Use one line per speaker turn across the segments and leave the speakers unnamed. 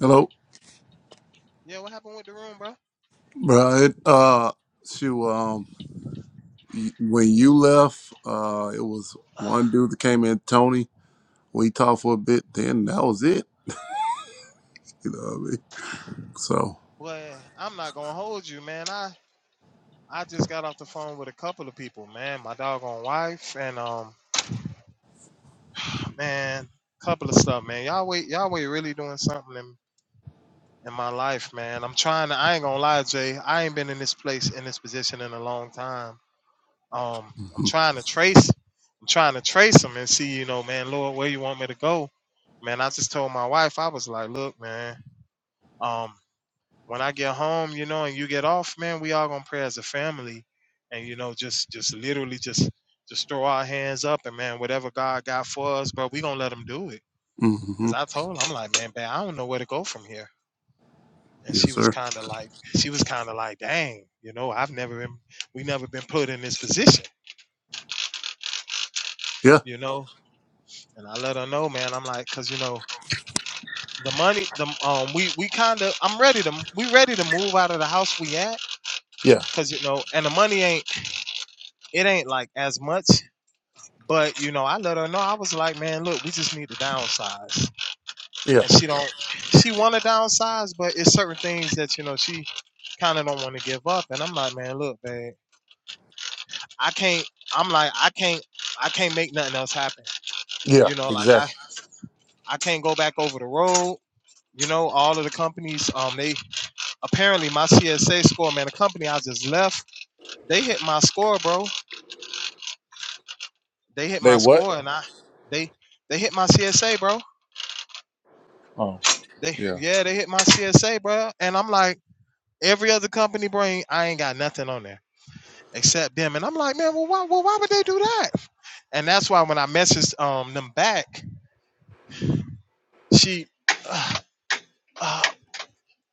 Hello,
Yeah, what happened with the room, bro?
bro. It, uh, shoot, um, y- when you left, uh, it was
Ah,
one dude that came in, Tony. We talked for a bit, then that was it. You know what I mean? So,
boy, I'm not gonna hold you, man. I I just got off the phone with a couple of people, man. My doggone wife and um, man, couple of stuff, man. Y'all wait, y'all wait, really doing something in, in my life, man. I'm trying to. I ain't gonna lie, Jay. I ain't been in this place in this position in a long time. Um, I'm
hmm
trying to trace. I'm trying to trace them and see, you know, man, Lord, where you want me to go, man. I just told my wife, I was like, look, man. Um. when I get home, you know, and you get off, man, we all gonna pray as a family, and you know, just just literally just just throw our hands up and man, whatever God got for us, bro, we gonna let Him do it.
hmm
Cause I told her, I'm like, man, babe, I don't know where to go from here. And
yes,
she was
sir.
kind of like, she was kind of like, dang, you know, I've never been, we never been put in this position,
Yeah,
you know. And I let her know, man, I'm like, cause you know, the money, the um, we we kind of, I'm ready to, we ready to move out of the house we at,
yeah,
cause you know, and the money ain't. it ain't like as much. But you know, I let her know. I was like, man, look, we just need to downsize.
yeah,
And she don't, she want to downsize, but it's certain things that you know she kind of don't want to give up. And I'm like, man, look, babe, I can't. I'm like, I can't, I can't make nothing else happen.
yeah,
You know, like I,
exactly.
I can't go back over the road. You know, all of the companies, um, they apparently my CSA score, man, the company I just left, they hit my score, bro. They hit
They
my
what?
score, and I, they, they hit my CSA, bro
Oh,
They
yeah.
yeah, they hit my CSA, bro. And I'm like, every other company bring, I ain't got nothing on there except them. And I'm like, man, well, why, well, why would they do that? And that's why when I messaged um them back, she, uh, uh,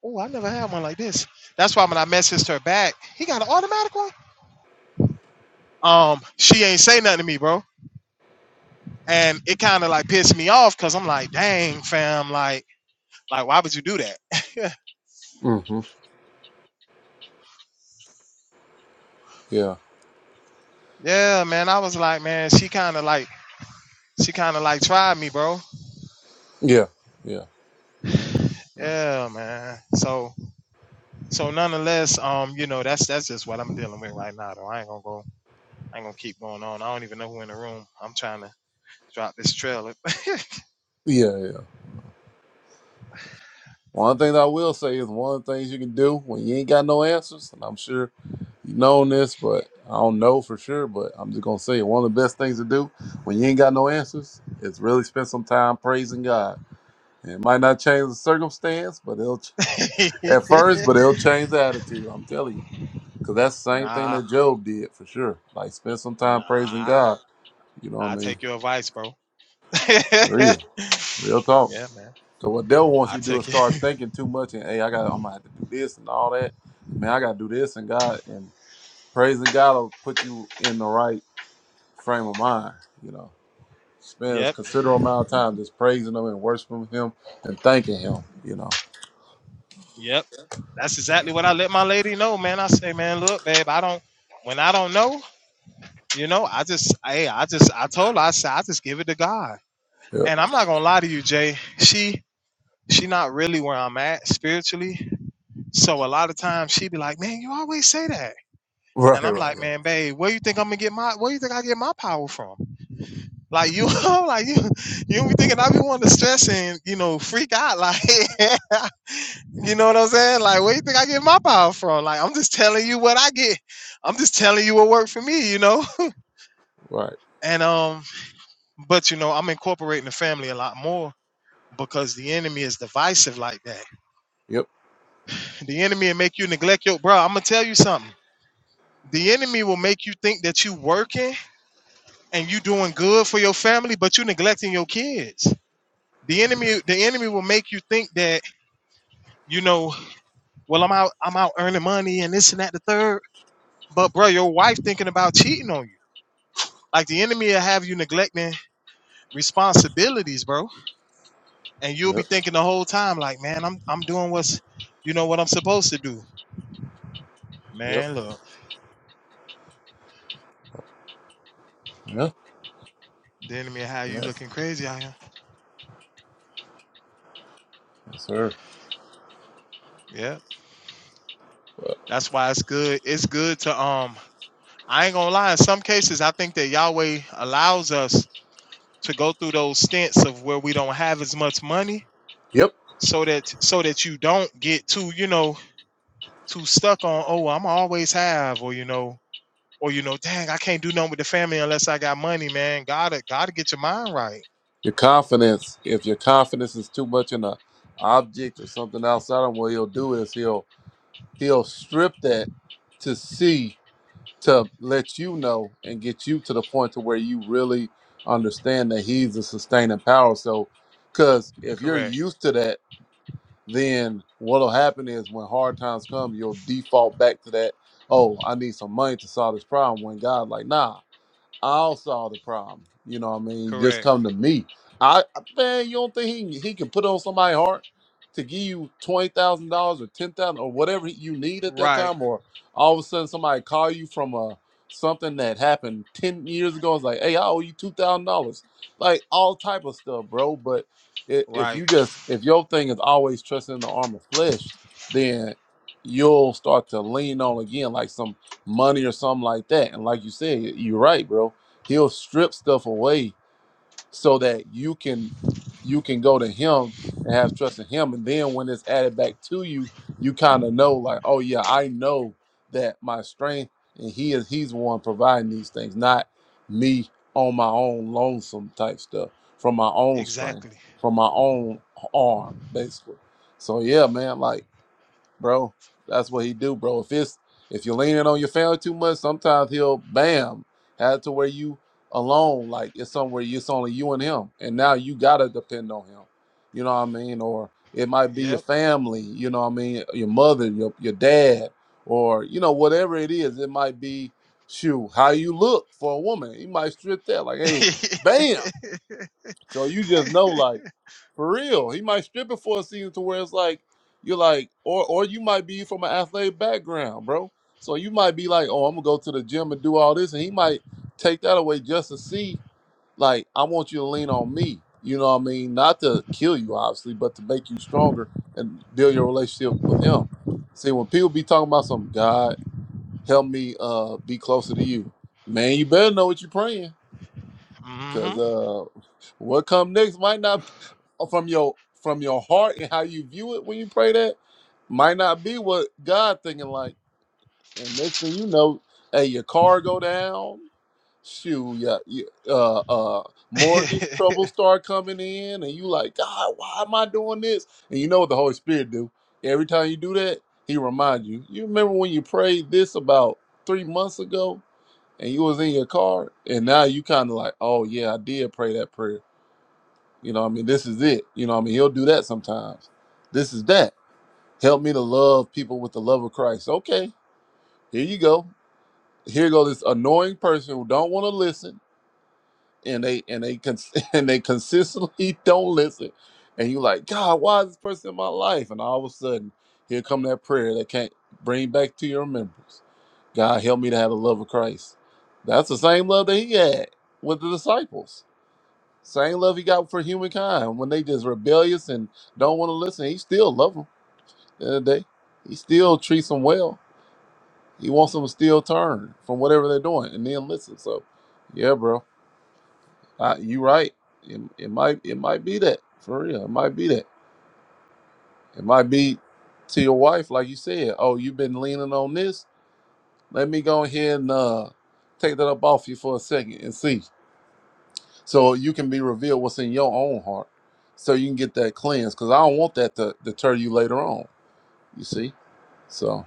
oh, I never had one like this. That's why when I messaged her back, he got an automatic one. Um, she ain't say nothing to me, bro. And it kind of like pissed me off because I'm like, dang, fam, like, like why would you do that?
hmm Yeah,
yeah, man. I was like, man, she kind of like, she kind of like tried me, bro
yeah, yeah, yeah,
Yeah, man. So so nonetheless, um, you know, that's that's just what I'm dealing with right now though. I ain't gonna go I ain't gonna keep going on. I don't even know who in the room. I'm trying to drop this trailer.
yeah. One thing that I will say is one of the things you can do when you ain't got no answers, and I'm sure you know this, but I don't know for sure, but I'm just gonna say it. One of the best things to do when you ain't got no answers is really spend some time praising God. And it might not change the circumstance, but it'll ch- at first, but it'll change the attitude. I'm telling you, because that's the same thing
nah,
that Job did for sure. Like spend some time praising
nah.
God. You know
I
what I mean?
take your advice, bro. yeah,
Real, real talk.
man.
So what devil wants
I
you to do is
take
start
it.
thinking too much and hey, I got I'm gonna have to do this and all that. Man, I gotta do this and God and praising God will put you in the right frame of mind. You know, spends
yep,
considerable amount of time just praising Him and worshiping Him and thanking Him. You know.
yep. That's exactly what I let my lady know, man. I say, man, look, babe, I don't when I don't know, you know, I just hey, I just I told her, I said, I just give it to God.
Yep.
And I'm not gonna lie to you, Jay. She She not really where I'm at spiritually. So a lot of times she be like, "Man, you always say that,"
Right.
and I'm
Right.
like,
Yeah.
"Man, babe, where you think I'm gonna get my? Where you think I get my power from? Like you, I'm like you, you be thinking I be wanting to stress and you know freak out, like you know what I'm saying? Like where you think I get my power from? Like I'm just telling you what I get. I'm just telling you what worked for me, you know.
Right.
and um, but you know I'm incorporating the family a lot more because the enemy is divisive like that.
Yep.
The enemy will make you neglect your bro. I'm gonna tell you something. The enemy will make you think that you working and you doing good for your family, but you neglecting your kids. The
Yep.
enemy, the enemy will make you think that you know, well, I'm out, I'm out earning money and this and that, the third. But bro, your wife thinking about cheating on you. Like the enemy will have you neglecting responsibilities, bro, and you'll be
Yep.
thinking the whole time, like, man, I'm, I'm doing what's, you know, what I'm supposed to do.
Yep.
Man, look,
Yeah. Right.
the enemy will have you
Yes,
looking crazy out here.
sir.
Yeah,
Uh,
that's why it's good. It's good to um I ain't gonna lie. In some cases, I think that Yahweh allows us to go through those stints of where we don't have as much money,
Yep.
so that so that you don't get too, you know, too stuck on. Oh, I'm always have, or you know, or you know, dang, I can't do nothing with the family unless I got money, man. Gotta gotta get your mind right.
Your confidence. If your confidence is too much in a object or something outside of what he'll do is he'll He'll strip that to see, to let you know and get you to the point to where you really understand that he's the sustaining power. So, because if you're
Correct.
used to that, then what'll happen is when hard times come, you'll default back to that. Oh, I need some money to solve this problem. When God, like, nah. I'll solve the problem. You know what I mean? Just
Correct.
come to me. I man, you don't think he, can- he can put on somebody's heart to give you twenty thousand dollars or ten thousand or whatever you need at that
Right.
time, or all of a sudden somebody call you from a something that happened ten years ago. It's like, hey, I owe you two thousand dollars, like all type of stuff, bro. But i- if
Right.
you just if your thing is always trusting the arm of flesh, then you'll start to lean on again like some money or something like that. And like you said, you're right, bro. He'll strip stuff away so that you can you can go to him and have trust in him. And then when it's added back to you, you kind of know like, oh yeah, I know that my strength and he is he's the one providing these things, not me on my own lonesome type stuff from my own strength,
Exactly.
from my own arm, basically. So yeah, man, like bro. That's what he do, bro. If it's if you're leaning on your family too much, sometimes he'll bam have to where you alone, like it's somewhere it's only you and him, and now you gotta depend on him. You know what I mean? Or it might be your
Yep.
family. You know what I mean? Your mother, your your dad, or you know whatever it is. It might be shoot how you look for a woman. He might strip that like, hey, bam. So you just know, like, for real, he might strip it for a season to where it's like you're like, or or you might be from an athletic background, bro. So you might be like, oh, I'm gonna go to the gym and do all this, and he might take that away just to see, like, I want you to lean on me. You know what I mean? Not to kill you, obviously, but to make you stronger and build your relationship with him. See, when people be talking about some God, help me uh be closer to you, man. You better know what you're praying, cause
mm-hmm.
uh what come next might not from your from your heart and how you view it when you pray that might not be what God thinking like. And next thing you know, hey, your car go down. Shoot, yeah, yeah, uh, uh, mortgage
yes,
trouble start coming in, and you like, God, why am I doing this? And you know what the Holy Spirit do? Every time you do that, He remind you. You remember when you prayed this about three months ago, and you was in your car, and now you kind of like, oh yeah, I did pray that prayer. You know, what I mean, this is it. You know, what I mean, he'll do that sometimes. This is that. Help me to love people with the love of Christ. Okay, here you go. Here go this annoying person who don't want to listen, and they and they cons- and they consistently don't listen. And you like, God, why is this person in my life? And all of a sudden, here come that prayer that can't bring back to your remembrance. God, help me to have the love of Christ. That's the same love that He had with the disciples Same love he got for humankind when they just rebellious and don't want to listen. He still love them. At the end of the day, he still treats them well. He wants them to still turn from whatever they're doing and then listen. So, yeah, bro, uh, you right. It, it might it might be that for real. It might be that. It might be to your wife, like you said. Oh, you've been leaning on this. Let me go ahead and uh, take that up off you for a second and see. so you can be revealed what's in your own heart so you can get that cleansed because i don't want that to deter you later on you see so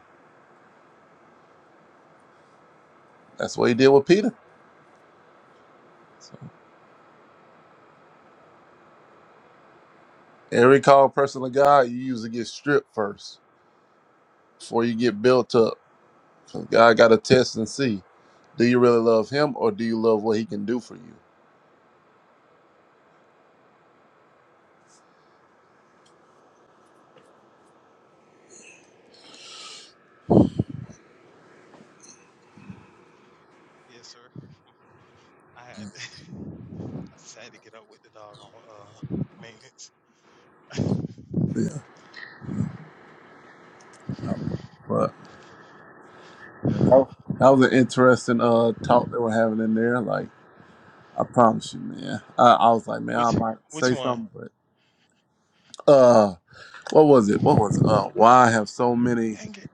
that's what he did with peter so every called person of god you usually get stripped first before you get built up 'Cause god got to test and see do you really love him or do you love what he can do for you
sir. I had I just had to get up with the dog on uh, maintenance.
yeah No. but yeah, that, was, that was an interesting uh talk that we're having in there like i promise you man i, I was like man i
Which
might
which
say
one?
something but What was it? What was it? Uh, why I have so many,
Dang it.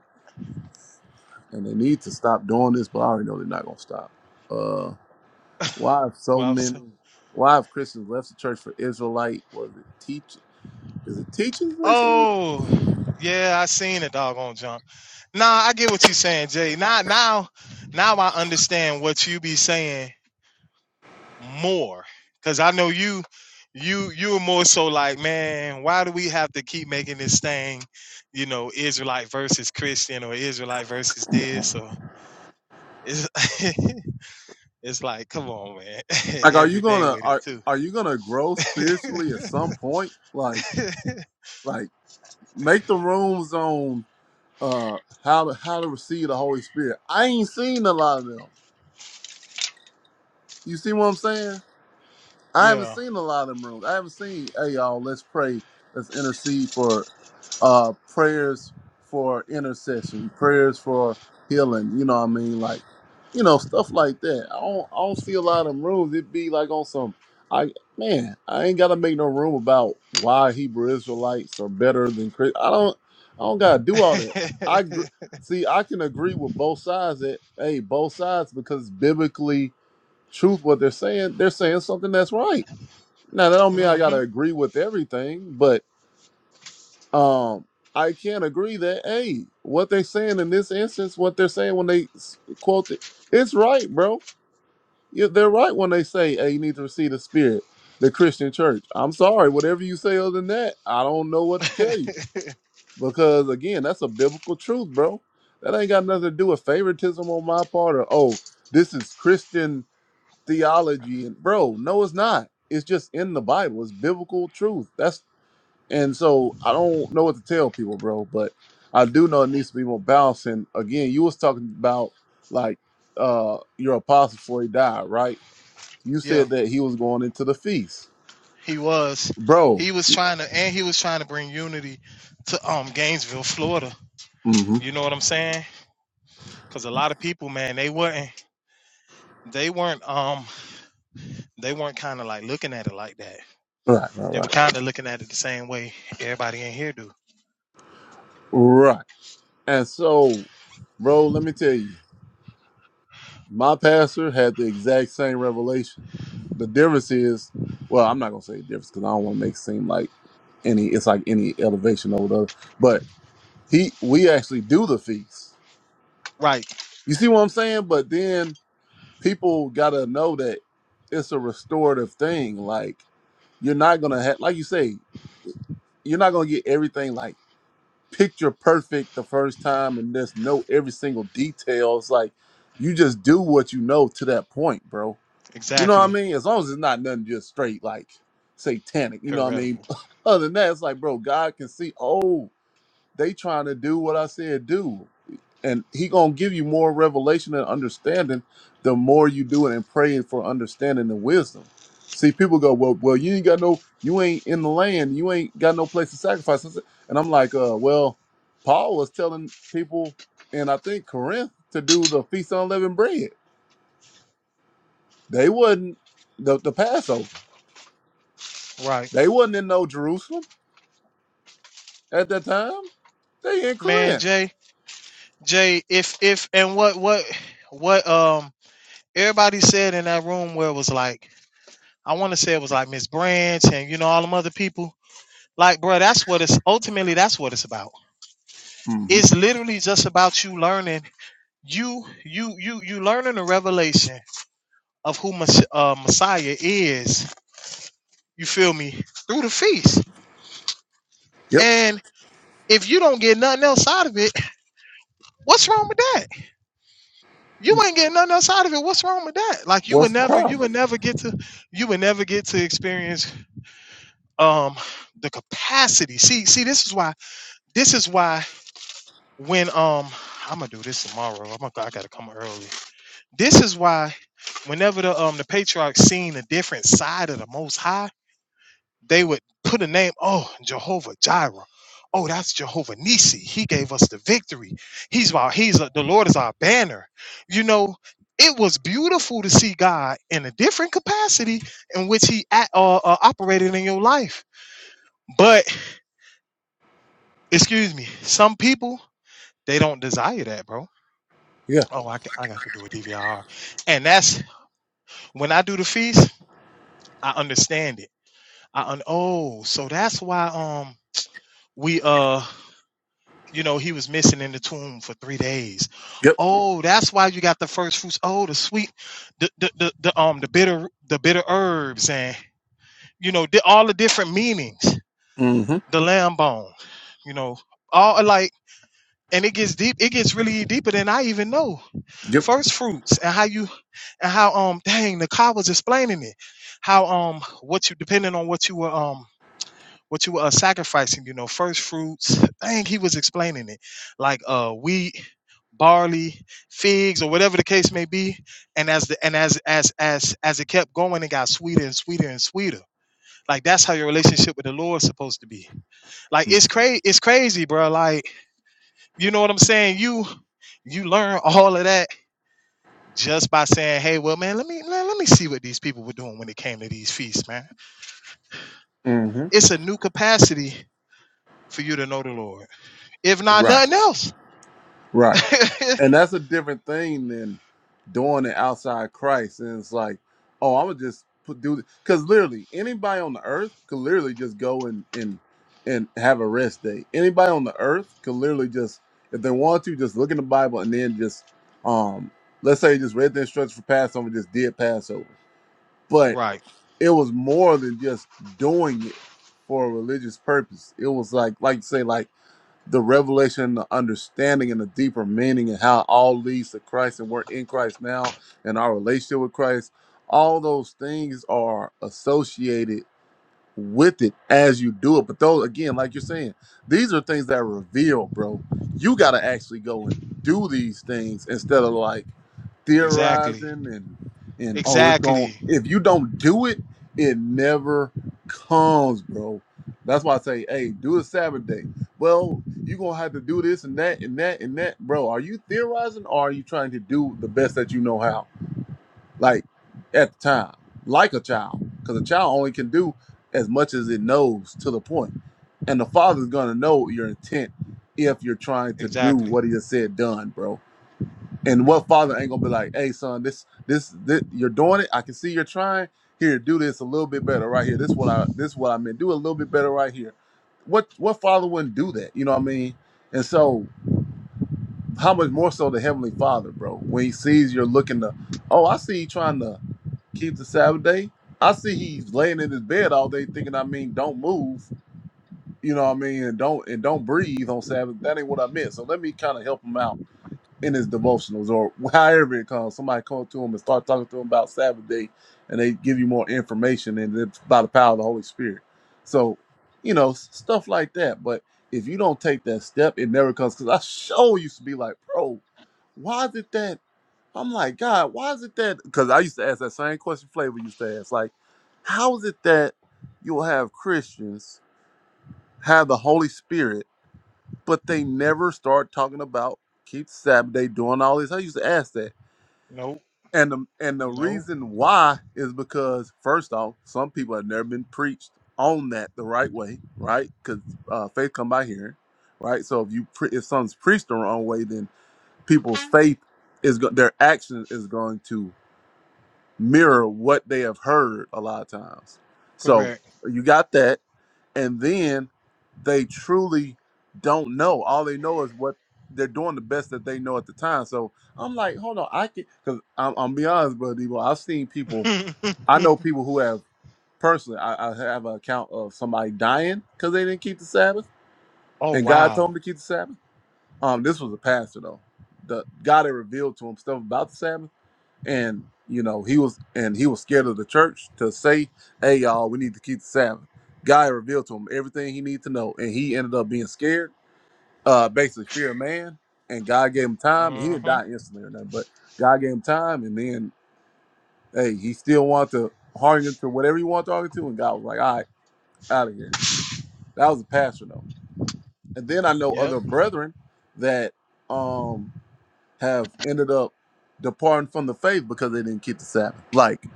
and they need to stop doing this, but I already know they're not going to stop. Uh, why have so
Well, I was
many?
saying.
Why have Christians left the church for Israelite? Was it teach? Is it teachers basically?
Oh, yeah, I seen a doggone jump. Nah, I get what you saying, Jay. Now, now, now I understand what you be saying more, cause I know you, you, you were more so like, man, why do we have to keep making this thing, you know, Israelite versus Christian or Israelite versus this or it's, it's like, come on, man,
Like, are you
every day
gonna
with it
are
too.
are you gonna grow spiritually at some point? Like, like make the rooms on uh how to how to receive the Holy Spirit. I ain't seen a lot of them. You see what I'm saying? I haven't
yeah.
seen a lot of them rooms. I haven't seen, hey y'all, let's pray, let's intercede for uh prayers for intercession, prayers for healing, you know what I mean? Like, you know, stuff like that. I don't I don't see a lot of them rooms. It'd be like on some I man, I ain't gotta make no room about why Hebrew Israelites are better than Chris. I don't I don't gotta do all that. I gr- see I can agree with both sides that hey, both sides because biblically truth what they're saying, they're saying something that's right now that don't mean I
hmm
gotta agree with everything, but um, I can agree that hey, what they saying in this instance, what they're saying when they s- quote it, it's right, bro. Yeah, they're right when they say, hey, you need to receive the Spirit, the Christian Church. I'm sorry, whatever you say other than that, I don't know what to tell you because again, that's a biblical truth, bro. That ain't got nothing to do with favoritism on my part or oh, this is Christian theology and bro, no, it's not. It's just in the Bible. It's biblical truth. That's And so I don't know what to tell people, bro, but I do know it needs to be more balanced. And again, you was talking about like uh your apostle before he died, right? You
yeah,
said that he was going into the feast.
he was.
Bro.
He was trying to, and he was trying to bring unity to um Gainesville, Florida.
Mm-hmm.
You know what I'm saying? Because a lot of people, man, they weren't, they weren't, um, they weren't kind of like looking at it like that.
Right, right,
They were
right.
kind of looking at it the same way everybody in here do.
Right. And so, bro, let me tell you, my pastor had the exact same revelation. The difference is, well, I'm not gonna say difference because I don't want to make it seem like any it's like any elevation over the other. But he we actually do the feast
Right.
You see what I'm saying? But then people gotta know that it's a restorative thing. Like you're not gonna have, like you say, you're not gonna get everything like picture perfect the first time and just know every single detail. It's like you just do what you know to that point, bro. You know what I
Exactly.
mean? As long as it's not nothing just straight like satanic, you know what I mean?
Heretical.
Other than that, it's like, bro, God can see, oh, they trying to do what I said do and he gonna give you more revelation and understanding the more you do it and pray for understanding and wisdom. See, people go, well, well, you ain't got no, you ain't in the land, you ain't got no place to sacrifice, and I'm like, uh, well, Paul was telling people, and I think Corinth to do the feast on unleavened bread. They wasn't the the Passover.
Right.
They wasn't in no Jerusalem at that time. They in
Man,
Corinth.
Jay, Jay, if if and what what what um everybody said in that room where it was like I want to say it was like Miss Branch and you know all them other people Like, bro, that's what it's ultimately that's what it's about.
hmm
It's literally just about you learning you you you you learning the revelation of who Mes- uh, Messiah is. You feel me through the feast,
Yep.
and if you don't get nothing else out of it, what's wrong with that? You ain't getting nothing else out of it. What's wrong with that? Like you would
What's the
never, you
problem?
would never get to, you would never get to experience um the capacity. See, see, this is why, this is why when um I'm gonna do this tomorrow. I'm gonna, I gotta come early This is why whenever the um the patriarchs seen a different side of the most high, they would put a name, oh Jehovah Jireh. Oh, that's Jehovah Nisi. He gave us the victory. He's our he's the Lord is our banner. You know, it was beautiful to see God in a different capacity in which he at, uh, uh, operated in your life. But excuse me, some people they don't desire that, bro.
Yeah.
Oh, I, ca- I got to do a DVR, and that's when I do the feast. I understand it I un- oh, so that's why um we uh you know he was missing in the tomb for three days.
Yep.
Oh, that's why you got the first fruits. Oh, the sweet, the the the, the um the bitter the bitter herbs and you know di- all the different meanings.
hmm
The lamb bone, you know, all like and it gets deep. It gets really deeper than I even know.
Yep.
First fruits and how you and how um dang the car was explaining it. How um what you depending on what you were um what you are sacrificing, you know, first fruits. Dang, he was explaining it. Like uh wheat, barley, figs, or whatever the case may be. And as the and as as as as it kept going, it got sweeter and sweeter and sweeter. Like that's how your relationship with the Lord is supposed to be. Like it's crazy, it's crazy, bro. Like, you know what I'm saying? You you learn all of that just by saying, hey, well, man, let me let, let me see what these people were doing when it came to these feasts, man.
hmm
It's a new capacity for you to know the Lord if not
Right.
nothing else.
Right. And that's a different thing than doing it outside Christ. And it's like, oh, I'm gonna just put do because literally anybody on the earth could literally just go and and and have a rest day. Anybody on the earth could literally just, if they want to, just look in the Bible and then just um let's say just read the instructions for Passover, just did Passover. But
right.
it was more than just doing it for a religious purpose. It was like like you say, like the revelation, the understanding, and the deeper meaning, and how it all leads to Christ, and we're in Christ now, and our relationship with Christ. All those things are associated with it as you do it. But those again, like you're saying, these are things that are revealed, bro. You gotta actually go and do these things instead of like
Exactly.
theorizing and and oh it's going
Exactly.
if you don't do it, it never comes, bro. That's why I say, hey, do a Sabbath day. Well, you're gonna have to do this and that and that and that. Bro, are you theorizing or are you trying to do the best that you know how? like at the time, like a child, because a child only can do as much as it knows to the point. And the father's gonna know your intent if you're trying to do
Exactly.
what he has said done, bro. And what father ain't gonna be like, hey son, this this this you're doing it. I can see you're trying. Here, do this a little bit better right here. This what I this what I meant. Do a little bit better right here. What what father wouldn't do that? You know what I mean? And so how much more so the heavenly father, bro, when he sees you're looking to, oh, I see you trying to keep the Sabbath day. I see he's laying in his bed all day thinking, I mean, don't move, you know what I mean, and don't and don't breathe on Sabbath. That ain't what I meant. So let me kind of help him out in his devotionals or however it comes. Somebody come to him and start talking to him about Sabbath day and they give you more information and it's by the power of the Holy Spirit. So, you know, s- stuff like that. But if you don't take that step, it never comes. Cause I sure used to be like, bro, why did that? I'm like, God, why is it that? Because I used to ask that same question Flavor used to ask. Like, how is it that you'll have Christians have the Holy Spirit, but they never start talking about keep Sabbath day, doing all this? I used to ask that.
Nope.
And the, and the
Nope.
reason why is because, first off, some people have never been preached on that the right way, right? Because uh, faith come by hearing, right? So if you pre- if something's preached the wrong way, then people's faith is go- their action is going to mirror what they have heard a lot of times. So
Correct.
you got that. And then they truly don't know. All they know is what they're doing the best that they know at the time. So I'm like, hold on, I can, because I'm, I'm be honest, brother Debo, I've seen people, I know people who have personally, I, I have an account of somebody dying because they didn't keep the Sabbath
oh
and God told
wow.
them to keep the Sabbath. Um, This was a pastor though. The God had revealed to him stuff about the Sabbath and you know he was and he was scared of the church to say hey y'all we need to keep the sabbath god revealed to him everything he needed to know and he ended up being scared uh basically fear of man and god gave him time he
Uh
didn't
huh.
die instantly or nothing but god gave him time and then hey he still wanted to harden to whatever he wanted to argue to and god was like all right out of here that was a pastor though and then i know
Yep.
other brethren that um have ended up departing from the faith because they didn't keep the sabbath like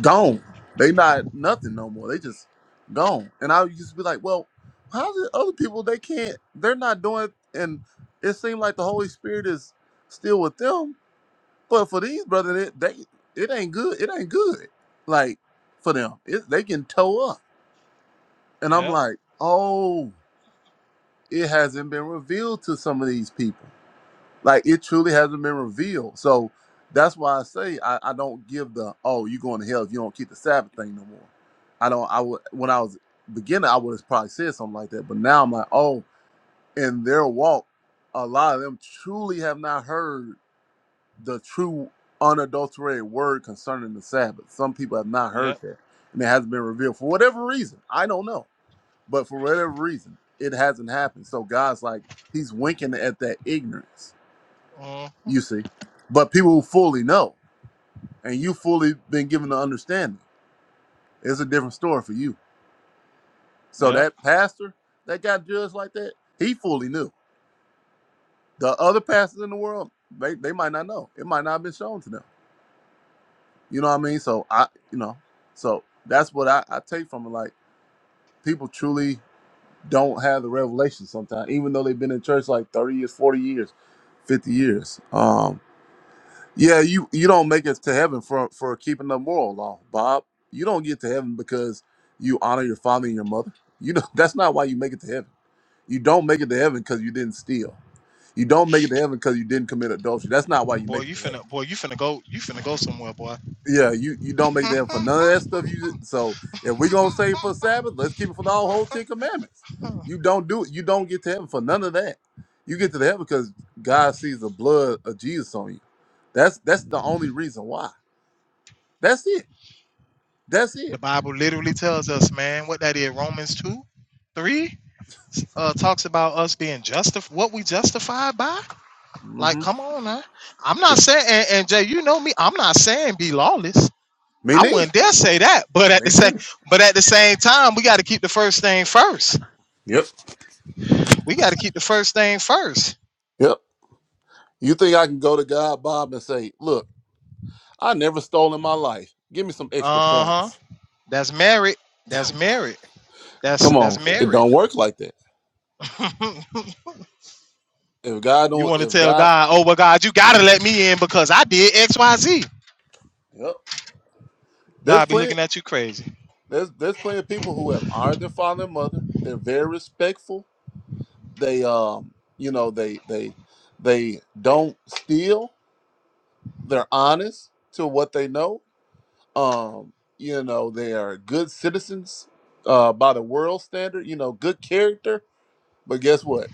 gone. They not nothing no more. They just gone. And I used to be like, well, how's it? other people they can't? They're not doing. it And it seemed like the Holy Spirit is still with them, but for these brothers, it, they it ain't good. It ain't good. Like for them, it, they can toe up. And I'm
Yep.
like, oh, it hasn't been revealed to some of these people. Like it truly hasn't been revealed. So that's why I say I, I don't give the oh you going to hell if you don't keep the Sabbath thing no more. I don't. I would when I was a beginner I would have probably said something like that, but now I'm like oh in their walk, a lot of them truly have not heard the true unadulterated word concerning the Sabbath. Some people have not heard
Yep.
that, and it hasn't been revealed for whatever reason. I don't know, but for whatever reason it hasn't happened. So God's like he's winking at that ignorance
Uh.
you see. But people who fully know and you fully been given the understanding, it's a different story for you. So
Yep.
that pastor that got judged like that, he fully knew. The other pastors in the world, they, they might not know. It might not have been shown to them. You know what I mean? So I you know, so that's what I, I take from it. Like people truly don't have the revelation sometimes, even though they've been in church like thirty years, forty years, fifty years. Um Yeah, you you don't make it to heaven for for keeping the moral law, Bob. You don't get to heaven because you honor your father and your mother. You know that's not why you make it to heaven. You don't make it to heaven because you didn't steal. You don't make it to heaven because you didn't commit adultery. That's not why you
Boy,
make it
you
to heaven.
finna boy, you finna go you finna go somewhere, boy.
Yeah, you you don't make it to heaven for none of that
the
stuff. You did. so if we gonna say for Sabbath, let's keep it for the whole Ten Commandments. You don't do it. You don't get to heaven for none of that. You get to the heaven because God sees the blood of Jesus on you. That's that's the only reason why. That's it. That's it.
Bible literally tells us, man, what that is, Romans two, three, uh talks about us being justified what we justified by. Like,
Mm-hmm.
come on now. I'm
It
not saying and, and Jay, you know me, I'm not saying be lawless.
me
I
neither.
wouldn't dare say that, but at the
Me
same,
neither.
but at the same time, we got to keep the first thing first.
Yep.
We got to keep the first thing first.
Yep. You think I can go to God, Bob, and say, look, I never stole in my life. Give me some extra
Uh huh.
points.
That's merit. That's merit. That's
Come on.
that's
It
merit.
don't work like that. If God
you
don't
want to
if
tell
God
God, oh well, God, you gotta let me in because I did X, Y, Z.
Yep. There's
God be
plenty
looking at you crazy.
there's there's plenty of people who have honored their father and mother. They're very respectful. They um you know they they they don't steal. They're honest to what they know Um, you know, they are good citizens uh, by the world standard, you know, good character. But guess what?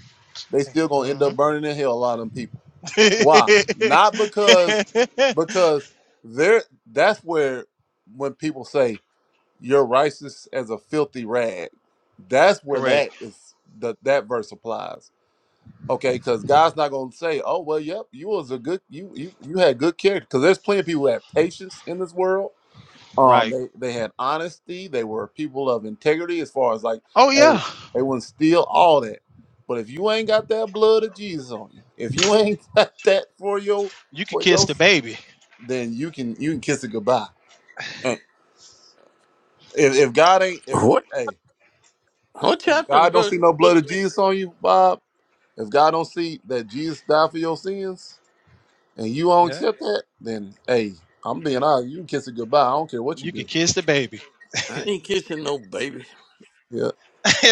They still gonna end
hmm
up burning in hell, a lot of them people. Why? Not because because they're that's where when people say you're righteous as a filthy rag, that's where
Correct.
that is the that verse applies. Okay, because God's not gonna say, Oh, well, yep, you was a good you you you had good character. Cause there's plenty of people that have patience in this world um,
Right.
they they had honesty. They were people of integrity as far as like,
Oh
hey,
yeah.
they wouldn't steal all that. But if you ain't got that blood of Jesus on you, if you ain't got that for your
You could
for
kiss
your,
the baby.
then you can you can kiss it goodbye. And if, if God ain't if
What?
hey
What
if
chapter and
God don't
verse
see no
you
blood
looking
of
at?
Jesus on you, Bob, if God don't see that Jesus died for your sins and you don't
Yeah.
accept that, then hey, I'm being honest, you can kiss it goodbye. I don't care what you
You
do.
could kiss the baby.
I ain't kissing no baby.
Yeah,
who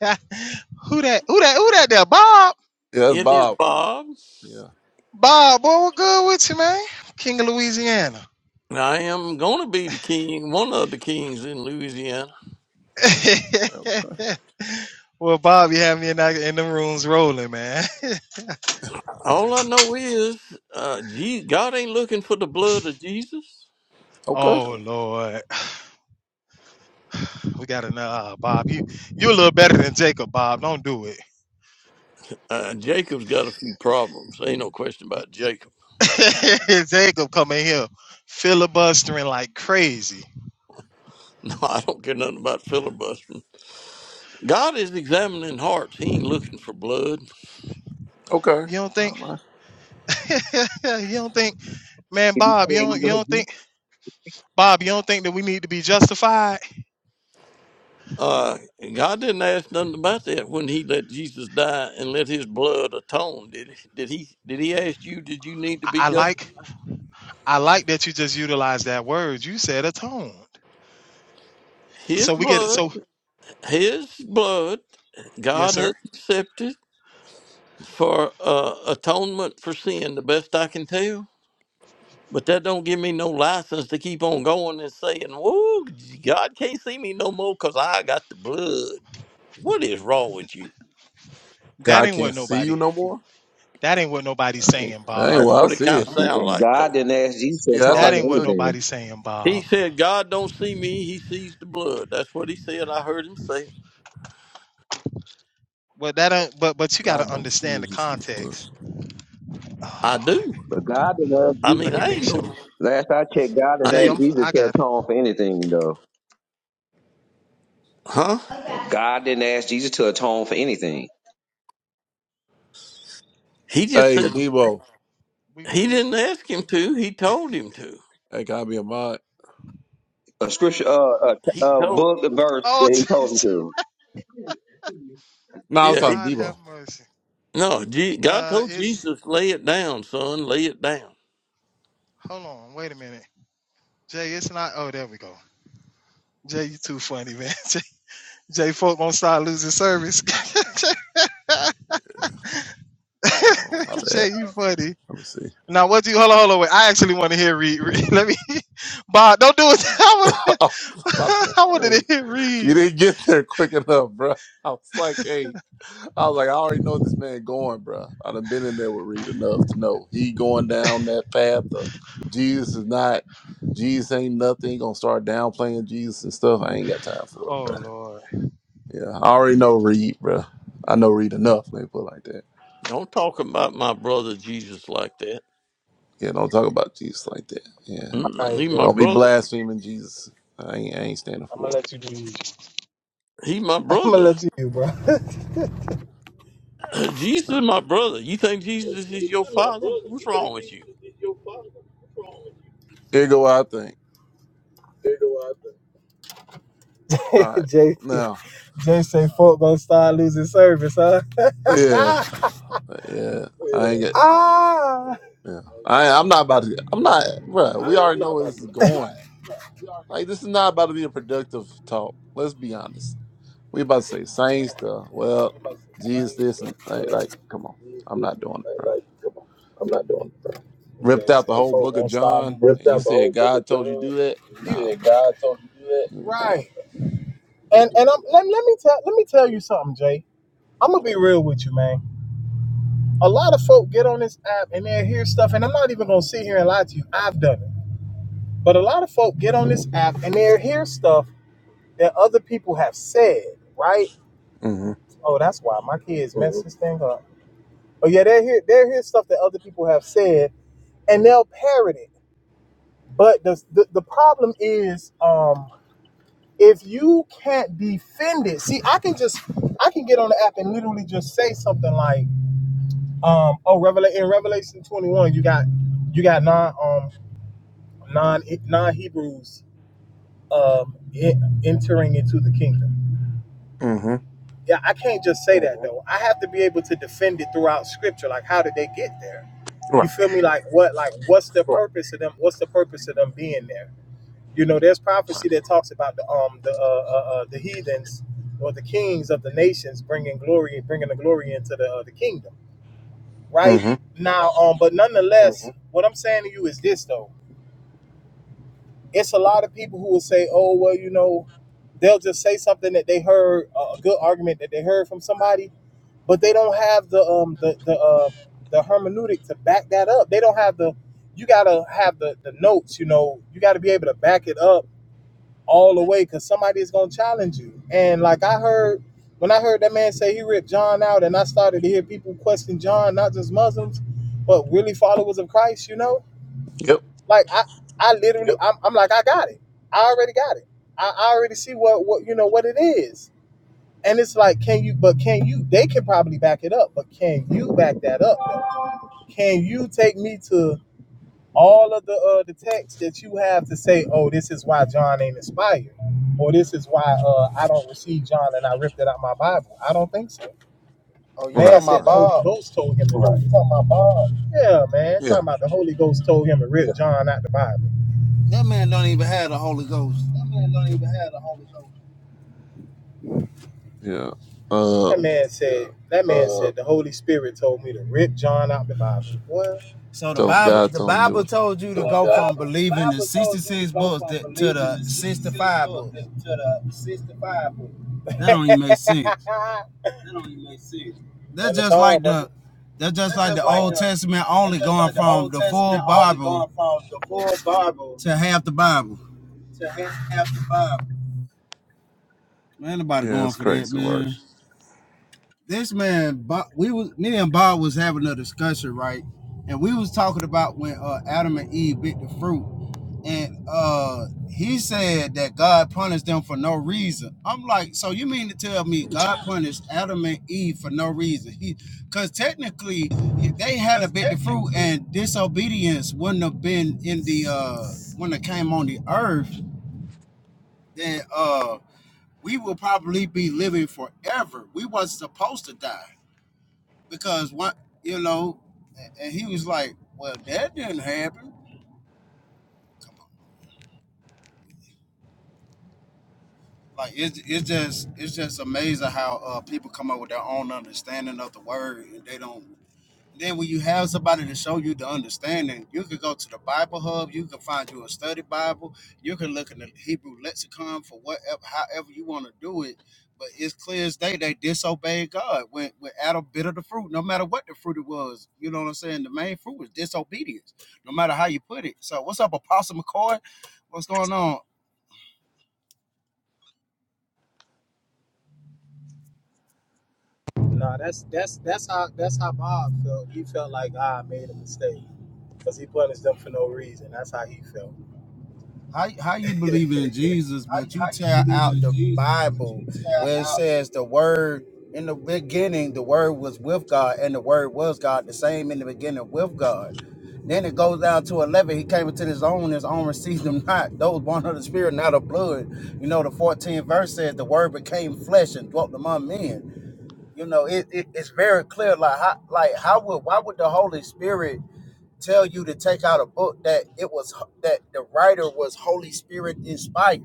that? Who that? Who that? There, Bob.
yeah, that's
It is
Bob.
Bob.
Yeah.
Bob, boy, what good with you, man? King of Louisiana.
and I am gonna be the king, one of the kings in Louisiana.
yeah, Okay.
well, Bob, you had me in, that- in them rooms rolling, man.
All I know is, uh, Je- God ain't looking for the blood of Jesus.
Okay.
oh Lord, we got another uh, Bob. You you a little better than Jacob, Bob. Don't do it.
Uh, Jacob's got a few problems. Ain't no question about Jacob.
Jacob coming here filibustering like crazy.
No, I don't care nothing about filibustering. God is examining hearts. He ain't looking for blood.
Okay.
You don't think?
All right.
you don't think, man, Bob? You don't you don't think, Bob? You don't think that we need to be justified?
Uh, God didn't ask nothing about that when He let Jesus die and let His blood atone. Did He? Did He? Did He ask you? Did you need to
I,
be
I
just?
like I like that you just utilized that word. You said atoned.
His
So we get it.
blood,
So
His blood,
yes,
God
sir.
has accepted for uh, atonement for sin. The best I can tell. But that don't give me no license to keep on going and saying, "Whoa, God can't see me no more because I got the blood." What is wrong with you?
That
God
ain't what
can't see you
nobody.
no more?
That ain't what nobody's
I ain't,
saying,
I ain't
Bob.
That's
well, I
what it
see
kind
it.
of
And
sounds
and
like, though.
God didn't ask Jesus to
Yeah, that's how
atone
That
for
you
ain't what
took it.
anything.
nobody's saying,
He
Bob.
said, God don't see me, he sees the blood. That's what he said. I heard him say it.
But that ain't- but but you got
God
to
don't see
understand
you.
the
He see you.
context. Oh
I
Lord,
do.
But God didn't ask
I
Jesus.
let
mean,
me
I
make
ain't no,
sure.
Last I checked, God
I
didn't
Jay,
ask
I'm
ain't,
Jesus
I
to
got. It.
atone for anything, though.
huh?
God didn't ask Jesus to atone for anything.
He just
Hey,
said,
Debo.
We gonna
he
get.
didn't ask him to, he told him to.
Hey, can I be a mod?
A scripture, uh, a,
He
a
told,
book, a verse
Oh
that he told him
Jesus.
to.
No, I was
yeah, he,
talking to
God, have
Debo.
mercy.
no, Je- God
Uh,
told
it's
Jesus, lay it down, son, lay it down.
hold on. Wait a minute, Jay. It's not. Oh, there we go. Jay, you too funny, man. Jay, Jay folk gonna start losing service.
Oh, my bad.
Jay, you funny.
Let me see.
Now what do you hold on, hold on, wait. I actually want to hear read, read. Let me Bob, don't do it. I want
I was about to
I wanted to
hey,
hear
you
read.
didn't get there quick enough, bro. I was like, hey, I was like, I already know this man going, bro. I done been in there with Reed enough to know he going down that path of Jesus is not, Jesus ain't nothing. He gonna start downplaying Jesus and stuff. I ain't got time for it,
Oh
bro.
Lord.
Yeah, I already know Reed, bro. I know Reed enough. Let me put it like that.
Don't talk about my brother Jesus like that.
Yeah, don't talk about Jesus like that. Yeah,
All
Mm-mm, He
right,
my
Jay.
don't be
brother.
blaspheming Jesus. I ain't, I ain't standing
I'm gonna
for
let you do you.
He my
I'm gonna
brother.
let you do, bro. Yeah,
Jesus
it. Uh,
is my brother. You think Jesus is
Jesus is
your
my
father?
brother.
What's
You
wrong
think
with
Jesus
you?
is your father? What's wrong with
Here go what I think.
you? They go out
All
there.
right,
Jay,
now.
Jay say folk gonna start losing service, huh?
Yeah, yeah. I ain't
Yeah.
get.
ah.
Yeah, I. I'm not about to. I'm not, bruh, We
I, I'm
already
not
know where
about
this is
to.
going. Like, this is not about to be a productive talk. Let's be honest. We about to say same stuff. Well,
about some
Jesus,
things,
this and
but,
like,
uh,
like, come on. I'm not doing it,
like,
bro.
like, come on. I'm not doing it, bro.
Ripped
They
out the
said,
whole
folk
book of
gonna start
John,
ripped
and you
out the
said
whole book
God
of
told you to
John.
do that.
You
Nah,
said
bro.
God told you to do that.
You didn't do that.
Right. And and I'm, let, let me tell let me tell you something, Jay. I'm gonna be real with you, man. A lot of folk get on this app and they hear stuff, and I'm not even gonna sit here and lie to you. I've done it. But a lot of folk get on this app and they hear stuff that other people have said, right?
Mm-hmm.
Oh, that's why my kids messed this thing up. Oh yeah, they'll hear they'll hear stuff that other people have said, and they'll parrot it. But the the, the problem is, um, if you defend it, see, I can just I can app and literally just say something like, um, oh, Revela- in Revelation twenty one, you got you got non um non non Hebrews um en- entering into the kingdom.
Mm-hmm.
Yeah, I can't just say that though. I have to be able to defend it throughout Scripture. Like, how did they get there? You
Right.
feel me? Like what? Like what's the Right. purpose of them? What's the purpose of them being there? You know, there's
Right.
prophecy that talks about the um the uh, uh, uh the heathens or the kings of the nations bringing glory, bringing the glory into the uh, the kingdom, right?
Mm-hmm.
Now, um, but nonetheless, Mhm. what I'm saying to you is this though: it's a lot of people who will say, "Oh, well, you know," they'll just say something that they heard uh, a good argument that they heard from somebody, but they don't have the um the the uh the hermeneutic to back that up. They don't have the you gotta have the the notes. You know, you gotta be able to back it up all the way because somebody is gonna challenge you. And like I heard when I heard that man say he ripped John out, and I started to hear people question John, not just Muslims, but really followers of Christ. You know,
Yep.
like I, I literally, I'm, I'm like, I got it. I already got it. I, I already see what what you know what it is. And it's like, can you? But can you? They can probably back it up, but can you back that up? though? Can you take me to? all of the uh the texts that you have to say, oh, this is why John ain't inspired, or this is why uh I don't receive John and I ripped it out of my Bible. I don't think so.
Oh, you
Man
Right.
talking
said
about
the
Right.
Holy
Bob?
Ghost told him to do Right. it. Talking about Bob. Yeah, man.
Yeah.
Talking about the Holy Ghost told him to Yeah. rip John out the Bible.
That man don't even have the Holy Ghost.
That man don't even have the Holy Ghost.
Yeah. Uh,
That man said that man Uh, said the Holy Spirit told me to rip John out the Bible. What?
So the
tell him
Bible,
God
the
told him to do
Bible
it.
told you
so
to
the
go from
Bible, the
believing the
Bible told you to
sixty-six
go
books
from
that, to
believing
the
the 66
sixty-five
books
books.
to the 65 books.
That don't even make sense.
that don't even make sense.
That's
None at
just
all,
like
brother.
the, that's just
That's None
like
just
the
like all.
Old
the
Testament
that's
only
just
going
like the
from
Old
the full
Testament only
Bible
going from the full Bible
to half the Bible.
to half the Bible.
Man, nobody
Yeah,
going
it's
for that,
crazy work.
man. this man Bob, we was me and Bob was having a discussion, right? And we was talking about when uh, Adam and Eve bit the fruit, and uh, he said that God punished them for no reason. I'm like, so you mean to tell me God punished Adam and Eve for no reason? He, because technically, if they had a
Cause
bit the fruit
technically,
and disobedience wouldn't have been in the uh, when it came on the earth, then uh, we would probably be living forever. We wasn't supposed to die because what you know, and he was like, "Well, that didn't happen." Like it's it's just it's just amazing how uh, people come up with their own understanding of the word, and they don't. Then when you have somebody to show you the understanding, you could go to the Bible Hub. You can find you a study Bible. You can look in the Hebrew lexicon for whatever, however you want to do it. But it's clear as day they disobeyed God when when Adam bit of the fruit, no matter what the fruit it was. You know what I'm saying? The main fruit was disobedience, no matter how you put it. So what's up, Apostle McCoy? What's going on?
nah, that's that's that's how that's how Bob felt. He felt like God made a mistake because he punished them for no reason. That's how he felt.
How how you believe in Jesus,
how,
but you
how you
tear
believe
out
in
the
Jesus, but you
Bible
tell
where it says the word in the beginning, the word was with God, and the word was God, the same in the beginning with God. Then it goes down to eleven. He came into his own, his own received him not. Those born of the Spirit, not of blood. You know, the 14th verse says the word became flesh and dwelt among men. You know, it, it it's very clear. Like how like how would why would the Holy Spirit tell you to take out a book that it was that the writer was Holy Spirit inspired.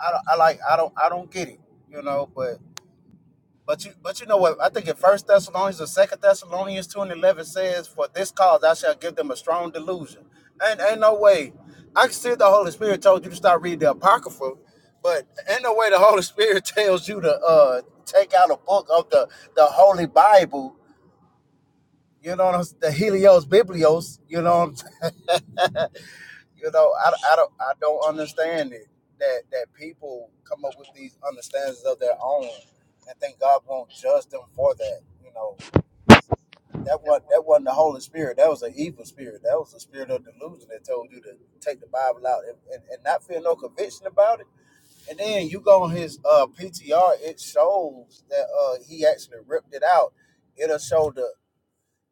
I, don't, I like I don't I don't get it, you know. But but you but you know what? I think in First Thessalonians or Second Thessalonians two and eleven says, "For this cause I shall give them a strong delusion." And ain't ain't no way. I can see the Holy Spirit told you to start reading the Apocrypha, but ain't no way the Holy Spirit tells you to uh take out a book of the the Holy Bible. You know what I'm s- the Helios Biblios. You know what You know, I, I don't I don't understand it that that people come up with these understandings of their own, and think God won't judge them for that. You know, that was that wasn't the Holy Spirit. That was an evil spirit. That was the spirit of delusion that told you to take the Bible out and, and, and not feel no conviction about it. And then you go on his uh, PTR, it shows that uh, he actually ripped it out. It'll show the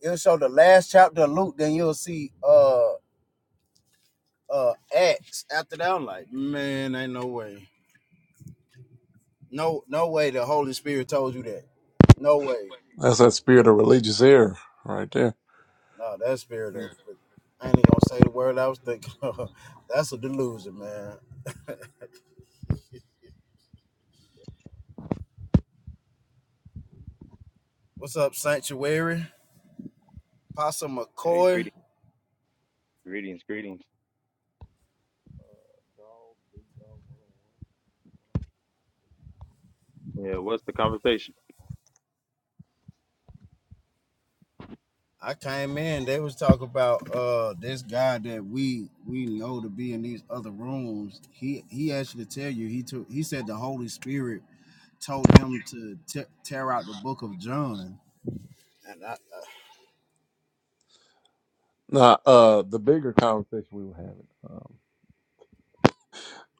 it'll show the last chapter of Luke. Then you'll see. Uh, uh acts after that. I'm like, man, ain't no way. No, no way the Holy Spirit told you that. No way.
That's that spirit of religious error right there.
No, that spirit of I ain't gonna say the word I was thinking of. That's a delusion, man. What's up, Sanctuary? Pastor
Hey,
McCoy.
greeting, greetings, greetings. Yeah, what's the conversation?
I came in, they was talking about uh this guy that we we know to be in these other rooms. He he actually tell you he took he said the Holy Spirit told him to te- tear out the book of John. And I,
Now, uh, the bigger conversation we were having. Um,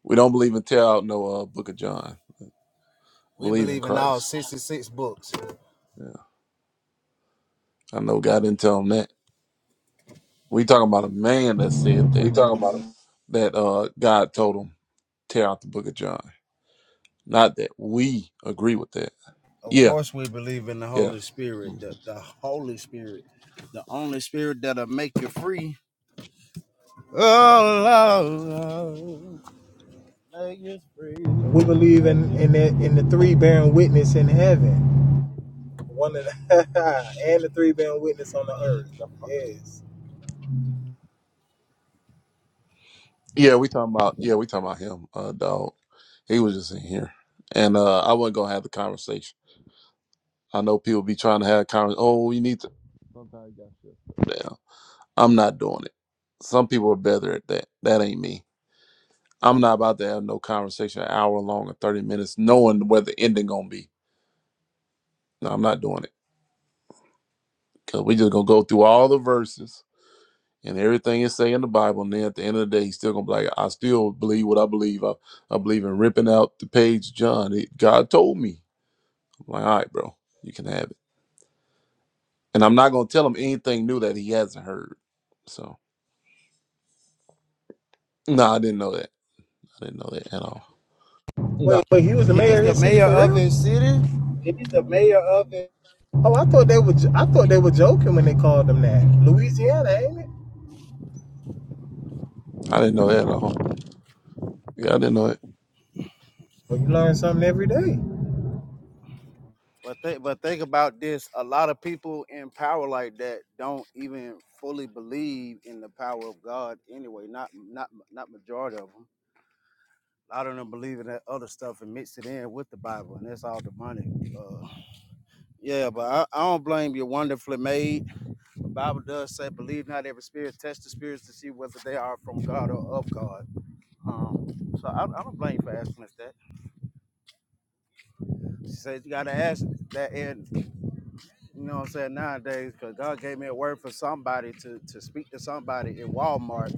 we don't believe in tear out no uh, Book of John.
We
Believe in
believe in all
Christ.
66 books.
Yeah, I know God didn't tell him that. We talking about a man that said that
We talking about him.
that uh, God told him tear out the Book of John. Not that we agree with that.
Of
Yeah,
course, we believe in the
yeah,
Holy
hmm
Spirit, the, the Holy Spirit, the only spirit that'll make you free.
right.
Oh, Lord, make us free.
we believe in in the, in the three bearing witness in heaven. One of the and the three band witness on the earth.
The-
Yes.
Yeah, we talking about yeah we talking about him. Uh, dog, he was just in here, and uh, I wasn't gonna have the conversation I know people be trying to have conversations. Oh, you need to. Sometimes you got to shut down. I'm not doing it. Some people are better at that. That ain't me. I'm not about to have no conversation an hour long or 30 minutes knowing where the ending going to be. No, I'm not doing it. Because we just going to go through all the verses and everything is saying in the Bible. And then at the end of the day, he's still going to be like, I still believe what I believe. I, I believe in ripping out the page, John. It, God told me. I'm like, all right, bro, you can have it. And I'm not going to tell him anything new that he hasn't heard. So. No, I didn't know that. I didn't know that at all.
No.
He's the mayor of his city.
Wait, he's the mayor of it. Oh, They were joking when they called him that. Louisiana, ain't it?
I didn't know that at all. Yeah, I didn't know it.
Well, you learn something every day.
But think, but think about this. A lot of people in power like that don't even fully believe in the power of God anyway. Not not not majority of them. A lot of them believe in that other stuff and mix it in with the Bible, and that's all demonic. Uh, Yeah, but I, I don't blame you. Wonderfully made. The Bible does say, "Believe not every spirit. Test the spirits to see whether they are from God or of God." Um, so I, I don't blame you for asking us that. She says you got to ask that, and you know what I'm saying nowadays, because God gave me a word for somebody to to speak to somebody in Walmart,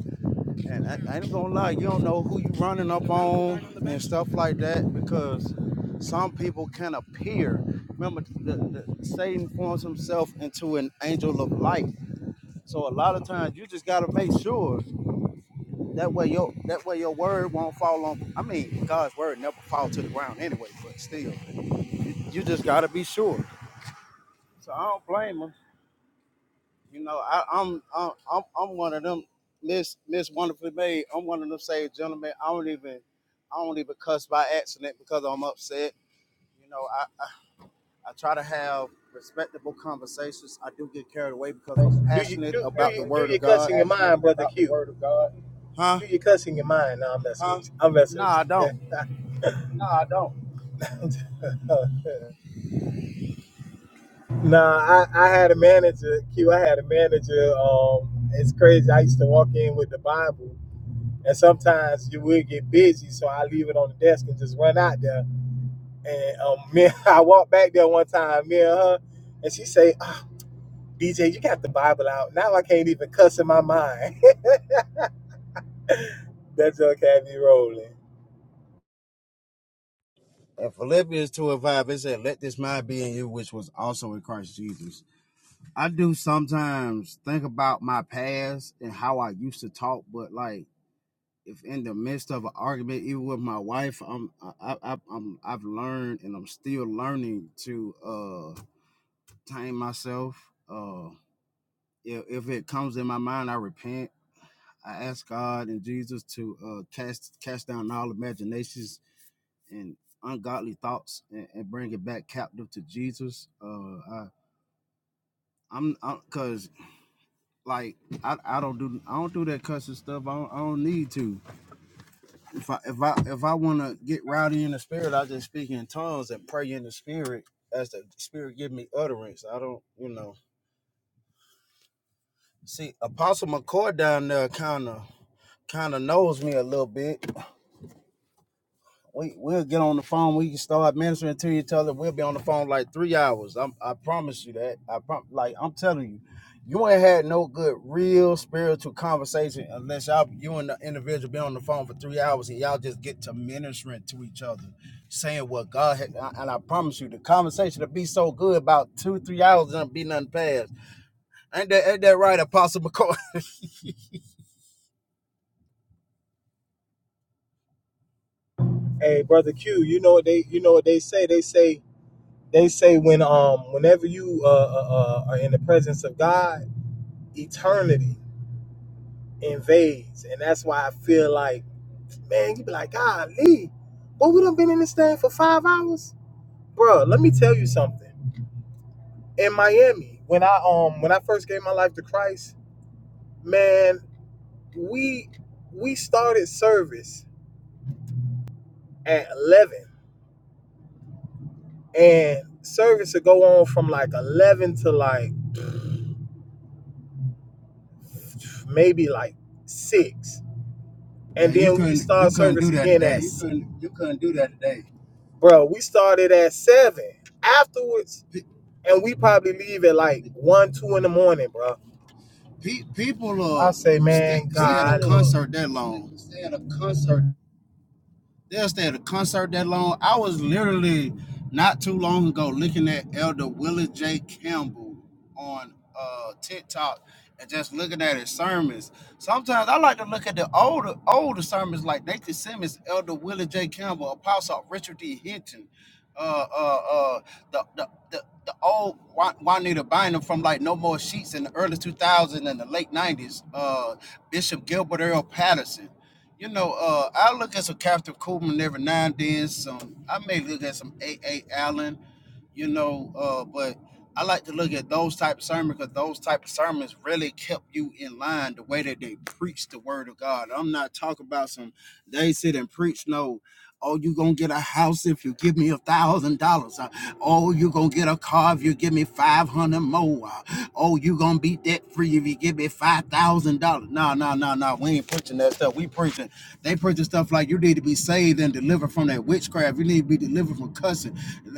and I, I ain't gonna lie, you don't know who you running up on and stuff like that because some people can appear. Remember, the, the, Satan forms himself into an angel of light So a lot of times you just gotta make sure that way your that way your word won't fall on. I mean, God's word never fall to the ground anyway, but still, you, you just gotta be sure. So I don't blame them. You know, I, I'm I'm I'm I'm one of them Miss Miss Wonderfully Made. I'm one of them saved gentlemen. I don't even I don't even cuss by accident because I'm upset. You know, I, I I try to have respectable conversations. I do get carried away because I'm
Do you
passionate
do do
about the
you do
word
your
of God.
cussing in your mind, brother Q? Word of God.
Huh?
That's huh?
No, I don't.
No, I don't. Nah, I, I had a manager. Q, I had a manager. Um, it's crazy. I used to walk in with the Bible, and sometimes you would get busy, so I leave it on the desk and just run out there. And um, me, I walked back there one time, me and her, and she say, DJ, you got the Bible out. Now I can't even cuss in my mind. That's okay, have you rolling.
In Philippians 2 and 5, it said, Let this mind be in you, which was also in Christ Jesus. I do sometimes think about my past and how I used to talk, but like, if in the midst of an argument, even with my wife, I'm, I, I, I'm, I've learned and I'm still learning to uh tame myself. Uh, if, if it comes in my mind, I repent. I ask God and Jesus to uh, cast cast down all imaginations and ungodly thoughts and, and bring it back captive to Jesus. Uh, I, I'm, I'm, cause like I, I don't do I don't do that cussing stuff. I don't, I don't need to. If I if I if I want to get rowdy in the spirit, I just speak in tongues and pray in the spirit as the spirit give me utterance. I don't, you know. See, Apostle McCoy down there kind of kind of knows me a little bit we we'll get on the phone. We can start ministering to each other. We'll be on the phone like three hours. I'm, I promise you that. I prom- like I'm telling you, you ain't had no good real spiritual conversation unless y'all you and the individual be on the phone for three hours and y'all just get to ministering to each other, saying what God had. And I promise you, the conversation will be so good about two three hours and be nothing past. Ain't that ain't that right, Apostle McCoy?
Hey, brother Q, you know what they you know what they say? They say they say when um whenever you uh, uh, uh are in the presence of God, eternity invades, and that's why I feel like man, you be like, God, Lee, boy, we done been in this thing for five hours, Bruh, Let me tell you something. In Miami, when I um when I first gave my life to Christ, man, we we started service at eleven and service would go on from like 11 to like maybe like 6 and
Man, you
then we
couldn't you
start
couldn't
service
do that
again Yeah, at
today.
you couldn't you couldn't do that today. bro we started at 7 afterwards and we probably leave at like 1 2 in the morning bro
Pe- people uh,
say
stay,
man
stay at a
God. Stay
concert that
in
long.
a concert
They'll stay at a concert that long. I was literally not too long ago looking at Elder Willis J. Campbell on uh, TikTok and just looking at his sermons. Sometimes I like to look at the older older sermons like Nathan Simmons, Elder Willis J. Campbell, Apostle Richard D. Hinton, uh, uh, uh, the, the, the, the old Wa- Juanita Bynum from like No More Sheets in the early 2000s and the late 90s, uh, Bishop Gilbert Earl Patterson. You know, uh, I look at some Captain Coolman every now and then. Some I may look at some A. A. Allen, you know, uh, but I like to look at those type of sermons because those type of sermons really kept you in line the way that they preach the word of God. I'm not talking about some they sit and preach no, oh, you gonna get a house if you give me a thousand dollars. Oh, you gonna get a car if you give me five hundred more. Oh, you gonna be debt free if you give me five thousand dollars. No, no, no, no. We ain't preaching that stuff. We preaching. They preaching stuff like you need to be saved and delivered from that witchcraft. You need to be delivered from cussing.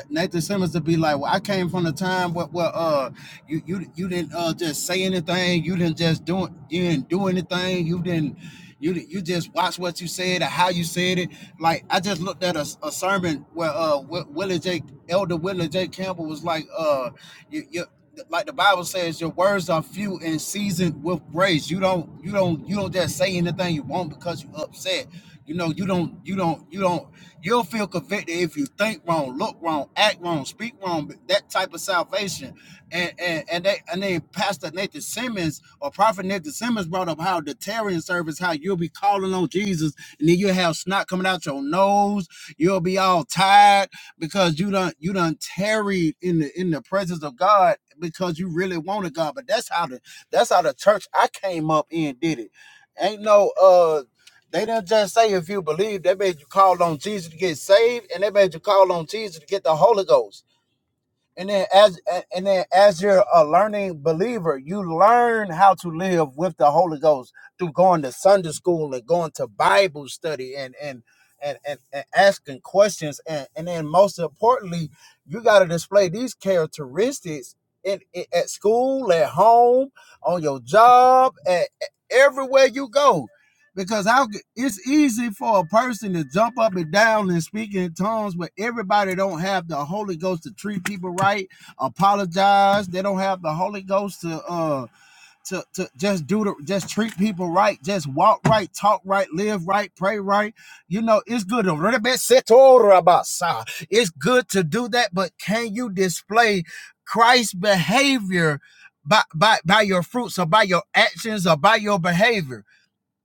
Nathan Simmons to be like, well, I came from the time where, where uh you you you didn't uh just say anything. You didn't just do it. You didn't do anything. You didn't. You you just watch what you said and how you said it. Like I just looked at a, a sermon where uh Wi- Willie J. Elder Willie J. Campbell was like uh you, you like the Bible says your words are few and seasoned with grace. You don't you don't you don't just say anything you want because you upset. You know you don't you don't you don't you'll feel convicted if you think wrong, look wrong, act wrong, speak wrong. but That type of salvation and and and they and then Pastor Nathan Simmons or Prophet Nathan Simmons brought up how the tarrying service, how you'll be calling on Jesus, and then you will have snot coming out your nose, you'll be all tired because you done you done tarried in the in the presence of God because you really wanted God. But that's how the that's how the church I came up in did it. Ain't no uh they didn't just say if you believe, they made you call on Jesus to get saved, and they made you call on Jesus to get the Holy Ghost and then as and then as you're a learning believer you learn how to live with the holy ghost through going to sunday school and going to bible study and and and, and, and asking questions and, and then most importantly you got to display these characteristics in, in- at school at home on your job at, at everywhere you go because I, it's easy for a person to jump up and down and speak in tongues, but everybody don't have the Holy Ghost to treat people right, apologize. They don't have the Holy Ghost to uh to to just do the just treat people right, just walk right, talk right, live right, pray right. You know, it's good to really be set all about, sir. It's good to do that, but can you display Christ's behavior by by by your fruits or by your actions or by your behavior?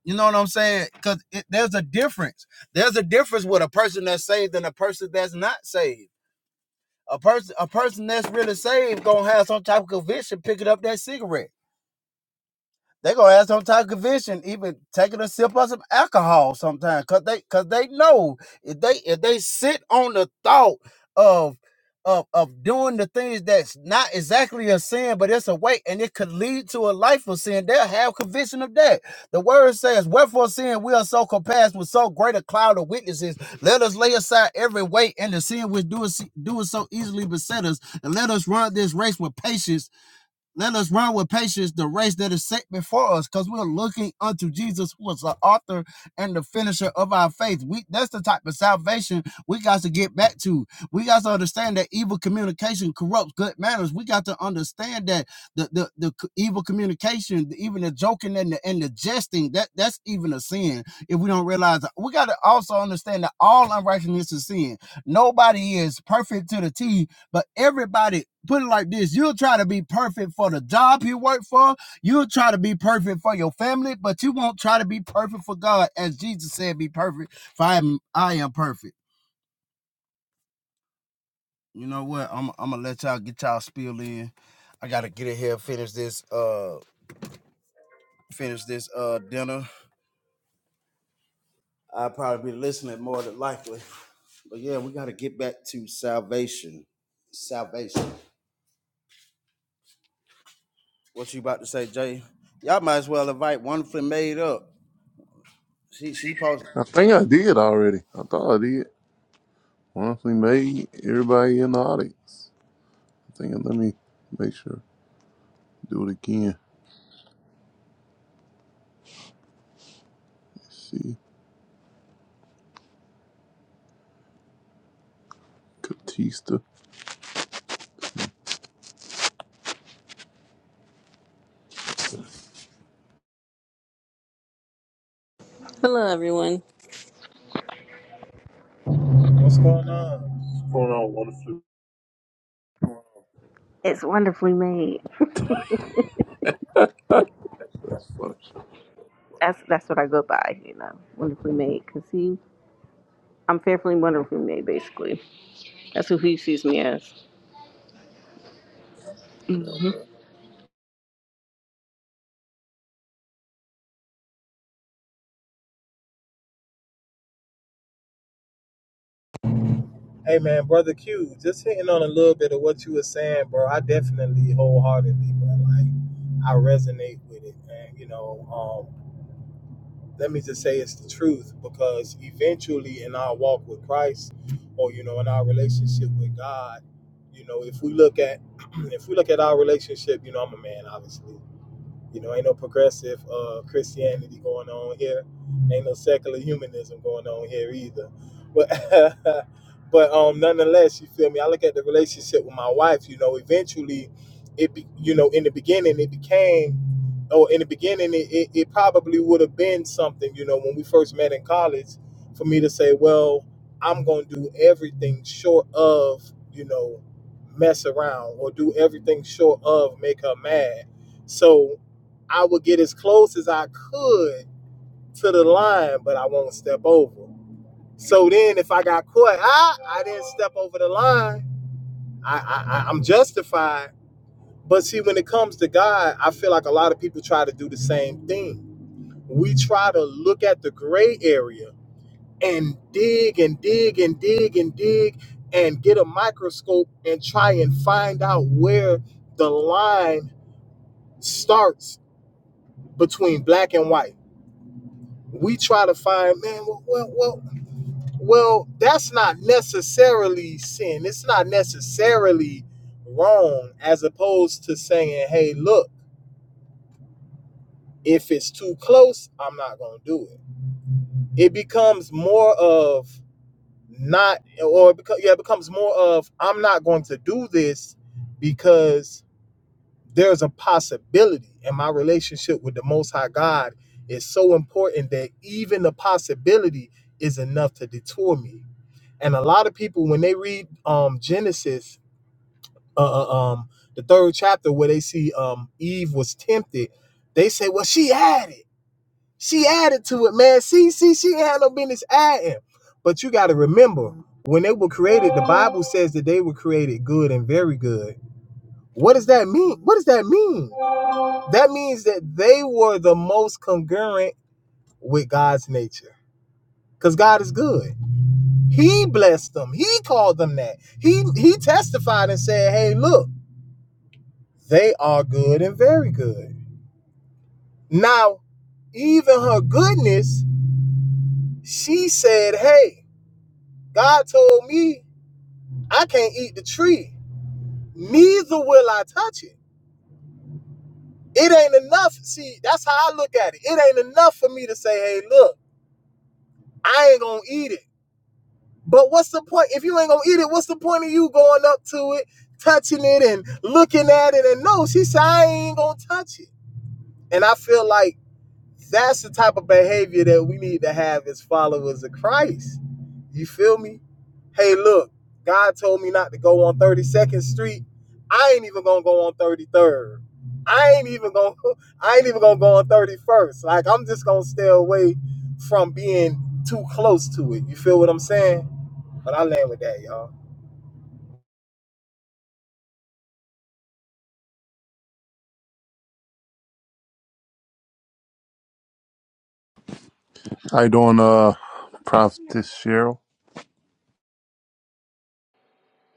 You know what I'm saying? Because there's a difference. There's a difference with a person that's saved and a person that's not saved. A person, a person that's really saved, gonna have some type of conviction picking up that cigarette they gonna have some type of conviction, even taking a sip of some alcohol sometimes, cause they cause they know if they if they sit on the thought of of of doing the things that's not exactly a sin, but it's a way and it could lead to a life of sin, they'll have conviction of that. The word says, Wherefore sin we are so compassed with so great a cloud of witnesses, let us lay aside every weight and the sin which do us do us so easily beset us, and let us run this race with patience let us run with patience the race that is set before us, because we're looking unto Jesus, who is the author and the finisher of our faith. We that's the type of salvation we got to get back to. We got to understand that evil communication corrupts good manners. We got to understand that the the, the evil communication, the- even the joking and the and the jesting, that that's even a sin. If we don't realize that, we got to also understand that all unrighteousness is sin. Nobody is perfect to the T but everybody, put it like this you'll try to be perfect for the job you work for, you'll try to be perfect for your family, but you won't try to be perfect for God. As Jesus said, be perfect, for I am, I am perfect. You know what? I'm, I'm gonna let y'all get y'all spiel in. I gotta get in here, finish this, uh, finish this uh dinner. I'll probably be listening more than likely. But yeah, we gotta get back to salvation. Salvation. What you about to say, Jay? Y'all might as well invite Wonderfully Made up. She she posted.
I think I did already. I thought I did. Honestly, made everybody in the audience. I think let me make sure. Do it again. Let's see. Catista.
Hello, everyone.
what's going on What's going on? Wonderful.
It's wonderfully made.
That's funny.
That's that's what I go by, you know. Wonderfully made, cause he, I'm fearfully and wonderfully made, basically. That's who he sees me as.
Hey man, brother Q, just hitting on a little bit of what you were saying, bro. I definitely wholeheartedly, bro. Like I resonate with it, man. You know, um, let me just say it's the truth because eventually in our walk with Christ, or you know, in our relationship with God, you know, if we look at if we look at our relationship, you know, I'm a man, obviously. You know, ain't no progressive uh, Christianity going on here. Ain't no secular humanism going on here either. But but um, nonetheless, you feel me? I look at the relationship with my wife. You know, eventually, it be, you know in the beginning it became or in the beginning it, it, it probably would have been something. You know, when we first met in college, for me to say, well, I'm gonna do everything short of you know mess around or do everything short of make her mad. So I would get as close as I could to the line, but I won't step over. So then, if I got caught, ah, I didn't step over the line. I, I, I- I'm justified. But see, when it comes to God, I feel like a lot of people try to do the same thing. We try to look at the gray area and dig and dig and dig and dig and get a microscope and try and find out where the line starts between black and white. We try to find, man, well, well, well, Well, that's not necessarily sin. It's not necessarily wrong as opposed to saying, hey, look, if it's too close, I'm not going to do it. It becomes more of not, or it, beco- yeah, it becomes more of I'm not going to do this because there's a possibility. And my relationship with the Most High God is so important that even the possibility is enough to detour me. And a lot of people, when they read um, Genesis, uh, uh, um the third chapter where they see um Eve was tempted, they say, well, she added, she added to it, man. See, see, she had no business adding. But you got to remember, when they were created, the Bible says that they were created good and very good. What does that mean? What does that mean? That means that they were the most congruent with God's nature. Because God is good. He blessed them. He called them that. He he testified and said, Hey, look, they are good and very good. Now, even her goodness, she said, Hey, God told me I can't eat the tree, neither will I touch it. It ain't enough. See, that's how I look at it. It ain't enough for me to say, Hey, look, I ain't gonna eat it. But what's the point? If you ain't gonna eat it, what's the point of you going up to it, touching it, and looking at it? And no, she said, I ain't gonna touch it. And I feel like that's the type of behavior that we need to have as followers of Christ. You feel me? hey, look, God told me not to go on 32nd Street. I ain't even gonna go on 33rd. I ain't even gonna I ain't even gonna go on 31st. Like I'm just gonna stay away from being too close to it. You feel what I'm saying? But I land with that, y'all.
How you doing, uh Prophetess Cheryl?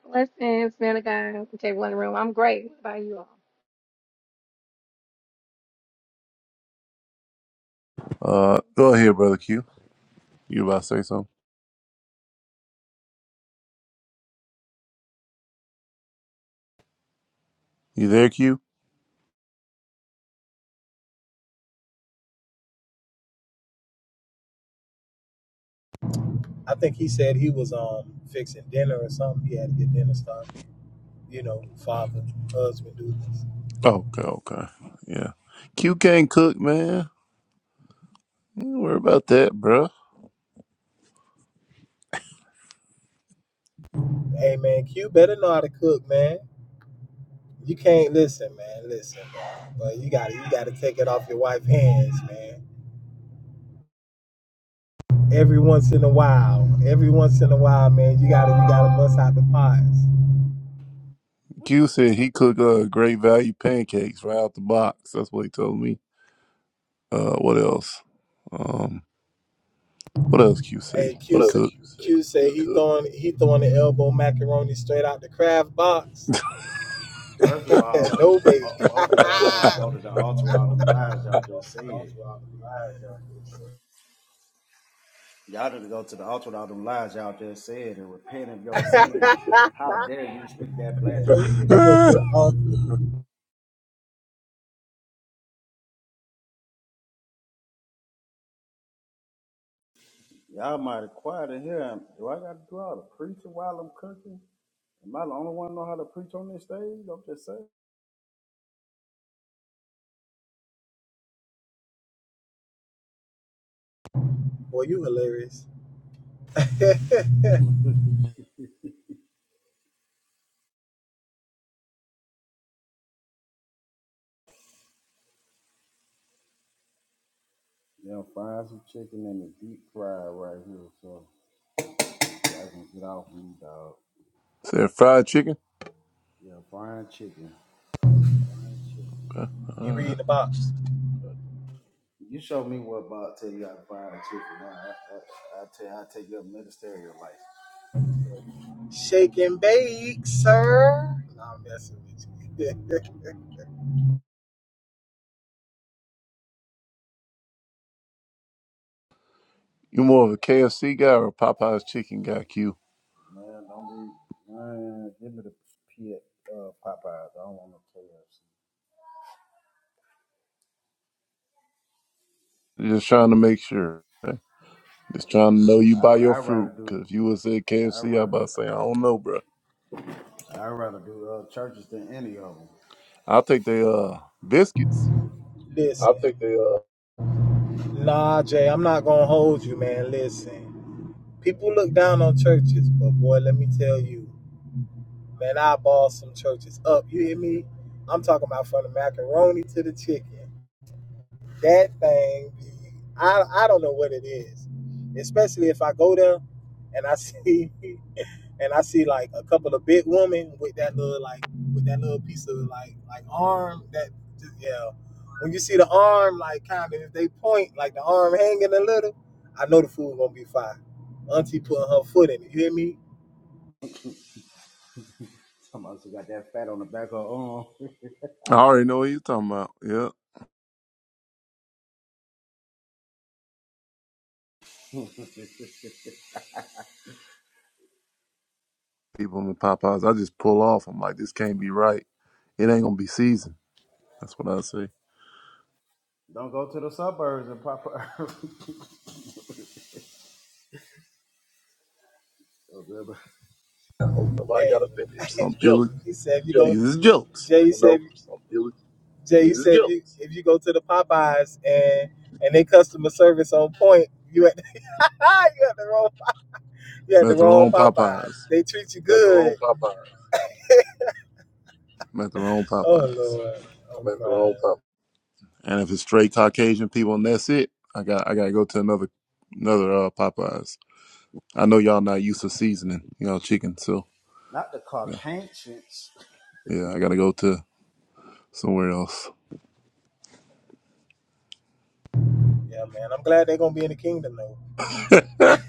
Blessings, man of God. Take one in the room. I'm great. What about you all?
Uh go ahead, brother Q. You about to say something? You there, Q?
I think he said he was um fixing dinner or something. He had to get dinner started. You know, father, husband duties.
Okay, okay. Yeah. Q can't cook, man. Don't worry about that, bruh.
Hey man, Q better know how to cook, man. You can't listen, man. Listen, bro. But you gotta you gotta take it off your wife's hands, man. every once in a while. Every once in a while, man, you gotta you gotta bust out the pies.
Q said he cook uh, great value pancakes right out the box. That's what he told me. Uh, what else? Um, what else? Q
Hey,
say
Q
he
said
cooked.
Q said he throwing he throwing the elbow macaroni straight out the Kraft box.
First of all,
no bait.
bo- both of y'all need to go to the altar with all them lies y'all just said. Y'all need to go to the altar with all them lies y'all just said and repent of your sins. How dare you speak that blasphemy of me?
Ah!
Y'all might be quiet in here. Do I got to do all the preaching while I'm cooking? Am I the only one know how to preach on this stage? I'm just saying.
Boy, you hilarious.
Yeah, find some chicken in the deep fry right here so I can get off me, dog.
said fried chicken.
Yeah, frying chicken.
Uh, all
You
right.
reading the box.
You show me what about tell you how to fire a chicken. Man, I, I, I tell you, I take your ministerial life.
Shake and bake, sir. Nah, I'm messing with you.
You more of a KFC guy or a Popeyes chicken guy? Q.
Man, don't be, man, give me the P, uh, Popeyes. I don't want no KFC.
Just trying to make sure. Just trying to know you by your
I, I'd
fruit.
rather do,
Cause if you would say
I'd
KFC, I about to
rather,
say I don't know, bro.
I'd rather do uh, churches than any of them.
I'll take the uh, biscuits.
Listen. I think they are. Nah, Jay, I'm not gonna hold you, man. Listen. People look down on churches, but boy, let me tell you. Man, I ball some churches up. You hear me? I'm talking about from the macaroni to the chicken. That thing, I I don't know what it is. Especially if I go there and I see and I see like a couple of big women with that little like with that little piece of like like arm that just, yeah. When you see the arm like kind of if they point like the arm hanging a little, I know the food gonna be fine. Auntie putting her foot in it. You hear me?
Somebody who got that fat on the back of her arm.
I already know what you're talking about. Yeah, people in the Popeyes. I just pull off. I'm like, this can't be right. It ain't gonna be seasoned. That's what I say.
don't go to the suburbs and Popeyes. Oh, brother.
Nobody got to finish.
Some
It's joke.
people
he said, "You know.
these is jokes.
Jay You know, said some dealers, Jay dealers said if you if you go to the Popeyes and and they customer service on point, you at you at the wrong you at the
Met their
wrong
own Popeyes.
Popeyes. They treat you You got the wrong good.
Met their own
Oh
Popeyes.
Lord, i I'm at the wrong crying.
And if it's straight Caucasian people and that's it, I got I gotta go to another another uh, Popeyes. I know y'all not used to seasoning, you know, chicken, so
Not the
yeah.
Caucasians.
Yeah, I gotta go to somewhere else.
Yeah, man, I'm glad they're gonna be in the kingdom though.
Dude.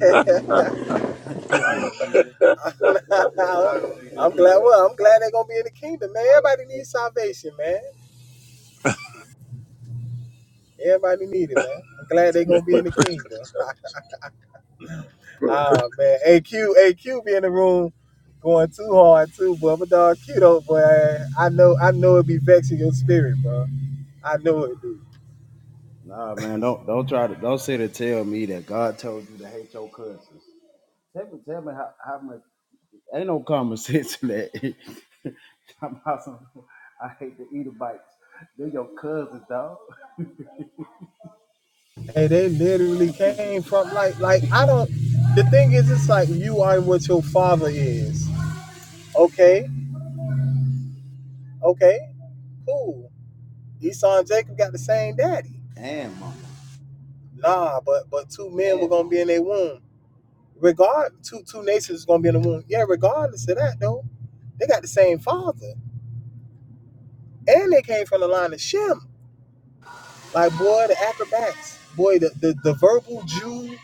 Y'all gonna leave them, y'all gonna leave them
I'm glad.
people
Well,
alone.
I'm glad they're gonna be in the kingdom, man. Everybody needs salvation, man. Everybody need it, man. I'm glad they're gonna be in the kingdom. Ah man, AQ AQ be in the room going too hard too, boy. But dog, Q though, boy. I know I know it be vexing your spirit, bro. I know it do.
Nah, man, don't don't try to don't sit and tell me that God told you to hate your cousins. Tell me, tell me how, how much ain't no common sense in that. Talking about some, I hate to eat a bite. They're your cousins, dog.
And they literally came from like like I don't. The thing is, it's like you are what your father is. Okay, okay, cool. Esau and Jacob got the same daddy.
And mama,
Nah, but but two men were gonna be in their womb. Regard two two nations was gonna be in the womb. Yeah, regardless of that though, they got the same father. and they came from the line of Shem. Like boy, the acrobats, boy, the the, the verbal Jew,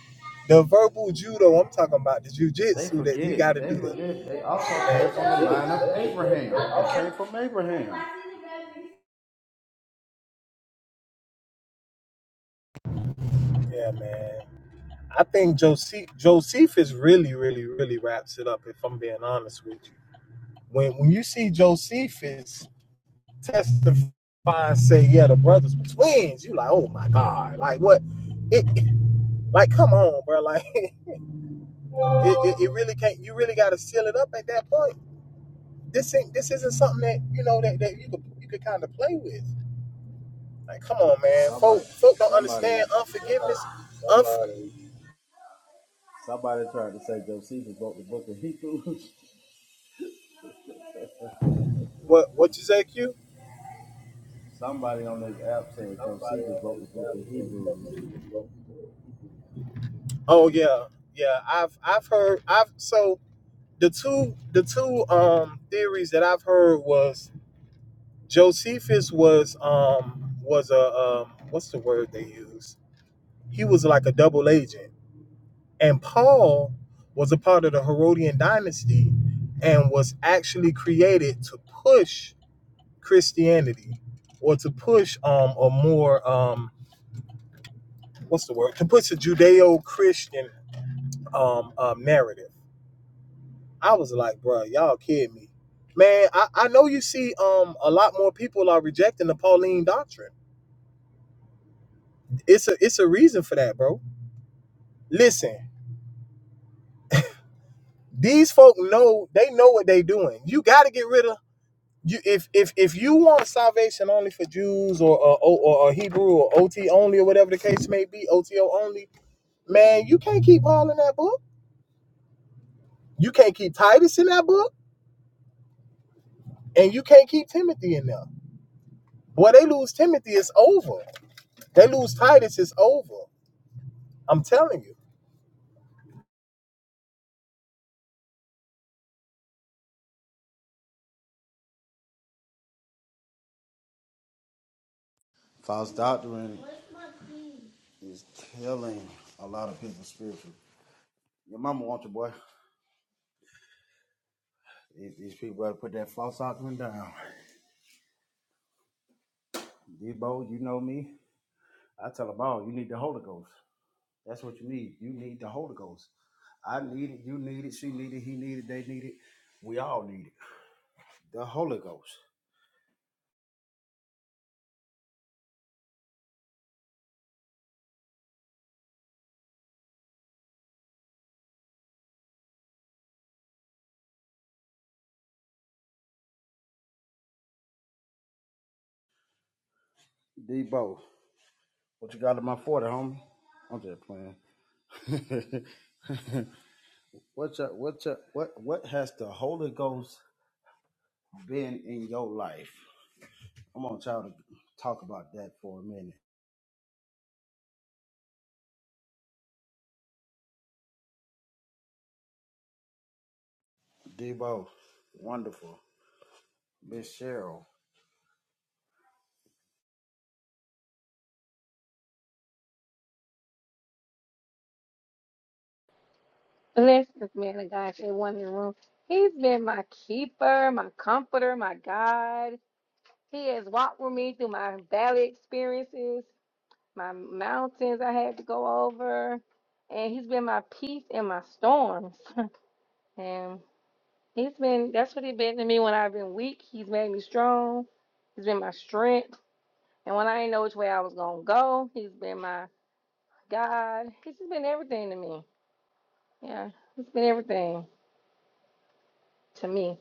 the verbal judo. I'm talking about the
they
jujitsu that you got
forget.
to do
They
the
forget. They also
man. They
came
Come
from
on,
the
legit.
line
They
of
legit. They
Abraham. They
awesome.
came from Abraham.
bro. Yeah, man. I think Joseph Josephus really, really, really wraps it up. If I'm being honest with you, when when you see Josephus testify and say, yeah, the brothers were twins, you like, oh my god, like what? It, like come on, bro, like. It, it, it really can't. You really got to seal it up at that point. This ain't. This isn't something that you know that, that you could you could kind of play with. Like, come on, man.
Somebody,
Folk folk don't
somebody,
understand unforgiveness. Somebody, somebody, Unf-
somebody tried to say Josephus wrote the book of Hebrews.
what what you say, Q?
Somebody on this app said
Somebody
Josephus wrote
on
the book of Hebrews.
that. Oh yeah, yeah. I've I've heard. I've so the two the two um theories that I've heard was Josephus was um was a um what's the word they use? He was like a double agent. And Paul was a part of the Herodian dynasty and was actually created to push Christianity or to push um a more um what's the word to push a Judeo-Christian um um narrative. I was like, bro, y'all kidding me. Man, I, I know you see um a lot more people are rejecting the Pauline doctrine. It's a it's a reason for that, bro. Listen, these folk know they know what they doing. You gotta get rid of you if if if you want salvation only for Jews or or, or, or Hebrew or OT only or whatever the case may be, OTO only, man, you can't keep Paul in that book. You can't keep Titus in that book, and you can't keep Timothy in there. Boy, they lose Timothy, it's over. They lose Titus, it's over. I'm telling you.
False doctrine is killing a lot of people spiritually. Your mama wants you, boy. These, these people better put that false doctrine down. Debo, you know me. I tell them all, you need the Holy Ghost. That's what you need. You need the Holy Ghost. I need it. You need it. She need it. He need it. They need it. We all need it. The Holy Ghost. Debo, what you got in my 40, homie? I'm just playing. What's up? What's up? what, what has the Holy Ghost been in your life? I want y'all to talk about that for a minute. Debo, wonderful. Miss Cheryl,
Blessings, man of God. Take one in the room. He's been my keeper, my comforter, my God. He has walked with me through my valley experiences, my mountains I had to go over. And he's been my peace in my storms. and he's been, that's what he's been to me when I've been weak. He's made me strong. He's been my strength. And when I didn't know which way I was going to go, he's been my God. He's just been everything to me. Yeah, it's been everything to me.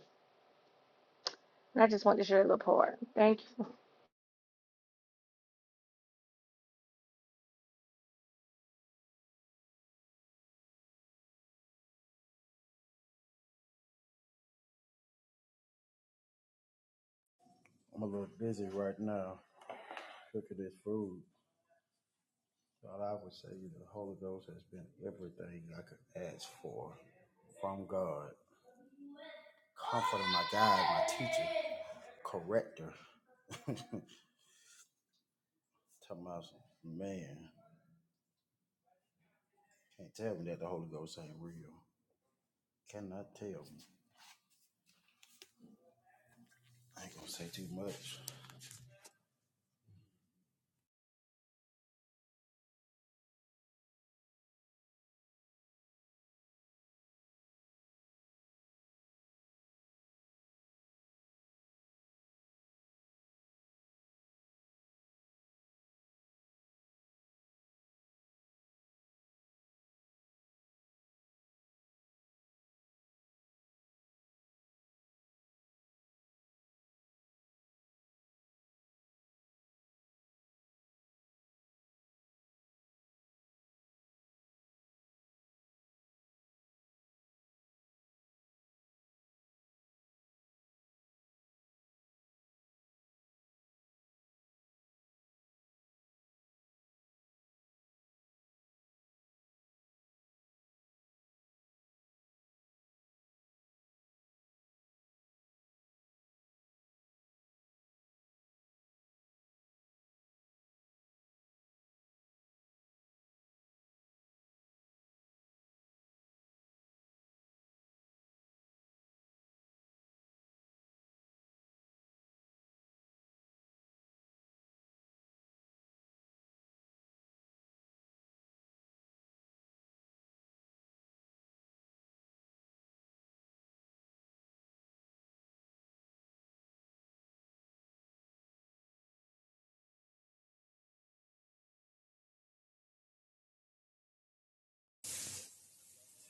And I just want to share the part. Thank you.
I'm a little busy right now cooking this food. But I would say the Holy Ghost has been everything I could ask for from God. Comforter, my guide, my teacher, corrector. Talking about, some- man, can't tell me that the Holy Ghost ain't real. Cannot tell me. I ain't gonna say too much.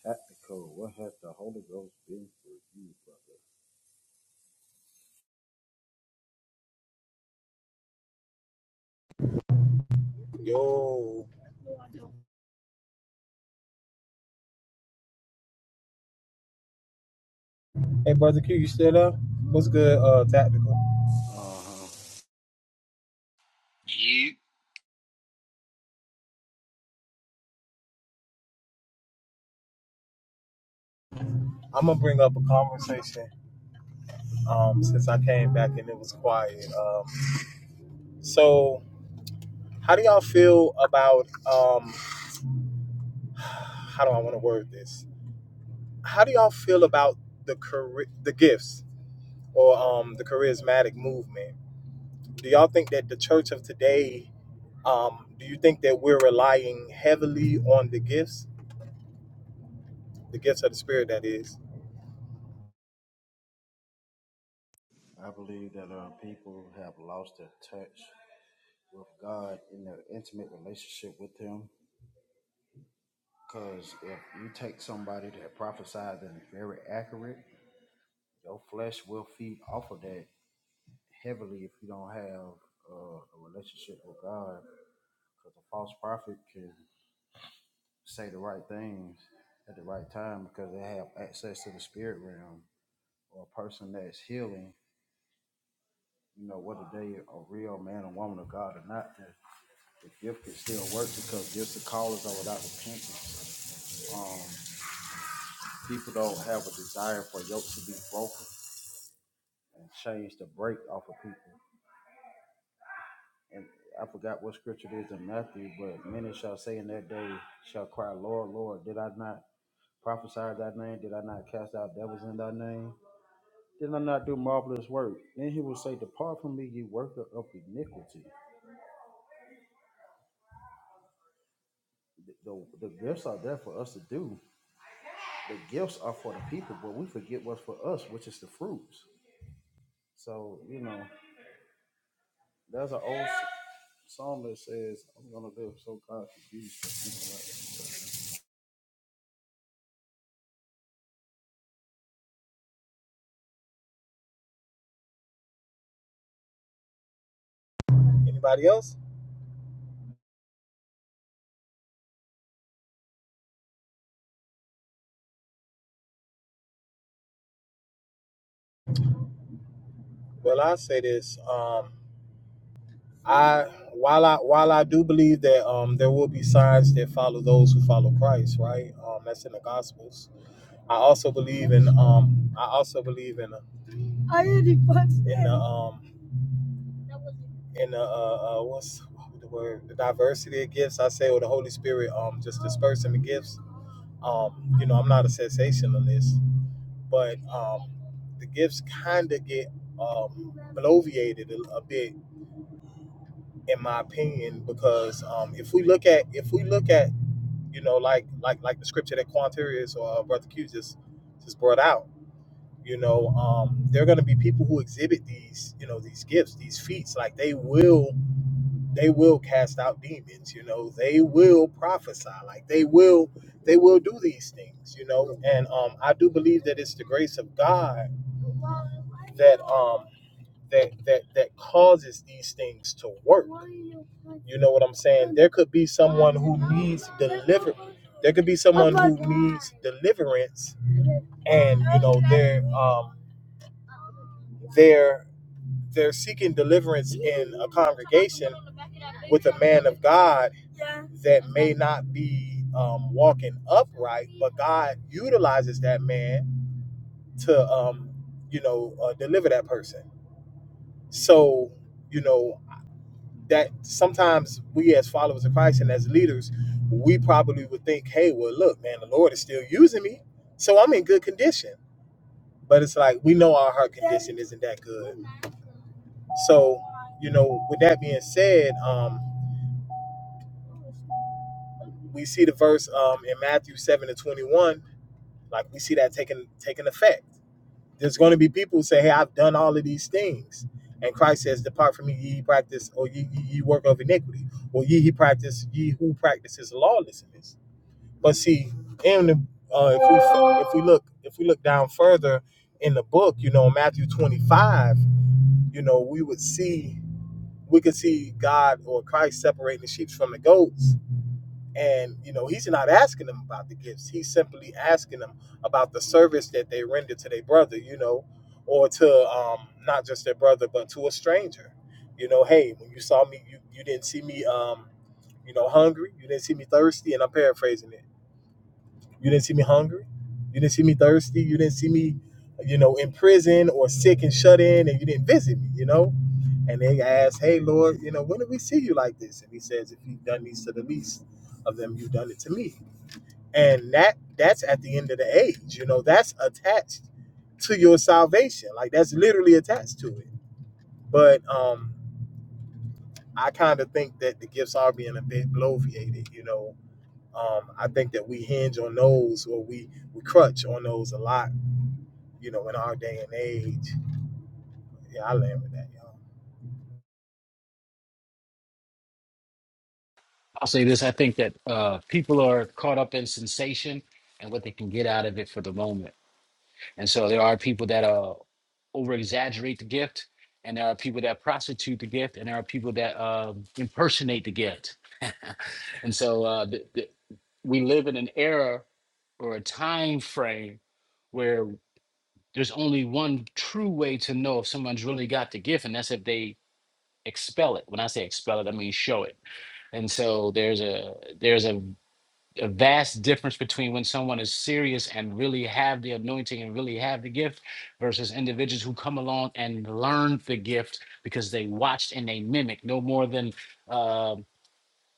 Tactical, what has the Holy Ghost been for you?
Yo. Hey, brother Q, you still up? What's good? Uh, tactical.
Uh huh.
You
I'm gonna bring up a conversation. Um, since I came back and it was quiet. Um, so how do y'all feel about um how do I want to word this? How do y'all feel about the chari- the gifts or um, the charismatic movement? Do y'all think that the church of today, um, do you think that we're relying heavily on the gifts, the gifts of the spirit? That is.
I believe that uh, people have lost their touch with God in their intimate relationship with Him. Because if you take somebody that prophesies and is very accurate, your flesh will feed off of that heavily if you don't have uh, a relationship with God. Because a false prophet can say the right things at the right time because they have access to the spirit realm. Or a person that's healing, you know, whether they a real man or woman of God or not, they're the gift can still work because gifts and callers are without repentance. Um, people don't have a desire for yokes to be broken and change to break off of people. And I forgot what scripture it is in Matthew, but many shall say in that day, shall cry, Lord, Lord, did I not prophesy in thy name? Did I not cast out devils in thy name? Did I not do marvelous work? Then he will say, Depart from me, ye worker of iniquity. The, the, the gifts are there for us to do. The gifts are for the people, but we forget what's for us, which is the fruits. So, you know, there's an old s- song that says, I'm going to live so God confused.
Anybody else? Well, I say this. Um, I while I while I do believe that um, there will be signs that follow those who follow Christ, right? Um, that's in the Gospels. I also believe in um, I also believe in in the um, and the uh, uh, what's the word? The diversity of gifts. I say, or the Holy Spirit, um, just dispersing the gifts. Um, you know, I'm not a sensationalist, but um, the gifts kind of get um bloviated a, a bit, in my opinion, because um, if we look at if we look at you know like like like the scripture that Quanterius or uh, Brother Q just just brought out. You know, um, there are going to be people who exhibit these, you know, these gifts, these feats. Like they will they will cast out demons you know they will prophesy like they will they will do these things you know and um i do believe that it's the grace of god that um that that that causes these things to work you know what i'm saying there could be someone who needs the there could be someone deliverance and they're um they're they're seeking deliverance in a congregation with a man of god that may not be um, walking upright, but God utilizes that man to, um, you know, uh, deliver that person. So, you know, that sometimes we as followers of Christ and as leaders, we probably would think, hey, well, look, man, the Lord is still using me, so I'm in good condition. But it's like we know our heart condition isn't that good. So, you know, with that being said, um, we see the verse um, in Matthew 7 to 21, like we see that taking taking effect There's going to be people who say, Hey, I've done all of these things. And Christ says, Depart from me, ye practice, or ye, ye, ye work of iniquity, or ye, he practice, ye who practices lawlessness. But see, in the, uh, if we if we look if we look down further in the book, you know, Matthew 25, you know, we would see we could see God or Christ separating the sheep from the goats and you know, he's not asking them about the gifts. He's simply asking them about the service that they render to their brother, you know, or to um not just their brother, but to a stranger. You know, hey, when you saw me, you, you didn't see me um, you know, hungry, you didn't see me thirsty, and I'm paraphrasing it. You didn't see me hungry, you didn't see me thirsty, you didn't see me, you know, in prison or sick and shut in, and you didn't visit me, you know? And they ask, Hey Lord, you know, when did we see you like this? And he says, If you've done these to the least of them, you've done it to me and that that's at the end of the age you know that's attached to your salvation like that's literally attached to it but um i kind of think that the gifts are being a bit bloviated you know um i think that we hinge on those or we we crutch on those a lot you know in our day and age yeah i land with that y'all
I'll say this: I think that uh, people are caught up in sensation and what they can get out of it for the moment, and so there are people that uh, over exaggerate the gift, and there are people that prostitute the gift, and there are people that um impersonate the gift, and so uh, th- th- we live in an era or a time frame where there's only one true way to know if someone's really got the gift, and that's if they expel it. When I say expel it, I mean show it. And so there's a there's a a vast difference between when someone is serious and really have the anointing and really have the gift versus individuals who come along and learn the gift because they watched and they mimic no more than um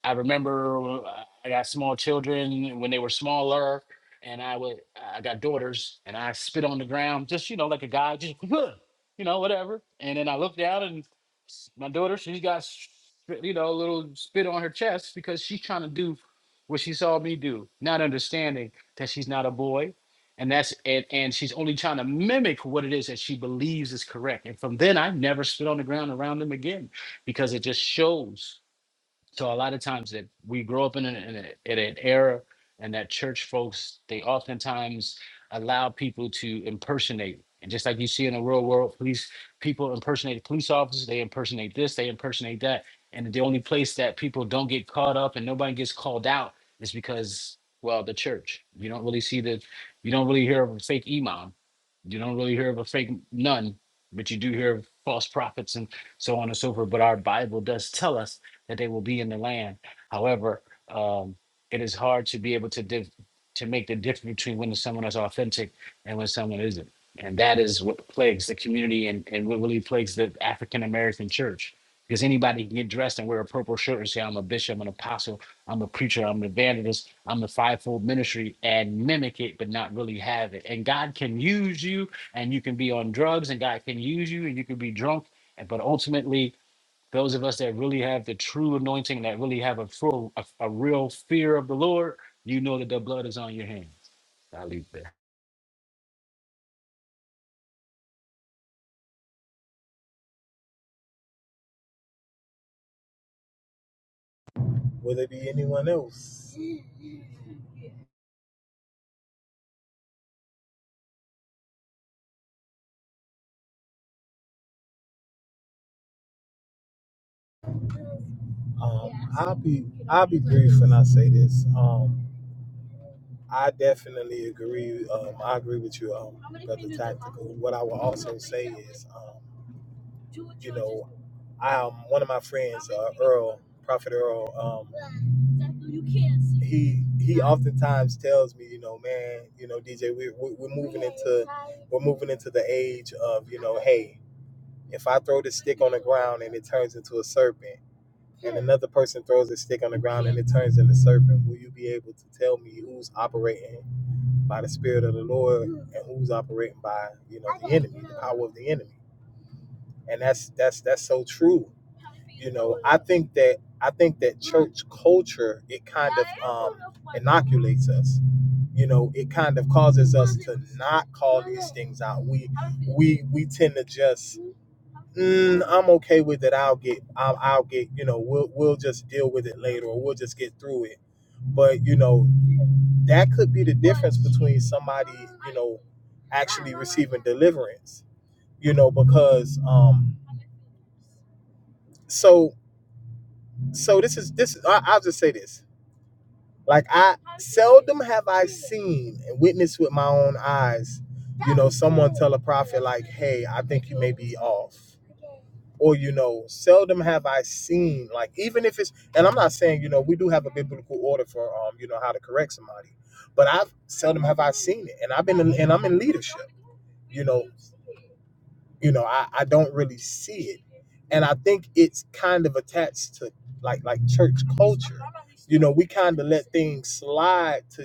I remember uh, I got small children when they were smaller, and I would I got daughters, and I spit on the ground, just you know, like a guy, just you know, whatever. And then I looked down, and s- my daughter, she got spit- you know a little spit on her chest because she's trying to do what she saw me do, not understanding that she's not a boy, and that's and and she's only trying to mimic what it is that she believes is correct. And from then, I never spit on the ground around them again because it just shows. So a lot of times that we grow up in, an in, a, in an era, and that church folks they oftentimes allow people to impersonate. And just like you see in the real world, police people impersonate police officers. They impersonate this. They impersonate that. And the only place that people don't get caught up and nobody gets called out is because well, the church. You don't really see the, you don't really hear of a fake imam. You don't really hear of a fake nun, but you do hear of false prophets and so on and so forth. But our Bible does tell us that they will be in the land. However, um, it is hard to be able to div- to make the difference between when someone is authentic and when someone isn't. And that is what plagues the community and, and what really plagues the African American church. Because anybody can get dressed and wear a purple shirt and say, I'm a bishop, I'm an apostle, I'm a preacher, I'm an evangelist, I'm a fivefold ministry and mimic it, but not really have it. And God can use you and you can be on drugs and God can use you and you can be drunk. and- But ultimately, those of us that really have the true anointing, that really have a full, a, a real fear of the Lord, you know that the blood is on your hands. I leave it there.
will there be anyone else um i'll be i'll be brief when i say this um i definitely agree um i agree with you um what i was Um, um, one of my friends, uh, Earl, Prophet Earl, um, he he oftentimes tells me, you know, man, you know, DJ, we, we, we're, mov- we're moving into the age of, you know, hey, if I throw this around and it turns into a serpent, another person throws a stick on the ground and it turns into a serpent, will you be able to tell me who's operating by the Spirit of the Lord and who's operating by, you know, the power of the enemy? And that's that's that's so true. I think that I think that church culture it contradicts us you know it kind of causes not call things out we we we tend to just i'm okay with it i'll get i'll, I'll get you know we'll we'll just deal with it later or we'll just get through it but you know that could be the difference between somebody you know, at deliverance you know because um so so this is this is I, i'll just say this like i them have i seen and witnessed with my own eyes you know someone tell a prophet hey i think off or you know seldom have i seen like even if it's and i'm not saying you know we do have a biblical order for um you know how to correct somebody but i've seldom have seen it and i've been in- you know i, I don't really see and i think it's kind of attached to like like church culture being slide to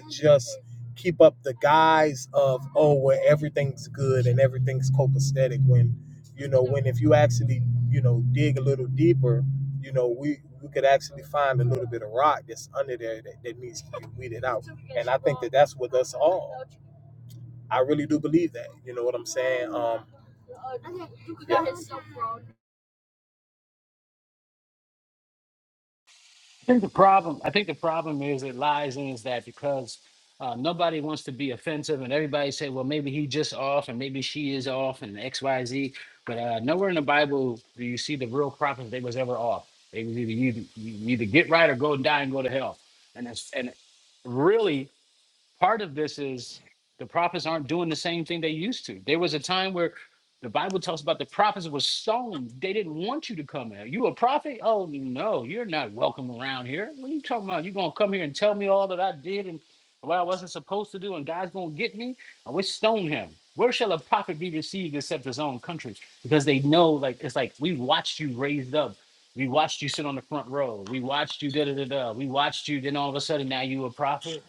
keep up the guise of oh well everything's good and everything's copacetic when you know when if you actually you know dig a little deeper you know we we could actually find a little bit of rock that's under there that, that needs to be weeded out that's what i really do believe that you know what i'm saying um
The problem, I think, the problem is it lies in is that because uh, nobody wants to be offensive, and everybody say, well, maybe he just off, and maybe she is off, and X, Y, Z. But uh, nowhere in the Bible do you see the real prophets they was ever off. They was either you, you either get right or go and die and go to hell. And it's, and really part of this is the prophets aren't doing the same thing they used to. There was a time where the Bible talks about the prophets were stoned. They didn't want you to come here. You a prophet? Oh no, you're not welcome around here. What are you talking about? You gonna come here and tell me all that I did and what I wasn't supposed to do, and God's gonna get me? I wish stone him. Where shall a prophet be received except his own country? Because they know, like it's like we watched you raised up. We watched you sit on the front row. We watched you da da da da. We watched you. Then all of a sudden, now you a prophet.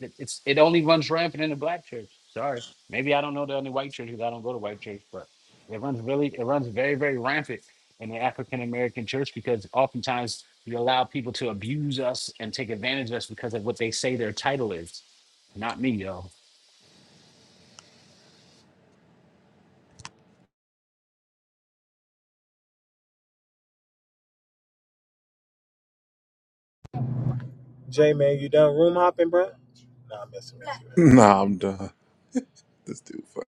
It, it's it only runs rampant in the black church. Sorry, maybe I don't know the only white church because I don't go to white church, but it runs really it runs very very rampant in the African American church because oftentimes we allow people to abuse us and take advantage of us because of what they say their title is. Not me, yo.
jay man you done room hopping bro nah i'm messing with you
Nah, I'm done. This dude fuck.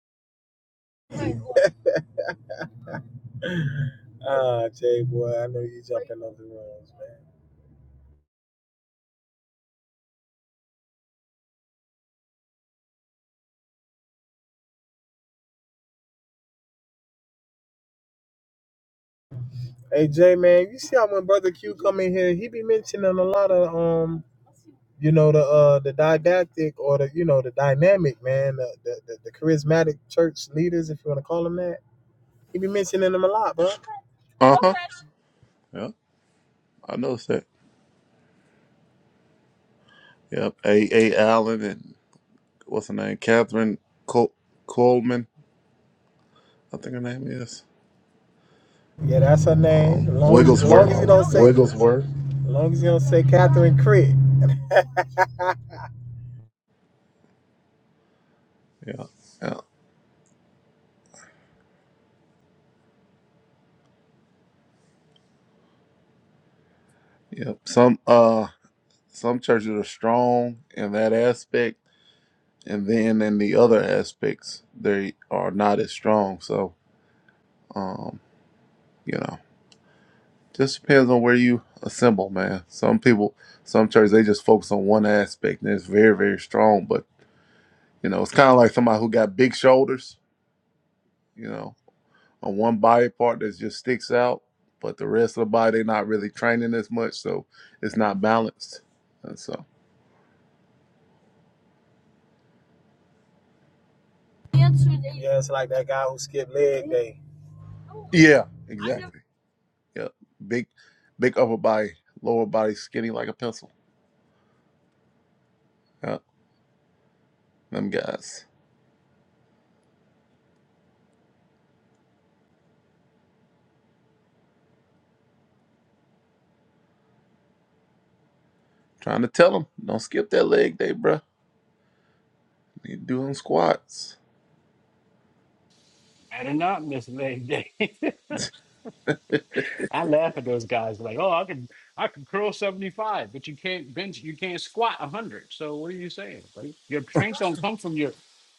man ah jay boy i know you jumping on the rooms man hey jay man you see how when brother q come in here he be mentioning a lot of um you know the uh the didactic or the you know the dynamic man the the, the, the charismatic church leaders if you want to call them that he be mentioning them a lot bro
Uh huh. Yep. I noticed that. Yep. A A Allen and what's her name? Catherine Col- Coleman, I think her name is.
yeah that's her name as long as, as long
Wigglesworth.
as you don't say Wigglesworth. as long as you don't say Catherine Crick
Yeah, Yeah. Yep. Some uh some churches are strong in that aspect and then in the other aspects they are not as strong. So um, you know, just depends on where you assemble, man. Some people some churches they just focus on one aspect and it's very, very strong. But you know, it's kinda like somebody who got big shoulders, you know, on one body part that just sticks out, but the rest of the body they're not really training as much, so it's not balanced. And so
yeah it's like that guy who skipped leg day
Yeah, exactly. Yeah, big, big upper body, lower body skinny like a pencil. Yeah, them guys. Trying to tell them, don't skip that leg day, bruh. You do them squats.
Better not, Miss Lady. I laugh at those guys like, oh, I can I can curl seventy five, but you can't bench, you can't squat one hundred. So what are you saying? Like your strength don't come from your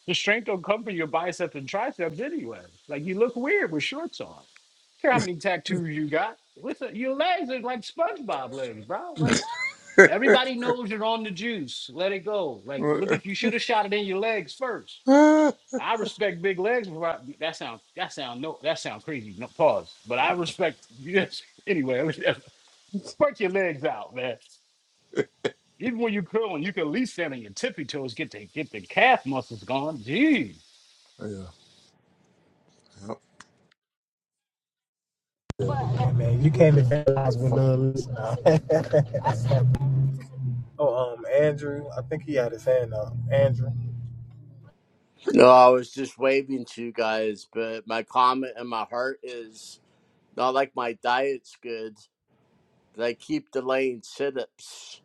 the strength don't come from your biceps and triceps anyway. Like you look weird with shorts on. Care how many tattoos you got? Listen, your legs are like SpongeBob legs, bro. Like
yeah.
everybody knows you're on the juice. Let it go. Like look if you should have shot it in your legs first.
hmm
I respect big legs. I- That sounds that sound no that sounds crazy. No pause. But I respect yes. Anyway, I mean, work your legs out, man. Even when you curling, you can at least stand on your tippy toes, get the get the calf muscles going. Gee.
Hey, man you can't evangelize with none of this oh um Andrew I think he had his hand up Andrew
No, I was just waving to you guys, but my comment in my heart is not like my diet's good, but I keep delaying sit ups.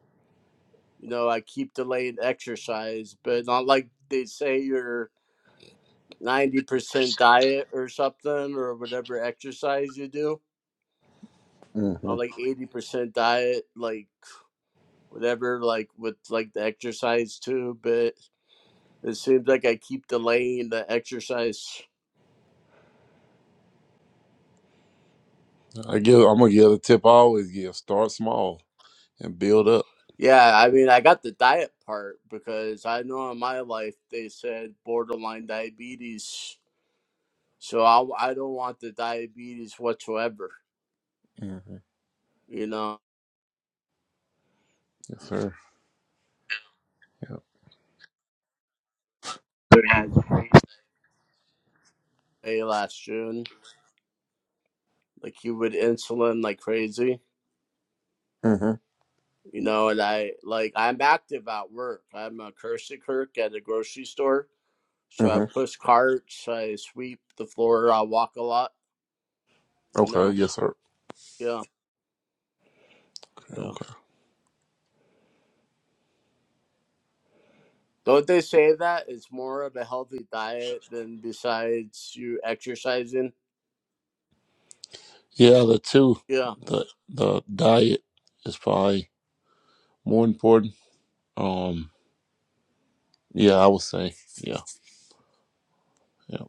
You know, I keep delaying exercise, but not like they say your 90% diet or something or whatever exercise you do. Not like 80% diet, like whatever, like with like the exercise too, but it seems like I keep delaying the exercise.
I give. I'm gonna give the tip. I always give. Start small and build up.
Yeah, I mean, I got the diet part because I know in my life they said borderline diabetes, so I, I don't want the diabetes whatsoever.
hmm
You know,
Yes, sir. Yeah.
hey, last June, like you would insulin like crazy.
hmm
You know, and I like I'm active at work. I'm a cursey clerk at a grocery store, so I
hmm
push carts, I sweep the floor, I walk a lot. You
Okay.
know,
Yes, sir.
yeah, yeah.
Okay.
Don't they say that it's more of a healthy diet than besides you exercising?
Yeah, the two,
Yeah.
the the diet is probably more important. Um. Yeah, I would say. Yeah, Yeah.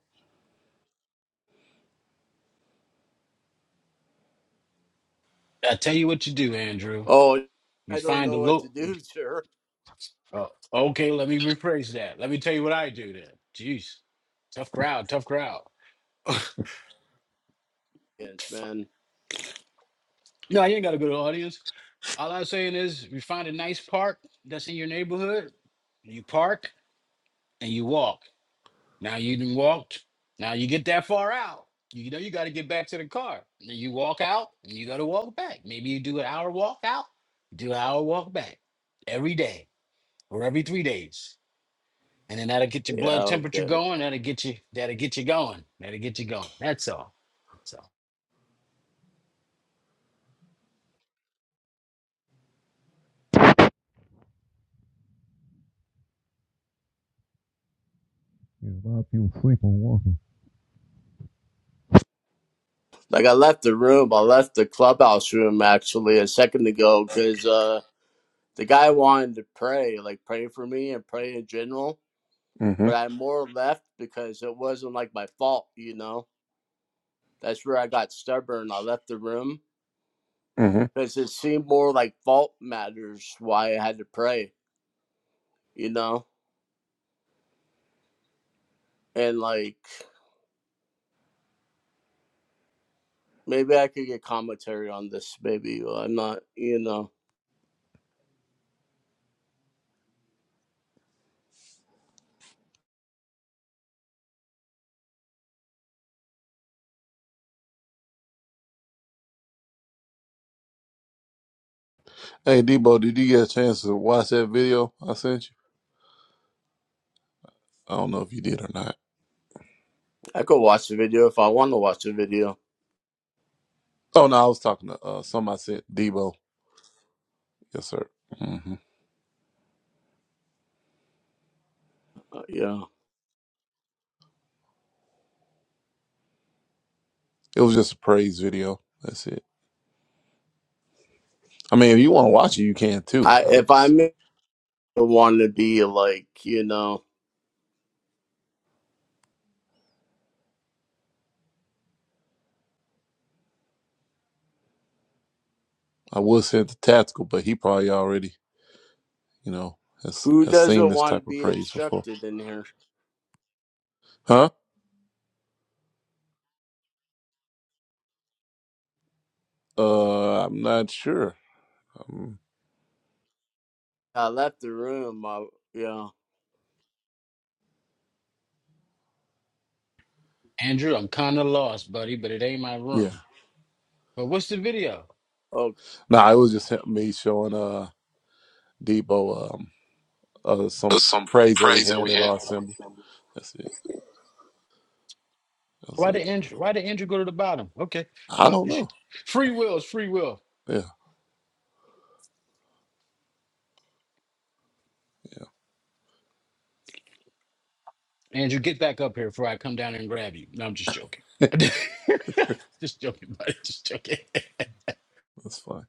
I tell you what you do, Andrew.
Oh,
You
I don't
find the
know what to
low.
do, sir.
Oh, okay, let me rephrase that. Let me tell you what I do then. Jeez, tough crowd, tough crowd.
Yes, man.
No, you ain't got to go to the audience. All I'm saying is, you find a nice park that's in your neighborhood. You park and you walk. Now you done walked. Now you get that far out. You know you got to get back to the car. Then you walk out and you got to walk back. Maybe you do an hour walk out, do an hour walk back every day or every three days. And then that'll get your
Yeah,
blood temperature
okay.
going. That'll get you that'll get you going. That'll get you going. That's all. That's all.
Yeah, a lot of people sleep on walking.
Like I left the room, I left the clubhouse room actually a second ago because uh, the guy wanted to pray, like pray for me and pray in general.
mm hmm
But I more left because it wasn't like my fault, you know. That's where I got stubborn. I left the room
mm hmm
because it seemed more like fault matters why I had to pray you know? And like maybe I could get commentary on this, maybe. uh, I'm not, you know,
Hey, Debo, did you get a chance to watch that video I sent you? I don't know if you did or not.
I could watch the video if I want to watch the video.
Oh no, I was talking to uh, somebody I sent Debo. Yes, sir. hmm
Uh, you
It was just a praise video. That's it. I mean, if you want to watch it, you can too.
I
I was
if I
just,
may want to be like, you know,
I would send the tactical, but he probably already, you know, has
who
has seen
doesn't
this
want to
type of
be
praise before,
instructed in here?
huh? Uh, I'm not sure. Um,
I left the room. I, you
Andrew, I'm kinda lost, buddy, but it ain't my
yeah.
room. But what's the video?
oh
Nah, it was just him- me showing uh Debo. um, uh, some praise that we had at our assembly. That's it. That's
Why
it.
did Andrew why did Andrew go to the bottom? Okay.
I
But
don't
sh-
know.
free will is free will.
Yeah,
Andrew, get back up here before I come down and grab you. No, I'm just joking.
yeah.
just joking, buddy. Just joking.
That's fine.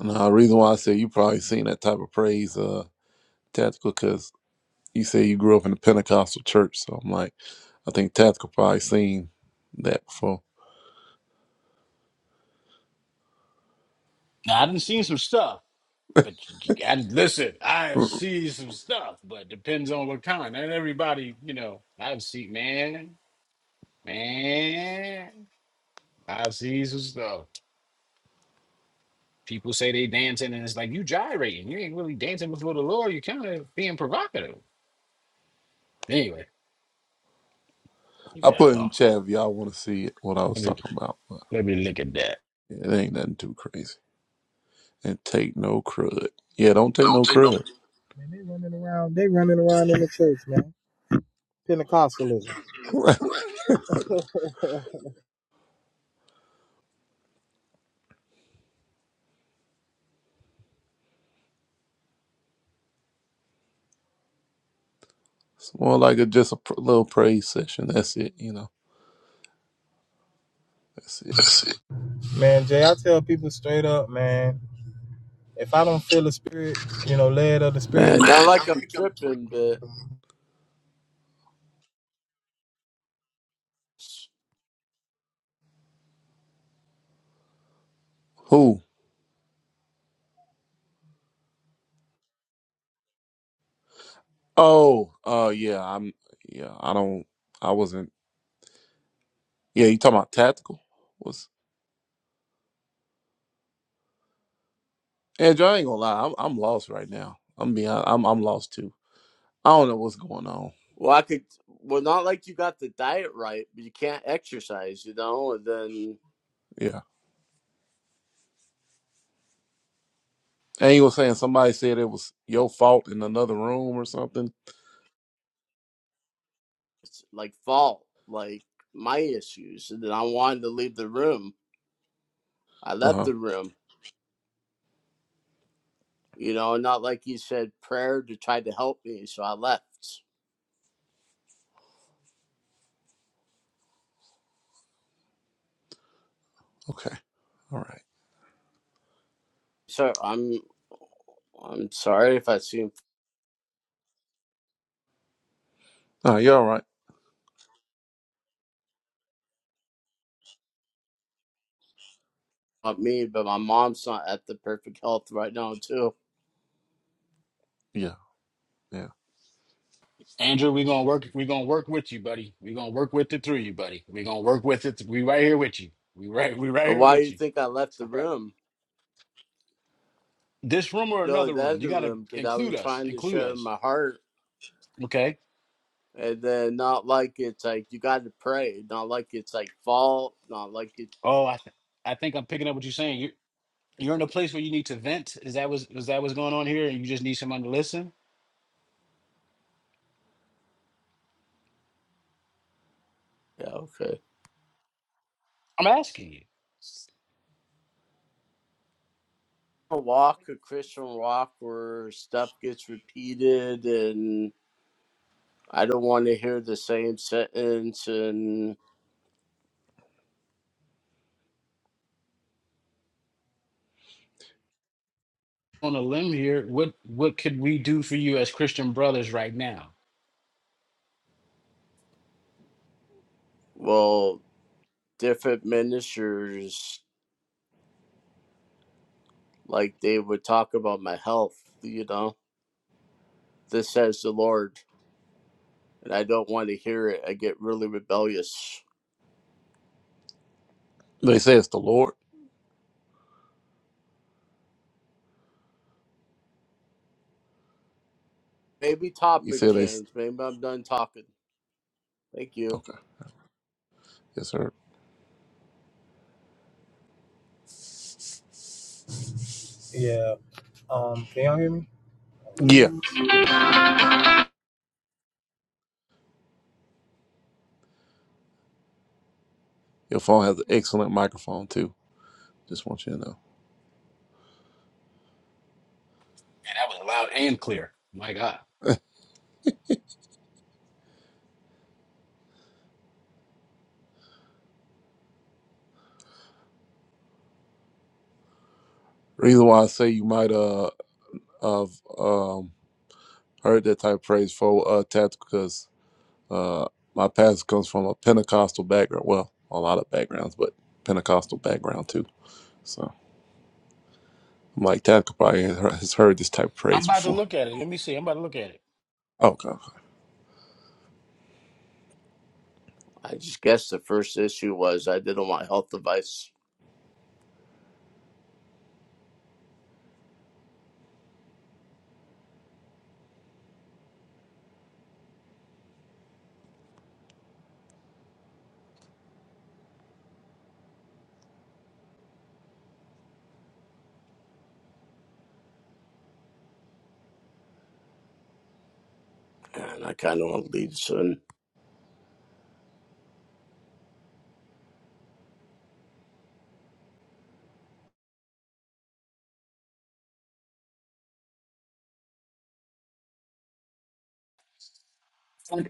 Now, the reason why I say you probably seen that type of praise, uh, tactical, because you say you grew up in the Pentecostal church. So I'm like, I think tactical probably seen that before.
now, I done seen some stuff, but you- you- and listen, I have
Mm.
seen some stuff, but depends on what kind. And everybody, you know, I've seen, man, man, I've seen some stuff. People say they dancing, and it's like you gyrating. You ain't really dancing before the Lord. You're kind of being provocative. Anyway, leave
I
that
put in the
alone.
chat if y'all want to see it, what I was
Let me
talking about. But
let me look at that.
yeah, it ain't nothing too crazy. And take no crud. Yeah, don't
I
take
don't
no
take no.
crud.
man they running around they running around in the church man Pentecostalism
it's more like a just a pr- little praise session. That's it. You know. That's it.
Man, Jay, I tell people straight up, man, if I don't feel the spirit, you know, led of the spirit,
man,
man,
not like
I
I'm
make 'em swing.
tripping, but
Who? Oh, uh, yeah, I'm, yeah, I don't, I wasn't, yeah, you talking about tactical? Was Andrew? I ain't gonna lie, I'm, I'm lost right now. I'm being, I'm, I'm lost too. I don't know what's going on.
well, I could. Well, not like you got the diet right, but you can't exercise, you know. And then
Yeah, and you were saying somebody said it was your fault in another room or something.
like fault, like my issues. And then I wanted to leave the room. I
Uh
left
huh.
the room, you know, not like he said prayer to try to help me, so I left.
Okay. All right.
So I'm I'm sorry if I seem
Uh, you're all right.
up me, but my mom's not at the perfect health right now too.
Yeah. Yeah.
Andrew, we're gonna work we're gonna work with you, buddy. We're gonna work with it through you, buddy. We're gonna work with it. We right here with you. We right we right
And
here
why do
with
you
you.
think I
It's
left the
All right.
room?
This room or
No,
another
the
room. You
other
gotta
room because I
include
was
us.
trying to
Include
share
us.
my heart,
Okay.
and then not like it's like you got to pray, not like it's like fault, not like it.
Oh, I th- I think I'm picking up what you're saying. You're you're in a place where you need to vent. Is that was is that what's going on here? And you just need someone to listen?
Yeah, okay.
I'm asking you.
walk, a Christian walk where stuff gets repeated and I don't want to hear the same sentence and
On a limb here, what what could we do for you as Christian brothers right now?
well different ministers like they would talk about my health, you know. This says the Lord and I don't want to hear it. I get really rebellious.
They say it's the Lord.
Maybe
You
topic
said they. s-
change. Maybe I'm done talking. Thank you.
Okay. Yes, sir.
yeah. Um, can y'all hear me?
Yeah. I can't do it. Your phone has an excellent microphone too. Just want you to know.
And that was loud and clear. My God.
Reason why I say you might uh of um. I heard that type of praise for uh, tactical because uh, my pastor comes from a Pentecostal background. Well, a lot of backgrounds, but Pentecostal background too. So I'm like, tactical probably has heard has heard this type of
I'm
praise
about to
before.
look at it. Let me see. I'm about to look at it.
Okay.
I just guess the first issue was I didn't want health advice. And I kind of want to lead soon.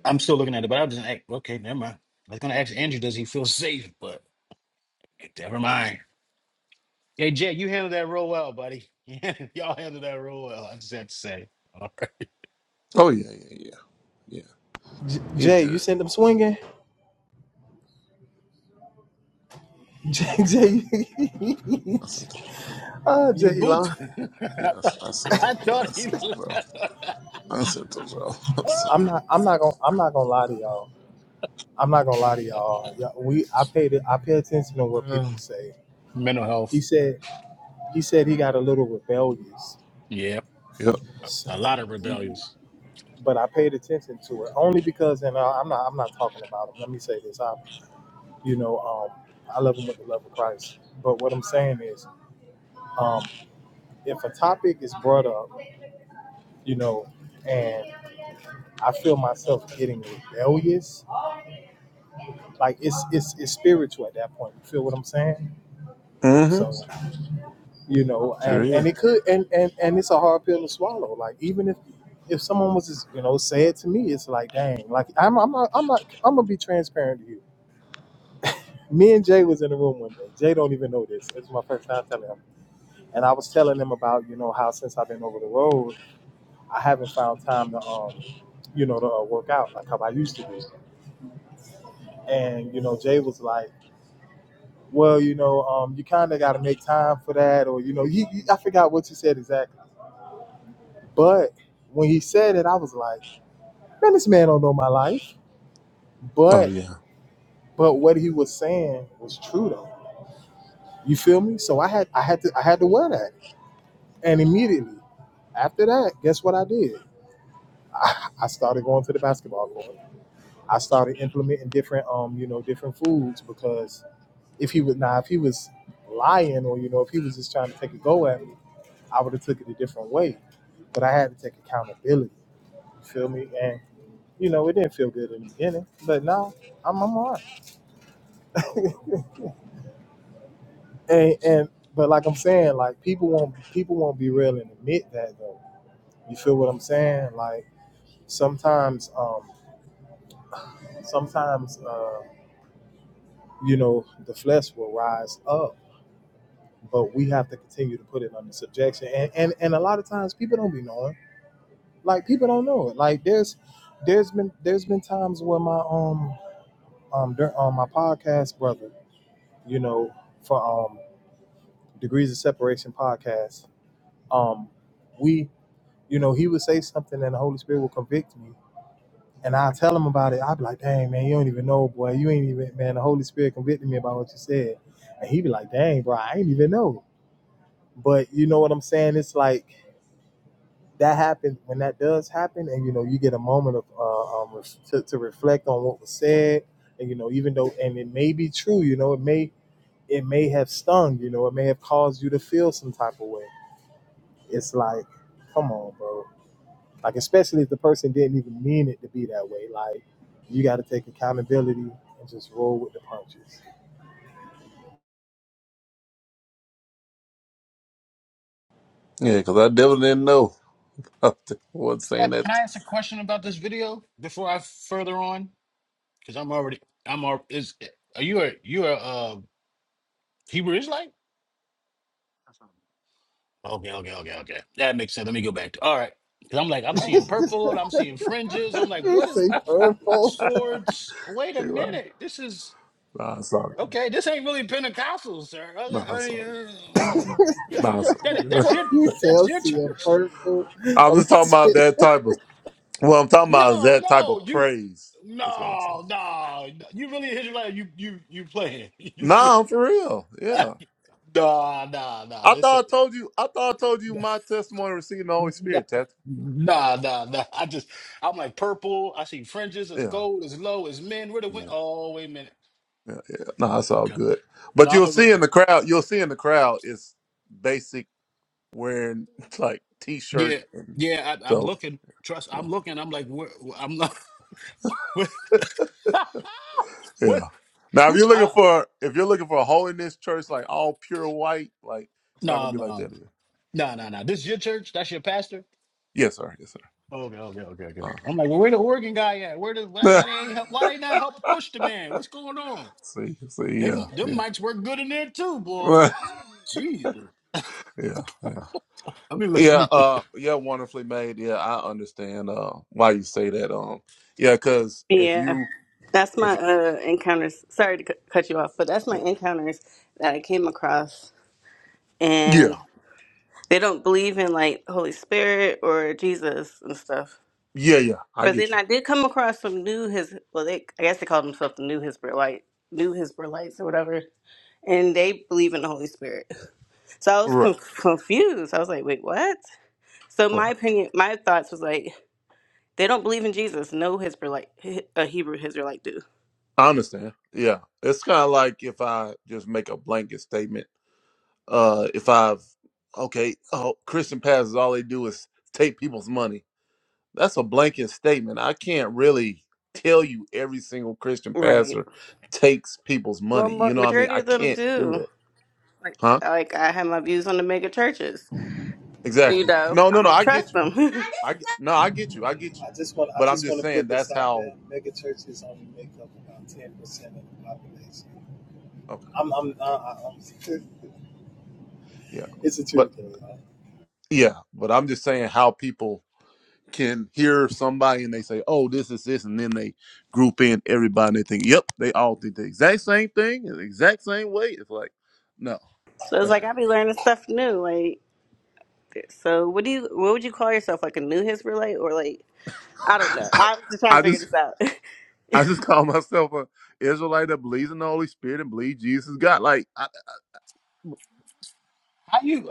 I'm still looking at it, but I was just like, okay, never mind. I was gonna ask Andrew, does he feel safe? But never mind. Hey, Jay, you handled that real well, buddy. Yeah, Y'all handled that real well. I just had to say. All right.
Oh, yeah, yeah, yeah. Yeah.
J-
He's
Jay, you
good.
send them swinging. Jay, Jay,
I sent him.
ah,
You
Jay,
boot.
lie.
I
Yeah, I s-
thought
I sent
I
him. Yeah, I
thought he
sent him, bro.
left.
I sent him, bro. I'm sorry.
I'm not. I'm not gonna. I'm not gonna lie to y'all. I'm not gonna lie to y'all. y'all we. I paid. it- I pay attention to what
Uh,
people say.
Mental
He
health.
said. He said he got a little rebellious.
Yep.
Yep.
So,
A lot of rebellious.
but I paid attention to it only because, and I, I'm not. I'm not talking about him. Let me say this. You know, um, I love them with the love of Christ. But what I'm saying is, um, if a topic is brought up, you know, and I feel myself getting rebellious, like it's it's it's spiritual at that point. You feel what I'm saying?
Mm-hmm.
So, you know,
Sure
and and
is.
it could and and and it's a hard pill to swallow. Like even if if someone was just, you know say it to me, it's like dang. Like I'm I'm not I'm not I'm gonna be transparent to you. Me and Jay was in the room one day. Jay don't even know this. It's my first time telling him And I was telling them about, you know, how since I've been over the road, I haven't found time to, um, you know, to uh, work out like how I used to do. And, you know, Jay was like, well, you know, um, you kind of got to make time for that. Or, you know, he, he, I forgot what he said exactly. But when he said it, I was like, man, this man don't know my life.
Oh,
But,
yeah.
but what he was saying was true though. You feel me? So I had, I had to, I had to wear that. And immediately after that, guess what I did? I, I started going to the basketball court. I started implementing different um you know different foods because if he was now if he was lying or you know if he was just trying to take a go at me, I would have took it a different way. But I had to take accountability. You feel me? And you know it didn't feel good in the beginning, but now I'm I'm alright. And and but like I'm saying, like people won't people won't be real and admit that though. You feel what I'm saying? Like sometimes um sometimes uh you know the flesh will rise up but we have to continue to put it under subjection. And and, and a lot of times people don't be knowing. Like people don't know it. Like there's there's been there's been times where my um um dur- on my podcast brother, you know, for um degrees of separation podcast, um we you know he would say something and the Holy Spirit will convict me. And I tell him about it. I'd be like, "Dang man, you don't even know, boy. You ain't even man. The Holy Spirit convicted me about what you said." And he'd be like, "Dang, bro, I ain't even know." But you know what I'm saying? It's like that happens when that does happen and you know you get a moment of uh, um, to, to reflect on what was said and you know even though and it may be true you know it may it may have stung you know it may have caused you to feel some type of way it's like come on bro like especially if the person didn't even mean it to be that way like you got to take accountability and just roll with the punches
Yeah, because I definitely didn't know. I wasn't
Can I
saying that.
can I ask a question about this video before I further on? Because I'm already I'm already is are you a you a uh Hebrew Israelite? Okay, okay, okay, okay. That makes sense. Let me go back to all right. Cause I'm like, I'm seeing purple, I'm seeing fringes. I'm like,
you
what is
say purple
swords? Wait a
Anyway.
minute. This is
Nah, I saw it.
okay. This ain't really Pentecostal, sir. I, was
Nah,
like,
I
I, mean,
saw it.
uh,
Nah, I saw
that- ain't-
it.
that's your
you say
that's
i'm
your
seeing
church?
purple
I'm
I'm
just talking about
seeing
that type of. What I'm talking about is
No,
that type
no,
of
you
praise. That's what I'm saying.
no, no. no, You really Israelite, you you you playing. You ser-
Nah, I'm for real. Yeah.
nah, nah, nah.
I
This
thought I
ain't.
told you. I thought I told you my testimony of receiving the Holy Spirit. Tat.
Nah, nah, nah. I just, I'm like purple. I see fringes. It's
Yeah.
gold. It's low. It's men. Where the win?
Yeah.
Oh, wait a minute.
Yeah. Yeah. No, that's all
Okay.
good.
No,
But
I'm
you'll
gonna
see
look.
in the crowd. You'll see in the crowd is basic wearing like t-shirt
Yeah,
and
yeah. I, I'm
so
looking. Trust.
yeah.
I'm looking. I'm like, where? I'm not. What?
Yeah.
what?
Now, if
Who?
you're
t-
looking
I,
for if you're looking for a holiness church like all pure white, like it's not gonna
no,
be like
no,
that. Either.
no, no, no. This is your church. That's your pastor.
Yes, sir. Yes,
Okay, okay, okay, okay.
sir.
I'm like, well, where the Oregon guy at? Where the why,
Uh-huh.
why they ain't help? Why they not help push the man? What's going on?
See, see,
They
yeah,
them
yeah,
mics work good in there too, boy. Jesus.
yeah, yeah,
Let me look. Let
yeah.
me.
Uh, yeah, wonderfully made. Yeah, I understand. Uh, why you say that. Um, yeah, because if
Yeah,
you,
that's
if
my
you,
uh, encounters. Sorry to c- cut you off, but that's my
yeah,
encounters that I came across,
yeah,
and they don't believe in like Holy Spirit or Jesus and stuff.
yeah, yeah, I
But
get
then
you.
I did come across some new his. Well, they I guess they call themselves the New Hisbolite, New Hisbolites or whatever, and they believe in the Holy Spirit. So I was
Right,
con confused. I was like, wait, what? So
right.
my opinion, my thoughts was like, they don't believe in Jesus. No Israelite, a Hebrew Israelite do.
I understand. Yeah, it's kind of like if I just make a blanket statement. Uh, if I've okay, oh, Christian pastors, all they do is take people's money. that's a blanket statement. I can't really tell you every single Christian
Right.
pastor takes people's
Well,
money.
ma-
You know what I mean?
majority
I
of them
can't do
do.
that.
Like,
Huh?
like I have my views on the mega churches. You
Exactly.
know,
No,
I
no, no.
don't
I get
trust
you.
them.
I get- no, I get you. I get you.
I just want I
But I'm
just
just
want to
saying
put this
that's
out
how.
there. Mega churches only make up about ten percent of the population.
Okay.
I'm
Okay.
I'm, I, I- I'm
Yeah.
it's the
But
truth though.
yeah. But I'm just saying how people can hear somebody and they say, "Oh, this is this," and then they group in everybody and they think, "Yep, they all think the exact same thing, the exact same way." It's like, no,
so it's
that's
like I be learning stuff new. Like, so what do you? What would you call yourself? Like a new Israelite or like I don't know.
not.
I'm just trying
I
to figure
just
this out.
I just call myself a Israelite that believes in the Holy Spirit and believes Jesus is God. Like, I,
How you?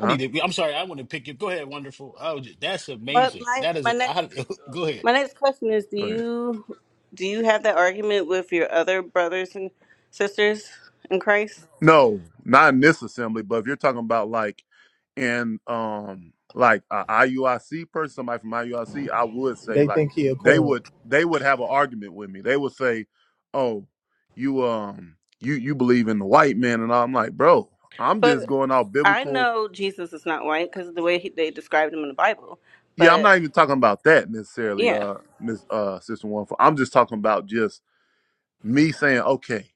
I need to. I'm sorry. I want to pick you. Go ahead. Wonderful. Oh, j- that's
but
amazing.
my
That is.
my next
I, go ahead.
My next question is: Do
Go ahead.
you do you have that argument with your other brothers and sisters in Christ?
No, not in this assembly. But if you're talking about like in um like a IUIC person, somebody from IUIC, I C, I would say
They
like
think he a
they
coon.
would they would have an argument with me. They would say, "Oh, you um you you believe in the white man," and all. I'm like, bro, I'm just
But
going off
I
biblical.
know Jesus is not white because of the way he, they described him in the Bible.
Yeah, I'm
But
not even talking about that necessarily,
yeah,
uh, Miss uh Sister One. I'm just talking about just me saying, okay,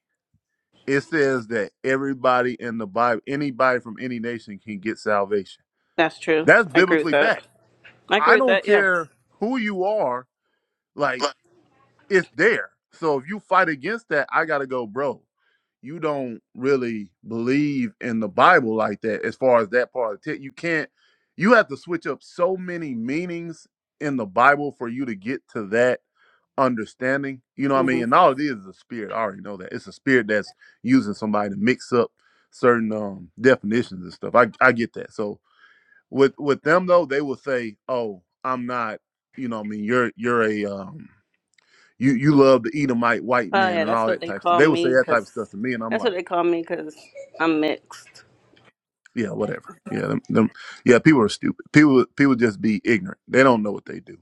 it says that everybody in the Bible, anybody from any nation can get salvation.
that's true.
That's
I agree with
biblically
that.
backed.
I agree
I
with
don't
that. Yeah.
care who you are, like it's there. So if you fight against that, I gotta go, bro. You don't really believe in the Bible like that as far as that part of it. You can't you have to switch up so many meanings in the Bible for you to get to that understanding. You know what I mean?
hmm
And all it is is a spirit. I already know that. It's a spirit that's using somebody to mix up certain um definitions and stuff. I I get that. So with with them though, they will say, Oh, I'm not, you know what I mean, you're you're a um you you love the Edomite white
Oh
man
yeah,
and
that's
all
what
that
they
type of stuff.
call
They would say
me
that type of stuff
because
to me and I'm
that's what
like,
they call me because I'm mixed.
Yeah, whatever. Yeah, them, them yeah, people are stupid. People people just be ignorant. They don't know what they do.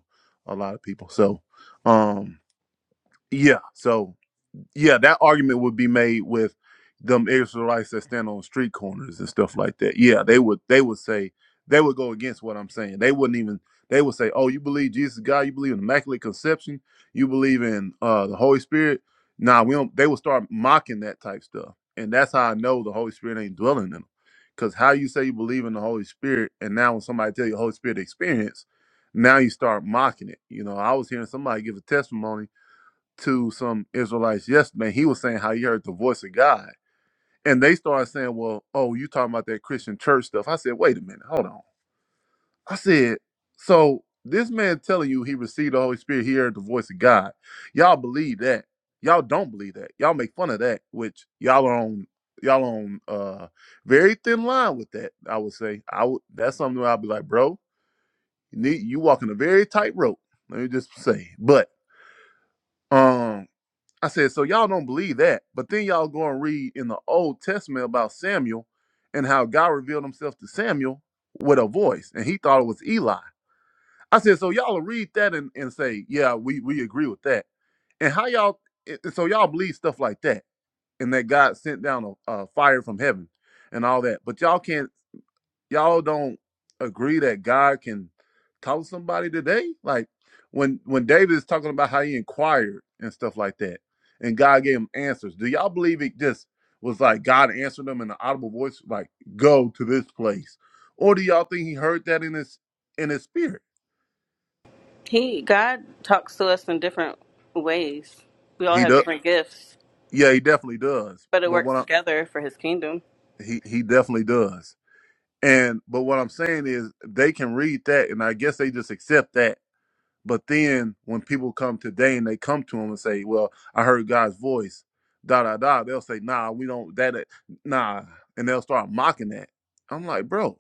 A lot of people. So um yeah, so yeah, that argument would be made with them Israelites that stand on street corners and stuff like that. Yeah, they would they would say they would go against what I'm saying. They wouldn't even they would say, "Oh, you believe Jesus is God? You believe in immaculate conception? You believe in uh, the Holy Spirit?" Nah, we don't. They would start mocking that type stuff, and that's how I know the Holy Spirit ain't dwelling in them. Because how you say you believe in the Holy Spirit, and now when somebody tell you Holy Spirit experience, now you start mocking it. You know, I was hearing somebody give a testimony to some Israelites yesterday. He was saying how he heard the voice of God. And they started saying, Well, oh, you talking about that Christian church stuff. I said, Wait a minute, hold on. I said, So this man telling you he received the Holy Spirit, he heard the voice of God. Y'all believe that. Y'all don't believe that. Y'all make fun of that, which y'all are on y'all on uh very thin line with that, I would say. I would that's something where I'd be like, bro, you need you walking a very tight rope. Let me just say. But um I said, so y'all don't believe that, but then y'all go and read in the Old Testament about Samuel and how God revealed himself to Samuel with a voice, and he thought it was Eli. I said, so y'all will read that and, and say, yeah, we, we agree with that. And how y'all, so y'all believe stuff like that, and that God sent down a, a fire from heaven and all that, but y'all can't y'all don't agree that God can talk to somebody today? Like when when David is talking about how he inquired and stuff like that, and God gave him answers. Do y'all believe it just was like God answered them in an audible voice, like "Go to this place," or do y'all think he heard that in his in his spirit?
He God talks to us in different ways. We all
He
have
does.
different gifts,
Yeah, he definitely does.
but it
But
works
what I,
together for His kingdom
he he definitely does. And but what I'm saying is they can read that, and I guess they just accept that But then when people come today and they come to him and say, "Well, I heard God's voice," da da da, they'll say, "Nah, we don't that, that- nah," and they'll start mocking that. I'm like, bro,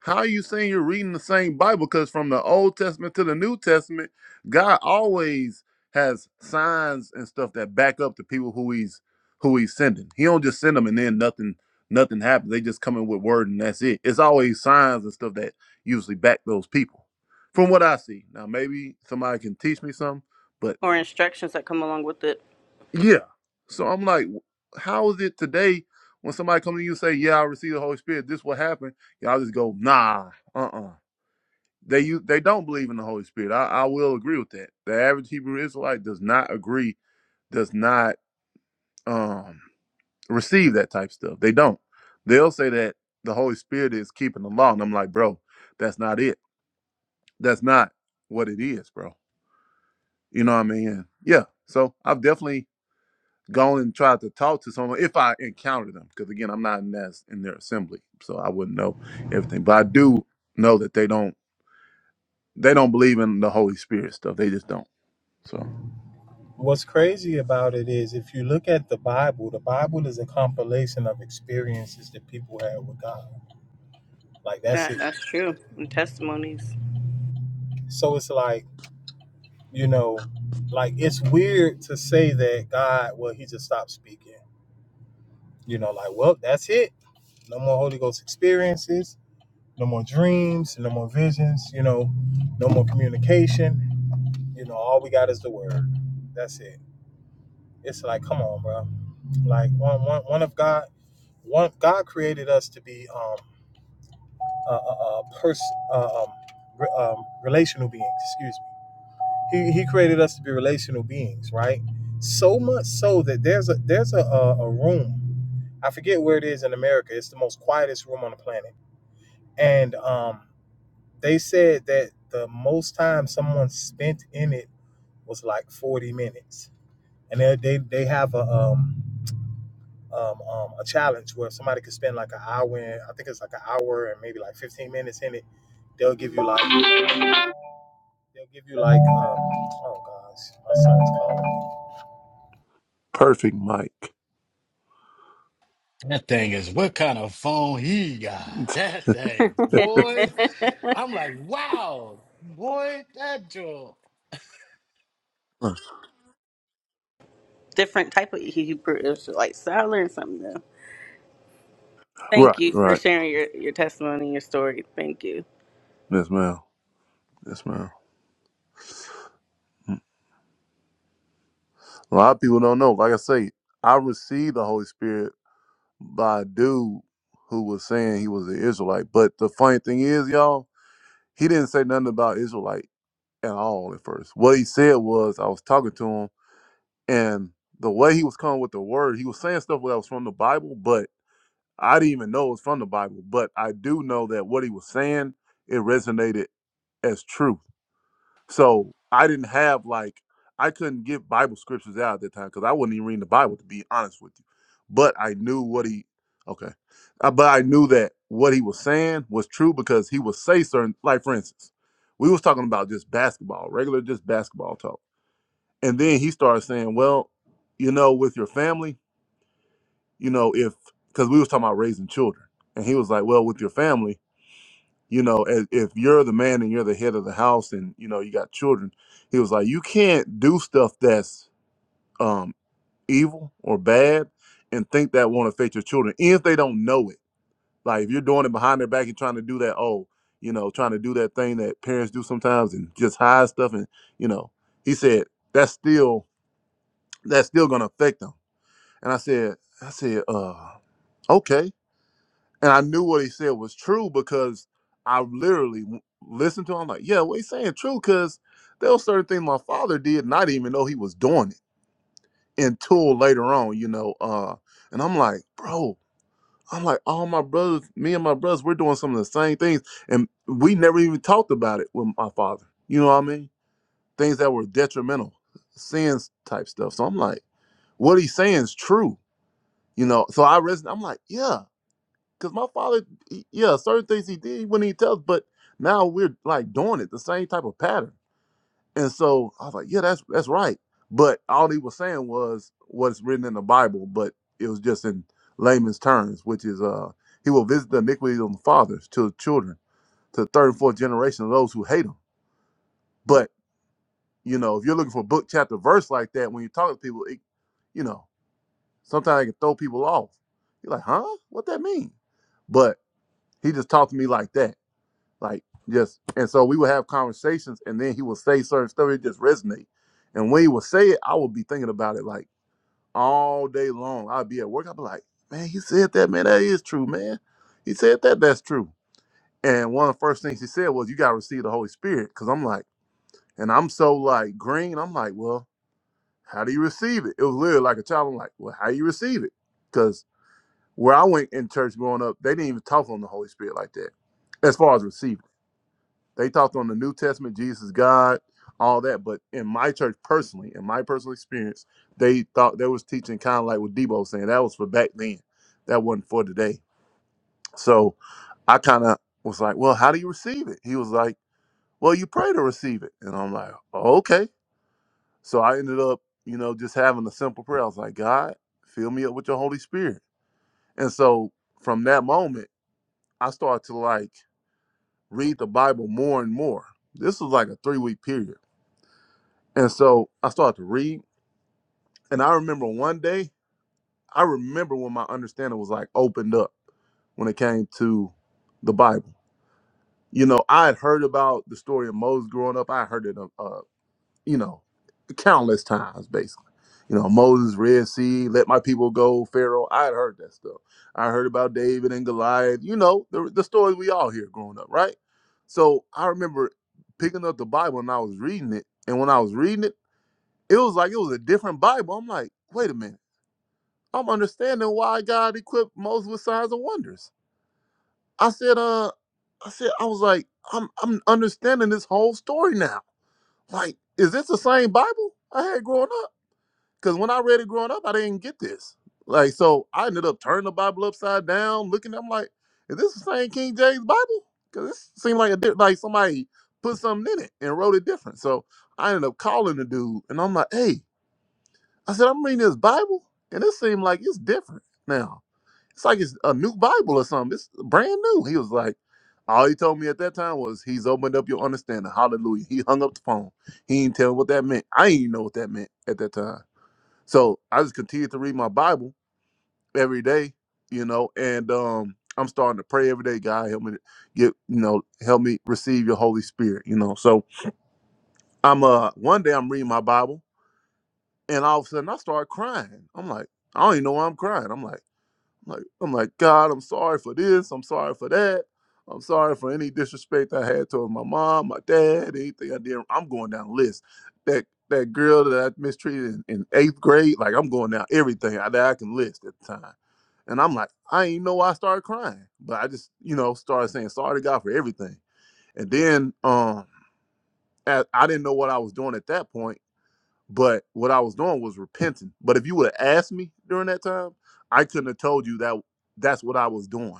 how are you saying you're reading the same Bible? Because from the Old Testament to the New Testament, God always has signs and stuff that back up the people who he's who he's sending. He don't just send them and then nothing nothing happens. They just come in with word and that's it. It's always signs and stuff that usually back those people. From what I see. Now maybe somebody can teach me something, but
or instructions that come along with it.
yeah. So I'm like, how is it today when somebody comes to you and say, Yeah, I received the Holy Spirit, this will happen, y'all just go, nah, uh uh they u- they don't believe in the Holy Spirit. I, I will agree with that. The average Hebrew Israelite does not agree, does not um, receive that type of stuff. They don't. They'll say that the Holy Spirit is keeping the law, and I'm like, bro, that's not it. That's not what it is, bro. You know what I mean? Yeah. So I've definitely gone and tried to talk to someone if I encounter them, because again, I'm not in that in their assembly, so I wouldn't know everything. But I do know that they don't they don't believe in the Holy Spirit stuff. They just don't. So.
What's crazy about it is if you look at the Bible, the Bible is a compilation of experiences that people had with God. Like that's
That
it.
that's true. And testimonies.
So it's like, you know, like it's weird to say that God, well, he just stopped speaking. You know, like, well, that's it. No more Holy Ghost experiences No more dreams, no more visions, you know, no more communication. You know, all we got is the word. That's it. It's like, come on, bro. Like one, one, one of God, one God created us to be um a, a, a person, uh, um, re, um, relational beings. Excuse me. He, he created us to be relational beings, right? So much so that there's a there's a, a, a room. I forget where it is in America. It's the most quietest room on the planet, and um They said that the most time someone spent in it was like 40 minutes. And they they, they have a um, um um a challenge where somebody could spend like an hour in, I think it's like an hour and maybe like 15 minutes in it. They'll give you like they'll give you like um oh gosh, my son's calling me.
Perfect mic.
That thing is what kind of phone he got? That thing, boy. I'm like, wow, boy. That joint.
Different type of Hebrew. It was like salad or something though.
Right,
Thank you for
right.
sharing your, your testimony, and your story. Thank you.
Yes, ma'am. Yes, ma'am. Mm. A lot of people don't know. Like I say, I received the Holy Spirit by a dude who was saying he was an Israelite. But the funny thing is, y'all, he didn't say nothing about Israelite at all at first. What he said was, I was talking to him, and the way he was coming with the word, he was saying stuff that was from the Bible, but I didn't even know it was from the Bible. But I do know that what he was saying, it resonated as truth So I didn't have like I couldn't get Bible scriptures out at that time because I wasn't even reading the Bible to be honest with you. But I knew what he okay, Uh, but I knew that what he was saying was true because he would say certain like for instance, we was talking about just basketball, regular just basketball talk, and then he started saying, well, you know, with your family, you know, if because we was talking about raising children, and he was like, well, with your family you know as, if you're the man and you're the head of the house and you know you got children he was like you can't do stuff that's um evil or bad and think that won't affect your children even if they don't know it like if you're doing it behind their back and trying to do that oh you know trying to do that thing that parents do sometimes and just hide stuff and you know he said that's still that's still gonna affect them and i said i said uh okay and I knew what he said was true because I literally w- listened to him. I'm like, yeah, what he's saying true because there was certain things my father did, and I didn't even know he was doing it until later on, you know. Uh, and I'm like, bro, I'm like, all my brothers, me and my brothers, we're doing some of the same things, and we never even talked about it with my father. You know what I mean? Things that were detrimental, sins type stuff. So I'm like, what he's saying is true, you know. So I reson. I'm like, yeah Because my father, he, yeah, certain things he did, he wouldn't even tell us, but now we're like doing it the same type of pattern. And so I was like, yeah, that's that's right. But all he was saying was what's written in the Bible, but it was just in layman's terms, which is uh he will visit the iniquities of the fathers to the children, to the third and fourth generation of those who hate him. But you know, if you're looking for book chapter verse like that, when you talk to people, it, you know, sometimes it can throw people off. You're like, huh? What that mean? But he just talked to me like that Like just and so we would have conversations and then he would say certain stuff, it just resonate. And when he would say it, I would be thinking about it like all day long. I'd be at work, I'd be like, Man, he said that, man, that is true, man. He said that, that's true. And one of the first things he said was, You gotta receive the Holy Spirit. Cause I'm like, and I'm so like green, I'm like, Well, how do you receive it? It was literally like a child. I'm like, Well, how do you receive it? Because where I went in church growing up, they didn't even talk on the Holy Spirit like that, as far as receiving. They talked on the New Testament, Jesus, God, all that. But in my church personally, in my personal experience, they thought they was teaching kind of like what Debo was saying. That was for back then. That wasn't for today. So I kind of was like, well, how do you receive it? He was like, well, you pray to receive it. And I'm like, "Oh, okay. So I ended up, you know, just having a simple prayer. I was like, God, fill me up with your Holy Spirit. And so from that moment, I started to like read the Bible more and more. This was like a three week period. And so I started to read. And I remember one day, I remember when my understanding was like opened up when it came to the Bible. You know, I had heard about the story of Moses growing up. I heard it, uh, uh, you know, countless times, basically. You know, Moses, Red Sea, let my people go, Pharaoh. I had heard that stuff. I heard about David and Goliath, you know, the, the stories we all hear growing up, right? So I remember picking up the Bible and I was reading it. And when I was reading it, It was like it was a different Bible. I'm like, wait a minute. I'm understanding why God equipped Moses with signs and wonders. I said, uh, I said, I was like, I'm I'm understanding this whole story now. Like, is this the same Bible I had growing up? Because when I read it growing up, I didn't get this. Like, so I ended up turning the Bible upside down, looking. I'm like, is this the same King James Bible? Because it seemed like a di- like somebody put something in it and wrote it different. So I ended up calling the dude, and I'm like, hey. I said, I'm reading this Bible, and it seemed like it's different now. It's like it's a new Bible or something. It's brand new. He was like, all he told me at that time was, he's opened up your understanding. Hallelujah. He hung up the phone. He didn't tell me what that meant. I didn't even know what that meant at that time. So I just continued to read my Bible every day, you know, and um, I'm starting to pray every day. God, help me to get, you know, help me receive your Holy Spirit, you know. So I'm uh one day I'm reading my Bible And all of a sudden I started crying. I'm like, I don't even know why I'm crying. I'm like, I'm like, I'm like, God, I'm sorry for this. I'm sorry for that. I'm sorry for any disrespect I had towards my mom, my dad, anything I did. I'm going down the list. That that girl that I mistreated in, in eighth grade, like I'm going down everything I, that I can list at the time. And I'm like, I ain't know why I started crying, but I just, you know, started saying sorry to God for everything. And then um, at, I didn't know what I was doing at that point but what I was doing was repenting. But if you would have asked me during that time, I couldn't have told you that that's what I was doing.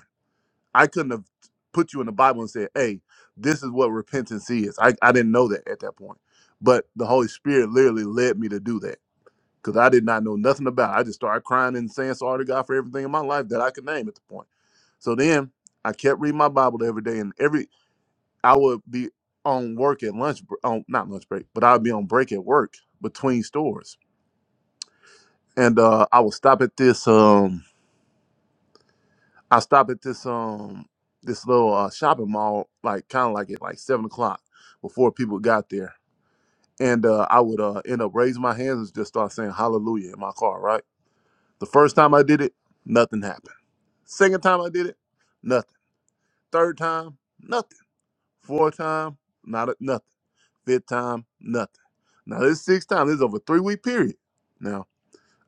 I couldn't have put you in the Bible and said, hey, this is what repentance is. I, I didn't know that at that point. But the Holy Spirit literally led me to do that because I did not know nothing about it. I just started crying and saying sorry to God for everything in my life that I could name at the point. So then I kept reading my Bible every day, and every I would be on work at lunch, br- on not lunch break, but I'd be on break at work between stores and uh, I would stop at this um I stopped at this um this little uh, shopping mall like kind of like at like seven o'clock before people got there, and uh, I would uh, end up raising my hands and just start saying Hallelujah in my car. Right, the first time I did it, nothing happened. Second time I did it, nothing. Third time, nothing. Fourth time, not a, nothing. Fifth time, nothing. Now this sixth time, this is over a three week period. Now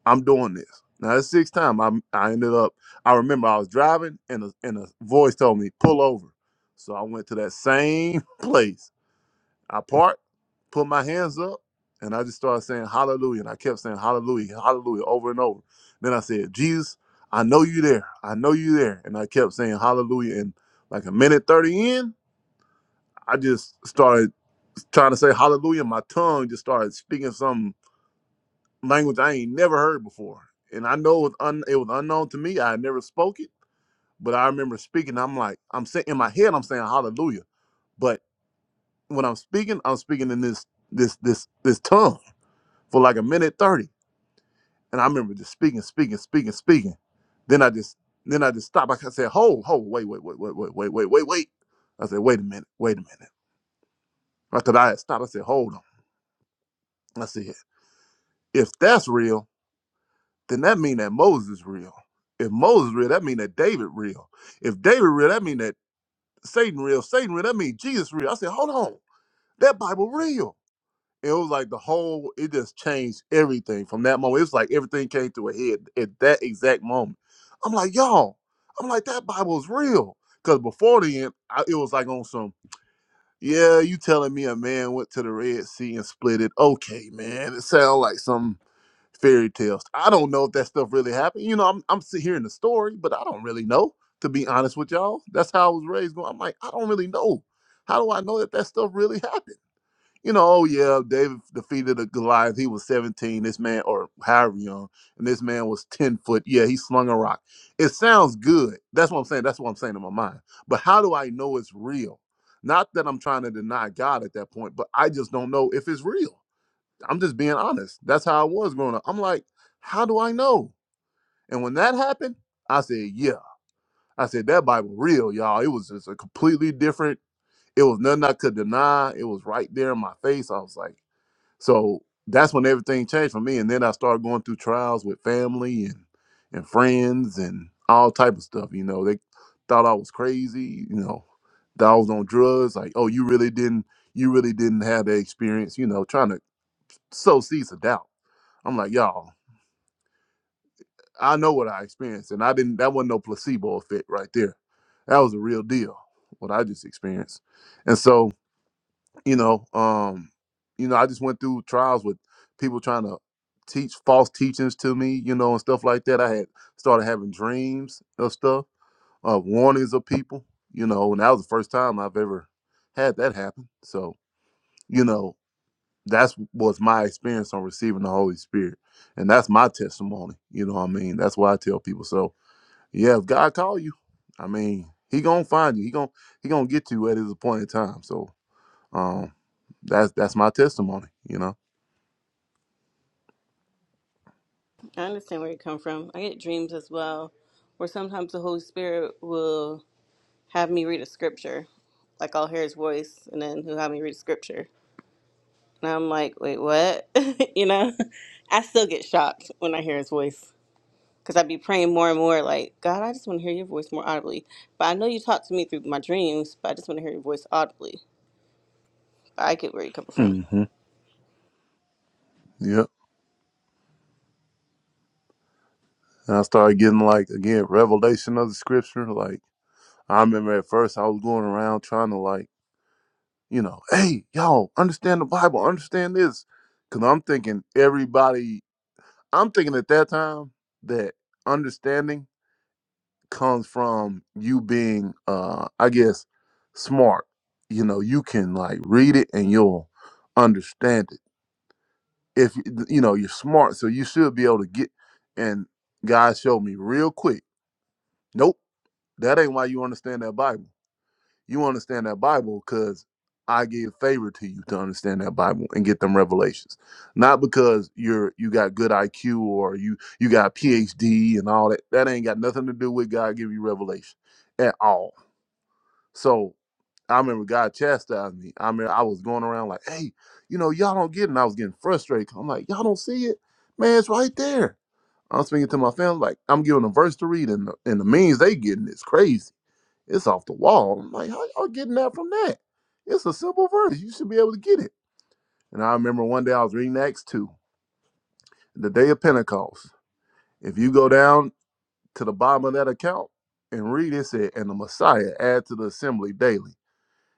I'm doing this. Now the sixth time I I ended up I remember I was driving and a, and a voice told me pull over. So I went to that same place. I parked, put my hands up, and I just started saying hallelujah. And I kept saying hallelujah, hallelujah over and over. Then I said, Jesus, I know you there. I know you there. And I kept saying hallelujah. And like a minute 30 in, I just started trying to say hallelujah. My tongue just started speaking some language I ain't never heard before, and I know it was un, it was unknown to me. I had never spoke it, but I remember speaking. I'm like, I'm saying in my head, I'm saying Hallelujah, but when I'm speaking, I'm speaking in this this this this tongue for like a minute thirty, and I remember just speaking, speaking, speaking, speaking. Then I just then I just stopped. Like I said, hold, hold, wait, wait, wait, wait, wait, wait, wait, wait, wait. I said, wait a minute, wait a minute. I thought I had stopped. I said, hold on. I said, if that's real, then that mean that Moses real. If Moses real, that mean that David real. If David real, that mean that Satan real. Satan real, that mean Jesus real. I said, hold on, that Bible real. It was like the whole, it just changed everything from that moment. It was like everything came to a head at that exact moment. I'm like, y'all, I'm like, that Bible is real. Because before then, I, it was like on some, yeah, you telling me a man went to the Red Sea and split it. Okay, man, it sounds like something fairy tales. I don't know if that stuff really happened. You know, I'm I'm sitting hearing the story, but I don't really know. To be honest with y'all, that's how I was raised. Going, I'm like, I don't really know. How do I know that that stuff really happened? You know, oh yeah, David defeated a Goliath. He was 17. This man, or however young, and this man was 10 foot. Yeah, he slung a rock. It sounds good. That's what I'm saying. That's what I'm saying in my mind. But how do I know it's real? Not that I'm trying to deny God at that point, but I just don't know if it's real. I'm just being honest. That's how I was growing up. I'm like, how do I know? And when that happened, I said, yeah. I said that Bible real, y'all. It was just a completely different. It was nothing I could deny. It was right there in my face. I was like, so that's when everything changed for me. And then I started going through trials with family and and friends and all type of stuff. You know, they thought I was crazy. You know, that I was on drugs. Like, oh, you really didn't, you really didn't have that experience. You know, trying to sow seeds of doubt. I'm like, y'all, I know what I experienced, and I didn't. That wasn't no placebo effect right there. That was a real deal. What I just experienced, and so you know, um, you know, I just went through trials with people trying to teach false teachings to me, you know, and stuff like that. I had started having dreams of stuff, uh, warnings of people, you know, and that was the first time I've ever had that happen. So you know. that's was my experience on receiving the Holy Spirit. And that's my testimony. You know what I mean? That's why I tell people. So yeah, if God call you, I mean, he gonna find you. He gonna he gonna get you at his appointed time. So um that's that's my testimony, you know.
I understand where you come from. I get dreams as well, where sometimes the Holy Spirit will have me read a scripture. Like I'll hear his voice and then he'll have me read a scripture. And I'm like, wait, what? you know? I still get shocked when I hear his voice. because I'd be praying more and more, like, God, I just want to hear your voice more audibly. But I know you talk to me through my dreams, but I just want to hear your voice audibly. I get where you're coming from.
hmm Yep. And I started getting like again, revelation of the scripture. Like I remember at first I was going around trying to like, you know, hey, y'all, understand the Bible, understand this. Cause I'm thinking everybody I'm thinking at that time that understanding comes from you being, uh, I guess, smart. You know, you can like read it and you'll understand it. If you you know you're smart, so you should be able to get. And God showed me real quick. Nope, that ain't why you understand that Bible You understand that Bible because I gave favor to you to understand that Bible and get them revelations. Not because you're you got good IQ or you you got a PhD and all that. That ain't got nothing to do with God giving you revelation at all. So I remember God chastised me. I mean, I was going around like, hey, you know, y'all don't get it. And I was getting frustrated. 'cause I'm like, y'all don't see it? Man, it's right there. I'm speaking to my family, like, I'm giving a verse to read, and the, and the means they getting is crazy. It's off the wall. I'm like, how y'all getting that from that? It's a simple verse. You should be able to get it. And I remember one day I was reading Acts 2, the day of Pentecost. If you go down to the bottom of that account and read it, it said, and the Messiah add to the assembly daily.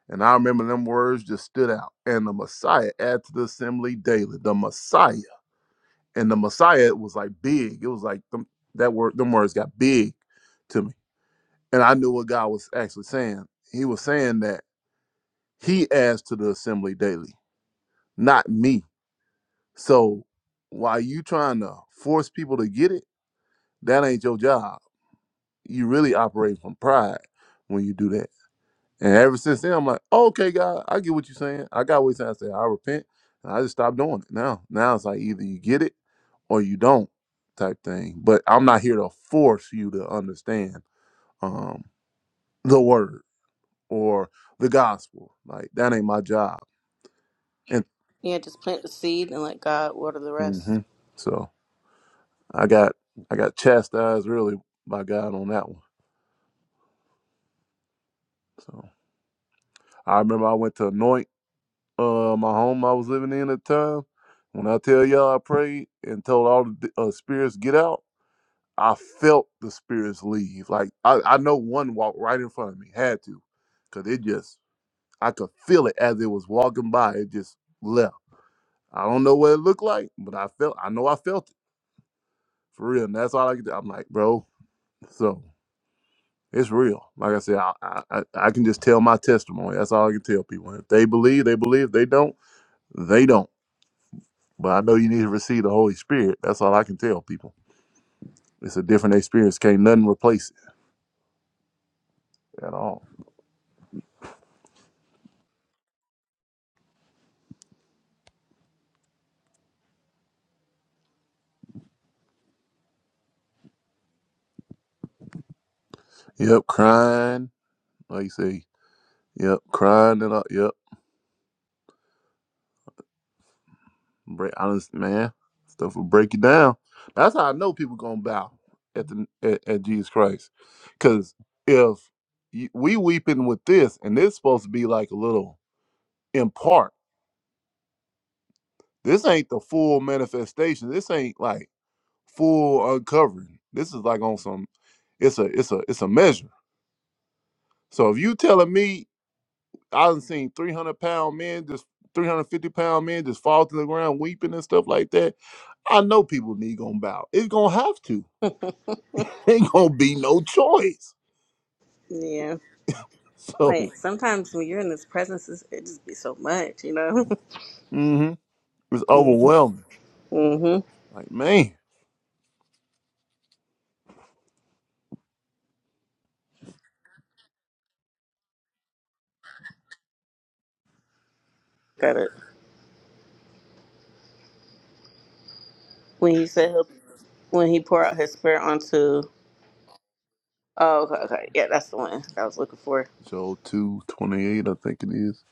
And I remember them words just stood out. And the Messiah add to the assembly daily. The Messiah. And the Messiah was like big. It was like them, that word, them words got big to me. And I knew what God was actually saying. He was saying that He adds to the assembly daily, not me. So while you trying to force people to get it, that ain't your job. You really operate from pride when you do that. And ever since then, I'm like, okay, God, I get what you're saying. I got what you're saying. I said, I repent. And I just stopped doing it now. Now it's like either you get it or you don't type thing. But I'm not here to force you to understand um, the word or the gospel. Like, that ain't my job.
Yeah, just plant the seed and let God water the
And hmm
rest.
so. I got I got chastised really by God on that one. So I remember I went to anoint uh, my home I was living in at the time. When I tell y'all I prayed and told all the uh, spirits get out, I felt the spirits leave. Like I, I know one walked right in front of me, had to, cause it just I could feel it as it was walking by. It just left. I don't know what it looked like, but I felt I know I felt it for real. And that's all I could. do. I'm like, bro. So. It's real. Like I said, I, I I can just tell my testimony. That's all I can tell people. If they believe, they believe. If they don't, they don't. But I know you need to receive the Holy Spirit. That's all I can tell people. It's a different experience. Can't nothing replace it at all. Yep, crying. Like you say, yep, crying it up. Yep, break. Honest man, stuff will break you down. That's how I know people gonna bow at the at, at Jesus Christ. Cause if you, we weeping with this, and this supposed to be like a little in part. This ain't the full manifestation. This ain't like full uncovering. This is like on some. It's a it's a it's a measure. So if you telling me I done seen three hundred pound men just. 350 pound men just fall to the ground weeping and stuff like that. I know people need gonna bow. It's gonna have to. Ain't gonna be no choice.
Yeah.
So
Like, sometimes when you're in His presence, it's- it just be so much, you know?
mhm, it's overwhelming.
mm-hmm.
Like, man.
Got it. When you said, he'll- when He pour out His spirit onto, oh, okay, okay. Yeah, that's the one that I was looking for.
Joel 228, I think it is.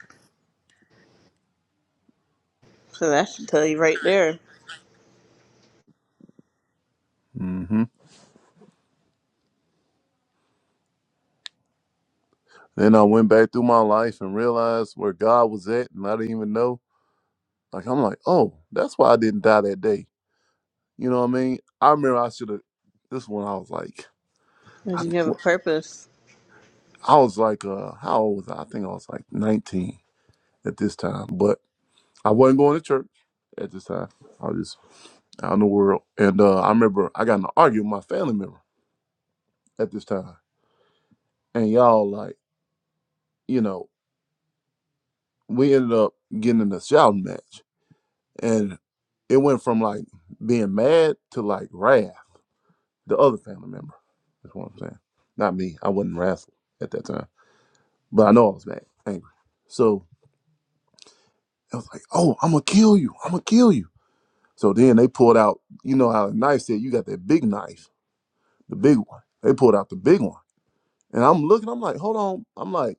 So that should tell you right there
Mm hmm. Then I went back through my life and realized where God was at, and I didn't even know. Like I'm like, oh, that's why I didn't die that day. You know what I mean? I remember I should have. This one I was like,
that
I th-
you have a purpose.
I was like, uh, how old was I? I think I was like 19 at this time, but I wasn't going to church at this time. I was just out in the world, and uh, I remember I got in an argument with my family member at this time, and y'all like, you know, we ended up getting in a shouting match And it went from like being mad to like wrath. The other family member. That's what I'm saying. Not me. I wasn't wrathful at that time. But I know I was mad, angry. So I was like, oh, I'm gonna kill you. I'm gonna kill you. So then they pulled out, you know how the knife said you got that big knife, the big one. They pulled out the big one. And I'm looking, I'm like, hold on. I'm like,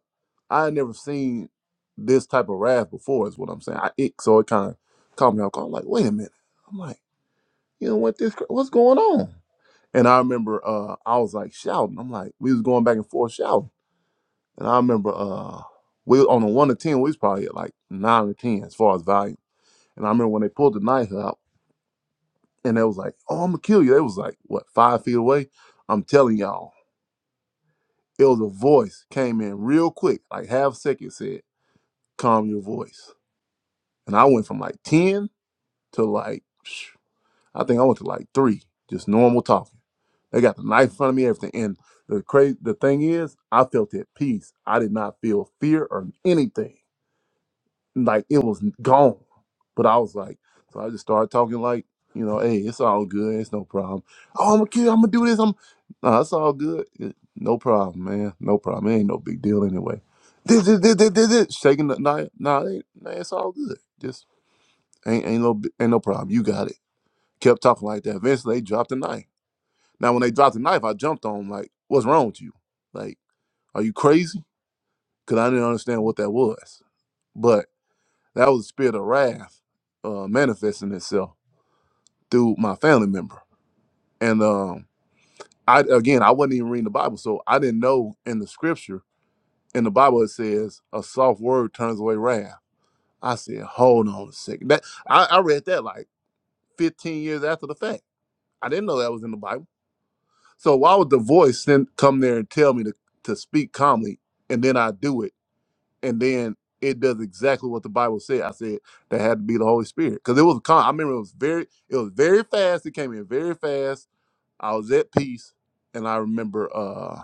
I had never seen this type of wrath before, is what I'm saying. I it so it kind of caught me off guard. I'm like, wait a minute. I'm like, you know what this cra- what's going on? And I remember uh, I was like shouting. I'm like, we was going back and forth shouting. And I remember uh, we was on a one to ten, we was probably at like nine or ten as far as volume. And I remember when they pulled the knife out and they was like, Oh, I'm gonna kill you. They was like, what, five feet away? I'm telling y'all, it was a voice came in real quick, like half second said, Calm your voice. And I went from like ten to like I think I went to like three, just normal talking. They got the knife in front of me, everything. And the crazy, the thing is, I felt at peace. I did not feel fear or anything. Like it was gone. But I was like, so I just started talking like, you know, hey, it's all good. It's no problem. Oh, I'm a kid. I'm gonna do this. I'm, no, it's all good. It- no problem, man. No problem. It ain't no big deal anyway. This, this, this, this, this, this. shaking the knife. Nah, it ain't, nah, it's all good. Just ain't, ain't no, bi- ain't no problem. You got it. Kept talking like that. Eventually, they dropped the knife. Now, when they dropped the knife, I jumped on him like, "What's wrong with you? Like, are you crazy?" Because I didn't understand what that was. But that was the spirit of wrath uh, manifesting itself through my family member. And um, I again, I wasn't even reading the Bible, so I didn't know in the scripture in the Bible it says a soft word turns away wrath. I said, "Hold on a second. That I, I read that like 15 years after the fact. I didn't know that was in the Bible. So why would the voice then come there and tell me to to speak calmly, and then I do it? and then it does exactly what the Bible said. I said that had to be the Holy Spirit because it was. calm. I remember it was very. It was very fast. It came in very fast. I was at peace, and I remember uh,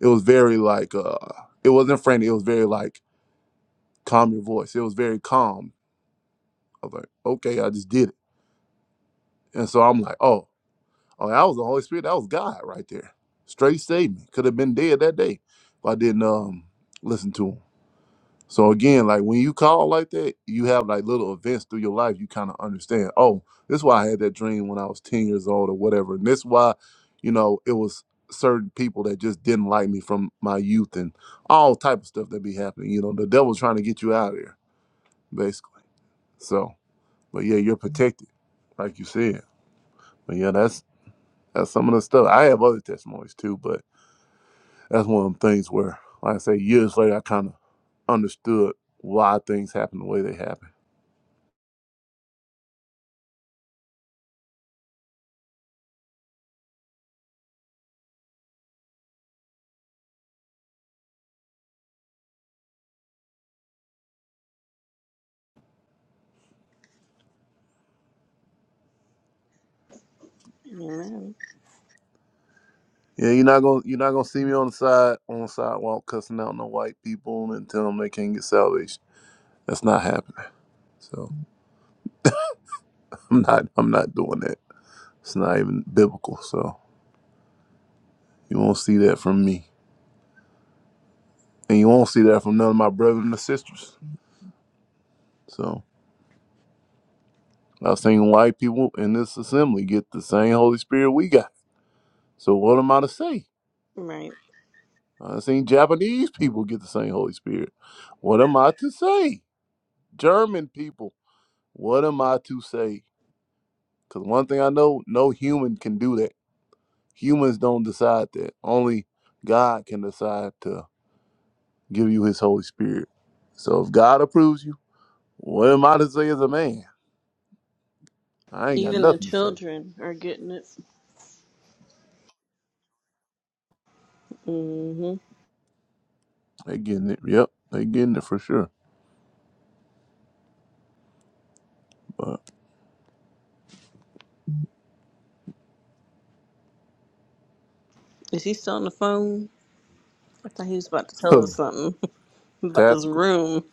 it was very like uh, it wasn't frantic. It was very like calm your voice. It was very calm. I was like, okay, I just did it, and so I'm like, oh, oh, that was the Holy Spirit. That was God right there. Straight saved me. Could have been dead that day if I didn't um listen to him. So again, like when you call like that, you have like little events through your life. You kind of understand. Oh, this is why I had that dream when I was ten years old or whatever, and this is why, you know, it was certain people that just didn't like me from my youth and all type of stuff that be happening. You know, the devil's trying to get you out of there, basically. So, but yeah, you're protected, like you said. But yeah, that's that's some of the stuff. I have other testimonies too, but that's one of them things where, like I say, years later, I kind of understood why things happen the way they happen.
Amen.
Yeah, you're not gonna you're not gonna see me on the side on the sidewalk cussing out no white people and telling them they can't get salvation. That's not happening. So I'm not I'm not doing that. It's not even biblical. So you won't see that from me, and you won't see that from none of my brothers and sisters. So I was saying white people in this assembly get the same Holy Spirit we got. So what am I to say?
Right.
I seen Japanese people get the same Holy Spirit. What am I to say? German people. What am I to say? Because one thing I know, no human can do that. Humans don't decide that. Only God can decide to give you his Holy Spirit. So if God approves you, what am I to say as a man? I ain't got
Even the
nothing to say.
children are getting it. hmm
They getting it. Yep, they getting it for sure. But
Is he still on the phone? I thought he was about to tell
who?
us something about this
Tactical.
room.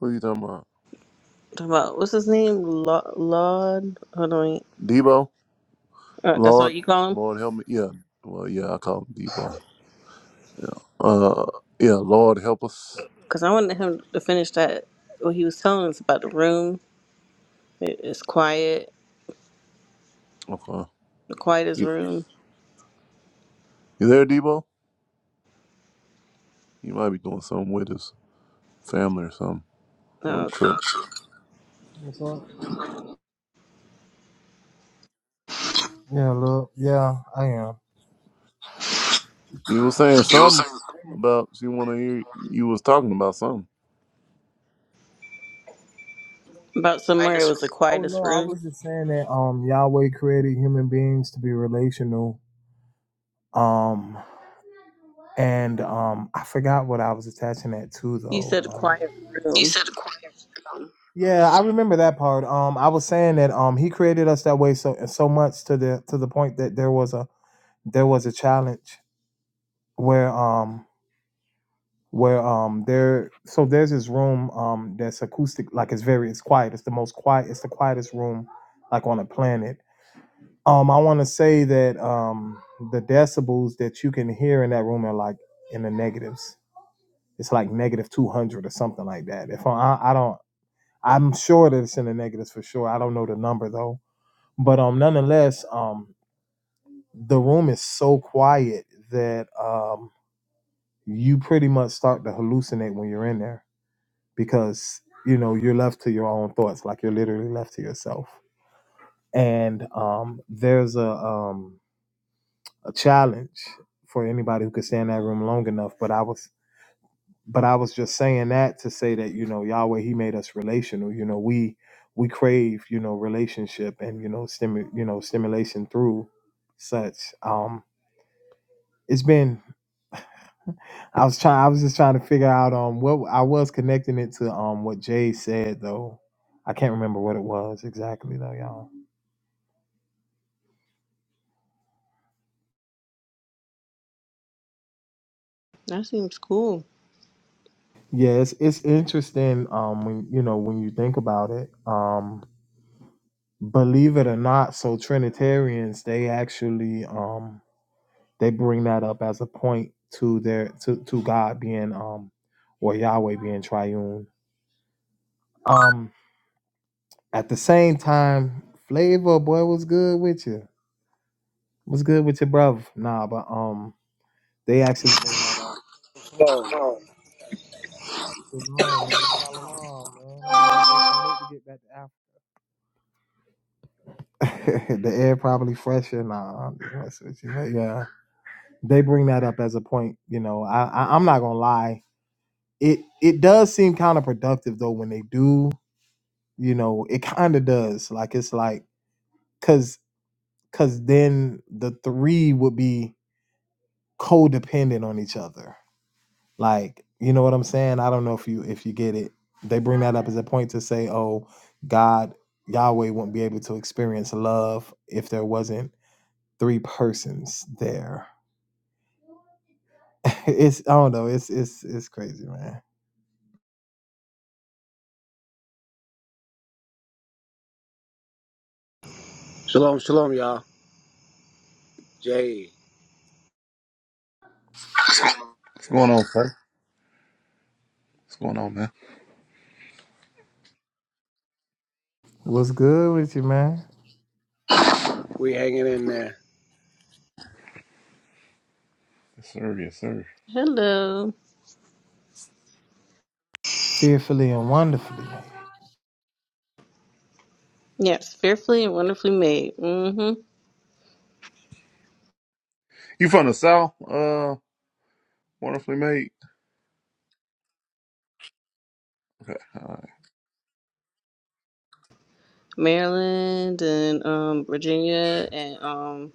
Who you talking about?
Talking about what's his name? Laud? Laud? Hold on. Wait.
Debo?
Uh, that's
Lord,
what you call him?
Lord help me. Yeah. Well, yeah, I call him Debo. Yeah. Uh, yeah. Lord help us.
Because I wanted him to finish that. What he was telling us about the room. It, it's quiet.
Okay.
The quietest
You,
room.
you there, Debo? You might be doing something with his family or something. Or
Oh,
trip.
okay.
So, yeah, look, yeah, I am.
You was saying something about she want to hear you was talking about something.
About somewhere it was the
Oh
quietest
no, I
room.
was just saying that um Yahweh created human beings to be relational. Um and um I forgot what I was attaching that to
You said
though.
quiet room.
Yeah, I remember that part. Um, I was saying that um, he created us that way so so much to the to the point that there was a there was a challenge where um where um there so there's this room um that's acoustic like it's very it's quiet it's the most quiet it's the quietest room like on the planet. Um, I want to say that um the decibels that you can hear in that room are like in the negatives. It's like negative two hundred or something like that. If I I don't I'm sure that it's in the negatives for sure. I don't know the number though but um nonetheless um the room is so quiet that um you pretty much start to hallucinate when you're in there because you know you're left to your own thoughts like you're literally left to yourself and um there's a um a challenge for anybody who could stay in that room long enough but i was but i was just saying that to say that you know yahweh he made us relational you know we we crave you know relationship and you know stimu- you know stimulation through such um. It's been I was trying I was just trying to figure out um what I was connecting it to um what Jay said though. I can't remember what it was exactly though, y'all.
That seems cool.
Yeah, it's it's interesting um when you know when you think about it. Um believe it or not, so Trinitarians they actually um they bring that up as a point to their to, to God being um or Yahweh being triune. Um at the same time, flavor boy was good with you. What's good with your bruv? Nah, but um, they actually bring that out.
Shalom,
Shit, No, man, follow along, man. I can't wait to get back to Africa. the air probably fresher. Nah, I'm just messing with you, but yeah, they bring that up as a point. You know, I, I I'm not gonna lie. It it does seem kind of productive though when they do. You know, it kind of does. Like it's like cause cause then the three would be codependent on each other. Like, you know what I'm saying? I don't know if you if you get it. They bring that up as a point to say, oh, God, Yahweh won't be able to experience love if there wasn't three persons there. it's I don't know, it's it's it's crazy, man.
shalom, shalom, y'all. Jay,
What's going on, sir? What's going on, man?
What's good with you, man?
we hanging in there.
Yes, sir. Yes, sir.
Hello.
Fearfully and wonderfully.
Yes, fearfully and wonderfully made. Mm-hmm.
You from the south? Uh, wonderfully made. Okay. All right.
Maryland and um, Virginia and um,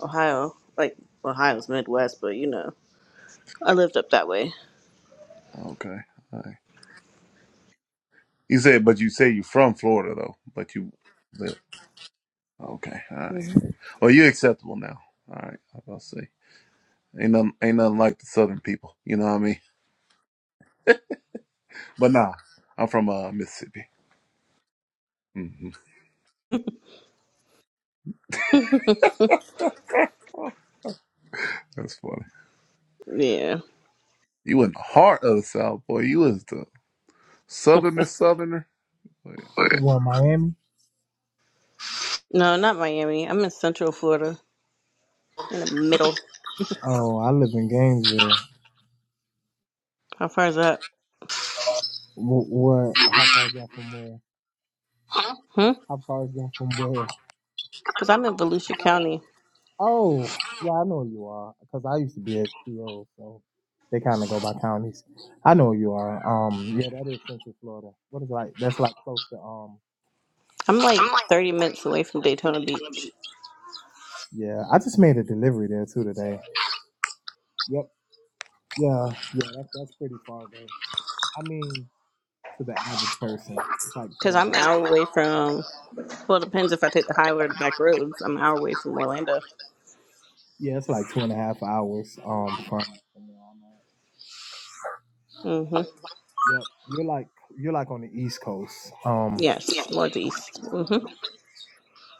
Ohio. Like Ohio's Midwest, but you know, I lived up that way.
Okay. All right. You said, but you say you from Florida though, but you live. Okay. All right. Well, you acceptable now. All right. I will say. Ain't nothing, ain't nothing like the southern people. You know what I mean? But nah, I'm from uh Mississippi. hmm That's funny.
Yeah.
You in the heart of the South, boy. You was the Southerner, Southerner.
What Miami?
No, not Miami. I'm in Central Florida, in the middle.
Oh, I live in Gainesville.
How far is that?
What, what how far is that from where?
Hmm.
How far is that from where?
Because I'm in Volusia County.
Oh, yeah, I know who you are because I used to be at CO, so they kind of go by counties. I know who you are. Um, yeah, that is Central Florida. What is it like? That's like close to um.
I'm like 30 minutes away from Daytona Beach.
Yeah, I just made a delivery there too today. Yep. Yeah. Yeah. That's that's pretty far though. I mean, to the average person, it's like two
Because
and
I'm an
a half.
hour away from. Well, it depends if I take the highway or the back roads. I'm an hour away from Orlando.
Yeah, it's like two and a half hours. Um, from, from where I'm at.
Mm-hmm.
Yep. You're like you're like on the East Coast. Um,
Yes, northeast. Mm-hmm.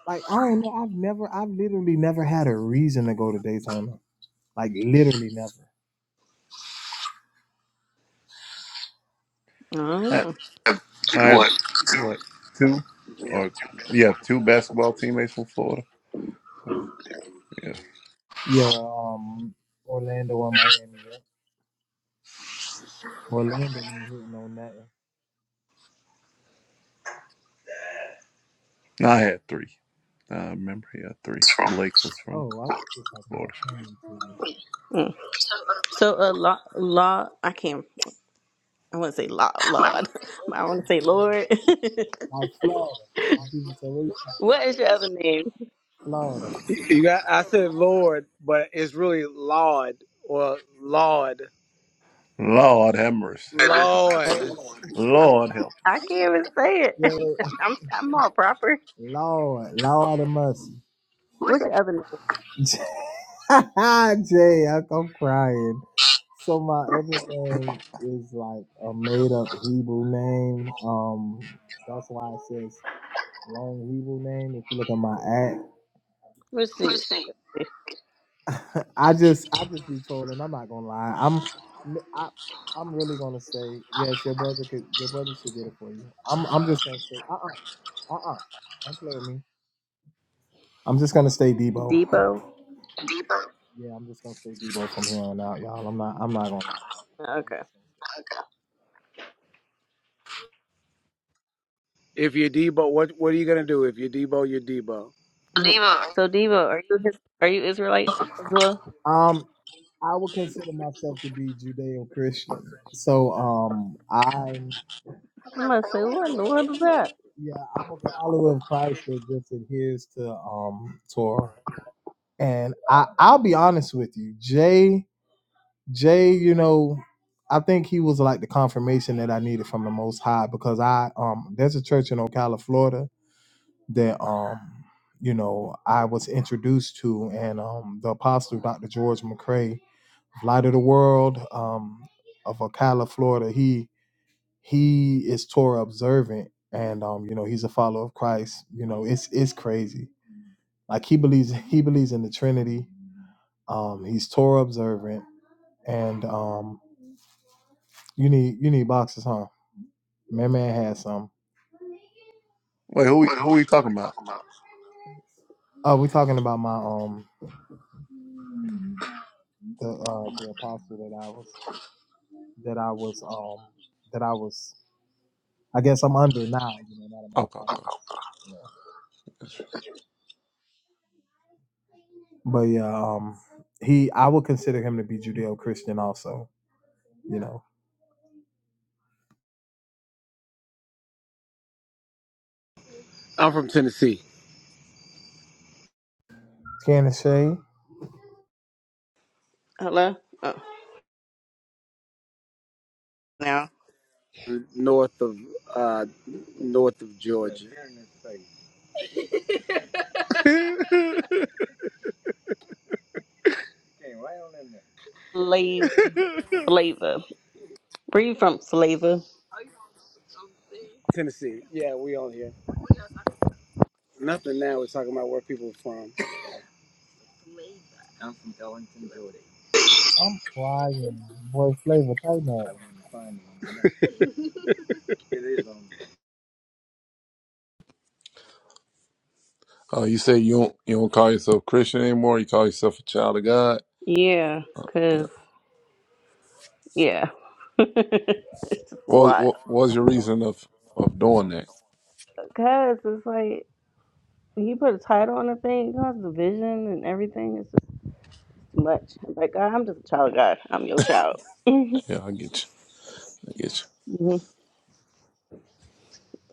like I don't know. I've never, I've literally never had a reason to go to Daytona. Like literally never.
I,
Oh.
I had what two or yeah, two basketball teammates from Florida. So yeah,
Yeah, um, Orlando or Miami. Yeah, Orlando ain't hitting on nothing.
no, I had three. I remember, yeah, three. Blake was from
Oh, I was just talking about
Florida.
playing teams.
Mm. So a lot, lot. I can't. I want to say law, Lord. I want to say Lord.
Like Florida. When people say, "What you talking
what is your other name?
about?" Florida?"
You you got. I said Lord, but it's really Lord or Lord,
Lord have mercy.
Lord.
Lord help.
I can't even say it.
Yeah,
I'm I'm all proper.
Lord, Lord of mercy.
What's your other name?
Jay, I- I'm crying. So my other name is like a made up Hebrew name. Um, that's why it says long Hebrew name. If you look at my app.
Let's see.
I just I just be trolling. I'm not gonna lie. I'm I I'm really gonna say yes. Your brother could your brother should get it for you. I'm I'm just gonna say uh uh uh uh. Don't play with me. I'm just gonna stay Debo.
Debo.
Yeah, I'm just gonna stay Debo from here on out, y'all. I'm not I'm not gonna. I'm
Okay.
just
If you're Debo, what what are you gonna do? If you're Debo, you're Debo.
Mhm. So Debo, are you his, are you Israelite as well?
gonna. Um, I would consider myself to be Judeo Christian. So um, I'm
I'm gonna say what in the world is that?
yeah I'm a follower of Christ that just adheres to um Torah. And I I'll be honest with you, Jay. Jay, you know, I think he was like the confirmation that I needed from the Most High because I um there's a church in Ocala, Florida that um you know I was introduced to, and um the Apostle Dr. George McCrae, Light of the World, um of Ocala, Florida. He he is Torah observant, and um you know he's a follower of Christ. You know it's it's crazy. Like he believes he believes in the Trinity. Um, he's Torah observant, and um you need you need boxes, huh? My man had some.
Wait, who we, who we talking about?
Oh, we talking about my um the uh the apostle that I was that I was um that I was I guess I'm under now, you know, not in my
Okay,
apostle.
okay.
Yeah. But yeah, um he I would consider him to be Judeo Christian also, you know.
I'm from Tennessee,
Candace Shay.
Hello. Oh, now.
north of uh, north of Georgia.
Slave flavor. Where you from? Flavor.
Tennessee. Yeah, we on here. Nothing now. We're talking about where people are from.
I'm flying. Boy flavor tighten up.
Uh, you say you don't you don't call yourself Christian anymore. You call yourself a child of God.
Yeah.
Yeah.
Cause yeah. it's just a
What
lot.
what what was your reason of of doing that?
Cause it's like. you put a title on a thing, it causes division and everything. It's just too much. Like, God, I'm just a child of God. I'm your child.
Yeah, I get you. I get you.
hmm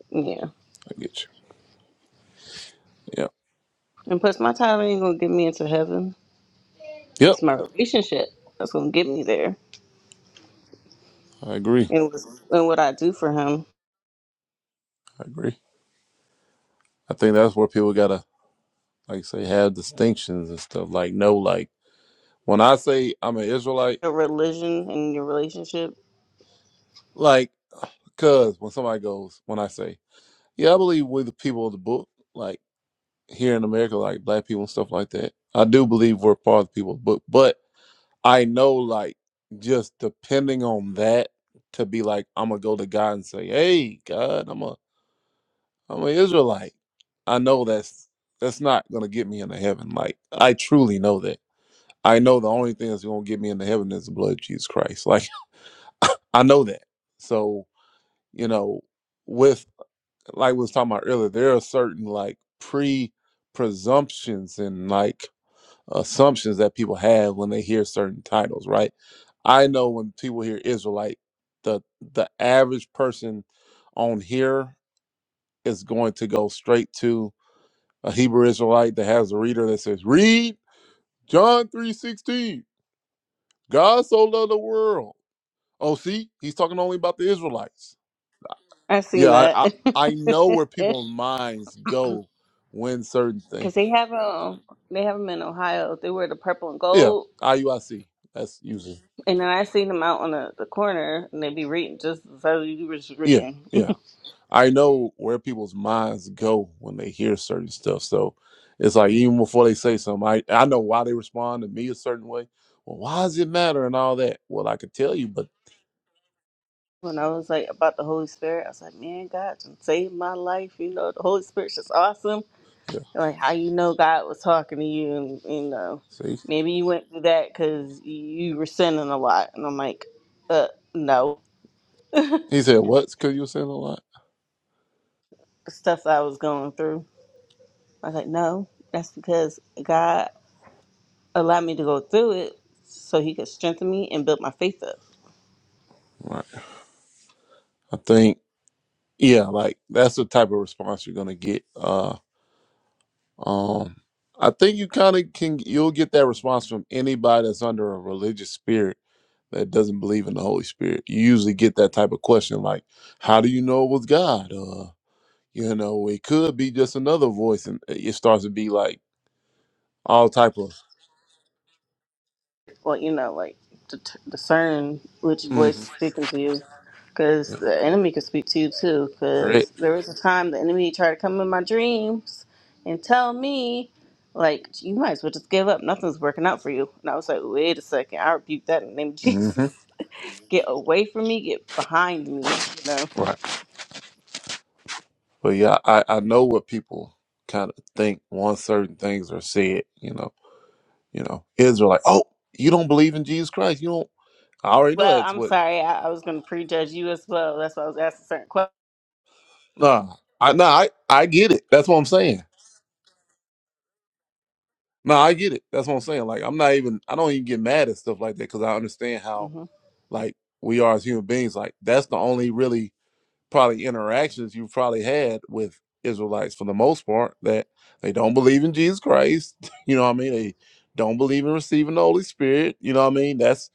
Yeah.
I get you. Yeah.
And plus, my title ain't going to get me into heaven.
Yep.
It's my relationship that's going to get me there.
I agree.
And, what's- and what I do for Him,
I agree. I think that's where people gotta like say have distinctions and stuff. Like no, like when I say I'm an Israelite,
your religion and your relationship.
like cause when somebody goes, when I say, Yeah, I believe we're the people of the book, like here in America, like black people and stuff like that. I do believe we're part of the people of the book, but I know like just depending on that to be like, I'm gonna go to God and say, Hey God, I'm a I'm an Israelite. I know that's that's not gonna get me into heaven. Like I truly know that I know the only thing that's going to get me into heaven is the blood of Jesus Christ. Like, I know that. So, you know, with, like we was talking about earlier, there are certain like pre presumptions and like assumptions that people have when they hear certain titles, right? I know when people hear Israelite, the the average person on here is going to go straight to a Hebrew Israelite that has a reader that says, "Read John three sixteen. God so loved the world." Oh, see, he's talking only about the Israelites.
I've
Yeah,
seen
I,
that.
I I know where people's minds go when certain things.
Because they have them, they have them in Ohio. They wear the purple and
Yeah,
gold.
IUIC. That's usually.
And then I seen them out on the, the corner and they be reading just as I was- you was
Yeah,
reading.
yeah. I know where people's minds go when they hear certain stuff. So it's like even before they say something, I I know why they respond to me a certain way. Well, why does it matter and all that? Well, I could tell you, but
when I was like about the Holy Spirit, I was like, man, God just saved my life. You know, the Holy Spirit's just awesome.
yeah.
Like, how you know God was talking to you, and you know,
See,
maybe you went through that because you were sinning a lot. And I'm like, uh, no,
he said what? Because you were saying a lot.
the stuff that I was going through. I was like, no, that's because God allowed me to go through it so He could strengthen me and build my faith up.
Right. I think yeah, like that's the type of response you're gonna get. Uh Um, I think you kind of can. You'll get that response from anybody that's under a religious spirit that doesn't believe in the Holy Spirit. You usually get that type of question, like, "How do you know it was God?" Uh, you know, it could be just another voice, and uh, it starts to be like all type of.
well, you know, like det- discern which
Mm-hmm.
voice is speaking to you, because the enemy could speak to you too.
Correct.
Because there was a time the enemy tried to come in my dreams and tell me, like, you might as well just give up. Nothing's working out for you. And I was like, wait a second. I rebuke that in the name of
hmm
Jesus. Get away from me. Get behind me. You know.
Right. But yeah, I, I know what people kind of think once certain things are said. You know, you know, Israel like, oh, you don't believe in Jesus Christ. You don't. I already know
Well,
that's
I'm
what.
sorry. I, I was going to prejudge you as well. That's why I was asking certain questions.
Nah, I nah, I, I get it. That's what I'm saying. No, I get it. That's what I'm saying. Like I'm not even I don't even get mad at stuff like that because I understand how
hmm
like we are as human beings. Like that's the only really probably interactions you've probably had with Israelites for the most part that they don't believe in Jesus Christ. You know what I mean? They don't believe in receiving the Holy Spirit. You know what I mean? That's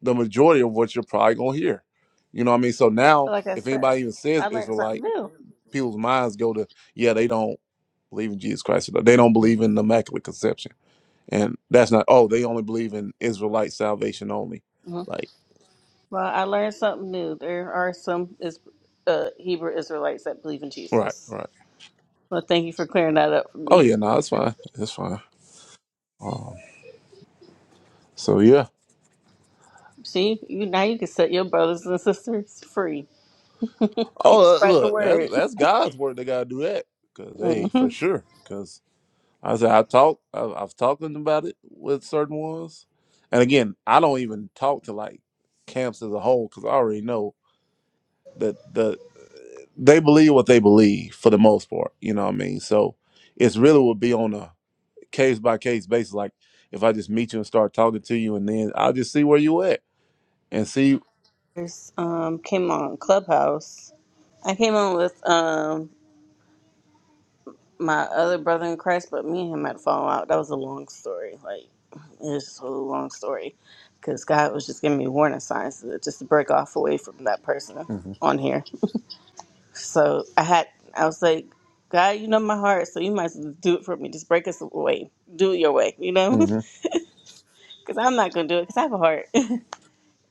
the majority of what you're probably gonna hear. You know what I mean? So
But
now
like I
if
said,
anybody even says
I learned
Israelite
something new.
people's minds go to, yeah, they don't believe in Jesus Christ. Or they don't believe in the Immaculate Conception. And that's not, oh, they only believe in Israelite salvation only. Like,
Well, I learned something new. There are some is, uh, Hebrew Israelites that believe in
right,
Jesus.
right.
Well, thank you for clearing that up for
Oh,
me.
yeah, no, that's fine. That's fine. Um, so, yeah.
See, you now you can set your brothers and sisters free. Keep
Oh, uh,
spreading the
look, that's
word.
that's God's word. They got to do that. Because, hey,
hmm
for sure. Because I said, I talk, I've, I've talked to them about it with certain ones. And again, I don't even talk to like camps as a whole because I already know that the they believe what they believe for the most part. You know what I mean? So it's really will be on a case by case basis. Like if I just meet you and start talking to you, and then I'll just see where you at and see.
There's, um, came on Clubhouse. I came on with um my other brother in Christ, but me and him had fallen out. That was a long story. Like it's just a long story because God was just giving me warning signs to just to break off away from that person
hmm
on here. So I had, I was like, God, you know my heart, so you might as well do it for me. Just break us away. Do it your way, you know?
hmm
Because I'm not going to do it because I have a heart.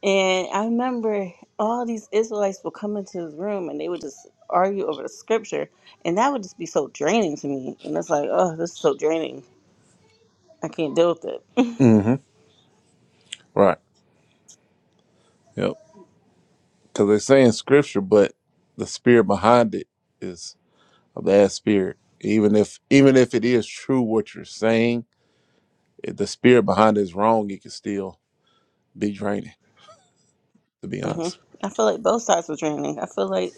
and I remember all these Israelites would come into his room and they would just argue over the scripture. And that would just be so draining to me. And it's like, oh, this is so draining. I can't deal with it.
hmm Right. Yep. Because they say in scripture, but the spirit behind it is a bad spirit. Even if even if it is true what you're saying, if the spirit behind it is wrong, it can still be draining. To be
hmm
honest.
I feel like both sides were draining. I feel like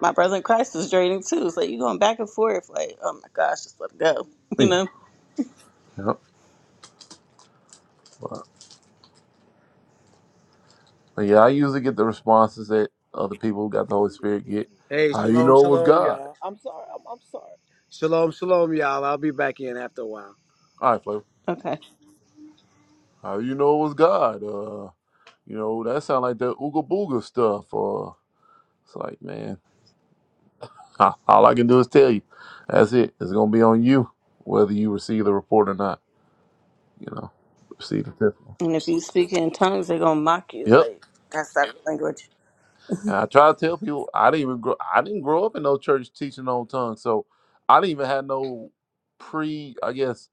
my brother in Christ was draining too. It's like you're going back and forth, like, oh my gosh, just let it go,
Yeah.
you know?
Yep. Like, yeah, I usually get the responses that other people who got the Holy Spirit get.
Hey,
How you
shalom,
know it was
shalom,
God?
y'all. Shalom, shalom, y'all. I'll be back in after a while.
All right, Flavor.
Okay.
How you know it was God? Uh, you know that sound like the ooga booga stuff. Or it's like, man, ah, all I can do is tell you. That's it. It's gonna be on you whether you receive the report or not. You know, receive the testimony.
And if you speak in tongues, they're gonna mock you.
Yep.
Like that's that language.
And I try to tell people I didn't even grow. I didn't grow up in no church teaching on tongues, so I didn't even have no pre. I guess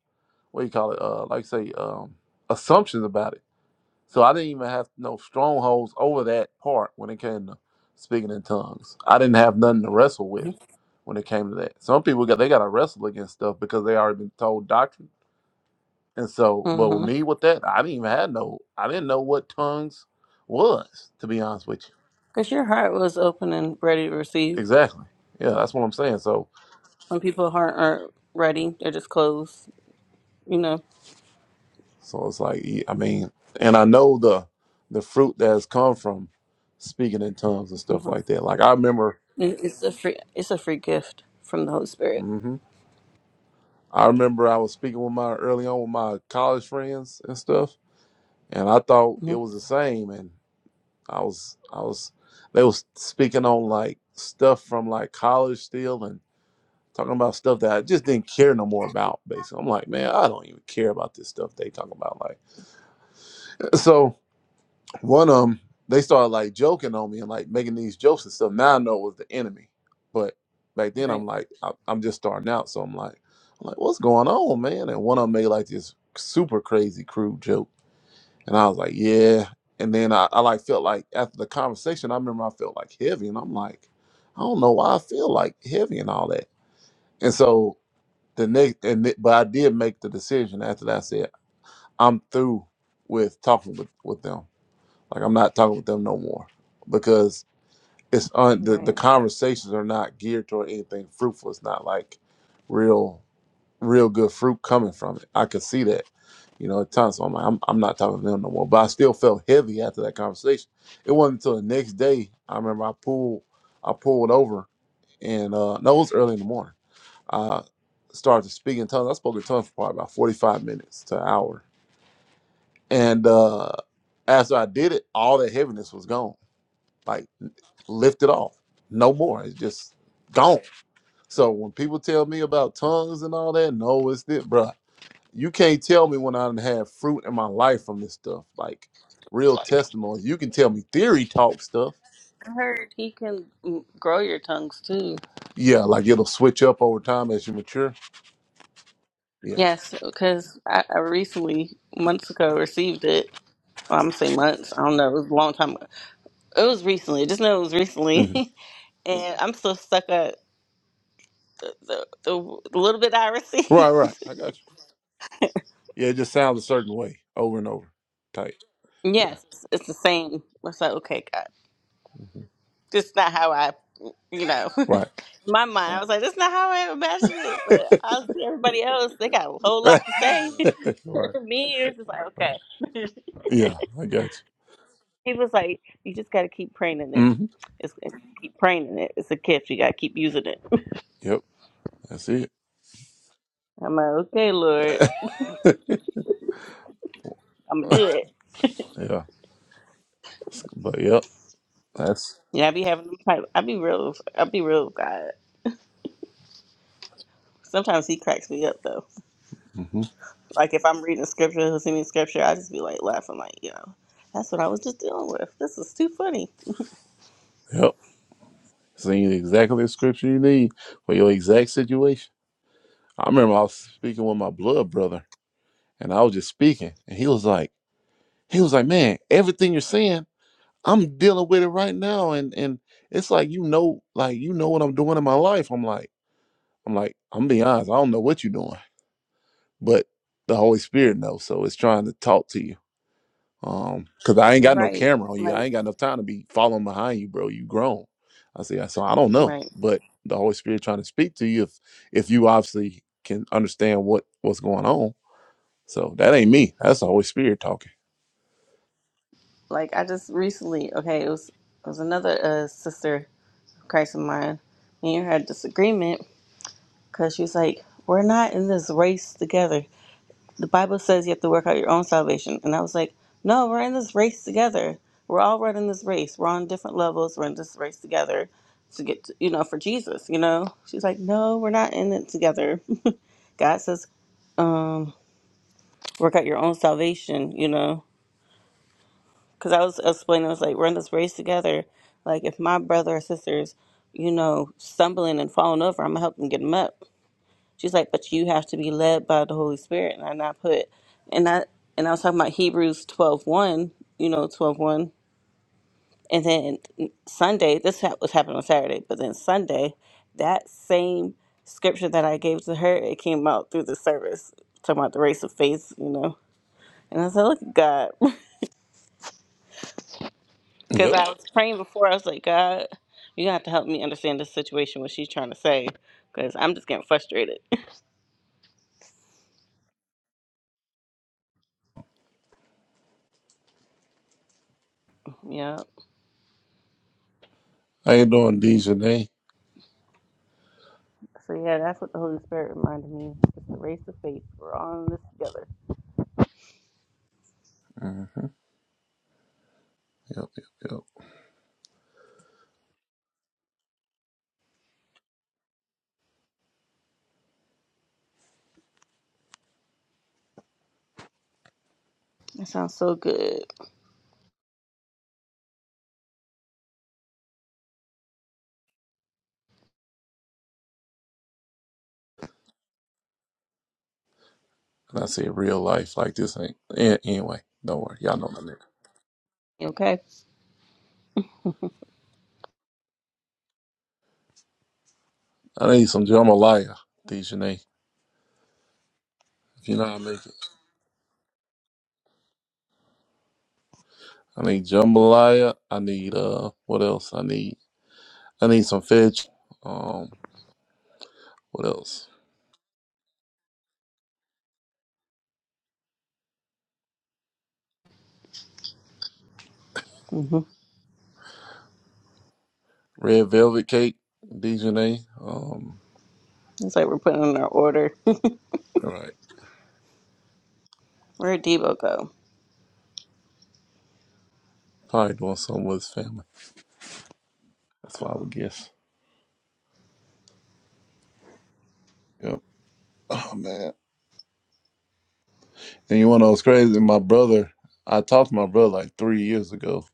what do you call it? Uh, like say um, assumptions about it. So I didn't even have no strongholds over that part when it came to speaking in tongues. I didn't have nothing to wrestle with when it came to that. Some people got they got to wrestle against stuff because they already been told doctrine. And so, but with
Mm-hmm.
me with that, I didn't even have no. I didn't know what tongues was to be honest with you.
Because your heart was open and ready to receive.
Exactly. Yeah, that's what I'm saying. So,
When people heart aren't ready, they're just closed. You know,
so it's like yeah, I mean, and I know the the fruit that has come from speaking in tongues and stuff
hmm
like that. Like I remember
it, it's a free it's a free gift from the Holy Spirit.
hmm I remember I was speaking with my early on with my college friends and stuff, and I thought
hmm
it was the same. And I was, I was, they was speaking on like stuff from like college still, and talking about stuff that I just didn't care no more about. Basically, I'm like, man, I don't even care about this stuff they talking about. Like, so One of them, they started like joking on me and like making these jokes and stuff. Now I know it was the enemy, but back then I'm
Right,
like, I, I'm just starting out, so I'm like, I'm like, what's going on, man? And one of them made like this super crazy crude joke, and I was like, yeah. And then I, I like felt like after the conversation, I remember I felt like heavy, and I'm like, I don't know why I feel like heavy and all that. And so the next, and th- but I did make the decision after that. I said I'm through with talking with with them. Like I'm not talking with them no more because it's on the, the
right.
conversations are not geared toward anything fruitful. It's not like real real good fruit coming from it. I could see that, you know, at times. So I'm like, I'm, I'm not talking to them no more. But I still felt heavy after that conversation. It wasn't until the next day I remember I pulled I pulled over and uh no, it was early in the morning. I started to speak in tongues. I spoke in tongues for probably about 45 minutes to an hour. And uh after I did it, all that heaviness was gone. Like Lift it off. No more. It's just gone. So when people tell me about tongues and all that, no, it's this, bruh. You can't tell me when I done have fruit in my life from this stuff. Like real testimonies. You can tell me theory talk stuff.
I heard He can mm, grow your tongues too.
Yeah, like it'll switch up over time as you mature. Yeah.
Yes, because I, I recently months ago received it. Well, I'm saying months. I don't know. It was a long time. ago. It was recently. Just know it was
hmm
recently, and I'm still stuck at. the the, the little bit I
Right,
receive.
right. I got you. Yeah, it just sounds a certain way over and over. Tight. Yeah.
yes, it's the same. I was like, okay, God,
hmm
this is not how I, you know, in
Right.
my mind. I was like, that's not how I imagined it. But I see everybody else; they got a whole
right.
lot to say.
Right.
Me, it was just like, okay.
Yeah, I got
he was like, you just got to keep praying in it.
you. hmm
It's keep praying in it. It's a gift. You got to keep using it.
Yep. That's it.
I'm like, okay, Lord, I'm gonna do it.
Yeah. But yep. That's
Yeah, I be having them type. I be real. I be real. God. Sometimes he cracks me up though.
hmm
Like if I'm reading scripture, listening to scripture, I just be like laughing, like, yo, that's what I was just dealing with. This is too funny.
yep. Seeing exactly the scripture you need for your exact situation. I remember I was speaking with my blood brother, and I was just speaking, and he was like, he was like, man, everything you're saying, I'm dealing with it right now, and and it's like you know, like you know what I'm doing in my life. I'm like, I'm like, I'm being honest, I don't know what you're doing, but the Holy Spirit knows, so it's trying to talk to you. Um, cause I ain't got no
Right,
camera on you. I
Like,
ain't got enough time to be following behind you, bro. You grown. I say, so I don't know,
right.
but the Holy Spirit trying to speak to you if if you obviously can understand what what's going on. So that ain't me. That's the Holy Spirit talking.
Like I just recently, okay, it was it was another uh, sister, of Christ of mine, and you had disagreement because she was like, we're not in this race together. the Bible says you have to work out your own salvation. And I was like, no, we're in this race together. We're all running this race. We're on different levels. We're in this race together to get, to, you know, for Jesus, you know? She's like, no, we're not in it together. God says, work out your own salvation, you know? Because I was explaining, I was like, we're in this race together. Like, if my brother or sisters, you know, stumbling and falling over, I'm going to help them get them up. She's like, but you have to be led by the Holy Spirit. And I not put, and I and I was talking about Hebrews twelve one, you know, twelve one, And then Sunday, this hap- was happening on Saturday, but then Sunday, that same scripture that I gave to her, it came out through the service, talking about the race of faith, you know. And I said, look at God. Because
Yep.
I was praying before, I was like, God, you're going to have to help me understand this situation, what she's trying to say, because I'm just getting frustrated. yeah.
I ain't doing these today.
So yeah, that's what the Holy Spirit reminded me. It's the race of faith. We're all in this together.
Mm, yep, yep, yep.
That sounds so good.
And I say real life like this ain't. an- Anyway, don't worry. Y'all know my nigga.
You okay?
I need some jambalaya, Dejanay. If you know how to make it. I need jambalaya. I need uh, what else? I need. I need some veg. Um, What else?
hmm
Red Velvet Cake, Dejanay. Um,
It's like we're putting in our order.
all right.
Where'd Debo go?
Probably doing something with his family. That's what I
Oh,
would guess. Yep. Oh man. And you wanna know what's crazy? My brother I talked to my brother like three years ago,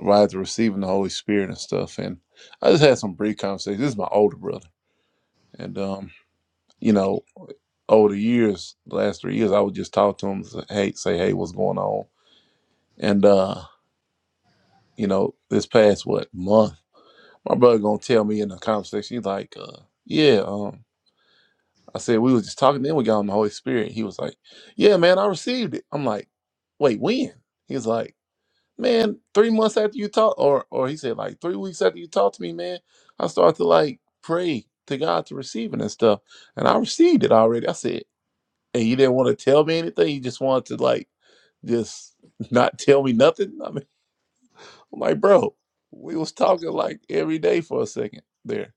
right after receiving the Holy Spirit and stuff. And I just had some brief conversations. This is my older brother. And um, you know, over the years, the last three years, I would just talk to him, say, hey, say, hey, what's going on? And uh, you know, this past what month. My brother gonna tell me in the conversation, he's like, uh, yeah, um, I said we was just talking, then we got on the Holy Spirit. He was like, Yeah, man, I received it. I'm like, wait, when? He's like, Man, three months after you talk or or he said like three weeks after you talked to me, man, I started to like pray to God to receive it and stuff. And I received it already. I said, and you didn't want to tell me anything, you just wanted to like just not tell me nothing. I'm like, bro, we was talking like every day for a second there.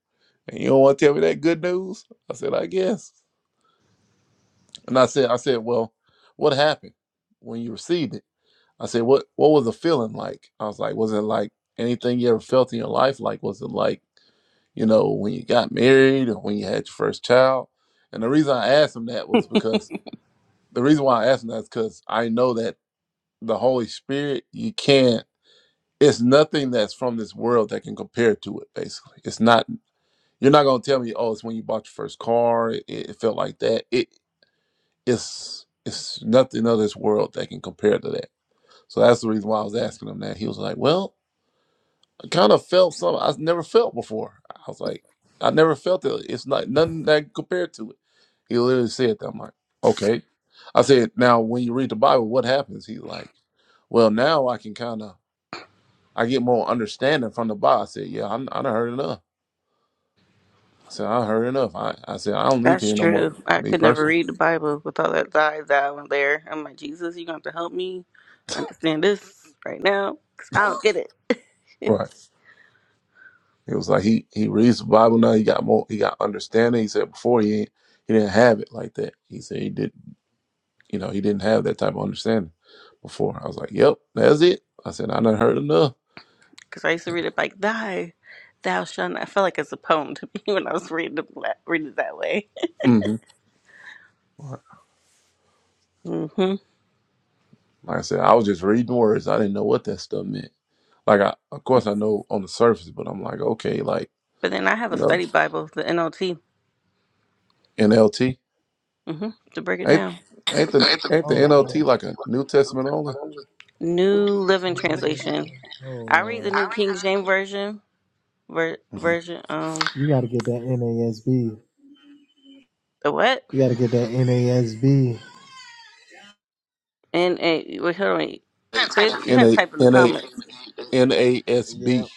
And you don't want to tell me that good news? I said, I guess. And I said, I said, well, what happened when you received it? I said, what what was the feeling like? I was like, was it like anything you ever felt in your life? Like, was it like, you know, when you got married or when you had your first child? And the reason I asked him that was because the reason why I asked him that is because I know that the Holy Spirit, you can't it's nothing that's from this world that can compare to it basically it's not you're not going to tell me oh it's when you bought your first car it, it felt like that it it's it's nothing of this world that can compare to that so that's the reason why i was asking him that he was like well i kind of felt something i've never felt before i was like i never felt it it's not nothing that can compare to it he literally said that i'm like okay i said now when you read the bible what happens he's like well now i can kind of i get more understanding from the bible i said yeah i, I done heard enough I said, I heard enough. I, I said, I don't need to
that's
hear no more.
true. I
Me
could never
personally.
read the Bible with all that die thou in there. I'm like, Jesus, you're going to have to help me understand this right now because I don't get it.
Right. It was like he he reads the Bible now. He got more. He got understanding. He said before he ain't, he didn't have it like that. He said he did. You know, he didn't have that type of understanding before. I was like, Yep, that's it. I said, I done heard enough.
Because I used to read it like, thy, thou shalt not. I felt like it's a poem to me when I was reading it, that- reading it that way.
hmm Like
hmm
I said, I was just reading words. I didn't know what that stuff meant. Like I, of course, I know on the surface, but I'm like, okay, like
But then I have a
you know,
study Bible, the NLT.
NLT.
hmm To break it
Ain't
down,
ain't the ain't the
Oh,
NLT like a New Testament only?
New Living Translation.
oh
I read the
Lord.
New King James version. Ver-
Mm-hmm.
version. Um,
You gotta get that NASB.
the what?
You gotta get that NASB.
And, and wait, hold on. Wait. Say it- you gotta type in the
N A
comments.
Yep.
NASB,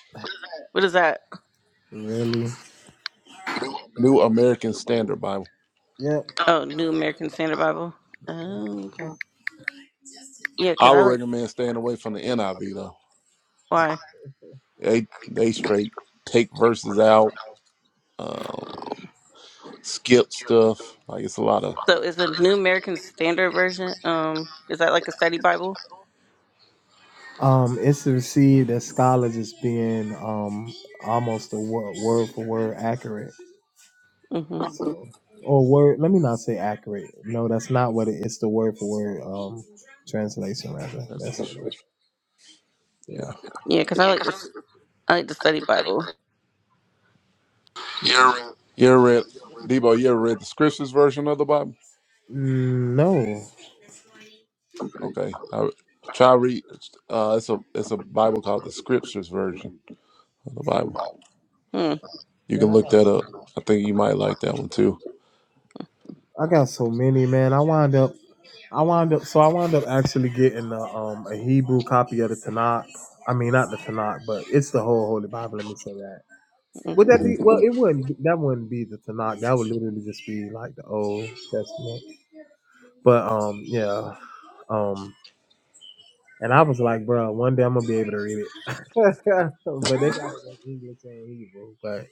What is that?
Really?
New American Standard Bible.
Yep.
Oh, New American Standard Bible. Oh, okay. Yeah,
I
cause
would
I like
recommend staying away from the NIV though.
why.
They they straight take verses out, um, skip stuff. Like it's a lot of
So is the New American Standard version? Um, is that like a study Bible?
Um, it's received as scholars as being um almost a word, word for word accurate
Mm-hmm.
or word. Let me not say accurate. No, that's not what it's the word for word um translation rather. That's
translation. Yeah.
yeah.
Yeah, cause I like this. I like the study Bible.
You ever read Debo? You ever read the Scriptures version of the Bible?
Mm, no,
Okay, I, try read. Uh, it's a it's a Bible called the Scriptures version of the Bible.
Hmm.
You
man,
can
I
look
got
that up.
so,
I think you might like that one too.
I got so many man. I wind up I wind up so I wind up actually getting a, um a Hebrew copy of the Tanakh. I mean, not the Tanakh, but it's the whole Holy Bible. Let me say that.
hmm.
Would that
hmm
be well? It wouldn't. That wouldn't be the Tanakh. That would literally just be like the Old Testament. But um, yeah, um, and I was like, bro, one day I'm gonna be able to read it. but they got it in English and Hebrew. But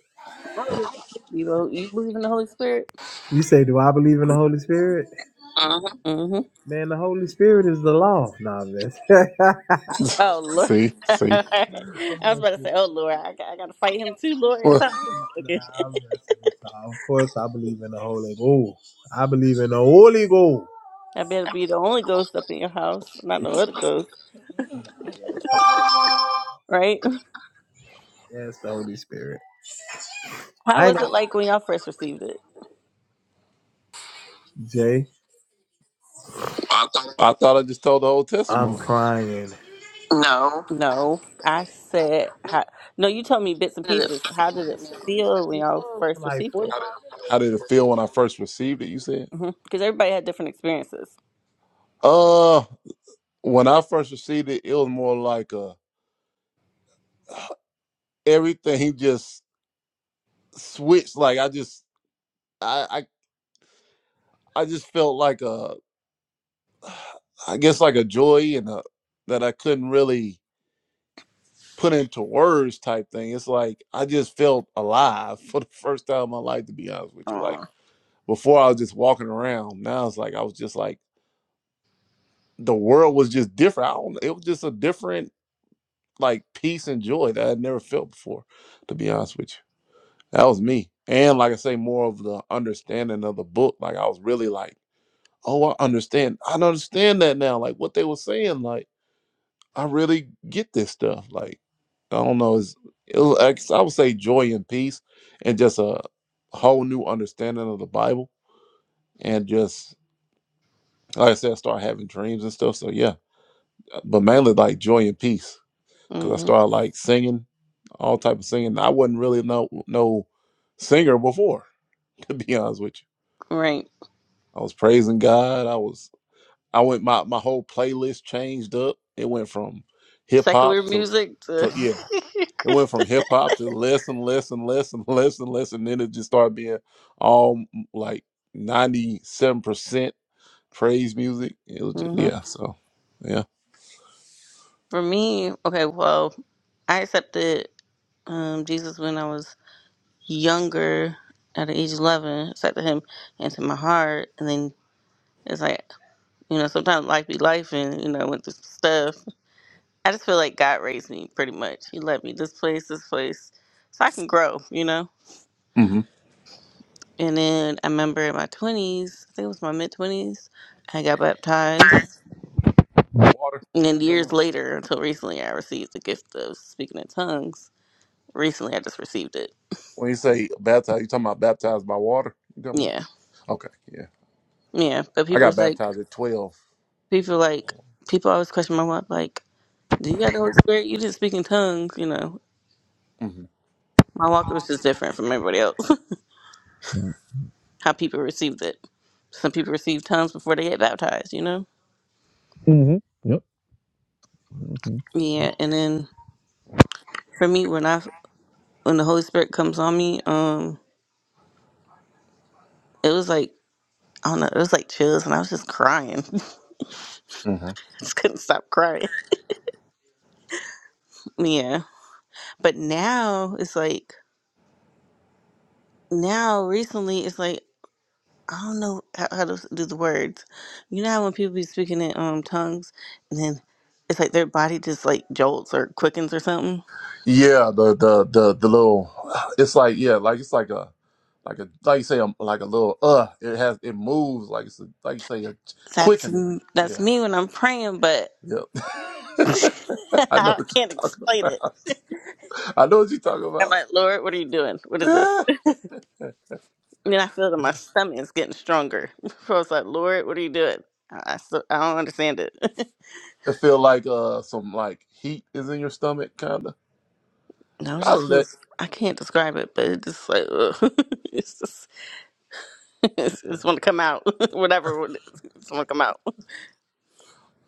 I was gonna ask you, Bebo, you believe in the Holy Spirit?
you say, do I believe in the Holy Spirit? Man, the Holy Spirit is the law. Nah, this. nah,
Oh Lord,
see, see.
I was about to say, oh Lord, I got, I got to fight him too, Lord.
Well,
So I was joking.
I'm just- nah, of course I believe in the Holy Ghost. I believe in the Holy Ghost.
I better be the only ghost up in your house, not no other ghost, right?
Yes, the Holy Spirit.
How
I ain't
was it
gonna-
like when y'all first received it?
Jay.
I thought I just told the whole
I'm
testimony.
crying.
No, I said, how, no, you told me bits and pieces. How did it feel when y'all first
Like
received
forty
it?
How did it feel when I first received it? You said,
Because everybody had different experiences.
uh, when I first received it, it was more like a everything just switched. Like I just, I, I, I just felt like a, I guess like a joy and a that I couldn't really put into words type thing. It's like I just felt alive for the first time in my life. To be honest with you, like
Oh.
before I was just walking around. Now it's like I was just like the world was just different. I don't. It was just a different like peace and joy that I'd never felt before, to be honest with you. That was me. And like I say, more of the understanding of the book. Like I was really like, oh, I understand. I understand that now. Like what they were saying. Like I really get this stuff. Like I don't know. It's, it was, I guess I would say joy and peace, and just a whole new understanding of the Bible. And just like I said, I start having dreams and stuff. So yeah, but mainly like joy and peace because I
hmm
started like singing, all type of singing. I wasn't really no no singer before, to be honest with you.
Right.
I was praising God. I was I went my my whole playlist changed up. It went from hip hop
Secular
to
music to
to yeah, it went from
Christian.
hip hop to less and less and less and less and less, and then it just started being all m- like ninety seven percent praise music. It was just,
hmm
yeah, so yeah.
For me, okay, well, I accepted. um, Jesus when I was younger, at the age of eleven, accepted him into my heart, and then it's like you know sometimes life be life, and you know with this stuff. I just feel like God raised me pretty much. He led me this place, this place, so I can grow, you know.
hmm
And then I remember in my twenties, I think it was my mid twenties, I got baptized,
Water.
and then
You talking
years
about-
later, until recently, I received the gift of speaking in tongues. Recently, I just received it.
When you say baptized, you talking about baptized by water? You talking about?
Yeah,
Okay, yeah.
yeah. But
I
people
got
was like.
baptized at 12
people like people always question my walk like do you got the holy spirit you didn't speak in tongues you know
hmm
my walk was just different from everybody else how people received it some people receive tongues before they get baptized you know
hmm Yep.
yeah and then for me when i when the holy spirit comes on me um it was like i don't know it was like chills and i was just crying I
hmm
just couldn't stop crying yeah but now it's like now recently it's like I don't know how, how to do the words. You know how when people be speaking in um tongues, and then it's like their body just like jolts or quickens or something.
Yeah, the the the the little, it's like yeah, like it's like a like a like you say um like a little uh, it has it moves like it's a, like you say a
That's
quickening.
that's
Yeah,
me when I'm praying, but
yep. I know
I
what
can't
you're talking
explain it.
about. I know what you're talking
I'm
about.
like, Lord, what are you doing? What is this? And then I feel that my stomach is getting stronger. So I was like, Lord, what are you doing? I I, still, I don't understand it.
it feel like uh some like heat is in your stomach, kind of.
no, it
I
just
let.
feels. I can't describe it, but it just like ugh. it's just it's,
Yeah.
it's want to come out. Whatever, it's want to come out.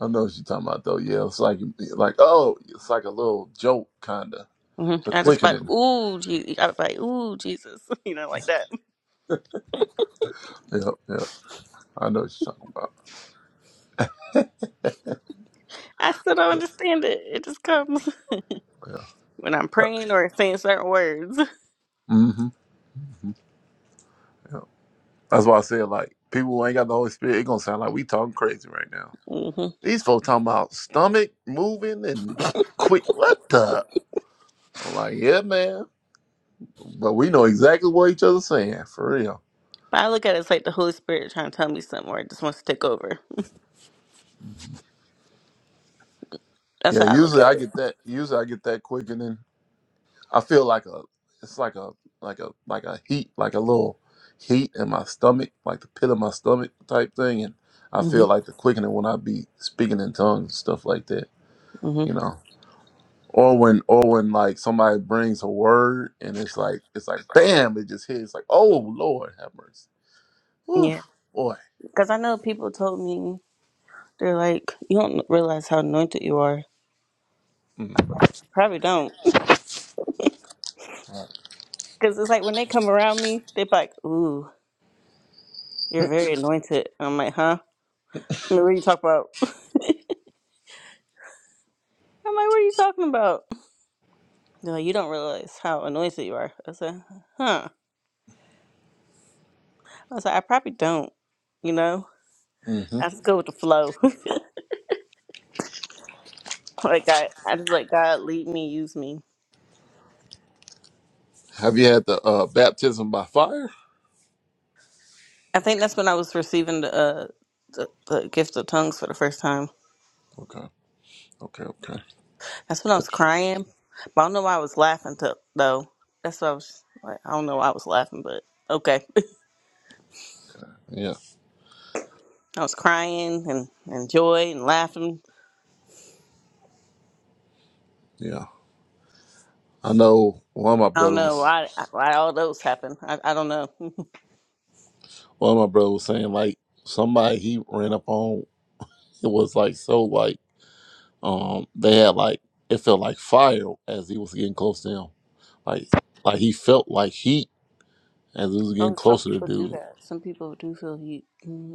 I know what you're talking about though. Yeah, it's like like oh, it's like a little joke, kind of.
hmm
The
I just like,
quickening.
ooh, Jesus. I was like, ooh, Jesus, you know, like that.
Yeah, yeah. I know what you're talking about.
I still don't understand it. It just comes
Yeah.
when I'm praying or saying certain words.
Mm-hmm. hmm Yeah. That's why I said like people who ain't got the Holy Spirit, it gonna sound like we talking crazy right now.
hmm But
These folks talking about stomach moving and quick. What the? I'm like, yeah, man. But we know exactly what each other's saying for real.
I look at it as like the Holy Spirit trying to tell me something or it just wants to take over.
Mhm.
That's
Yeah.
how I look
Usually
at
I
it.
get that. Usually I get that quickening I feel like a it's like a like a like a heat like a little heat in my stomach like the pit of my stomach type thing and I
hmm
feel like the quickening when I be speaking in tongues stuff like that you
hmm
know or when or when like somebody brings a word and it's like it's like bam it just hits like oh Lord have mercy Oof,
Yeah.
boy
Because I know people told me, they're like, you don't realize how anointed you are. I'm
Mm.
like, probably don't. Because it's like when they come around me, they're like, ooh, you're very anointed. I'm like, huh? like, What are you talking about? I'm like, what are you talking about? They're like, you don't realize how anointed you are. I said, huh. I was like, I probably don't, you know?
mm-hmm.
I just go with the flow. like, I, I just let God lead me, use me.
have you had the uh, baptism by fire
I think that's when I was receiving the, uh, the, the gift of tongues for the first time.
okay okay okay
That's when I was crying. But I don't know why I was laughing, to, though. That's what I was like. I don't know why I was laughing, but okay.
yeah
I was crying and, and joy and laughing.
yeah I know one of my
I don't
brothers
know
was
why, why all those happen. I, I don't know.
One of my brother was saying like somebody he ran up on. It was like so like um they had like it felt like fire as he was getting close to him. Like like he felt like heat as he was getting
Oh, some
closer to
people do
dude.
that. Some people do feel heat. Mhm.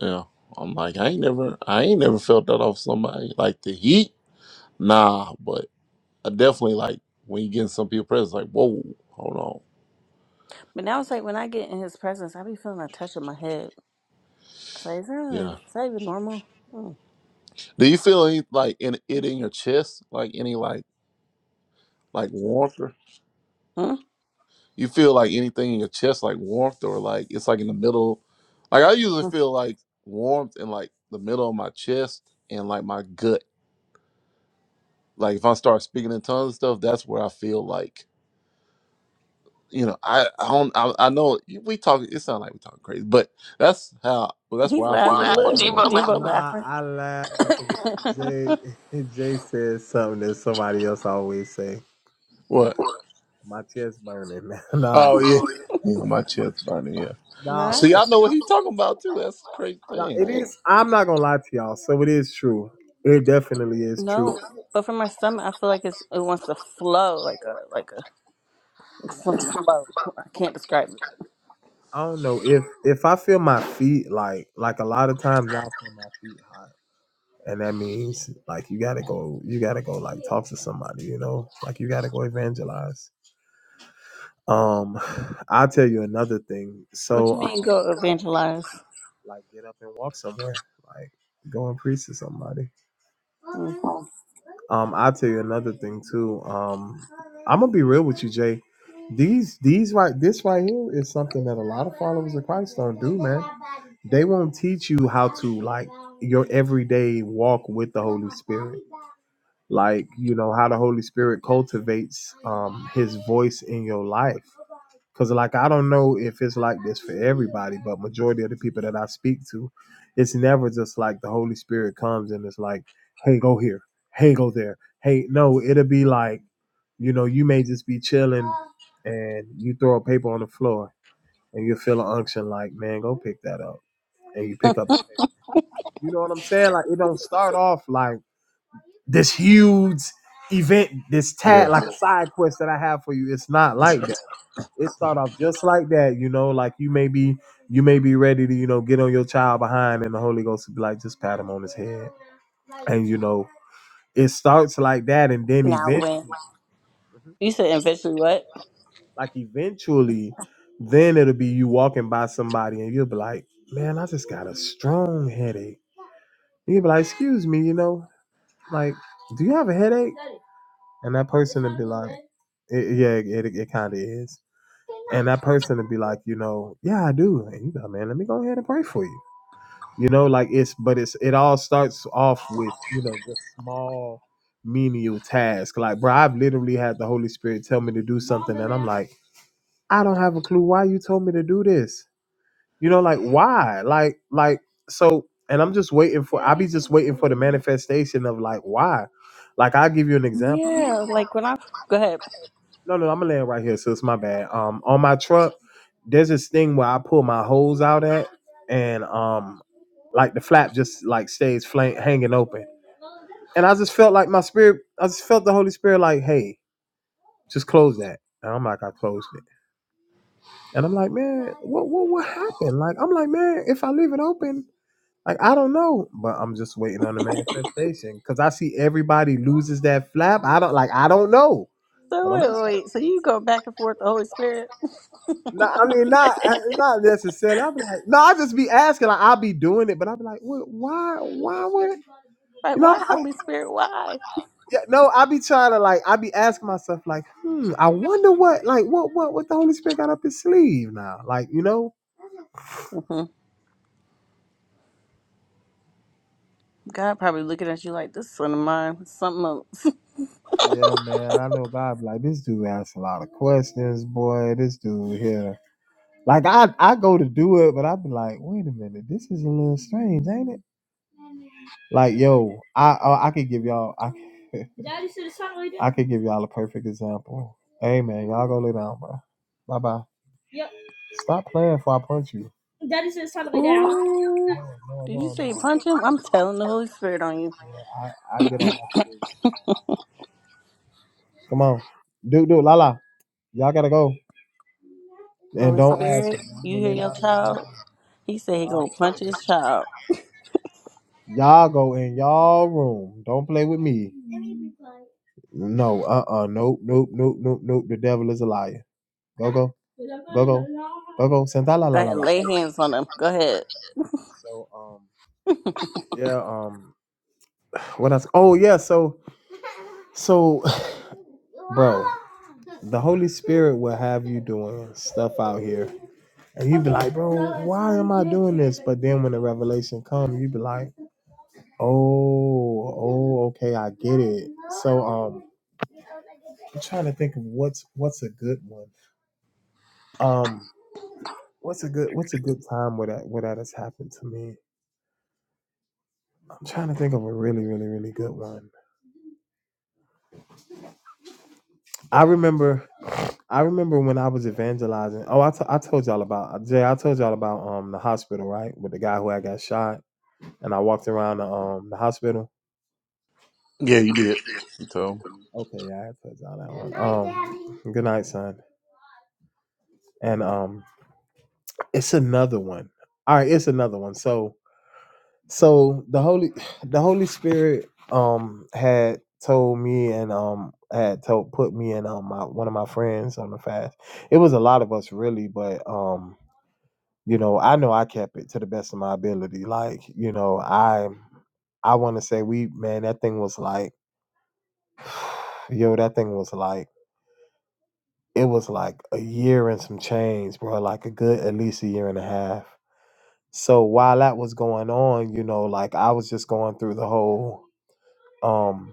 Yeah. I'm like I ain't never I ain't never felt that off somebody like the heat. Nah, but I definitely like when you get some people presence like whoa hold on
But now it's like when I get in his presence, I be feeling a touch on my head. It's like, is that, really,
yeah.
is that even normal? Mm.
Do you feel any like in it in your chest like any like like warmth?
Hmm?
you feel like anything in your chest, like warmth, or like it's like in the middle. Like I usually
Mm.
feel like warmth in like the middle of my chest and like my gut. Like if I start speaking in tongues and stuff, that's where I feel like you know I I don't I, I know we talk. It sounds like we talking crazy, but that's how. Well, that's
He's
where I feel
laughing.
like the
Look,
anointing.
Debo
five,
laughing.
I laugh. because Jay Jay said something that somebody else always say.
What?
My chest burning. man.
Oh
nah,
yeah, yeah, my chest burning. Yeah.
no,
nah,
I
See,
don't-
I know what he talking about too. That's the crazy
nah.
thing.
It is. I'm not gonna lie to y'all. So it is true. It definitely is true.
no, but from my stomach, I feel like it's it wants to flow like a like a it just wants to flow. I can't describe it.
I don't know if if I feel my feet like like a lot of times I feel my feet hot, and that means like you gotta go, you gotta go like talk to somebody, you know, like you gotta go evangelize. Um, I'll tell you another thing.
What you
So.
mean
Um,
go evangelize?
Like get up and walk somewhere. Like go and preach to somebody.
Mm.
Um, I'll tell you another thing too. Um, I'm gonna be real with you, Jay. These these right this right here is something that a lot of followers of Christ don't do, man. They won't teach you how to like your everyday walk with the Holy Spirit. Like, you know, how the Holy Spirit cultivates um his voice in your life. Cause like I don't know if it's like this for everybody, but majority of the people that I speak to, it's never just like the Holy Spirit comes and it's like, hey, go here, hey, go there, hey. No, it'll be like, you know, you may just be chilling and you throw a paper on the floor and you feel an unction like, man, go pick that up, and you pick up the paper. You know what I'm saying? Like it don't start off like this huge event, this tag,
Yeah.
like a side quest that I have for you. It's not like that it start off just like that, you know, like you may be you may be ready to, you know, get on your child behind and the Holy Ghost will be like, just pat him on his head. And you know, it starts like that and then
Now when
eventually
you said eventually what?
like eventually then it'll be you walking by somebody and you'll be like, Man, I just got a strong headache. You'll be like, excuse me, you know, like do you have a headache? And that person, it, yeah, it, it kind of is. And that person would be like, you know, yeah, I do. And you go, man, let me go ahead and pray for you. you know like it's but it's it all starts off with you know the small menial task like bro i've literally had the holy spirit tell me to do something like i don't have a clue why you told me to do this you know like why like like so and i'm just waiting for i be just waiting for the manifestation of like why like i'll give you an example
Yeah, like when I go ahead.
no no i'm gonna land right here so it's my bad um on my truck there's this thing where i pull my hose out at and um like the flap just like stays flank, hanging open and I just felt like my spirit, I just felt the Holy Spirit like, hey, just close that. And I'm like, I closed it. And I'm like, man, what what what happened? Like, I'm like, man, if I leave it open, like I don't know. But I'm just waiting on the manifestation. Cause I see everybody loses that flap. I don't like I don't know. But
So
I'm
wait,
just
wait, wait. So you go back and forth the Holy Spirit?
no, I mean not uh, not necessarily. I'll be like, no, I'll just be asking, like I'll be doing it, but I'll be like, what why why would you
Like why
know
Holy Spirit? Why?
Yeah, no, I be trying to like, I be asking myself like, hmm, I wonder what, like, what, what, what the Holy Spirit got up his sleeve now, like, you know?
God probably looking at you like this son of mine, something else.
Yeah, man, I know God be like, this dude asks a lot of questions, boy. This dude here, like, I, I go to do it, but I be like, wait a minute, this is a little strange, ain't it? Like, yo, I, I, I could give y'all, I, I could give y'all a perfect example. Hey, man, y'all go lay down, bro. Bye bye. Stop playing before I punch you.
Ooh,
No, no,
did you
no, no.
say punch him? I'm telling the Holy Spirit on you.
Yeah, I, I get on. my Come on. Dude, dude, la la. Y'all gotta go. And
Holy
don't ask me.
Spirit,
Y'all
you
gonna
hear
lay
your
down in
child?
y'all
He said he gonna punch his child.
Y'all go in y'all room. Don't play with me. No, uh uh nope, nope, nope, nope, nope. The devil is a liar. Go go, go go. Santa la la
Go
la
ahead,
la.
lay hands on him. Go ahead.
So um yeah, um what else? Oh yeah, so so the Holy Spirit will have you doing stuff out here. And you be like, bro, I'm doing this, but then when the revelation come, you be like, oh, oh, okay, I get it. So um I'm trying to think of what's what's a good one. Um, what's a good what's a good time where that where that has happened to me. I'm trying to think of a really really really good one. I remember, I remember when I was evangelizing. Oh, I, t- I told y'all about uh, Jay. I told y'all about um the hospital right with the guy who I got shot, and I walked around the um the hospital.
Yeah, you did. You told.
Okay, yeah, I told y'all that one. um, good night, son. And um, it's another one. All right, it's another one. So so the holy the holy spirit um had told me and um had told put me and um my, one of my friends on the fast it was a lot of us really but um you know i know i kept it to the best of my ability like you know i i want to say we man that thing was like yo that thing was like it was like a year and some change bro like a good at least a year and a half so while that was going on you know like i was just going through the whole um.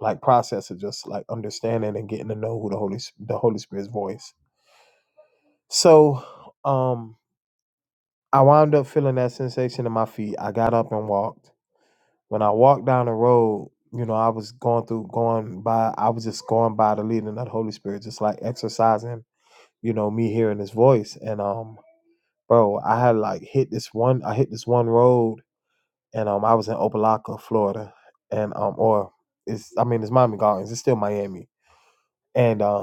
like process of just like understanding and getting to know who the Holy S- the Holy Spirit's voice. So um I wound up feeling that sensation in my feet. I got up and walked. When I walked down the road, you know, I was going through going by I was just going by the leading of the Holy Spirit, just like exercising, you know, me hearing his voice. And um bro, I had like hit this one I hit this one road and um I was in Opelika, Florida. And um or it's I mean it's Miami Gardens, it's still Miami. And um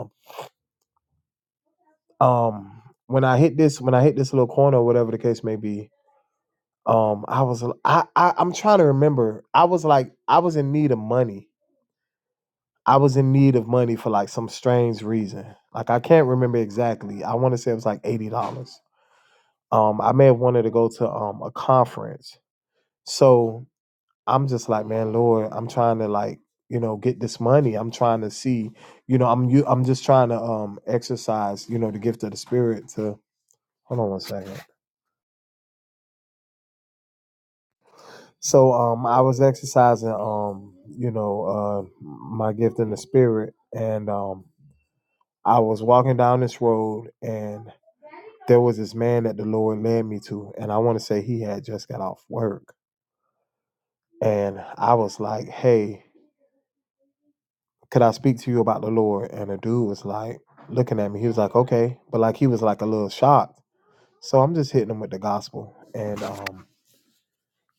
Um, when I hit this, when I hit this little corner, or whatever the case may be, um, I was, I, I, I'm trying to remember. I was like, I was in need of money. I was in need of money for like some strange reason. Like I can't remember exactly. I want to say it was like eighty dollars. Um, I may have wanted to go to um a conference. So I'm just like, man, Lord, I'm trying to like, you know, get this money. I'm trying to see, you know, I'm you, I'm just trying to um exercise, you know, the gift of the spirit to. Hold on one second. So um, I was exercising um, you know, uh, my gift in the spirit, and um, I was walking down this road, and there was this man that the Lord led me to, and I want to say he had just got off work, and I was like, "Hey, could I speak to you about the Lord?" And the dude was like, looking at me, he was like, "Okay," but like he was like a little shocked. So I'm just hitting him with the gospel, and um,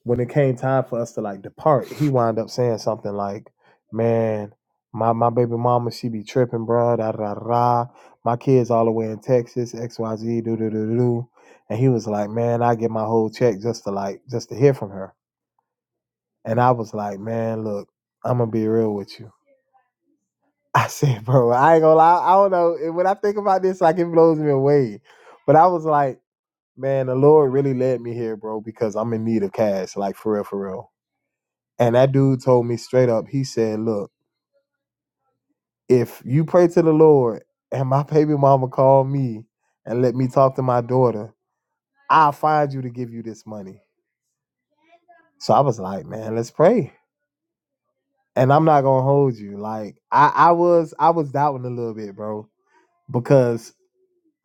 when it came time for us to like depart, he wound up saying something like, "Man, my my baby mama she be tripping, bruh, Da da da da. My kids all the way in Texas, X Y Z, do do do do." do." And he was like, "Man, I get my whole check just to like just to hear from her." And I was like, "Man, look, I'm gonna be real with you." I said, "Bro, I ain't gonna lie. I don't know. And When I think about this, like it blows me away." But I was like, "Man, the Lord really led me here, bro, because I'm in need of cash, like for real, for real." And that dude told me straight up, he said, Look, if you pray to the Lord and my baby mama call me and let me talk to my daughter, I'll find you to give you this money. So I was like, Man, let's pray. And I'm not gonna hold you. Like I, I was I was doubting a little bit, bro. Because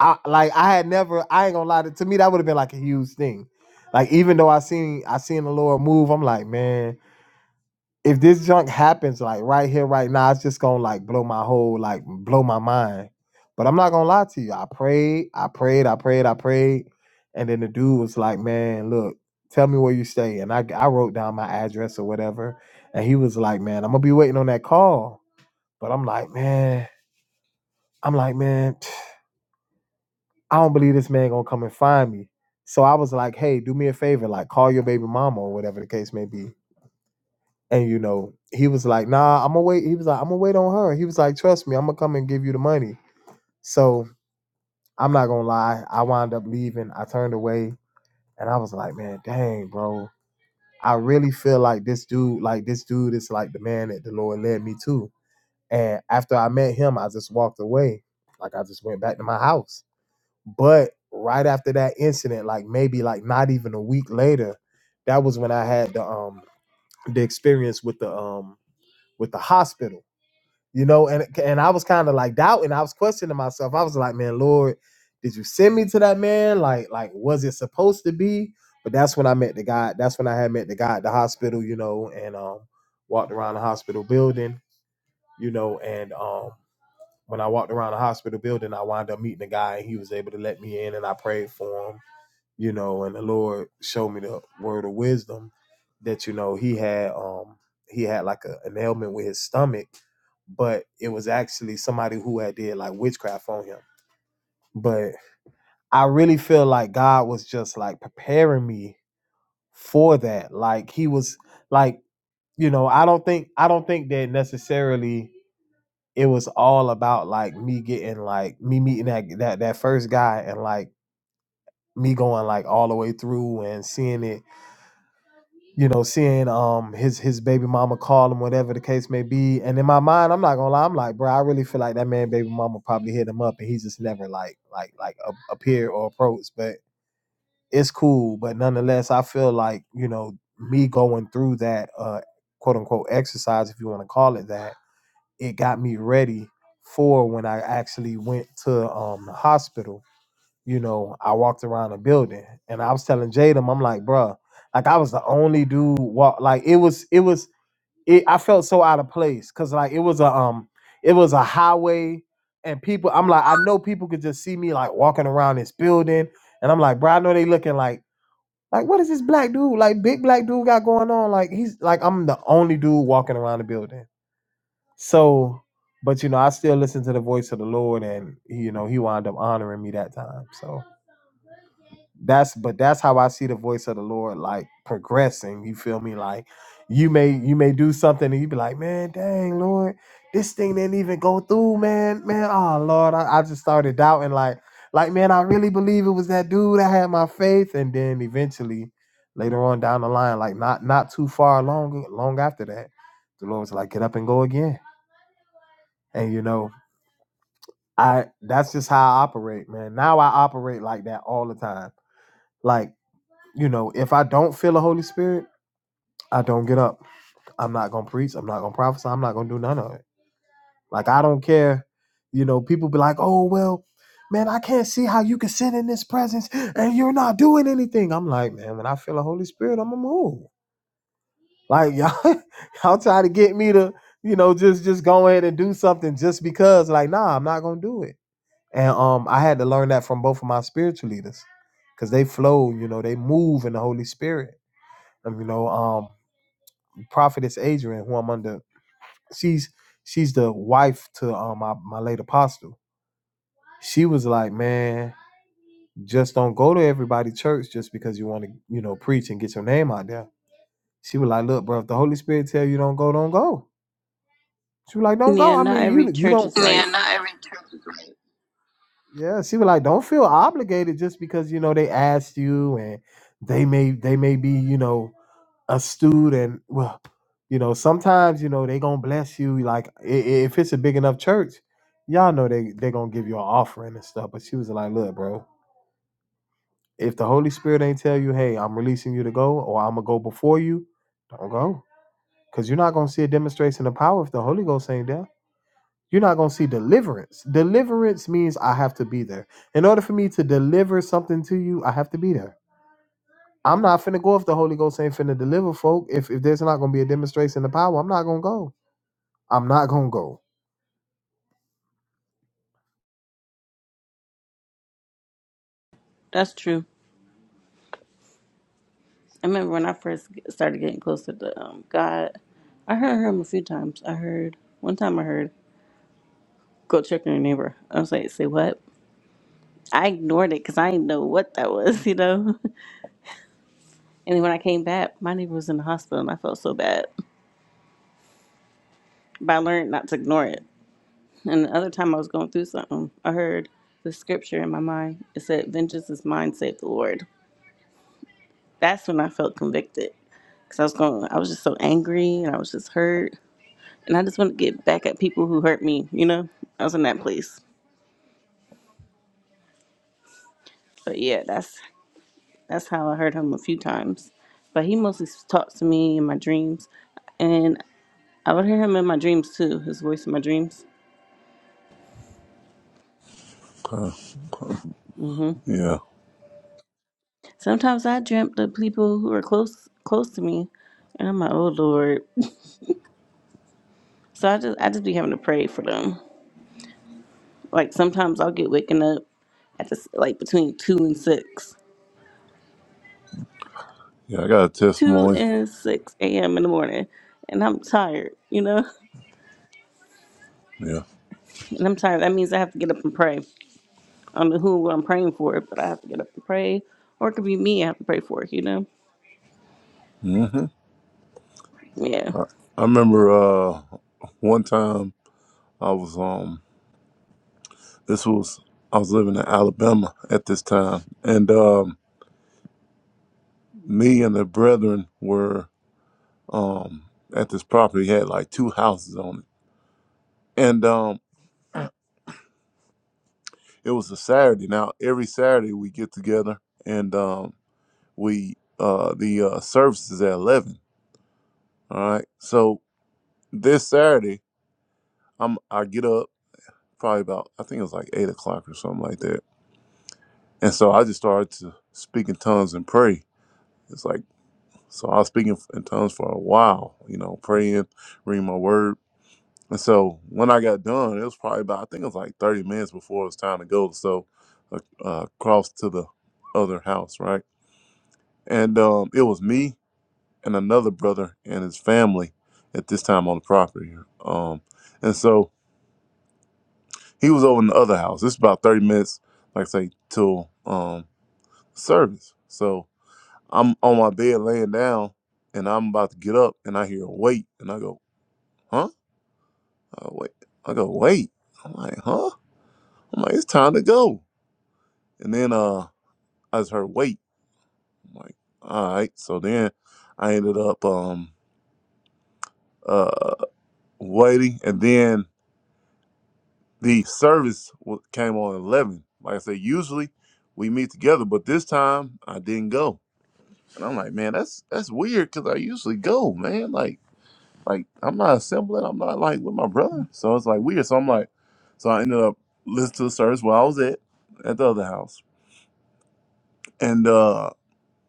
I like I had never I ain't gonna lie to, to me that would have been like a huge thing. Like even though I seen I seen the Lord move, I'm like, man, if this junk happens like right here, right now, it's just gonna like blow my whole like blow my mind. But I'm not gonna lie to you. I prayed, I prayed, I prayed, I prayed, and then the dude was like, "Man, look, tell me where you stay." And I I wrote down my address or whatever, and he was like, "Man, I'm gonna be waiting on that call." But I'm like, man, I'm like, man, I don't believe this man gonna come and find me. So I was like, hey, do me a favor, like call your baby mama or whatever the case may be. And you know, he was like, "Nah, I'm gonna wait." He was like, "I'm gonna wait on her." He was like, "Trust me, I'm gonna come and give you the money." So I'm not gonna lie, I wound up leaving. I turned away, and I was like, "Man, dang, bro, I really feel like this dude, like this dude, is like the man that the Lord led me to." And after I met him, I just walked away, like I just went back to my house. But right after that incident, like maybe like not even a week later, that was when I had the um the experience with the um with the hospital you know and and i was kind of like doubting i was questioning myself i was like man lord did you send me to that man like like was it supposed to be but that's when i met the guy that's when i had met the guy at the hospital you know and um walked around the hospital building you know and um when i walked around the hospital building i wound up meeting the guy and he was able to let me in and i prayed for him you know, and the Lord showed me the word of wisdom that you know he had um he had like a, an ailment with his stomach, but it was actually somebody who had did like witchcraft on him. But I really feel like God was just like preparing me for that. Like he was like, you know, I don't think I don't think that necessarily it was all about like me getting like me meeting that that, that first guy and like me going like all the way through and seeing it you know, seeing um his his baby mama call him, whatever the case may be. And in my mind, I'm not gonna lie, I'm like, bro, I really feel like that man baby mama probably hit him up, and he just never like like like a- appeared or approached. But it's cool. But nonetheless, I feel like you know me going through that uh quote unquote exercise, if you want to call it that, it got me ready for when I actually went to um the hospital you know, I walked around the building and I was telling Jadam, I'm like, bruh, like I was the only dude walk like it was it was it I felt so out of place because like it was a um it was a highway and people I'm like, I know people could just see me like walking around this building and I'm like, bruh, I know they looking like like what is this black dude like big black dude got going on? Like he's like I'm the only dude walking around the building. So but you know, I still listen to the voice of the Lord and you know, he wound up honoring me that time. So that's but that's how I see the voice of the Lord like progressing. You feel me? Like you may you may do something and you be like, man, dang Lord, this thing didn't even go through, man. Man, oh Lord, I, I just started doubting like like man, I really believe it was that dude. I had my faith, and then eventually later on down the line, like not not too far long long after that, the Lord was like, get up and go again. And you know, I that's just how I operate, man. Now I operate like that all the time. Like you know, if I don't feel the Holy Spirit, I don't get up. I'm not gonna preach. I'm not gonna prophesy. I'm not gonna do none of it. Like I don't care. You know, people be like, "Oh well, man, I can't see how you can sit in this presence and you're not doing anything." I'm like, man, when I feel the Holy Spirit, I'm gonna move. Like y'all, y'all try to get me to, you know, just just go ahead and do something just because. Like, nah, I'm not gonna do it. And um, I had to learn that from both of my spiritual leaders, cause they flow. You know, they move in the Holy Spirit. And you know, um, prophetess Adrian, who I'm under, she's she's the wife to um my, my late apostle. She was like, Man, just don't go to everybody church just because you want to, you know, preach and get your name out there. She was like, Look, bro, if the Holy Spirit tell you don't go, don't go. She was like, Don't go.
Yeah,
I
not
mean,
every
you you
church
don't
is right.
yeah, she was like, Don't feel obligated just because, you know, they asked you and they may they may be, you know. a student well you know sometimes you know they gonna bless you like i- i- if it's a big enough church y'all know they they gonna give you an offering and stuff but she was like look bro if the holy spirit ain't tell you hey i'm releasing you to go or i'm gonna go before you don't go because you're not gonna see a demonstration of power if the holy ghost ain't there you're not gonna see deliverance deliverance means i have to be there in order for me to deliver something to you i have to be there I'm not finna go if the Holy Ghost ain't finna deliver folk. If if there's not gonna be a demonstration of power, I'm not gonna go. I'm not gonna go.
That's true. I remember when I first get- started getting closer to um, God. I heard him a few times. I heard one time. I heard go check on your neighbor. I was like, say what? I ignored it because I didn't know what that was, you know. And then when I came back, my neighbor was in the hospital and I felt so bad. But I learned not to ignore it. And the other time I was going through something, I heard the scripture in my mind. It said, Vengeance is mine, save the Lord. That's when I felt convicted. Because I was going, I was just so angry and I was just hurt. And I just wanted to get back at people who hurt me, you know? I was in that place. But yeah, that's that's how I heard him a few times. But he mostly talks to me in my dreams. And I would hear him in my dreams too, his voice in my dreams.
Uh,
Mm-hmm.
yeah.
Sometimes I dreamt of people who are close close to me, and I'm like, oh Lord. So I just I just be having to pray for them. Like sometimes I'll get waking up at this like between two and six,
Yeah, I got a
two
testimony.
and six a.m. in the morning, and I'm tired, you know.
Yeah.
And I'm tired. That means I have to get up and pray. I don't know who I'm praying for, but I have to get up and pray, or it could be me. I have to pray for, it, you know.
hmm
Yeah.
I, I remember uh, one time I was um this was I was living in Alabama at this time, and um, me and the brethren were um at this property had like two houses on it, and um it was a Saturday. Now every Saturday we get together and um we uh the uh, service is at eleven. All right, so this Saturday I'm I get up probably about I think it was like eight o'clock or something like that And so I just started to speak in tongues and pray. It's like, so I was speaking in tongues for a while, you know, praying, reading my word. And so when I got done, it was probably about, I think it was like 30 minutes before it was time to go. So uh, uh, across to the other house, right? And um, it was me and another brother and his family at this time on the property. here. Um, and so he was over in the other house. It's about 30 minutes, like I say, till um, service. So I'm on my bed laying down and I'm about to get up and I hear wait and I go, huh? I go, wait. I go, wait. I'm like, huh? I'm like, it's time to go. And then uh I just heard wait. I'm like, all right. So then I ended up um uh waiting and then the service wa- came on eleven. Like I said, usually we meet together, but this time I didn't go. And I'm like, man, that's that's weird because I usually go, man. Like like I'm not assembling. I'm not like with my brother. So it's like weird. So I'm like, so I ended up listening to the service where I was at at the other house, and uh,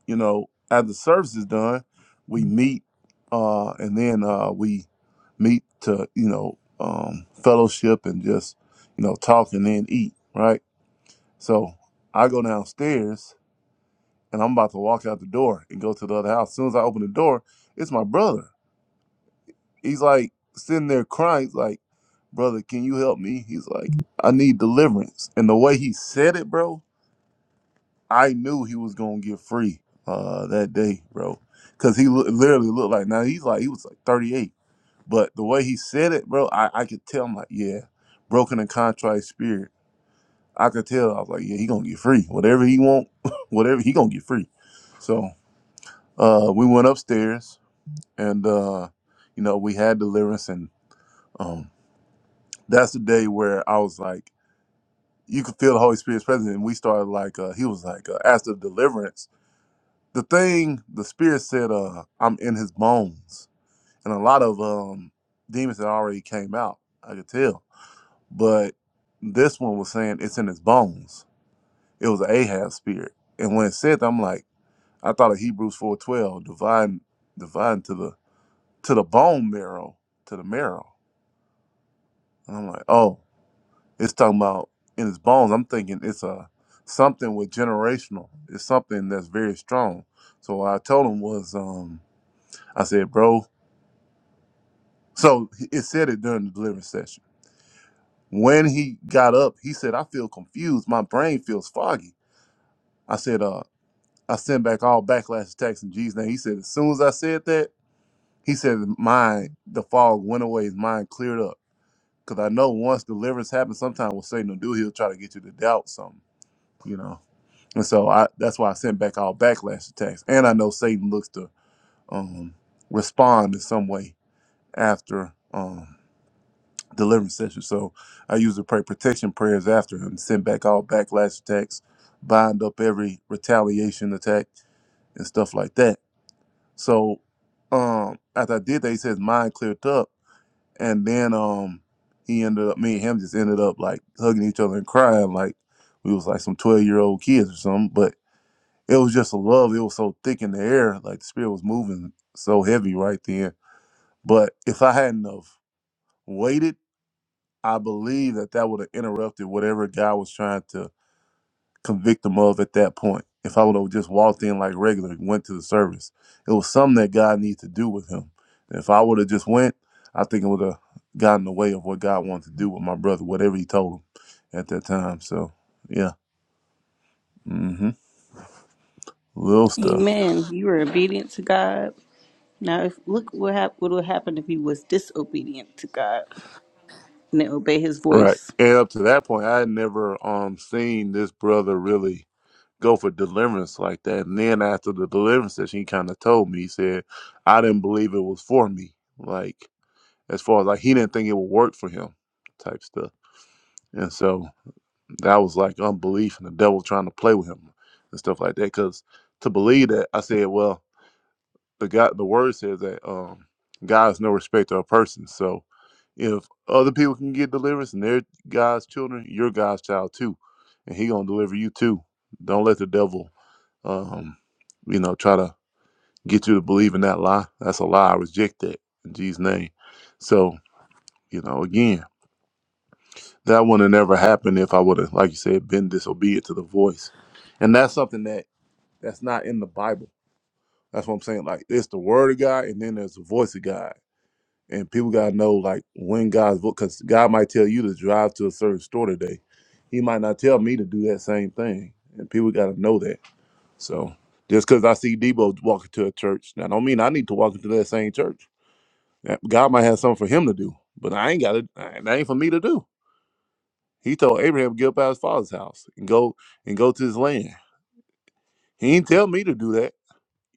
you know, after the service is done, we meet, uh, and then uh, we meet to you know um, fellowship and just you know talk and then eat right. So I go downstairs and I'm about to walk out the door and go to the other house. As soon as I open the door, it's my brother. He's like sitting there crying. He's like, brother, can you help me? He's like, I need deliverance. And the way he said it, bro, I knew he was gonna get free uh, that day, bro, because he loo- literally looked like now he's like he was like 38, but the way he said it, bro, I I could tell. I'm like, yeah, broken and contrite spirit. I could tell. I was like, yeah, he gonna get free. Whatever he want, whatever he gonna get free. So uh, we went upstairs and uh, you know we had deliverance and. um, that's the day where I was like, you could feel the Holy Spirit's presence. And we started like, uh, he was like, uh, after deliverance, the thing, the Spirit said, uh, I'm in his bones. And a lot of um, demons had already came out, I could tell. But this one was saying it's in his bones. It was an Ahab spirit. And when it said that, I'm like, I thought of Hebrews 4.12, divine, divine to the, to the bone marrow, to the marrow. And I'm like, oh. It's talking about in his bones. I'm thinking it's a something with generational. It's something that's very strong. So what I told him was, um, I said, bro. So he- it said it during the deliverance session. When he got up, he said, I feel confused. My brain feels foggy. I said, uh, I sent back all backlash attacks in Jesus' name. He said, as soon as I said that, he said, his mind, the fog went away. His mind cleared up. Because I know once deliverance happens, sometimes what Satan will do, he'll try to get you to doubt something, you know. And so I that's why I sent back all backlash attacks. And I know Satan looks to um, respond in some way after um, deliverance session. So I usually pray protection prayers after and send back all backlash attacks, bind up every retaliation attack and stuff like that. So um, after I did that, he says mind cleared up. And then um, he ended up, me and him just ended up like hugging each other and crying like we was like some 12 year old kids or something. But it was just a love. It was so thick in the air, like the spirit was moving so heavy right then. But if I hadn't have waited, I believe that that would have interrupted whatever God was trying to convict him of at that point. If I would have just walked in like regular, and went to the service, it was something that God needed to do with him. And if I would have just went, I think it would have gotten in the way of what God wanted to do with my brother, whatever He told him at that time. So, yeah, hmm little stuff.
Amen. You were obedient to God. Now, if, look what hap- what would happen if you was disobedient to God. and obey his
Right.
voice.
And up to that point, I had never um seen this brother really go for deliverance like that. And then after the deliverance session, he kind of told me, he said, I didn't believe it was for me. Like, as far as like, he didn't think it would work for him type stuff. And so that was like unbelief and the devil trying to play with him and stuff like that. Cause to believe that, I said, well, the God, the word says that um, God is no respecter of persons. So if other people can get deliverance and they're God's children, you're God's child too, and He gonna deliver you too. Don't let the devil, um, you know, try to get you to believe in that lie. That's a lie. I reject that in Jesus' name. So you know, again, that would have never happened if I would have, like you said, been disobedient to the voice, and that's something that that's not in the Bible. That's what I'm saying. Like it's the word of God, and then there's the voice of God and people gotta know like when God's book, because God might tell you to drive to a certain store today. He might not tell me to do that same thing, and people gotta know that. So just because I see Debo walking to a church, now don't mean I need to walk into that same church. That- God might have something for him to do, but I ain't got it. That ain't for me to do. He told Abraham to get up out of his father's house and go and go to his land. He didn't tell me to do that.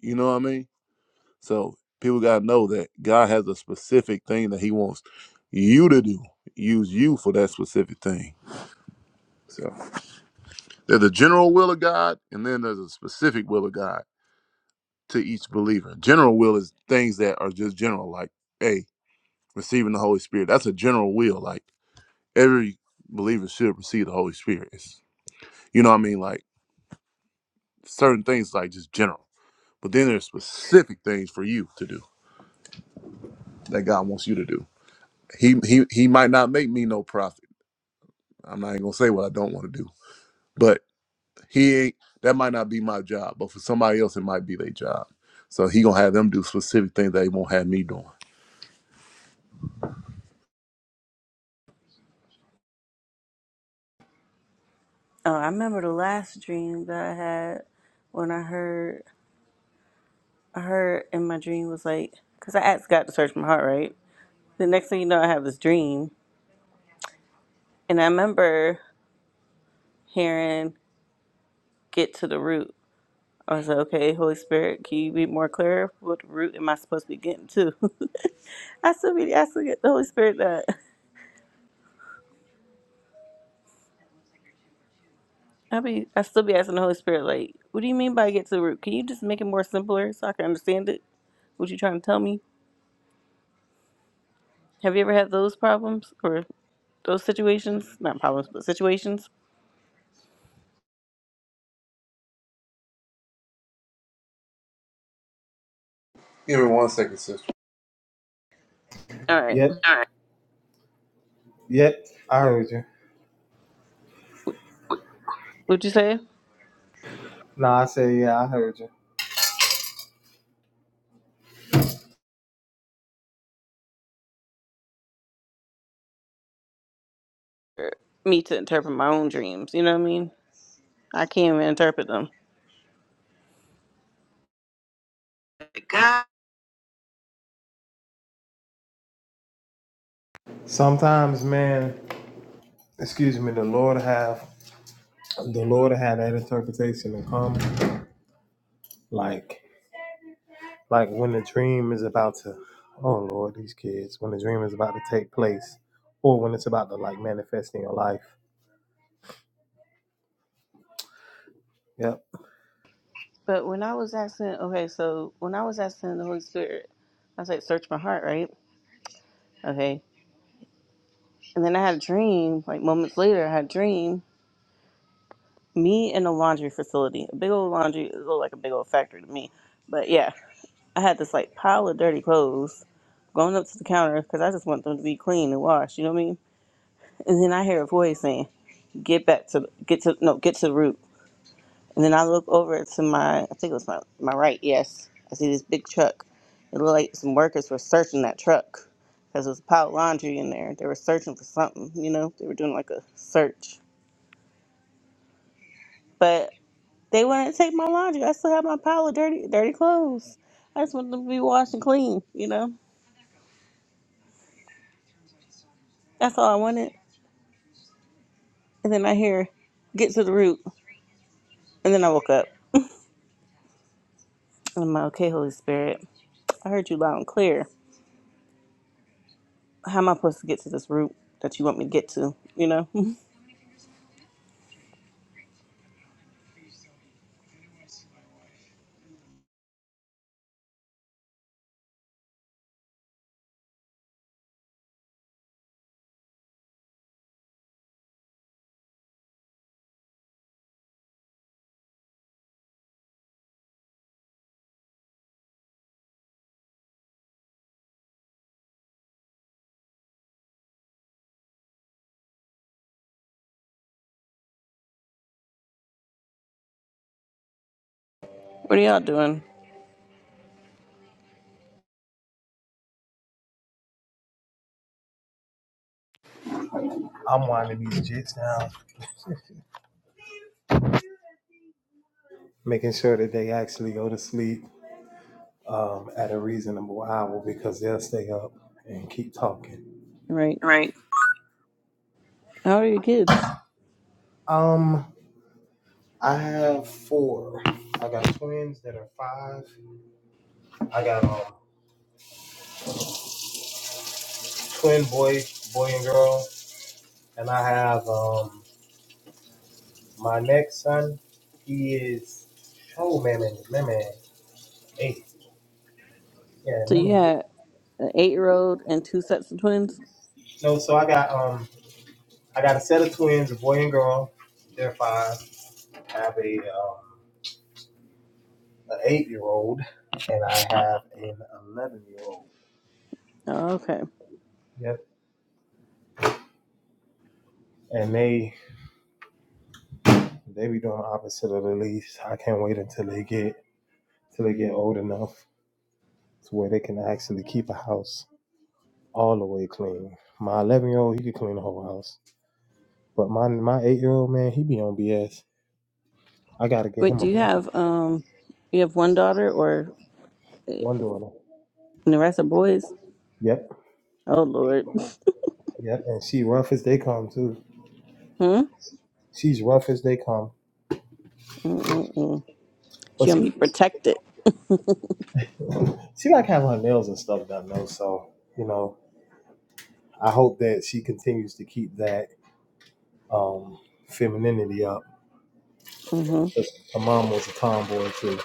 You know what I mean? So people gotta know that God has a specific thing that He wants you to do. Use you for that specific thing. So there's a general will of God, and then there's a specific will of God to each believer. General will is things that are just general, like hey, receiving the Holy Spirit. That's a general will. Like every believer should receive the Holy Spirit. It's, you know what I mean? Like certain things, like just general. But then there's specific things for you to do that God wants you to do. He he he might not make me no prophet I'm not even gonna say what I don't want to do, but he ain't. That might not be my job, but for somebody else, it might be their job. So he gonna have them do specific things that he won't have me doing.
Oh, I remember the last dream that I had when I heard I heard in my dream was like because I asked God to search my heart, right? The next thing you know, I have this dream, and I remember hearing "Get to the root." I was like, "Okay, Holy Spirit, can you be more clear? What root am I supposed to be getting to?" I still be asking the Holy Spirit that. I be I still be asking the Holy Spirit like, "What do you mean by get to the root? Can you just make it more simpler so I can understand it? What you trying to tell me?" Have you ever had those problems or those situations? Not problems, but situations.
Give me one second, sister.
All right.
Yep, yep. I heard you.
Would you say
No, I say yeah, I heard you.
me to interpret my own dreams? You know what I mean? I can't even interpret them.
Sometimes, man, excuse me, the Lord have the Lord had that interpretation to come. Like like when the dream is about to oh Lord, these kids, when the dream is about to take place, or when it's about to like manifest in your life. Yep.
But when I was asking, okay, so when I was asking the Holy Spirit, I was like, search my heart, right? Okay. And then I had a dream, like moments later, I had a dream, me in a laundry facility, a big old laundry, it looked like a big old factory to me. But yeah, I had this like pile of dirty clothes going up to the counter because I just want them to be clean and washed, you know what I mean? And then I hear a voice saying, "Get back to get to no get to the root." And then I look over to my I think it was my my right. Yes, I see this big truck. It looked like some workers were searching that truck because there was a pile of laundry in there. They were searching for something. You know, they were doing like a search, but they wouldn't take my laundry. I still have my pile of dirty dirty clothes. I just wanted them to be washed and clean. You know, that's all I wanted. And then I hear, "Get to the root." And then I woke up. And I'm like, "Okay, Holy Spirit, I heard you loud and clear." how am I supposed to get to this route that you want me to get to? You know, what are y'all doing?
I'm winding these jits down, making sure that they actually go to sleep um, at a reasonable hour because they'll stay up and keep talking.
Right? How old are your kids?
Um, I have four. I got twins that are five. I got um twin boy, boy and girl, and I have um my next son. He is oh man, man, man, man, eight. Yeah,
So
man,
you
man.
had an eight-year-old and two sets of twins.
No, so I got um I got a set of twins, a boy and girl. They're five. I have a um an eight year old, and I have an eleven year old.
Oh, okay.
and they they be doing the opposite of the least. I can't wait until they get till they get old enough to where they can actually keep a house all the way clean. My eleven year old he can clean the whole house, but my my eight year old man he be on BS. I gotta get
Wait,
him a
do you
brother.
have um, you have one daughter or and
one daughter.
the rest are boys?
Yep,
Oh Lord.
yep, and she rough as they come too.
Hmm.
She's rough as they come,
Mm-mm-mm.
but
She gonna
she
be protected.
she like having her nails and stuff done though. So you know, I hope that she continues to keep that um femininity up
hmm
'Cause My mom was a tomboy too.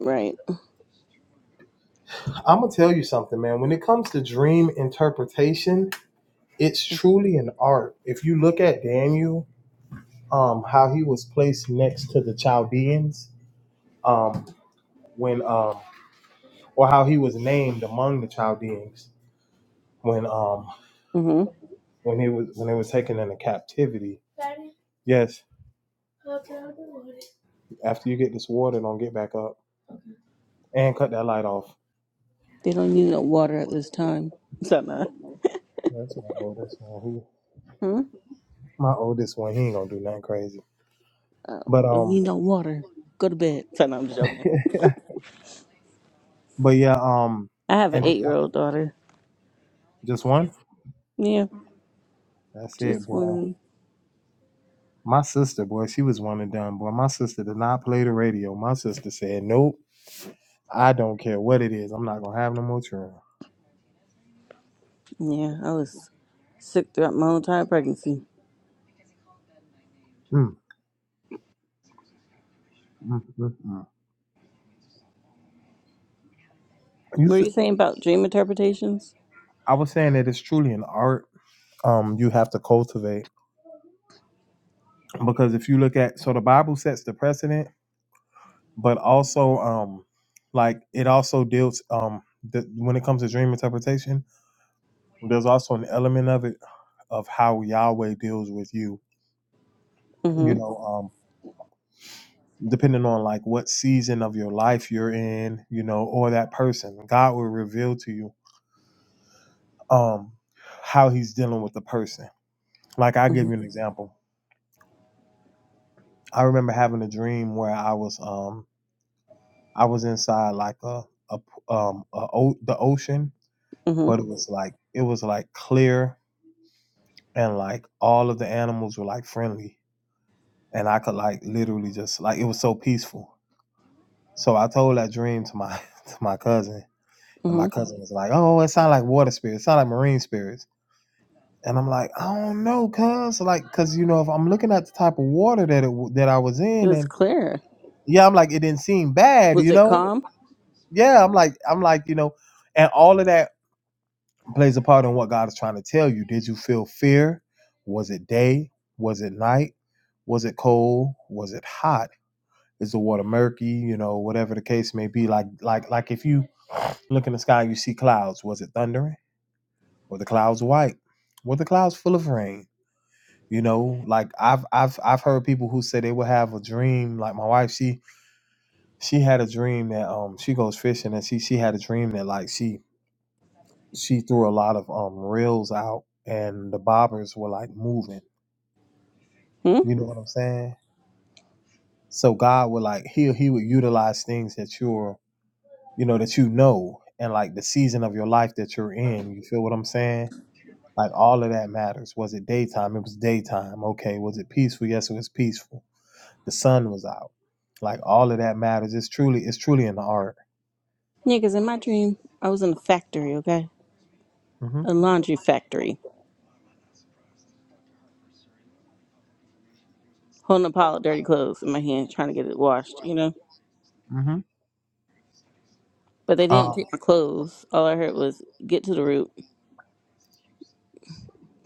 Right.
I'm gonna tell you something, man. When it comes to dream interpretation, it's truly an art. If you look at Daniel, um, how he was placed next to the Chaldeans, um, when um, or how he was named among the Chaldeans when um
hmm
when he was when they were taken into captivity. Yes, after you get this water, don't get back up and cut that light off.
They don't need no water at this time. Sana.
That's my oldest one. He,
Hmm.
my oldest one, he ain't gonna do nothing crazy.
Oh,
But
don't
um,
need no water. Go to bed. Sana, I'm just joking.
But yeah, um,
I have an
and
eight-year-old daughter.
just one.
Yeah.
That's it,
Just
boy.
one.
My sister, boy, she was one and done, boy. My sister did not play the radio. My sister said, "Nope, I don't care what it is. I'm not gonna have no more children."
Yeah, I was sick throughout my whole entire pregnancy.
Mm, mm, mm, mm. You,
Were
s-
you saying about dream interpretations?
I was saying that it's truly an art. Um, you have to cultivate because if you look at so the Bible sets the precedent, but also um, like it also deals um, the, when it comes to dream interpretation, there's also an element of it of how Yahweh deals with you you
Mm-hmm.
know um depending on like what season of your life you're in you know or that person god will reveal to you um how he's dealing with the person like i give
Mm-hmm.
you an example i remember having a dream where i was um i was inside like a, a um a, o- the ocean but
Mm-hmm.
it was like it was like clear and like all of the animals were like friendly and i could like literally just like it was so peaceful so i told that dream to my to my cousin And my
Mm-hmm.
cousin was like, "Oh, it sounds like water spirits. It sounds like marine spirits." And I'm like, "I don't know, cuz like, cuz you know, if I'm looking at the type of water that it w- that I was
It
in,
was
and
clear.
yeah, I'm like, it didn't seem bad,
Was
you
it
know.
calm?
Yeah, I'm like, I'm like, you know, and all of that plays a part in what God is trying to tell you. Did you feel fear? Was it day? Was it night? Was it cold? Was it hot? Is the water murky? You know, whatever the case may be. Like, like, like if you look in the sky, and you see clouds. Was it thundering? Were the clouds white? Were the clouds full of rain? You know, like I've I've I've heard people who say they would have a dream. Like my wife, she she had a dream that um she goes fishing and she she had a dream that like she she threw a lot of um reels out and the bobbers were like moving.
Hmm?
You know what I'm saying? So God would like he he would utilize things that you're you know that you know and like the season of your life that you're in. You feel what I'm saying? Like all of that matters. Was it daytime? It was daytime. Okay. Was it peaceful? Yes, it was peaceful. The sun was out. Like all of that matters. It's truly, it's truly an art.
Yeah, 'cause in my dream, I was in a factory, okay?
hmm
A laundry factory. Holding a pile of dirty clothes in my hand, trying to get it washed, you know?
hmm
But they didn't
Um,
take my clothes. All I heard was, get to the root,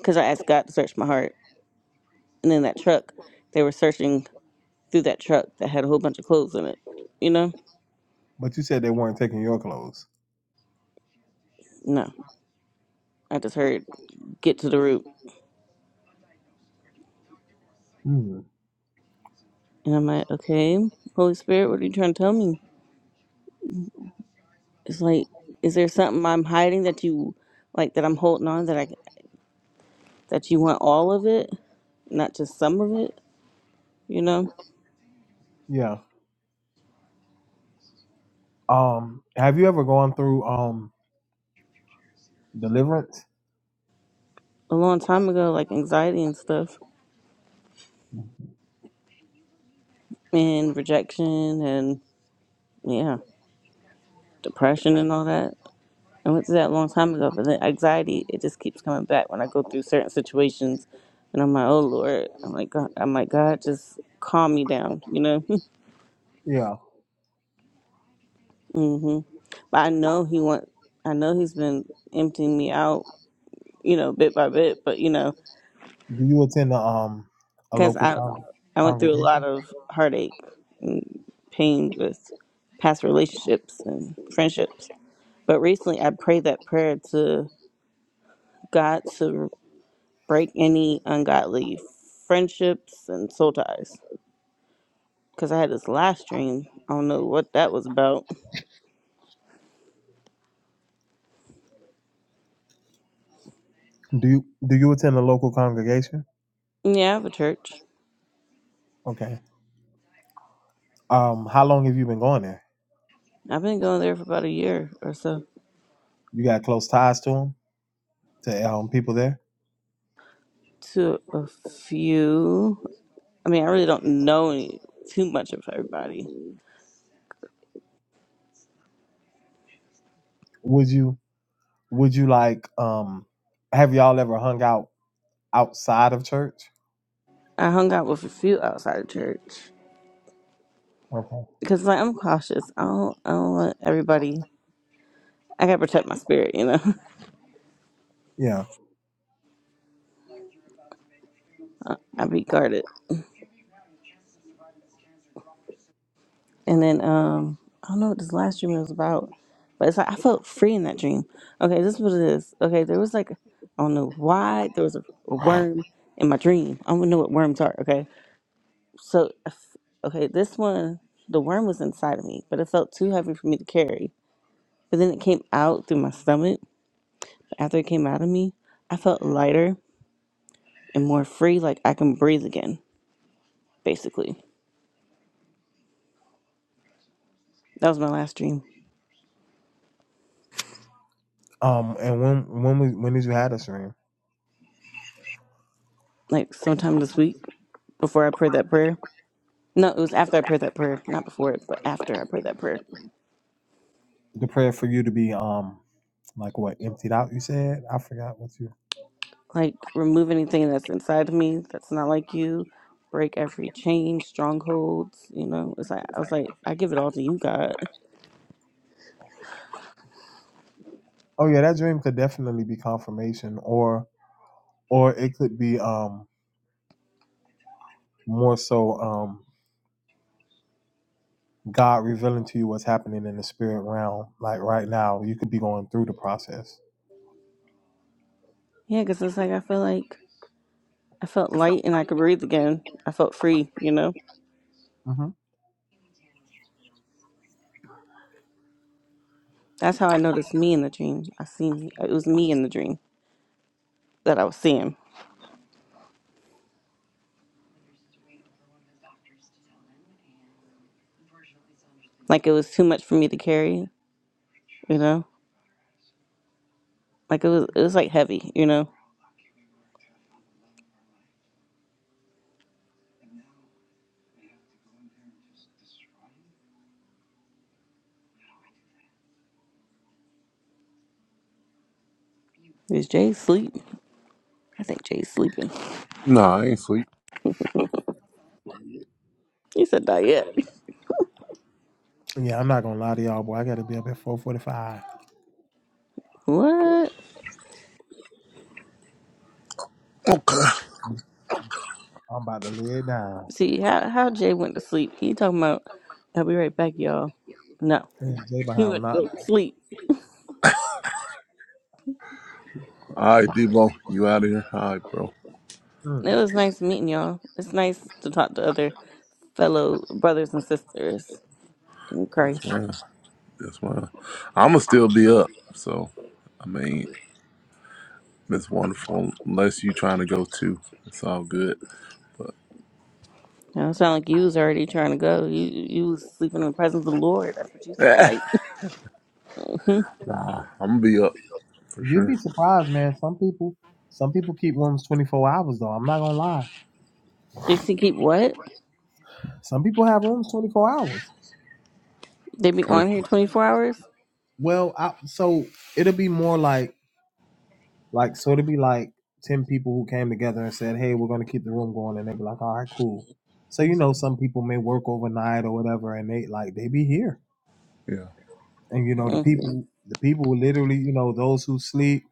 'cause I asked God to search my heart. And then that truck, they were searching through that truck that had a whole bunch of clothes in it, you know?
but you said they weren't taking your clothes.
No. I just heard get to the root.
Mm,
And I'm like, okay, Holy Spirit, what are you trying to tell me? It's like, is there something I'm hiding that you, like, that I'm holding on that I, that you want all of it, not just some of it, you know?
yeah. Um, have you ever gone through um deliverance?
A long time ago, like anxiety and stuff, and rejection and, yeah, depression and all that. I went through that a long time ago, but then anxiety, it just keeps coming back when I go through certain situations. And I'm like, oh Lord, I'm like, God, I'm like, God, just calm me down, you know?
Yeah.
hmm But I know he want. I know he's been emptying me out, you know, bit by bit. But you know,
Do you attend a um a
because
local
I,
con-
I went through a lot
congregation?
of heartache, pain with past relationships and friendships. But recently, I prayed that prayer to God to break any ungodly friendships and soul ties. Because I had this last dream. I don't know what that was about.
Do you do you attend a local congregation?
Yeah, I have a church.
Okay. Um, how long have you been going there?
I've been going there for about a year or so.
You got close ties to them, to um people there?
To a few. I mean, I really don't know any, too much of everybody.
Would you would you like um have y'all ever hung out outside of church?
I hung out with a few outside of church
Okay.
because, like, I'm cautious. I don't, I don't want everybody. I gotta protect my spirit, you know.
Yeah.
I be guarded. And then, um, I don't know what this last dream was about, but it's like I felt free in that dream. Okay, this is what it is. Okay, there was like, I don't know why there was a, a worm in my dream. I don't know what worms are. Okay, so, I f- okay, this one, the worm was inside of me, but it felt too heavy for me to carry But then it came out through my stomach. After it came out of me, I felt lighter and more free, like I can breathe again, basically. That was my last dream.
Um and when when was when did you have this dream?
Like sometime this week, before I prayed that prayer. No, it was after I prayed that prayer, not before it, but after I prayed that prayer.
The prayer for you to be um like what emptied out you said? I forgot what you
Like, remove anything that's inside of me that's not like you. Break every chain, strongholds. You know, it's like I was like, I give it all to you, God.
Oh yeah, that dream could definitely be confirmation or or it could be um more so um God revealing to you what's happening in the spirit realm. Like right now, you could be going through the process.
Yeah, because it's like I feel like I felt light and I could breathe again. I felt free. You know.
hmm
That's how I noticed me in the dream. I seen it was me in the dream that I was seeing. Like it was too much for me to carry, you know? Like it was it was like heavy, you know. Is Jay asleep? I think Jay's sleeping.
No, I ain't sleep.
He said not yet.
Yeah, I'm not gonna lie to y'all, boy. I gotta be up at 4:45.
What?
Okay.
I'm about to lay it down.
See how how Jay went to sleep. He talking about I'll be right back, y'all. No.
Mm, They
He
behind
went to
Not
go sleep.
All right, Debo, you out of here? All right, bro.
Mm.
It was nice meeting y'all. It's nice to talk to other fellow brothers and sisters in
That's
Christ.
fine. That's fine. I'ma still be up. So I mean, that's wonderful. Unless you trying to go too, it's all good. But
Now, It don't sound like you was already trying to go. You you was sleeping in the presence of the Lord. That's what you sound
eh,
like.
nah, I'm gonna be up for
You'd
sure.
be surprised, man. Some people, some people keep rooms twenty four hours though. I'm not gonna lie.
they see keep what?
Some people have rooms twenty four hours.
They be
Twenty.
on here twenty four hours
Well, I, so it'll be more like like so it'll be like ten people who came together and said, "Hey, we're gonna keep the room going," and they'd be like, "All right, cool." So you know, some people may work overnight or whatever, and they like they be here.
Yeah.
And you know, the
mm,
people, the people who literally, you know, those who sleep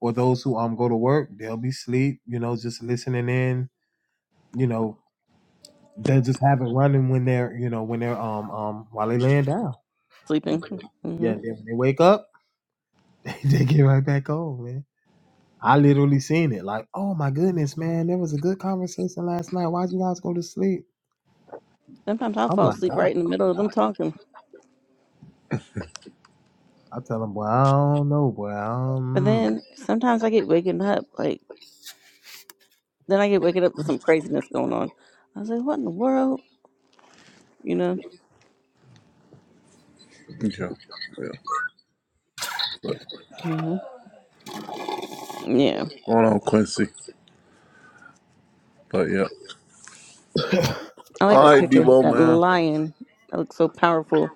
or those who um go to work, they'll be sleep. You know, just listening in. You know, They just have it running when they're you know when they're um um while they laying down, and
sleeping. hmm
yeah, then when they wake up, they, they get right back on, man. I literally seen it like, oh my goodness, man, there was a good conversation last night. Why'd you guys go to sleep?
Sometimes I'll
I'm
fall
like,
asleep
nah.
right in the middle of them talking.
I tell them, boy, I don't know, boy. I don't,
But
mm.
then sometimes I get waking up like then I get waking up to some craziness going on. I was like, what in the world? You know?
Yeah. Yeah. But
hmm Yeah,
going on, Quincy. But yeah.
I like
All
that
right,
picture.
Debo,
That
man.
lion. That looks so powerful.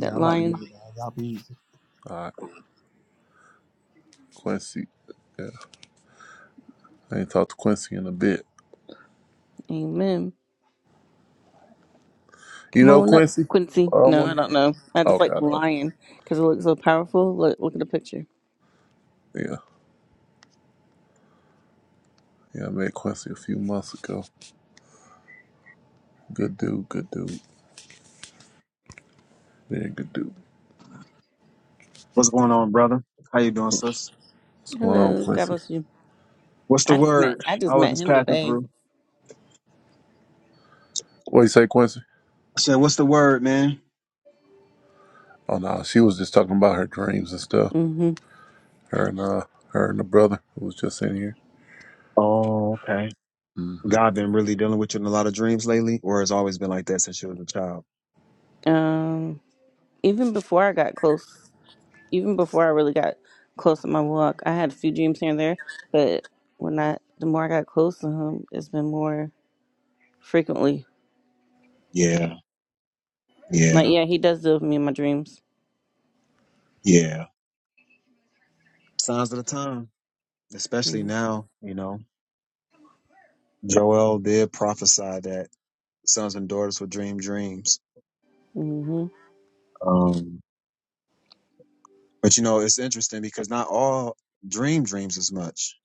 That
I'm about to leave.
lion.
Y'all Y'all be
All right, Quincy. Yeah, I ain't talked to Quincy in a bit.
Amen.
You
Come
know
on up,
Quincy?
Quincy.
Oh,
No, I
wonderful.
don't know. I just
Okay,
like
I
the
thought.
lion because it looks so powerful. Look, look at the picture.
Yeah, yeah, I met Quincy a few months ago. Good dude, good dude, very good dude.
What's going on, brother? How you doing, sis?
What's going on,
Hello, God
Quincy?
bless you.
What's the
I just met,
word?
I
I
just
was
met
just
him
passing
today.
through.
What you say, Quincy?
I said, "What's the word, man?"
Oh no, she was just talking about her dreams and stuff.
hmm
Her and uh, her and the brother who was just in here.
Oh, okay.
hmm
God been really dealing with you in a lot of dreams lately, or has always been like that since you was a child?
Um, even before I got close, even before I really got close to my walk, I had a few dreams here and there. But when I, the more I got close to him, it's been more frequently.
Yeah,
Like,
yeah,
yeah, he does deal with me in my dreams.
yeah. Signs of the time, especially now. You know, Joel did prophesy that sons and daughters would dream dreams.
hmm
Um, but you know, it's interesting because not all dream dreams as much.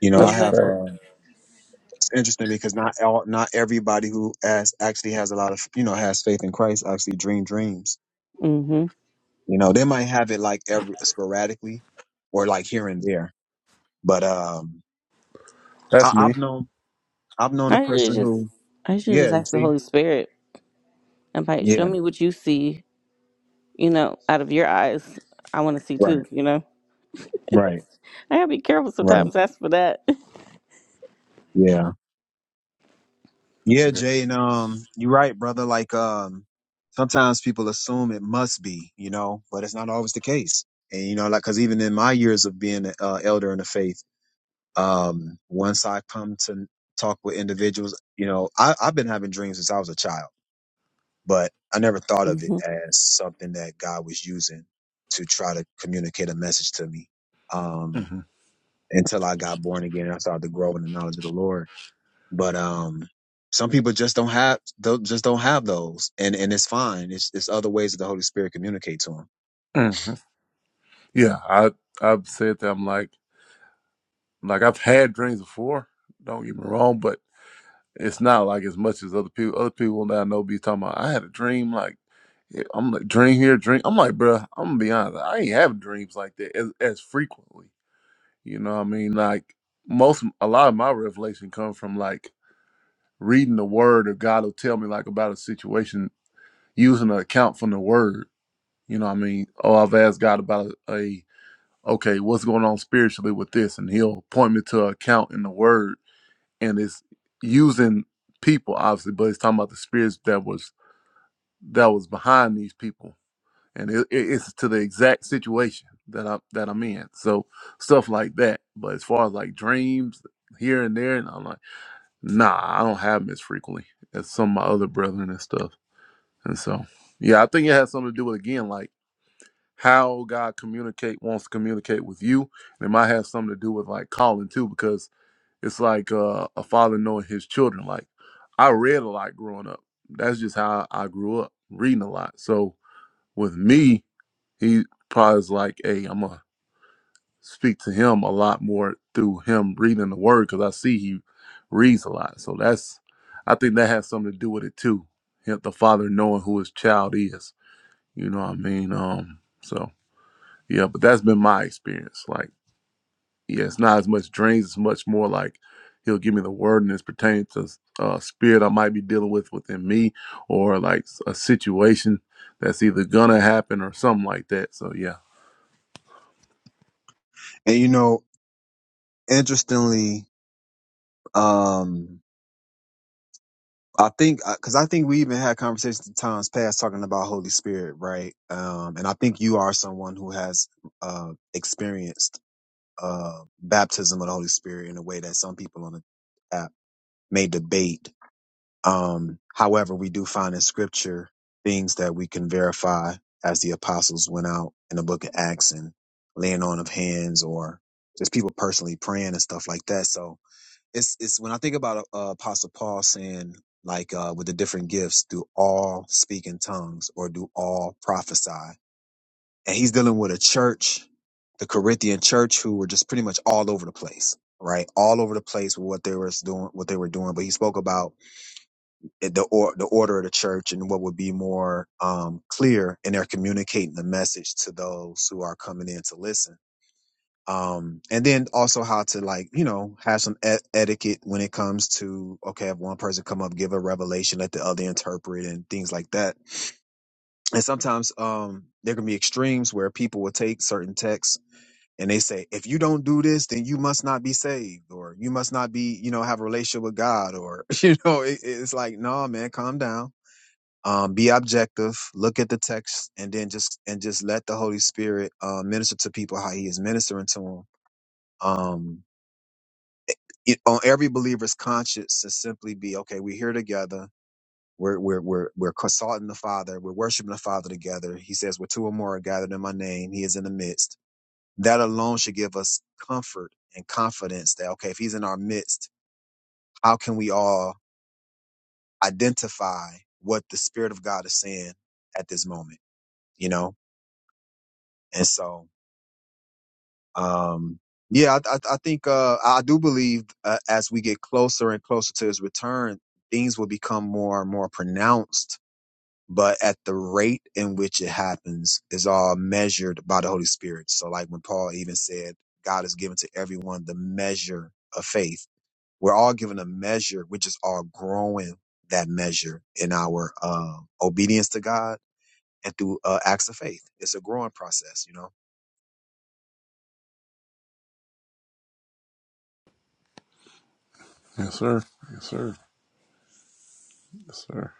You know,
What
I
you
That's a
say?
have. uh,
fact.
it's interesting because not all, not everybody who has actually has a lot of you know has faith in Christ actually dream dreams.
hmm
You know, they might have it like every sporadically, or like here and there. But um,
That's
I,
me.
I've known I've known a
I usually
person
just,
who,
I usually
yeah,
just
you
ask the
see,
Holy Spirit. I'm like, show
yeah,
me what you see you know, out of your eyes, I want to see
right,
too, you know.
right,
I gotta be careful
right,
sometimes. That's for that.
yeah, yeah,
Yeah.
Jay, and um, you're right, brother. Like um, sometimes people assume it must be, you know, but it's not always the case. And you know, like, cause even in my years of being an uh, elder in the faith Um, once I come to talk with individuals, you know, I, I've been having dreams since I was a child, but I never thought of it
hmm
as something that God was using to try to communicate a message to me. Um,
hmm
until I got born again and I started to grow in the knowledge of the Lord. But, um, some people just don't have, don't, just don't have those. And, and it's fine. It's, it's other ways that the Holy Spirit communicates to them.
hmm Yeah, I I've said that. I'm like like I've had dreams before. Don't get me wrong, but It's not like as much as other people. Other people that I know be talking about. I had a dream. Like yeah, I'm like dream here, dream. I'm like, bruh, I'm gonna be honest. I ain't having dreams like that as, as frequently. You know what I mean? Like most, a lot of my revelation come from like reading the word, or God will tell me like about a situation using an account from the word. You know what I mean? Oh, I've asked God about a, a okay, what's going on spiritually with this, and He'll point me to an account in the word and it's using people obviously but it's talking about the spirits that was that was behind these people and it, it- it's to the exact situation that i'm that i'm in so stuff like that but as far as like dreams here and there and i'm like nah i don't have them as frequently as some of my other brethren and stuff and so yeah i think it has something to do with again like how god communicate wants to communicate with you and it might have something to do with like calling too because it's like uh, a father knowing his children. Like I read a lot growing up. That's just how I grew up, reading a lot. So with me, he probably is like, hey, I'm gonna speak to him a lot more through him reading the word because I see he reads a lot. So that's I think that has something to do with it too. Him- The father knowing who his child is. You know what I mean? Um, so yeah, but that's been my experience. Like yeah, it's not as much dreams. It's much more like he'll give me the word and it's pertaining to uh, spirit I might be dealing with within me or like a situation that's either gonna happen or something like that. So yeah.
And, you know, interestingly, um, I think because I think we even had conversations in times past talking about Holy Spirit, right? Um, and I think you are someone who has uh, experienced uh, baptism of the Holy Spirit in a way that some people on the app may debate. Um, however, we do find in Scripture things that we can verify as the apostles went out in the Book of Acts and laying on of hands, or just people personally praying and stuff like that. So it's it's when I think about uh, uh, Apostle Paul saying like uh, with the different gifts, do all speak in tongues or do all prophesy? And he's dealing with a church, the Corinthian church, who were just pretty much all over the place, right? All over the place with what they were doing, what they were doing. But he spoke about it- the or, the order of the church and what would be more um, clear, and they're communicating the message to those who are coming in to listen um and then also how to like you know have some et- etiquette when it comes to okay if one person come up give a revelation let the other interpret and things like that and sometimes um there can be extremes where people will take certain texts and they say if you don't do this then you must not be saved or you must not be you know have a relationship with god or you know it, it's like no man calm down um, be objective look at the text and then just and just let the holy spirit uh, minister to people how he is ministering to them um. it, on every believer's conscience to simply be okay we're here together we're we're we're we're consulting the father we're worshiping the father together he says where two or more are gathered in my name he is in the midst that alone should give us comfort and confidence that okay if he's in our midst how can we all identify what the spirit of god is saying at this moment you know and so Um, yeah, I, I, I think uh, I do believe uh, as we get closer and closer to his return, things will become more and more pronounced. But at the rate in which it happens is all measured by the Holy Spirit. So, like when Paul even said, God has given to everyone the measure of faith. We're all given a measure. We're just all growing that measure in our uh, obedience to God and through uh, acts of faith. It's a growing process, you know.
Yes, sir. Yes, sir. Yes, sir.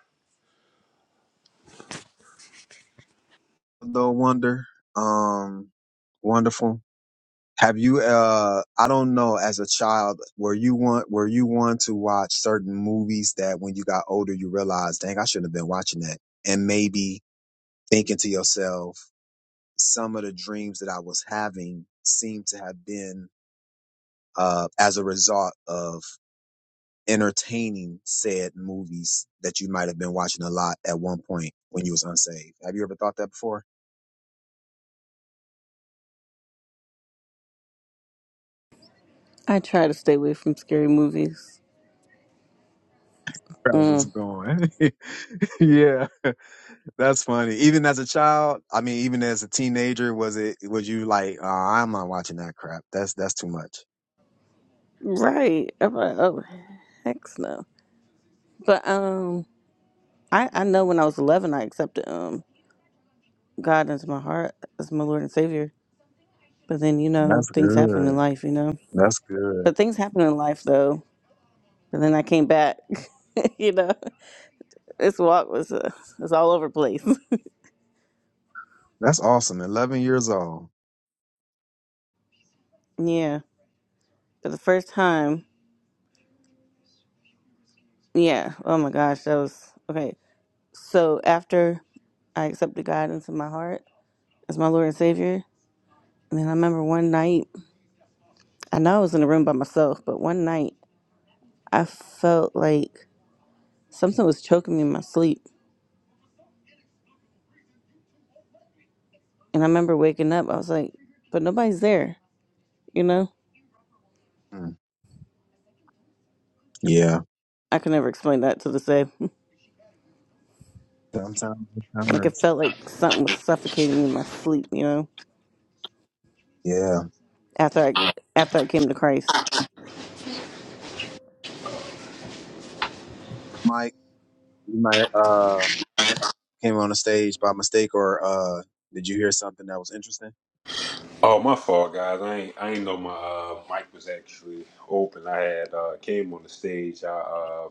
though wonder um wonderful have you uh i don't know as a child were you one were you one to watch certain movies that when you got older you realized dang i shouldn't have been watching that and maybe thinking to yourself some of the dreams that i was having seem to have been uh as a result of entertaining said movies that you might have been watching a lot at one point when you was unsaved have you ever thought that before
I try to stay away from scary movies.
I was
Mm.
going. yeah. That's funny. Even as a child, I mean, even as a teenager, was it was you like, oh, I'm not watching that crap. That's that's too much.
Right. I'm like, oh, heck no. But um, I I know when I was 11, I accepted um God into my heart as my Lord and Savior. But then you know
That's
things happen in
good.
life, you know.
That's good.
But things happen in life though. And then I came back, you know. This walk was uh, was all over the place.
That's awesome. Eleven years old.
Yeah, for the first time. Yeah. Oh my gosh, that was okay. So after I accepted God into my heart as my Lord and Savior, and then I remember one night, I know I was in a room by myself, but one night I felt like something was choking me in my sleep, and I remember waking up. I was like, but nobody's there, you know.
Mm. Yeah.
I can never explain that to this day.
Sometimes
like it
encounters.
felt like something was suffocating me in my sleep, you know.
Yeah.
After I after I came to Christ.
Mike, you might uh came on the stage by mistake or uh did you hear something that was interesting?
Oh, my fault, guys. I ain't I ain't know my uh, mic was actually open. I had uh, came on the stage. I uh,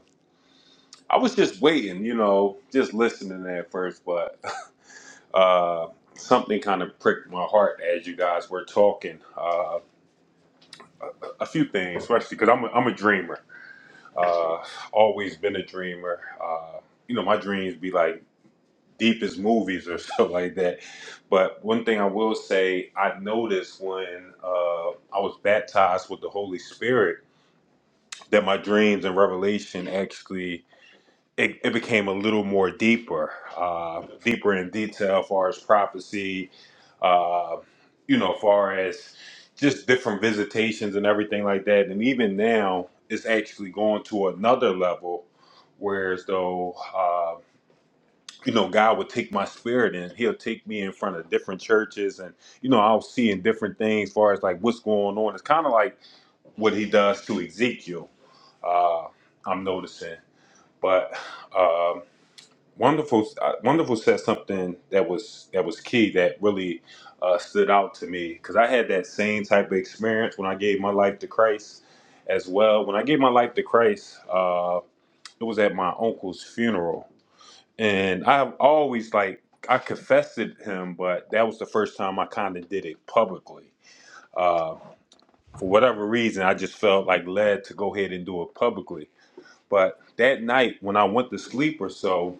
I was just waiting, you know, just listening at first, but uh, something kind of pricked my heart as you guys were talking. Uh, a few things, especially because I'm a, I'm a dreamer. Uh, always been a dreamer. Uh, you know, my dreams be like. deepest movies or stuff like that. But one thing I will say, I noticed when uh, I was baptized with the Holy Spirit that my dreams and revelation actually it, it became a little more deeper, uh, deeper in detail, as far as prophecy, uh, you know, as far as just different visitations and everything like that. And even now, it's actually going to another level, whereas though. uh, you know, God would take my spirit and he'll take me in front of different churches and, you know, I'll see in different things as far as like what's going on. It's kind of like what he does to Ezekiel. Uh, I'm noticing, but, um, wonderful, uh, wonderful said something that was, that was key that really, uh, stood out to me. Cause I had that same type of experience when I gave my life to Christ as well. When I gave my life to Christ, uh, it was at my uncle's funeral and I've always like I confessed it to him, but that was the first time I kind of did it publicly. Uh, for whatever reason, I just felt like led to go ahead and do it publicly. But that night when I went to sleep or so,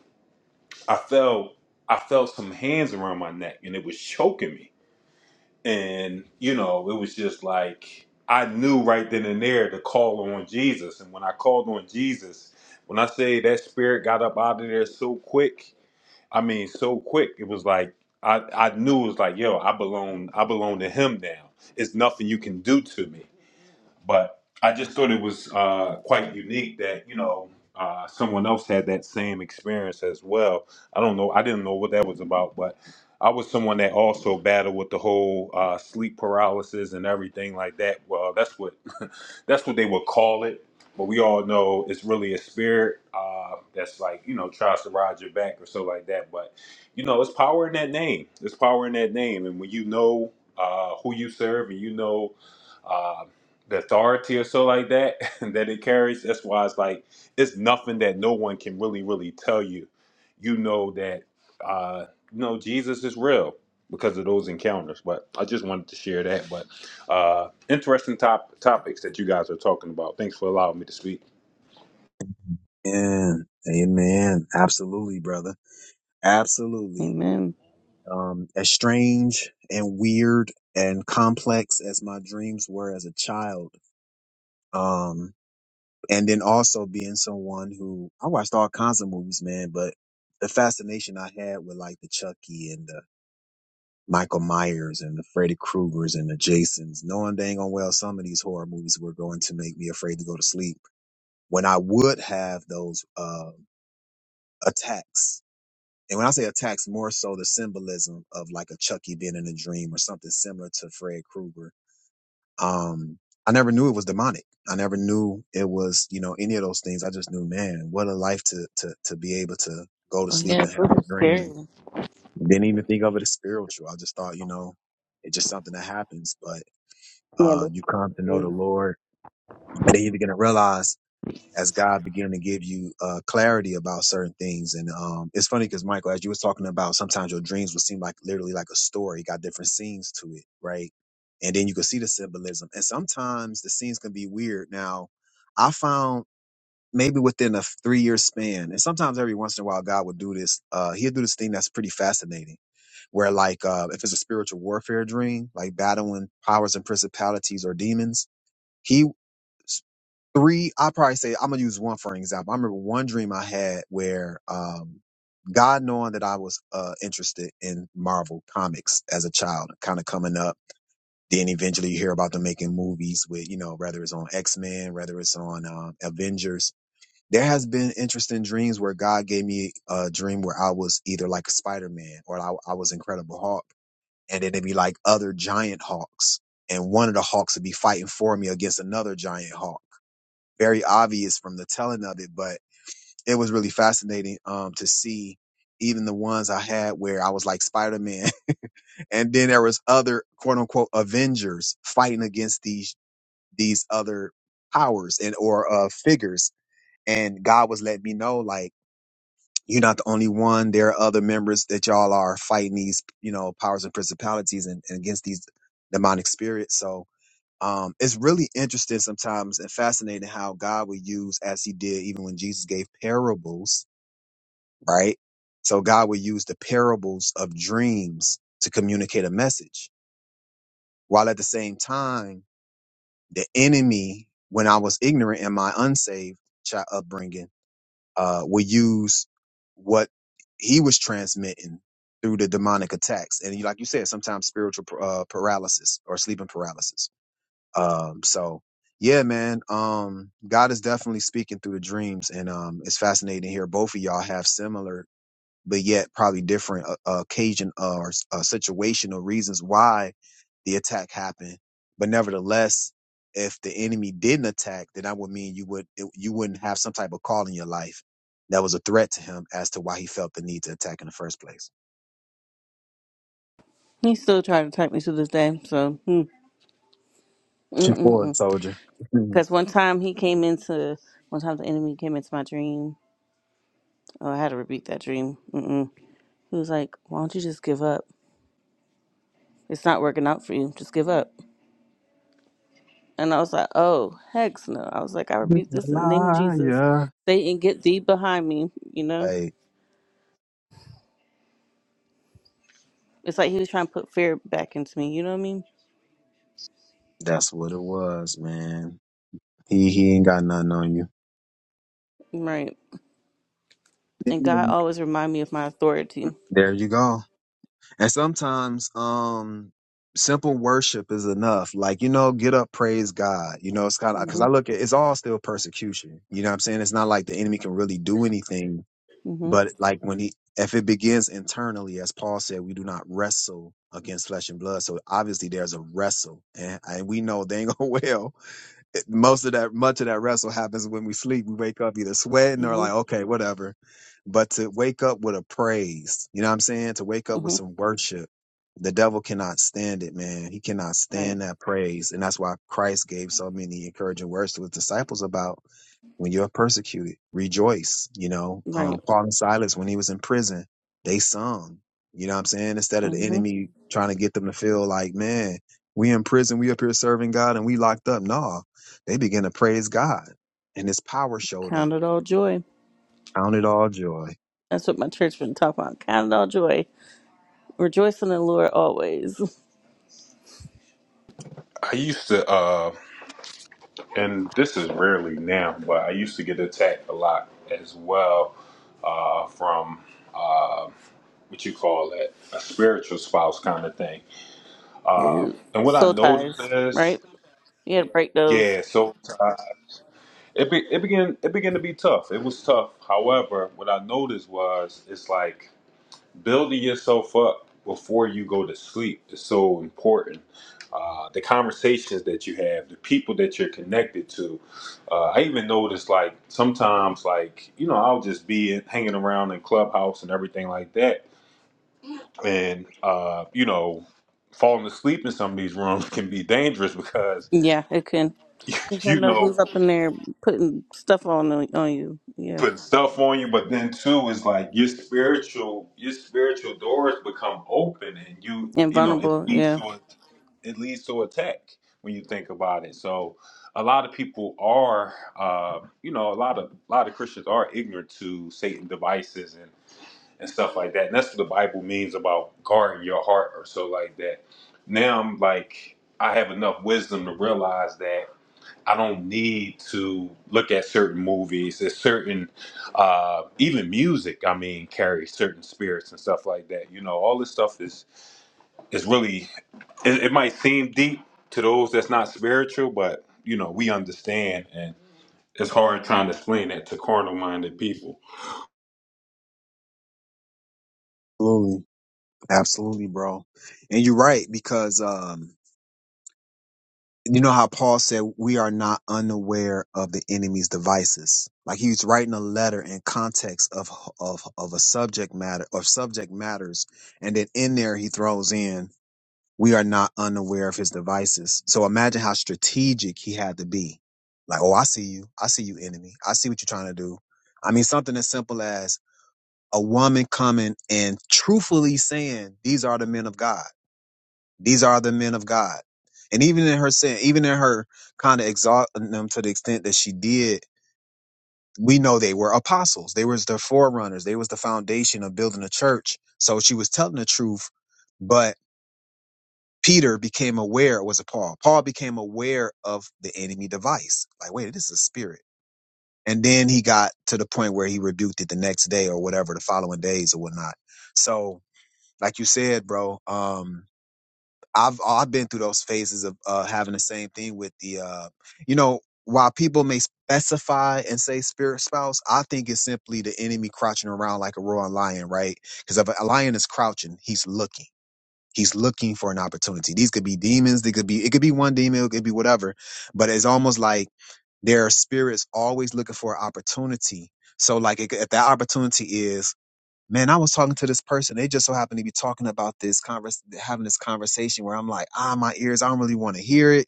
I felt I felt some hands around my neck and it was choking me. And you know, it was just like I knew right then and there to call on Jesus. And when I called on Jesus, when I say that spirit got up out of there so quick, I mean, so quick. It was like I, I knew it was like, yo, I belong I belong to him now. It's nothing you can do to me. But I just thought it was uh, quite unique that you know uh, someone else had that same experience as well. I don't know. I didn't know what that was about, but I was someone that also battled with the whole uh, sleep paralysis and everything like that. Well, that's what that's what they would call it. But we all know it's really a spirit uh, that's like you know tries to ride your back or so like that. But you know, it's power in that name. It's power in that name, and when you know uh, who you serve and you know. uh, the authority or so like that that it carries. That's why it's like it's nothing that no one can really, really tell you. You know that uh you know Jesus is real because of those encounters. But I just wanted to share that. But uh interesting top topics that you guys are talking about. Thanks for allowing me to speak.
And amen. Absolutely, brother. Absolutely.
Amen.
Um, as strange and weird and complex as my dreams were as a child. Um, and then also being someone who I watched all kinds of movies, man, but the fascination I had with like the Chucky and the Michael Myers and the Freddy Kruegers and the Jasons, knowing dang on well some of these horror movies were going to make me afraid to go to sleep when I would have those uh, attacks And when I say attacks, more so the symbolism of like a Chucky being in a dream or something similar to Fred Krueger. Um, I never knew it was demonic. I never knew it was, you know, any of those things. I just knew, man, what a life to to to be able to go to
Oh
sleep
yeah,
and
those
have a
are scary.
dream. Didn't even think of it as spiritual. I just thought, you know, it's just something that happens. But
Yeah,
uh,
those
you
are
come to
scary.
know the Lord, and then you're gonna realize as God beginning to give you uh, clarity about certain things. And um, it's funny because Michael, as you was talking about, sometimes your dreams would seem like literally like a story, got different scenes to it, right? And then you could see the symbolism. And sometimes the scenes can be weird. Now, I found maybe within a three year span, and sometimes every once in a while, God will do this. Uh, he'll do this thing that's pretty fascinating, where like uh, if it's a spiritual warfare dream, like battling powers and principalities or demons, he three i probably say i'm gonna use one for an example i remember one dream i had where um god knowing that i was uh interested in marvel comics as a child kind of coming up then eventually you hear about them making movies with you know whether it's on x-men whether it's on um, avengers there has been interesting dreams where god gave me a dream where i was either like spider-man or i, I was incredible hulk and then it'd be like other giant hawks and one of the hawks would be fighting for me against another giant hawk very obvious from the telling of it, but it was really fascinating um to see even the ones I had where I was like Spider Man, and then there was other quote unquote Avengers fighting against these these other powers and or uh figures, and God was letting me know like you're not the only one. There are other members that y'all are fighting these you know powers and principalities and, and against these demonic spirits. So um, it's really interesting sometimes and fascinating how God would use, as he did even when Jesus gave parables, right? So God would use the parables of dreams to communicate a message, while at the same time, the enemy, when I was ignorant in my unsaved child upbringing, uh, would use what he was transmitting through the demonic attacks. And you- like you said, sometimes spiritual uh, paralysis or sleeping paralysis Um, so yeah, man. Um, God is definitely speaking through the dreams, and um, it's fascinating to hear both of y'all have similar, but yet probably different uh, uh, occasion uh, or uh, situational reasons why the attack happened. But nevertheless, if the enemy didn't attack, then that would mean you would it, you wouldn't have some type of call in your life that was a threat to him as to why he felt the need to attack in the first place.
He still tried to type me to this day. So, hmm.
Pushing forward,
because
soldier.
one time he came into, one time the enemy came into my dream. Oh, I had to repeat that dream. Mm-mm. He was like, "Why don't you just give up? It's not working out for you. Just give up." And I was like, "Oh, heck no!" I was like, "I rebuke this in the name of Jesus.
Liar.
Satan, get thee behind me." You know,
Hey.
it's like he was trying to put fear back into me. You know what I mean?
That's what it was, man. He he ain't got nothing on
Right. And God
you.
always remind me of my authority.
There you go. And sometimes um simple worship is enough. Like, you know, get up, praise God. You know, it's kind of
mm
cuz I
Mhm.
look at it's all still persecution. You know what I'm saying? It's not like the enemy can really do anything,
mm
but like when he if it begins internally, as Paul said, we do not wrestle against flesh and blood. So obviously there's a wrestle. And, and we know they ain't going to well it- most of that much of that wrestle happens when we sleep. We wake up either sweating or
Mhm. Mhm.
like, okay, whatever. But to wake up with a praise, you know what I'm saying? To wake up with
Mhm.
some worship. The devil cannot stand it, man. He cannot
Right.
stand that praise. And that's why Christ gave so many encouraging words to his disciples about when you're persecuted, rejoice. You know, um,
Right.
Paul and Silas, when he was in prison, they sung. You know what I'm saying? Instead of the
Mm-hmm.
enemy trying to get them to feel like, man, we in prison, we up here serving God and we locked up. No, they began to praise God and his power showed up.
Count it all joy.
Count it all joy.
That's what my church been talking about. Count it all joy. Rejoice in the Lord always.
I used to uh and this is rarely now, but I used to get attacked a lot as well uh from uh what you call that, a spiritual spouse kind of thing Uh, and what I
Soul
noticed
ties,
is,
right? You had to break those.
yeah, so uh, it be, it began it began to be tough. It was tough. However, what I noticed was it's like building yourself up before you go to sleep is so important. Uh, the conversations that you have, the people that you're connected to. Uh, I even noticed like sometimes like you know I'll just be in- hanging around in clubhouse and everything like that, and uh, you know falling asleep in some of these rooms can be dangerous because
Yeah, it can. You
you
don't know
know,
who's up in there putting stuff on on you. Yeah,
putting stuff on you, but then too is like your spiritual your spiritual doors become open and you
and
you know, it
vulnerable.
leads
Yeah,
to a it leads to attack when you think about it. So a lot of people are uh, you know, a lot of a lot of Christians are ignorant to Satan devices and and stuff like that. And that's what the Bible means about guarding your heart or so like that. Now I'm like I have enough wisdom to realize that I don't need to look at certain movies. There's certain, uh, even music. I mean, carries certain spirits and stuff like that. You know, all this stuff is is really. It, it might seem deep to those that's not spiritual, but you know, we understand, and it's hard trying to explain it to carnal-minded people.
Absolutely. Absolutely, bro. And you're right, because, um, you know how Paul said we are not unaware of the enemy's devices. Like he was writing a letter in context of of of a subject matter of subject matters, and then in there he throws in we are not unaware of his devices. So imagine how strategic he had to be. Like, oh, I see you. I see you, enemy. I see what you're trying to do. I mean, something as simple as a woman coming and truthfully saying, "These are the men of God." These are the men of God. And even in her sin, even in her kind of exalting them to the extent that she did, we know they were apostles. They was the forerunners. They was the foundation of building a church. So she was telling the truth, but Peter became aware it was a Paul. Paul became aware of the enemy device. Like, wait, this is a spirit. And then he got to the point where he rebuked it the next day or whatever, the following days or whatnot. So, like you said, bro, um, I've I've been through those phases of uh, having the same thing with the, uh, you know, while people may specify and say spirit spouse, I think it's simply the enemy crouching around like a roaring lion, right? Because if a lion is crouching, he's looking. He's looking for an opportunity. These could be demons. They could be. It could be one demon. It could be whatever. But it's almost like there are spirits always looking for an opportunity. So like, it, if that opportunity is man, I was talking to this person. They just so happened to be talking about this convers having this conversation where I'm like, ah, my ears, I don't really want to hear it.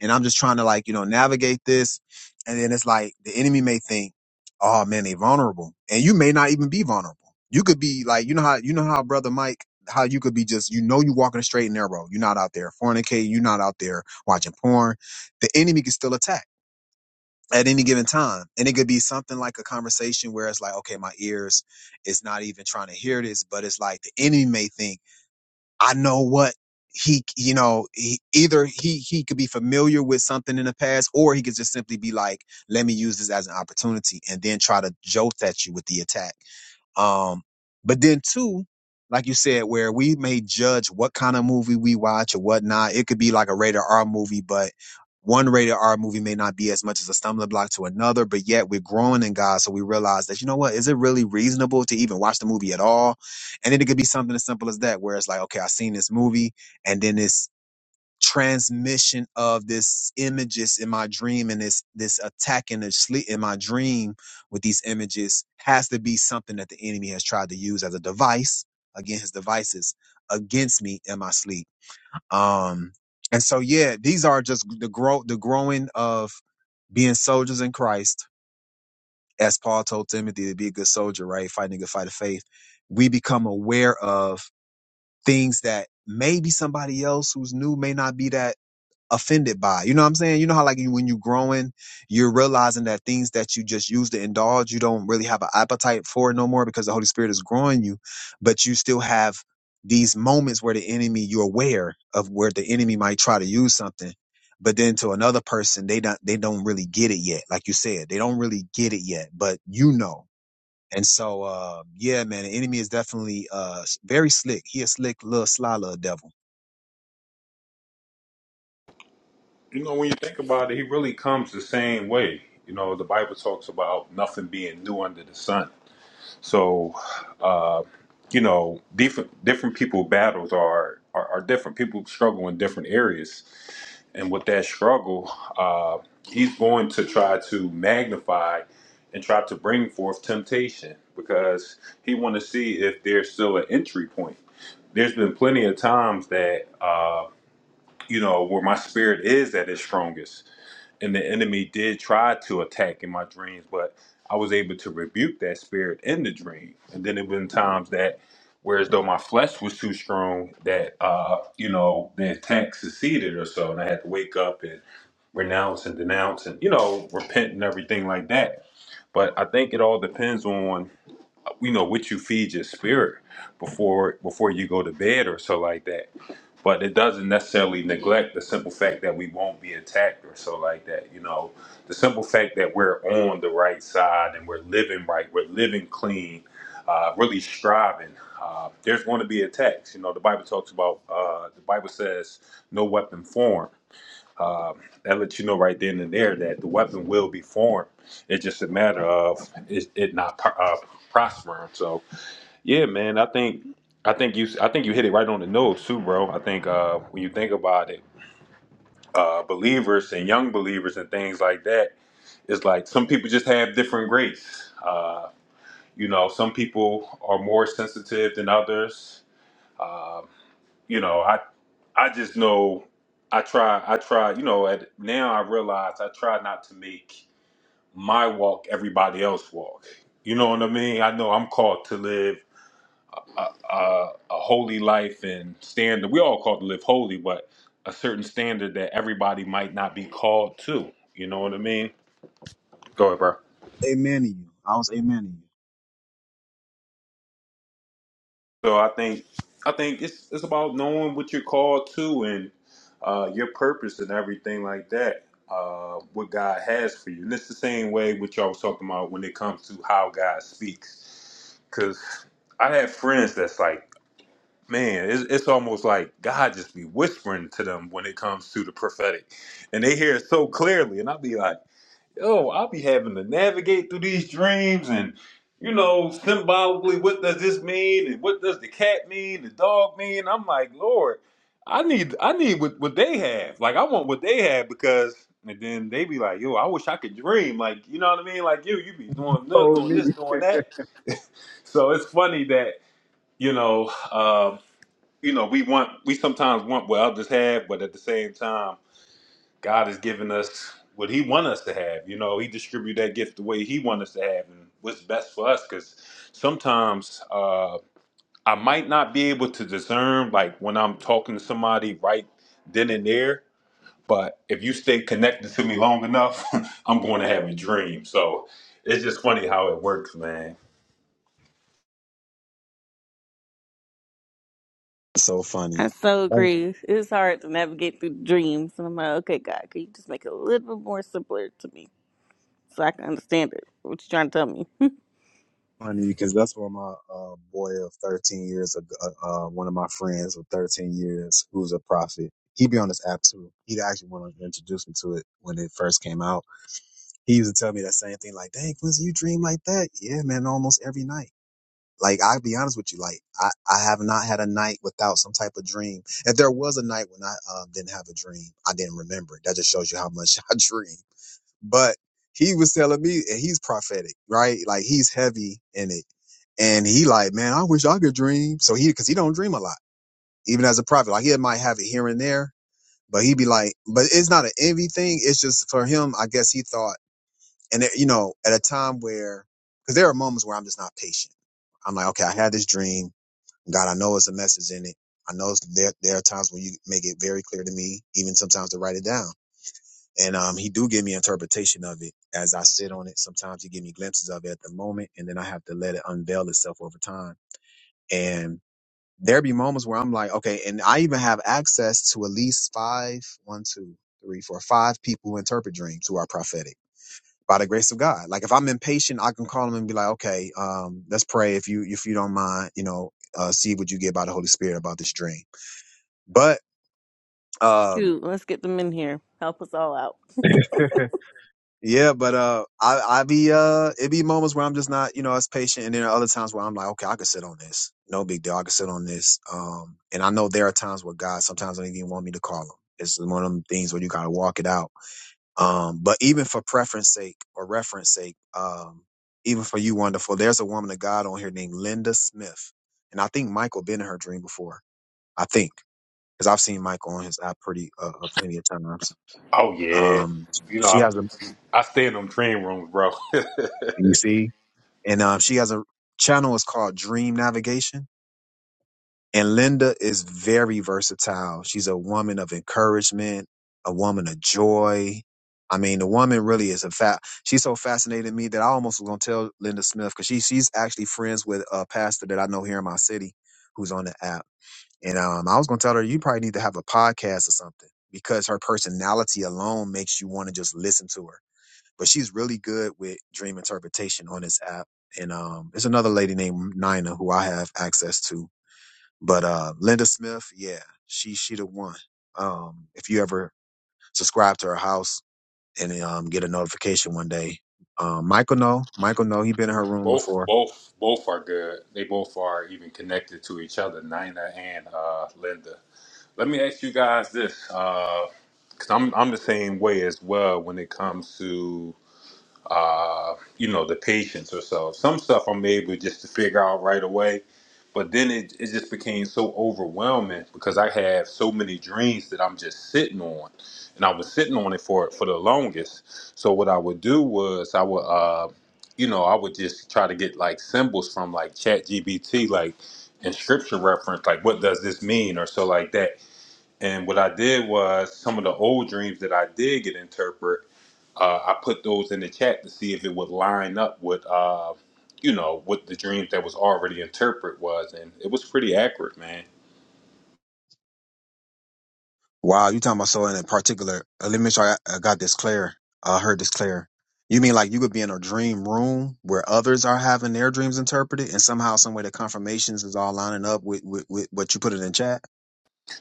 And I'm just trying to like, you know, navigate this. And then it's like the enemy may think, oh man, they vulnerable. And you may not even be vulnerable. You could be like, you know how you know how brother Mike, how you could be just, you know, you walking a straight and narrow. You're not out there fornicating, you're not out there watching porn. The enemy can still attack at any given time. And it could be something like a conversation where it's like, okay, my ears is not even trying to hear this, but it's like the enemy may think, I know what he, you know, he, either he he could be familiar with something in the past, or he could just simply be like, let me use this as an opportunity, and then try to jolt at you with the attack um, but then too, like you said, where we may judge what kind of movie we watch or whatnot. It could be like a rated R movie, but one rated R movie may not be as much as a stumbling block to another, but yet we're growing in God. So we realize that, you know what, is it really reasonable to even watch the movie at all? And then it could be something as simple as that, where it's like, okay, i seen this movie and then it's transmission of this images in my dream and this this attack in the sleep in my dream with these images has to be something that the enemy has tried to use as a device again his devices against me in my sleep um and so yeah these are just the grow the growing of being soldiers in christ as paul told timothy to be a good soldier right fighting a good fight of faith we become aware of things that maybe somebody else who's new may not be that offended by. You know what I'm saying? You know how like you, when you're growing, you're realizing that things that you just used to indulge, you don't really have an appetite for it no more because the Holy Spirit is growing you, but you still have these moments where the enemy, you're aware of where the enemy might try to use something. But then to another person, they don't they don't really get it yet. Like you said, they don't really get it yet, but you know. And so uh yeah, man, the enemy is definitely uh very slick. He a slick little sly little devil.
You know, when you think about it, he really comes the same way. You know, the Bible talks about nothing being new under the sun So, uh, you know, different different people battles are, are are different. People struggle in different areas, and with that struggle, uh, he's going to try to magnify and try to bring forth temptation because he want to see if there's still an entry point. There's been plenty of times that uh, you know where my spirit is at its strongest and the enemy did try to attack in my dreams, but I was able to rebuke that spirit in the dream. And then it been times that, whereas though my flesh was too strong, that uh, you know the attack succeeded or so, and I had to wake up and renounce and denounce and you know repent and everything like that. But I think it all depends on you know what you feed your spirit before before you go to bed or so like that but it doesn't necessarily neglect the simple fact that we won't be attacked or so like that you know the simple fact that we're on the right side and we're living right we're living clean uh, really striving uh, there's going to be attacks you know the bible talks about uh, the bible says no weapon formed um, that lets you know right then and there that the weapon will be formed it's just a matter of it, it not pro- uh, prospering so yeah, man. I think I think you I think you hit it right on the nose too, bro. I think uh, when you think about it, uh, believers and young believers and things like that, it's like some people just have different grace. Uh, you know, some people are more sensitive than others. Uh, you know, I I just know I try I try. You know, at now I realize I try not to make my walk everybody else walk. You know what I mean? I know I'm called to live a, a, a holy life and standard. We all called to live holy, but a certain standard that everybody might not be called to. You know what I mean? Go ahead, bro.
Amen to you. I was amen to you.
So I think I think it's it's about knowing what you're called to and uh, your purpose and everything like that. Uh, what God has for you, and it's the same way which y'all was talking about when it comes to how God speaks. Because I have friends that's like man, it's, it's almost like God just be whispering to them when it comes to the prophetic, and they hear it so clearly. And I'll be like, yo, I'll be having to navigate through these dreams and. You know, symbolically, what does this mean, and what does the cat mean, the dog mean? I'm like, Lord, I need, I need what, what they have. Like, I want what they have because, and then they be like, Yo, I wish I could dream. Like, you know what I mean? Like, you, you be doing, doing this, doing that. So it's funny that you know. um, you know, we want we sometimes want what others have, but at the same time, God has given us what He want us to have. You know, He distribute that gift the way He want us to have, and what's best for us. Because sometimes uh, I might not be able to discern, like when I'm talking to somebody right then and there. But if you stay connected to me long enough, I'm going to have a dream. So it's just funny how it works, man.
It's so
I
funny.
so
That's
agree. It's hard to navigate through dreams, and I'm like, okay, God, can you just make it a little bit more simpler to me so I can understand it? What you trying to tell me?
Funny because that's what my uh, boy of 13 years, ago, uh, uh, one of my friends of 13 years, who's a prophet. He be on this app too. He actually wanted to introduce me to it when it first came out. He used to tell me that same thing, like, "Dang, Quincy, you dream like that?" Yeah, man, almost every night. Like, I'll be honest with you, like, I I have not had a night without some type of dream. If there was a night when I um, didn't have a dream, I didn't remember it. That just shows you how much I dream. But he was telling me, and he's prophetic, right? Like he's heavy in it, and he like, man, I wish I could dream. So he, because he don't dream a lot, even as a prophet. Like he might have it here and there, but he'd be like, but it's not an envy thing. It's just for him. I guess he thought, and it, you know, at a time where, because there are moments where I'm just not patient. I'm like, okay, I had this dream. God, I know it's a message in it. I know it's- there there are times when you make it very clear to me, even sometimes to write it down. And um, he do give me interpretation of it as I sit on it. Sometimes he give me glimpses of it at the moment, and then I have to let it unveil itself over time. And there be moments where I'm like, okay, and I even have access to at least five, one, two, three, four, five people who interpret dreams who are prophetic by the grace of God. Like if I'm impatient, I can call them and be like, okay, um, let's pray if you if you don't mind, you know, uh, see what you get by the Holy Spirit about this dream. But um,
Shoot, let's get them in here. Help us all out.
Yeah, but uh, I I be uh, it be moments where I'm just not you know as patient, and then other times where I'm like, okay, I can sit on this, no big deal, I can sit on this. Um, and I know there are times where God sometimes don't even want me to call him. It's one of them things where you gotta walk it out. Um, but even for preference sake or reference sake, um, even for you, wonderful, there's a woman of God on here named Linda Smith, and I think Michael been in her dream before. I think because I've seen Michael on his app pretty uh, uh, plenty of times.
Oh yeah,
Um,
you know,
she
I,
has a
I stay in them dream rooms, bro.
you see and um, she has a channel is called Dream Navigation. And Linda is very versatile. She's a woman of encouragement, a woman of joy. I mean, the woman really is a fat. She's so fascinated me that I almost was gonna tell Linda Smith because she she's actually friends with a pastor that I know here in my city who's on the app. And um, I was gonna tell her you probably need to have a podcast or something because her personality alone makes you want to just listen to her but she's really good with dream interpretation on this app. And um, there's another lady named Nina who I have access to. But uh, Linda Smith, yeah, she she the one. Um, if you ever subscribe to her house and um, get a notification one day, um, Michael know Michael know he been in her room
Both,
before
both, both are good. They both are even connected to each other, Nina and uh, Linda. Let me ask you guys this, because I'm I'm the same way as well when it comes to uh, you know, the patience or so. Some stuff I'm able just to figure out right away. But then it, it just became so overwhelming because I have so many dreams that I'm just sitting on. And I was sitting on it for for the longest. So what I would do was I would uh you know, I would just try to get like symbols from like chat GBT, like in scripture reference, like what does this mean or so like that. And what I did was some of the old dreams that I did get interpret. Uh, I put those in the chat to see if it would line up with, uh, you know, what the dreams that was already interpret was, and it was pretty accurate, man.
Wow, you talking about so in a particular? uh, Let me make sure I got, I got this clear. I heard this clear. You mean like you could be in a dream room where others are having their dreams interpreted, and somehow, some way, the confirmations is all lining up with, with with what you put it in chat.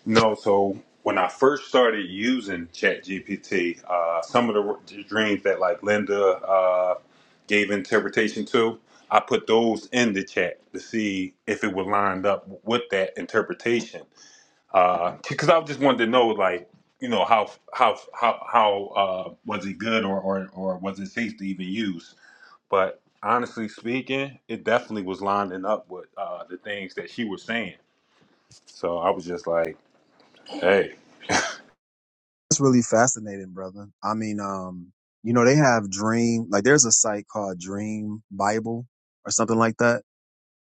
No, so when I first started using ChatGPT, uh, some of the, the dreams that like Linda uh, gave interpretation to, I put those in the chat to see if it would line up with that interpretation. because I just wanted to know, like, you know, how how how how uh, was it good or, or or was it safe to even use? But honestly speaking, it definitely was lining up with uh, the things that she was saying. So I was just like, hey,
That's really fascinating, brother. I mean, um, you know, they have dream like there's a site called Dream Bible or something like that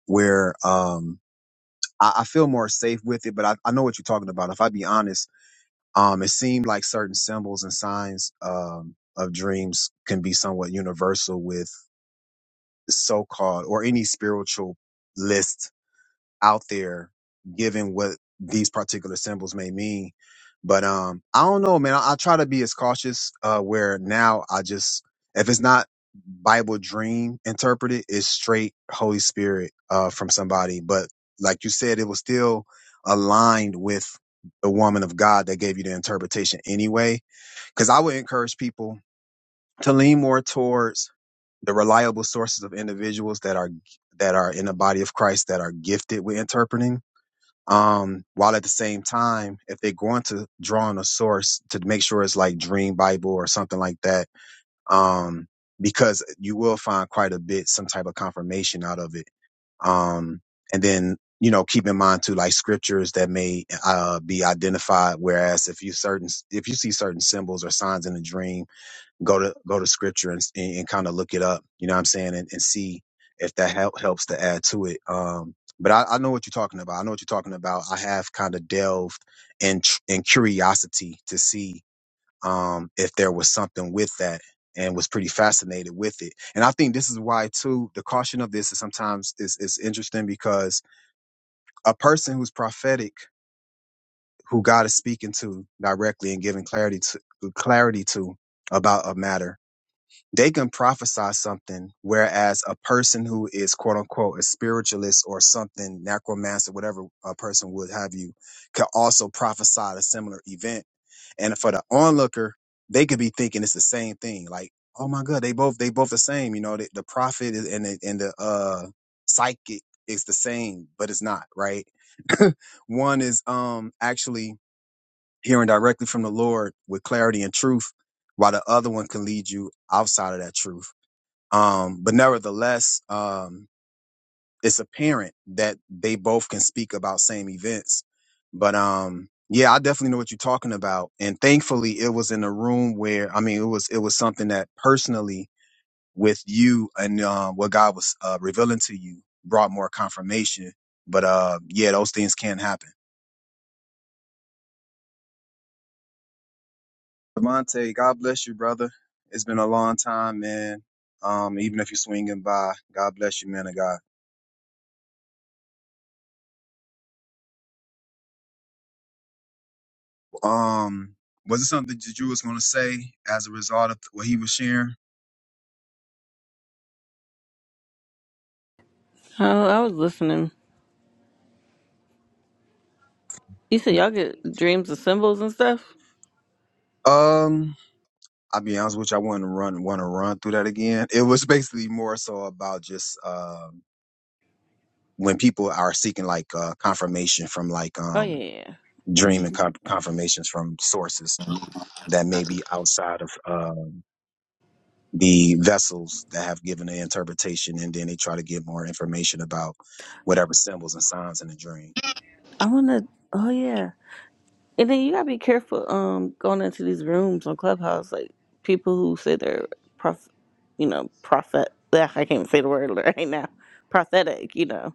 where um I, I feel more safe with it, but I, I know what you're talking about. If I be honest Um, it seemed like certain symbols and signs um, of dreams can be somewhat universal with so-called or any spiritualist out there given what these particular symbols may mean. But um, I don't know, man. I, I try to be as cautious. Uh, where now I just if it's not Bible dream interpreted, it's straight Holy Spirit uh from somebody. But like you said, it was still aligned with the woman of God that gave you the interpretation anyway. Because I would encourage people to lean more towards the reliable sources of individuals that are that are in the body of Christ that are gifted with interpreting um, while at the same time, if they're going to draw on a source to make sure it's like Dream Bible or something like that, um, because you will find quite a bit, some type of confirmation out of it. Um, and then, you know, keep in mind too, like scriptures that may, uh, be identified. Whereas if you certain, if you see certain symbols or signs in a dream, go to go to scripture and and, and kind of look it up. You know what I'm saying, and, and see if that help, helps to add to it. Um, but I, I know what you're talking about. I know what you're talking about. I have kind of delved in tr- in curiosity to see um, if there was something with that, and was pretty fascinated with it. And I think this is why too the caution of this is sometimes is is interesting because a person who's prophetic, who God is speaking to directly and giving clarity to clarity to about a matter they can prophesy something, whereas a person who is quote unquote a spiritualist or something, necromancer, whatever a person would have you, could also prophesy a similar event. And for the onlooker, they could be thinking it's the same thing. Like, oh my God, they both they both the same. You know, the, the prophet is- and the, and the uh psychic is the same, but it's not right. One is um actually hearing directly from the Lord with clarity and truth, while the other one can lead you outside of that truth um, but nevertheless, um, it's apparent that they both can speak about same events. But um, yeah, I definitely know what you're talking about. And thankfully, it was in a room where I mean, it was it was something that personally with you and uh, what God was uh, revealing to you brought more confirmation. But uh, yeah, those things can happen. Devontae, God bless you, brother. It's been a long time, man. Um, even if you're swinging by, God bless you, man of God. Um, was it something that you was going to say as a result of what he was sharing?
Oh, I was listening. You said y'all get dreams of symbols and stuff.
Um, I'll be honest with you, I wouldn't run want to run through that again. It was basically more so about just um when people are seeking like uh, confirmation from like
Oh
um
yeah.
dream and
hmm
con- confirmations from sources that may be outside of um the vessels that have given the interpretation, and then they try to get more information about whatever symbols and signs in the dream.
I wanna. Oh yeah. And then you gotta be careful. Um, going into these rooms on Clubhouse, like people who say they're prof, you know, prophet. Ugh, I can't even say the word right now. Prophetic, you know,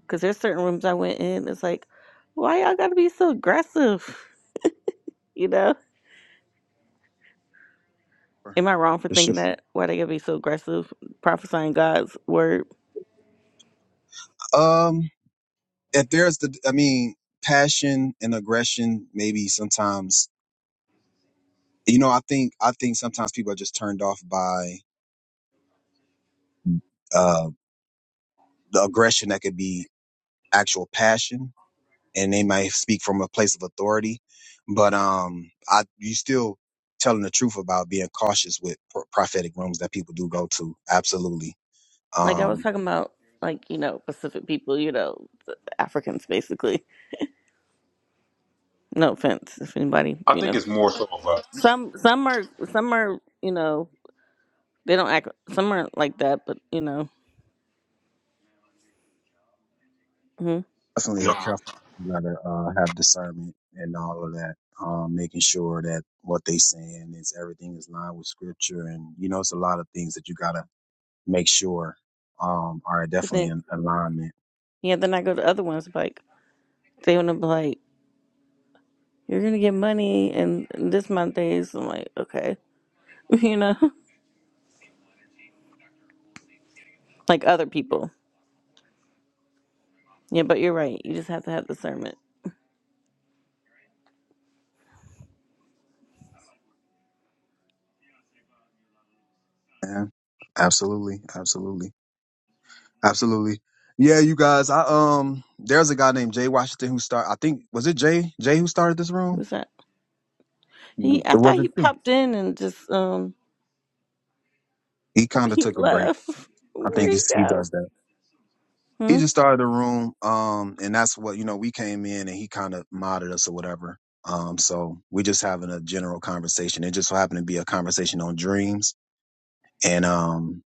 because there's certain rooms I went in. It's like, why y'all gotta be so aggressive? You know,
For
am I wrong for
sure.
thinking that? Why they gotta be so aggressive prophesying God's word?
Um, if there's the i mean passion and aggression maybe sometimes you know i think i think sometimes people are just turned off by uh the aggression that could be actual passion and they might speak from a place of authority but um i you still telling the truth about being cautious with pro- prophetic rooms that people do go to absolutely
Like I was
Um,
talking about, like you know, Pacific people, you know, the Africans basically. No offense, if anybody,
I
you
think
know,
it's more so of a
some some are some are you know they don't act. Some aren't like that, but you know. hmm
you
definitely a careful. You gotta uh, have discernment and all of that. Um, making sure that what they saying is everything is lined with scripture, and you know, it's a lot of things that you gotta make sure um, are
But
definitely
then
in alignment.
yeah, then I go to other ones like they want to be like, you're gonna get money and this month days. I'm like, okay, you know, like other people. Yeah, but you're right. You just have to have discernment.
Yeah, absolutely, absolutely, absolutely. Yeah, you guys. I um, there's a guy named Jay Washington who start. I think was it Jay? Jay who started this room?
Who's that? He, I
Or
thought
was
he
it you?
popped in and just um
He kind of
he
took a break.
left.
I
Where'd
think
he
he's, he
go?
does that. he
Hmm?
just started a room um and that's what you know we came in and he kind of modded us or whatever um so we're just having a general conversation it just so happened to be a conversation on dreams and um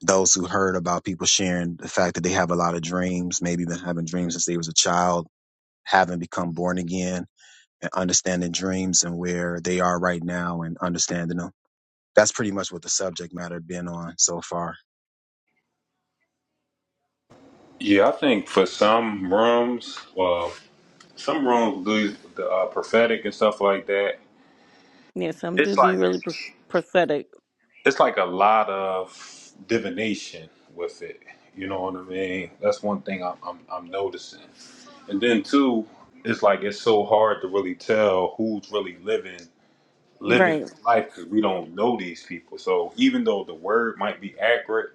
those who heard about people sharing the fact that they have a lot of dreams maybe been having dreams since they was a child having become born again and understanding dreams and where they are right now and understanding them that's pretty much what the subject matter been on so far
yeah. I think for some rooms, well, some rooms do the uh, prophetic and stuff like that.
Yeah, some do
It's
be
like
really pro- prophetic.
it's like a lot of divination with it. You know what I mean? That's one thing I'm I'm, I'm noticing. And then two, it's like it's so hard to really tell who's really living living
Right.
life because we don't know these people. So even though the word might be accurate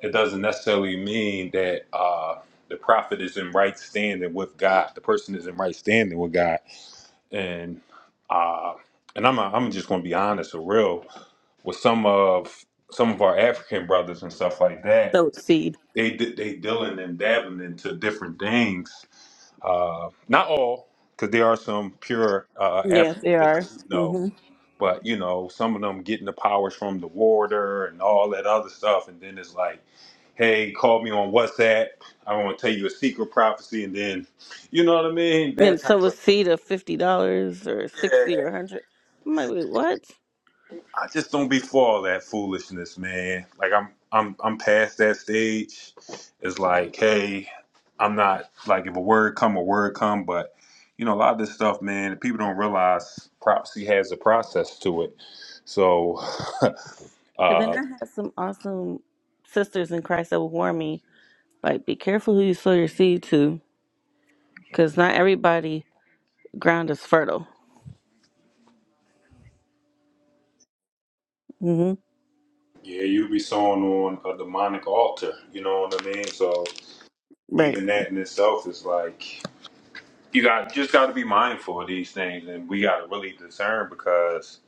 it doesn't necessarily mean that uh, the prophet is in right standing with God. The person is in right standing with God, and uh, and I'm I'm just going to be honest or real with some of some of our African brothers and stuff like that.
So Sow seed.
They d- they dealing and dabbling into different things. Uh, not all, because there are some pure uh,
Yes,
Africans
they
that
are.
I do know
hmm
but you know, some of them getting the powers from the warder and all that other stuff, and then it's like, hey, call me on WhatsApp. I want to tell you a secret prophecy, and then, you know what I mean? That
And so
type
a
of
seed of fifty dollars or
yeah.
sixty or a hundred. I'm like, wait, what?
I just don't be for all that foolishness, man. Like I'm, I'm, I'm past that stage. It's like, hey, I'm not like if a word come, a word come, but you know, a lot of this stuff, man, people don't realize prophecy has a process to it. So,
And
uh,
then I had some awesome sisters in Christ that would warn me, like, be careful who you sow your seed to, because not everybody ground is fertile. hmm
Yeah, you be sewing on a demonic altar. You know what I mean? So
Right.
even that in itself is like you got just got to be mindful of these things, and we got to really discern because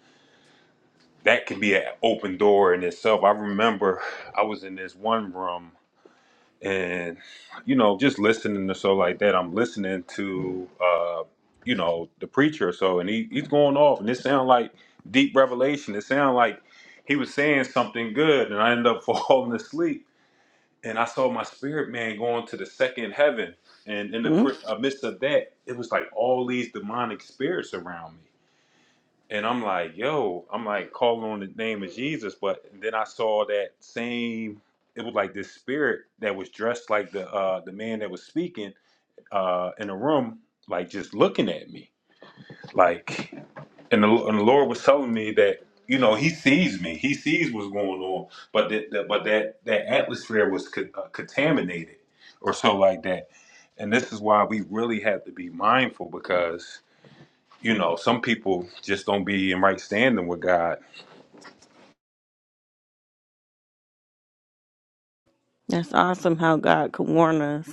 that can be an open door in itself. I remember I was in this one room, and you know, just listening to so like that. I'm listening to uh, you know the preacher, or so, and he, he's going off, and it sound like deep revelation. It sound like he was saying something good, and I end up falling asleep and I saw my spirit man going to the second heaven, and in the
hmm
pr- amidst of that, it was like all these demonic spirits around me, and I'm like, yo, I'm like calling on the name of Jesus, but then I saw that same. It was like this spirit that was dressed like the uh, the man that was speaking uh, in the room, like just looking at me, like and the, and the Lord was telling me that you know He sees me, He sees what's going on, but that, that but that that atmosphere was co- uh, contaminated or so like that, and this is why we really have to be mindful because you know some people just don't be in right standing with God.
That's awesome how God could warn us.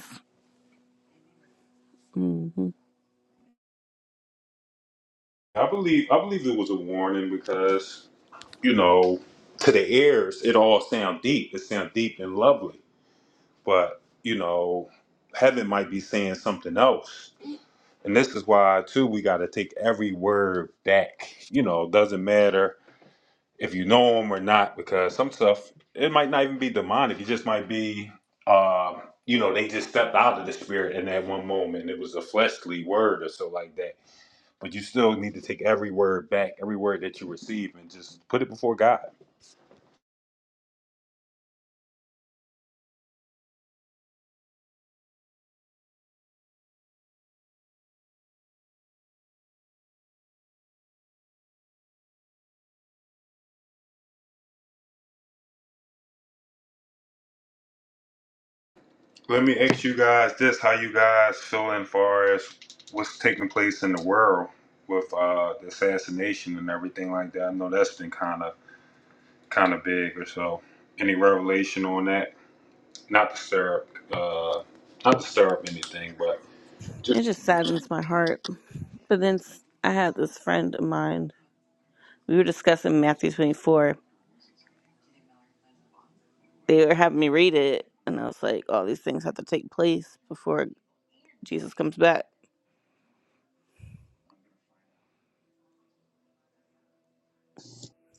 I believe I believe it was a warning because you know to the ears it all sound deep, it sound deep and lovely, but you know heaven might be saying something else And this is why, too, we got to take every word back. You know, it doesn't matter if you know them or not, because some stuff, it might not even be demonic. It just might be, uh, you know, they just stepped out of the spirit in that one moment. It was a fleshly word or so like that. But you still need to take every word back, every word that you receive, and just put it before God. Let me ask you guys this how you guys feeling far as what's taking place in the world with uh, the assassination and everything like that? I know that's been kind of kind of big or so. Any revelation on that? Not to stir up, uh, not to stir up anything, but
It just saddens my heart. But then s- I had this friend of mine we were discussing Matthew 24. They were having me read it, and I was like, all these things have to take place before Jesus comes back.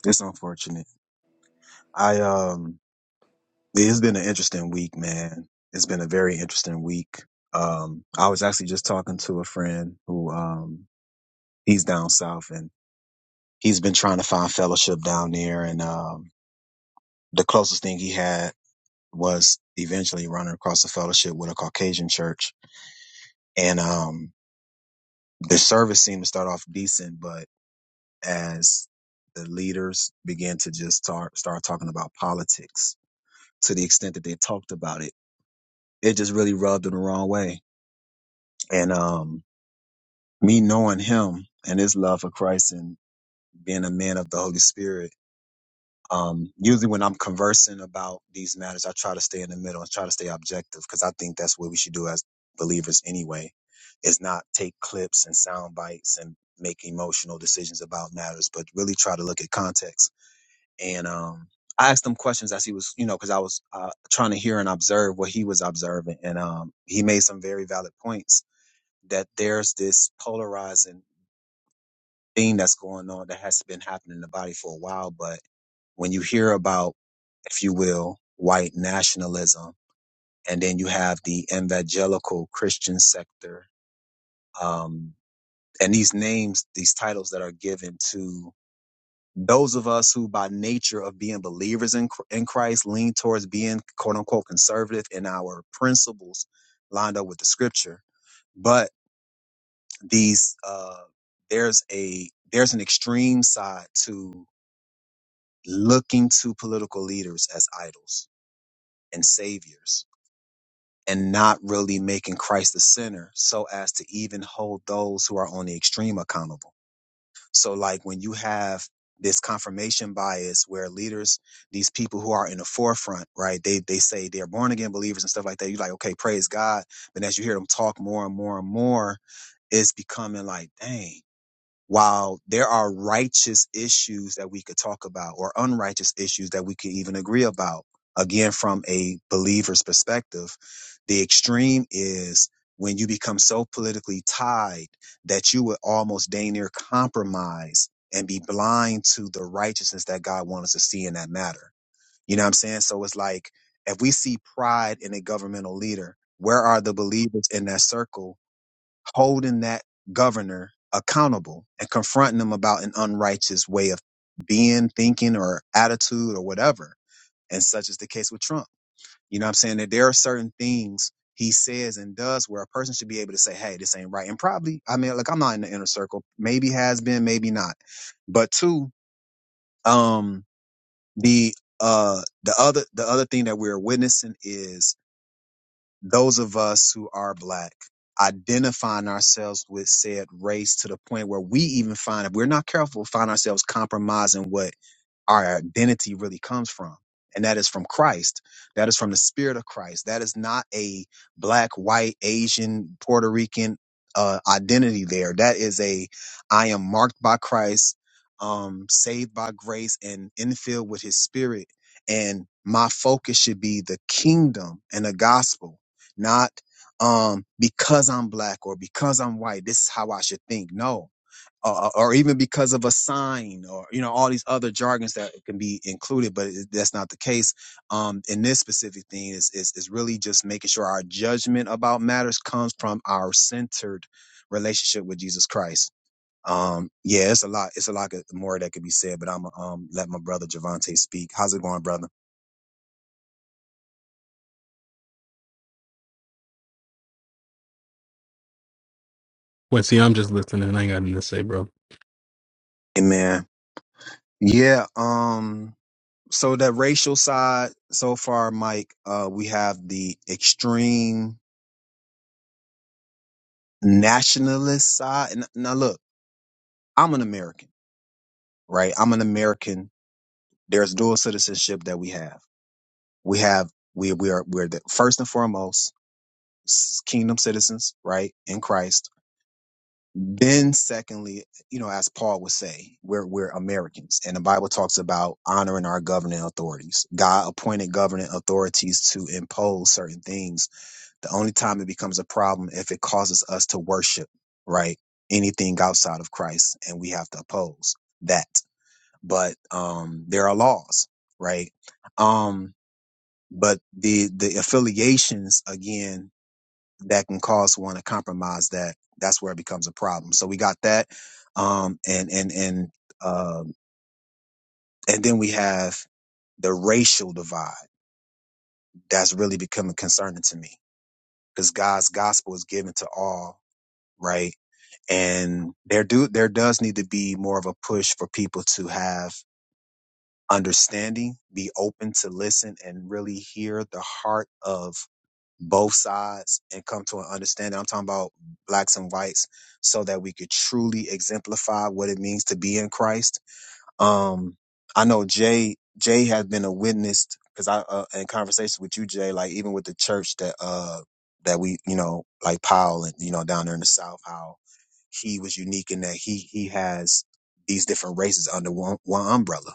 it's unfortunate i um Yeah, It's been an interesting week, man. It's been a very interesting week. Um, I was actually just talking to a friend who, um, he's down south and he's been trying to find fellowship down there. And, um, the closest thing he had was eventually running across a fellowship with a Caucasian church. And, um, the service seemed to start off decent, but as the leaders began to just start, start talking about politics to the extent that they talked about it, it just really rubbed them the wrong way. And, um, me knowing him and his love for Christ and being a man of the Holy Spirit, um, usually when I'm conversing about these matters, I try to stay in the middle and try to stay objective because I think that's what we should do as believers anyway, is not take clips and sound bites and make emotional decisions about matters, but really try to look at context. And um, I asked him questions as he was, you know, because I was uh, trying to hear and observe what he was observing. And um, he made some very valid points that there's this polarizing. thing that's going on that has been happening in the body for a while. But when you hear about, if you will, white nationalism, and then you have the evangelical Christian sector, um, and these names, these titles that are given to those of us who, by nature of being believers in, Chr- in Christ, lean towards being quote unquote conservative in our principles lined up with the scripture. But these, uh, there's a, there's an extreme side to looking to political leaders as idols and saviors and not really making Christ the center so as to even hold those who are on the extreme accountable. So, like when you have this confirmation bias where leaders, these people who are in the forefront, right, they, they say they're born again believers and stuff like that. You're like, okay, praise God. But as you hear them talk more and more and more, it's becoming like, dang while there are righteous issues that we could talk about or unrighteous issues that we could even agree about, again, from a believer's perspective, the extreme is when you become so politically tied that you would almost dang near compromise and be blind to the righteousness that God wants us to see in that matter. You know what I'm saying? So it's like if we see pride in a governmental leader, where are the believers in that circle holding that governor accountable and confronting them about an unrighteous way of being, thinking, or attitude or whatever. And such is the case with Trump. You know what I'm saying? That there are certain things he says and does where a person should be able to say, hey, this ain't right. And probably, I mean, like I'm not in the inner circle. Maybe has been, maybe not. But two, um, the uh the other the other thing that we're witnessing is those of us who are black identifying ourselves with said race to the point where we even find if we're not careful find ourselves compromising what our identity really comes from. And that is from Christ. That is from the spirit of Christ. That is not a black, white, Asian, Puerto Rican uh, identity there. That is a I am marked by Christ, um, saved by grace, and infilled with his spirit. And my focus should be the kingdom and the gospel, not um, because I'm black or because I'm white. This is how I should think. No, uh, or even because of a sign or you know all these other jargons that can be included but it, that's not the case um in this specific thing is, is is really just making sure our judgment about matters comes from our centered relationship with jesus christ um yeah it's a lot it's a lot more that could be said but i'm gonna um let my brother Javante speak how's it going brother
Wait, see, I'm just listening. I ain't got nothing to say, bro.
amen yeah um so that racial side so far mike uh we have the extreme nationalist side. And now look, I'm an American, right? I'm an American. There's dual citizenship that we have. We have we we are we're the first and foremost s- kingdom citizens, right? In Christ. Then secondly, you know, as Paul would say, we're we're Americans. And the Bible talks about honoring our governing authorities. God appointed governing authorities to impose certain things The only time it becomes a problem if it causes us to worship, right? Anything outside of Christ, and we have to oppose that. But um, there are laws, right? Um, but the the affiliations again that can cause one to compromise that that's where it becomes a problem. So we got that, um, and and and um, and then we have the racial divide that's really becoming concerning to me because God's gospel is given to all right? And there do there does need to be more of a push for people to have understanding, be open to listen and really hear the heart of both sides and come to an understanding. I'm talking about blacks and whites so that we could truly exemplify what it means to be in Christ um, I know Jay Jay has been a witness because I uh, in conversation with you, Jay, like even with the church that uh that we you know like Powell and you know down there in the South, how he was unique in that he he has these different races under one one umbrella,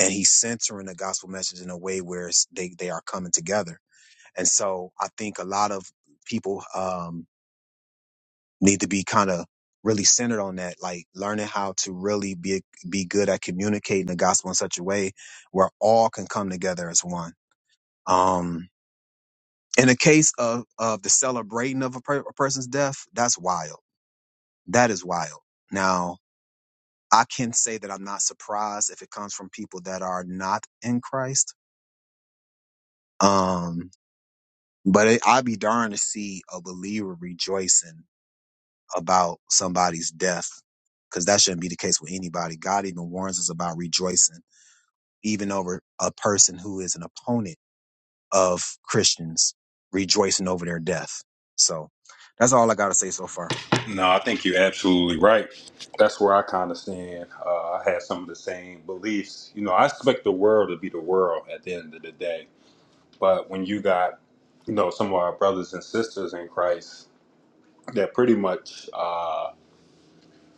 and he's centering the gospel message in a way where it's, they they are coming together. And so I think a lot of people, um, need to be kind of really centered on that, like learning how to really be be good at communicating the gospel in such a way where all can come together as one. Um, in the case of of the celebrating of a, per- a person's death, that's wild. That is wild. Now, I can say that I'm not surprised if it comes from people that are not in Christ. Um, but it, I'd be darned to see a believer rejoicing about somebody's death because that shouldn't be the case with anybody. God even warns us about rejoicing, even over a person who is an opponent of Christians rejoicing over their death. So that's all I got to say so far.
no, I think you're absolutely right. That's where I kind of stand. Uh, I had some of the same beliefs. You know, I expect the world to be the world at the end of the day, but when you got, you know, some of our brothers and sisters in Christ that pretty much, uh,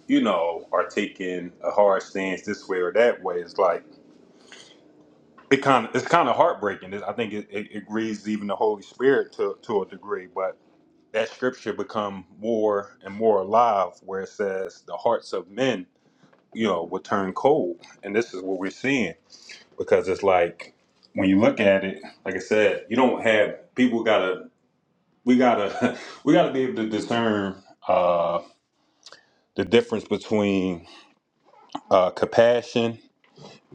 you know, are taking a hard stance this way or that way, it's like it kind of it's kind of heartbreaking. It, I think it, it, it grieves even the Holy Spirit to to a degree. But that scripture become more and more alive, where it says the hearts of men, you know, will turn cold, and this is what we're seeing because it's like when you look at it, like I said, you don't have people gotta we gotta we gotta be able to discern uh, the difference between uh, compassion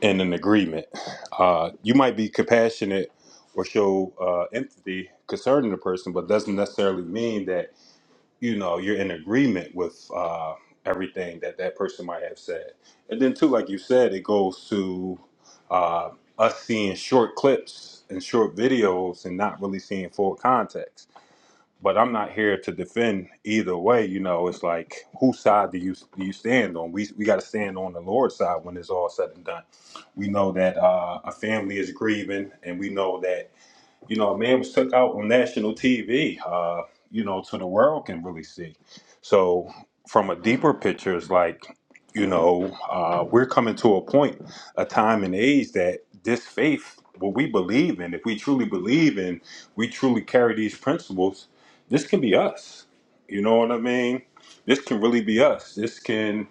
In an agreement. Uh, you might be compassionate or show uh, empathy concerning the person, but doesn't necessarily mean that you know you're in agreement with uh, everything that that person might have said. And then too, like you said, it goes to uh, us seeing short clips and short videos and not really seeing full context but I'm not here to defend either way. You know, it's like whose side do you do you stand on? We we got to stand on the Lord's side when it's all said and done. We know that uh, a family is grieving, and we know that you know, a man was took out on national TV, uh, you know, so the world can really see. So from a deeper picture, it's like, you know, uh, we're coming to a point, a time and age that this faith, what we believe in, if we truly believe in, we truly carry these principles, this can be us. You know what I mean? This can really be us. This can,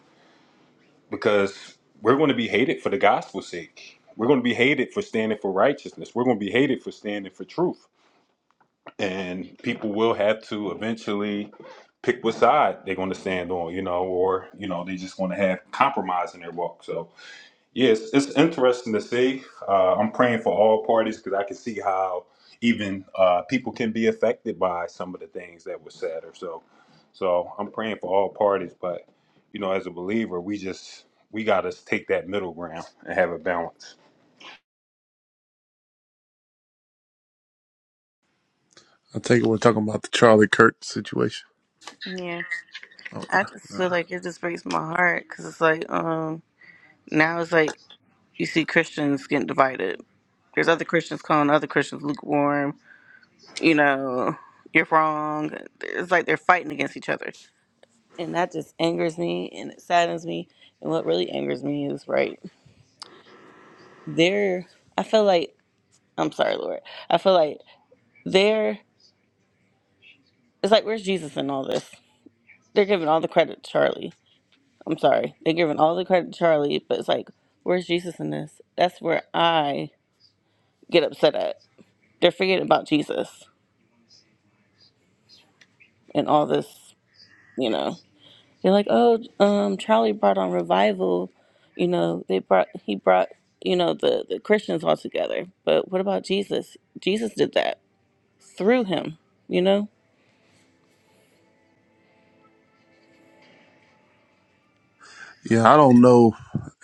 because we're going to be hated for the gospel's sake. We're going to be hated for standing for righteousness. We're going to be hated for standing for truth and people will have to eventually pick what side they're going to stand on, you know, or you know they're just going to have compromise in their walk. So yes, it's, interesting to see. Uh, I'm praying for all parties because I can see how even uh, people can be affected by some of the things that were said or so. So I'm praying for all parties, but you know, as a believer, we just we got to take that middle ground and have a balance.
I take it we're talking about the Charlie Kirk situation.
Yeah.
Oh,
I just feel like it just breaks my heart because it's like, um, now it's like you see Christians getting divided. There's other Christians calling other Christians lukewarm, you know, you're wrong. It's like they're fighting against each other. And that just angers me and it saddens me. And what really angers me is, right, there, I feel like, I'm sorry, Lord. I feel like They're it's like where's Jesus in all this? They're giving all the credit to Charlie. I'm sorry. They're giving all the credit to Charlie, but it's like where's Jesus in this? That's where I get upset at. They're forgetting about Jesus and all this, you know. They're like, "Oh, um Charlie brought on revival. You know, they brought he brought, you know, the the Christians all together. But what about Jesus? Jesus did that through him, you know?
Yeah, I don't know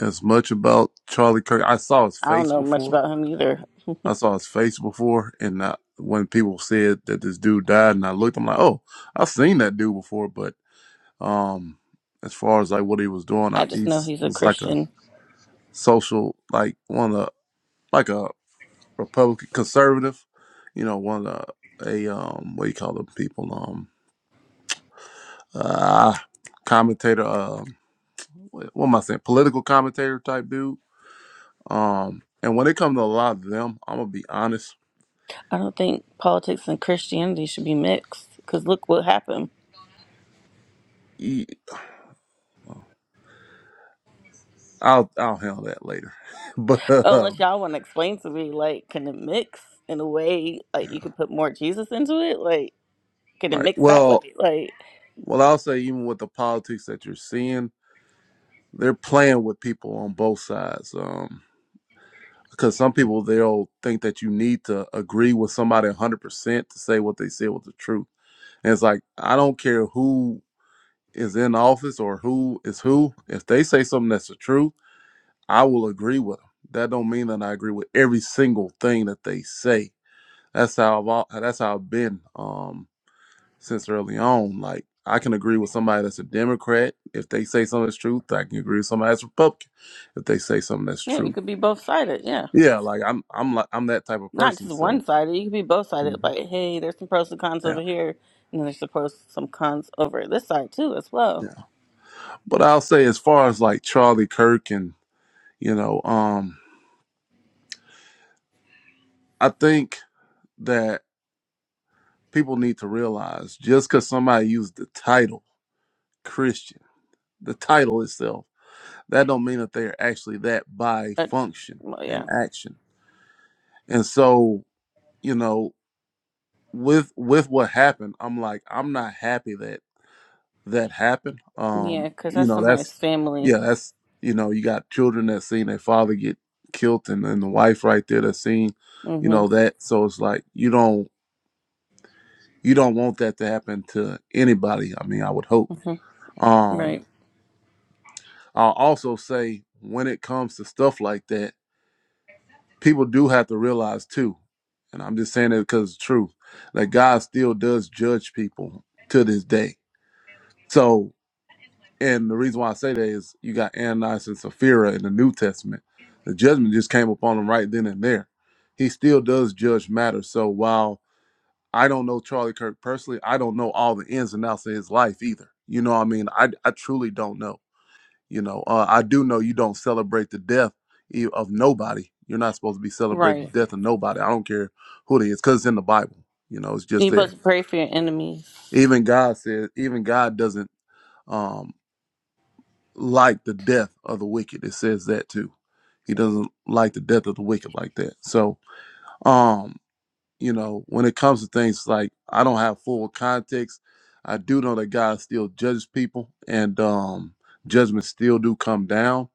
as much about Charlie Kirk. I saw his
I don't
face
know much
before.
about him either.
I saw his face before, and I, when people said that this dude died, and I looked, I'm like, oh, I've seen that dude before, but Um, as far as like what he was doing, I,
I just
he
know
s-
he's a
was like a
Christian
social, like one of the, like a Republican conservative, you know, one of the, a um, what do you call them people, um, uh, commentator, um, what what am I saying, political commentator type dude. Um, and when it comes to a lot of them, I'm gonna be honest,
I don't think politics and Christianity should be mixed because look what happened.
he, well, I'll I'll handle that later, but
Unless
um,
y'all want to explain to me, like, can it mix in a way, like, you
yeah,
could put more Jesus into it? Like, can it
right.
mix that
Well,
way? Like,
well, I'll say even with the politics that you're seeing. they're playing with people on both sides. Um, because some people they'll think that you need to agree with somebody 100% to say what they said was the truth. And it's like I don't care who is in office or who is who. If they say something that's the truth, I will agree with them. That don't mean that I agree with every single thing that they say. That's how I've al- that's how I've been um, since early on. Like I can agree with somebody that's a Democrat if they say something that's truth. I can agree with somebody that's Republican if they say something that's
yeah, you
true.
could be both sided. Yeah.
Yeah, like I'm I'm like I'm that type of
Not
person.
just one
So
sided. You could be both sided.
mhm.
Like, hey, there's some pros and cons
yeah,
over here, and then there's the pros, some cons over this side, too, as well.
yeah. But I'll say as far as like Charlie Kirk and you know, um, I think that people need to realize just because somebody used the title Christian, the title itself, that don't mean that they're actually that by
But,
function
well,
and
yeah.
action. And so you know, with with what happened, I'm like I'm not happy that that happen. Um,
Yeah, because
you
that's
know,
somebody's
that's
family.
yeah, that's you know, you got children that seen their father get killed and, and the wife right there that's seen,
Mm
you know,
hmm.
that so it's like you don't you don't want that to happen to anybody. I mean, I would hope.
Mm hmm.
Um,
Right.
I'll also say when it comes to stuff like that, people do have to realize too, and I'm just saying it because it's true, that God still does judge people to this day. So. And the reason why I say that is you got Ananias and Sapphira in the New Testament. The judgment just came upon him right then and there. He still does judge matters. So while I don't know Charlie Kirk personally, I don't know all the ins and outs of his life either. You know what I mean? I, I truly don't know. You know, uh, I do know you don't celebrate the death e- of nobody. You're not supposed to be celebrating
Right.
the death of nobody. I don't care who it is because it's in the Bible. You know, it's just
You're supposed
there.
to pray for your enemies.
Even God says, even God doesn't. Um, like the death of the wicked. It says that too. He doesn't like the death of the wicked like that. So, um, you know, when it comes to things like I don't have full context, I do know that God still judges people and um judgments still do come down,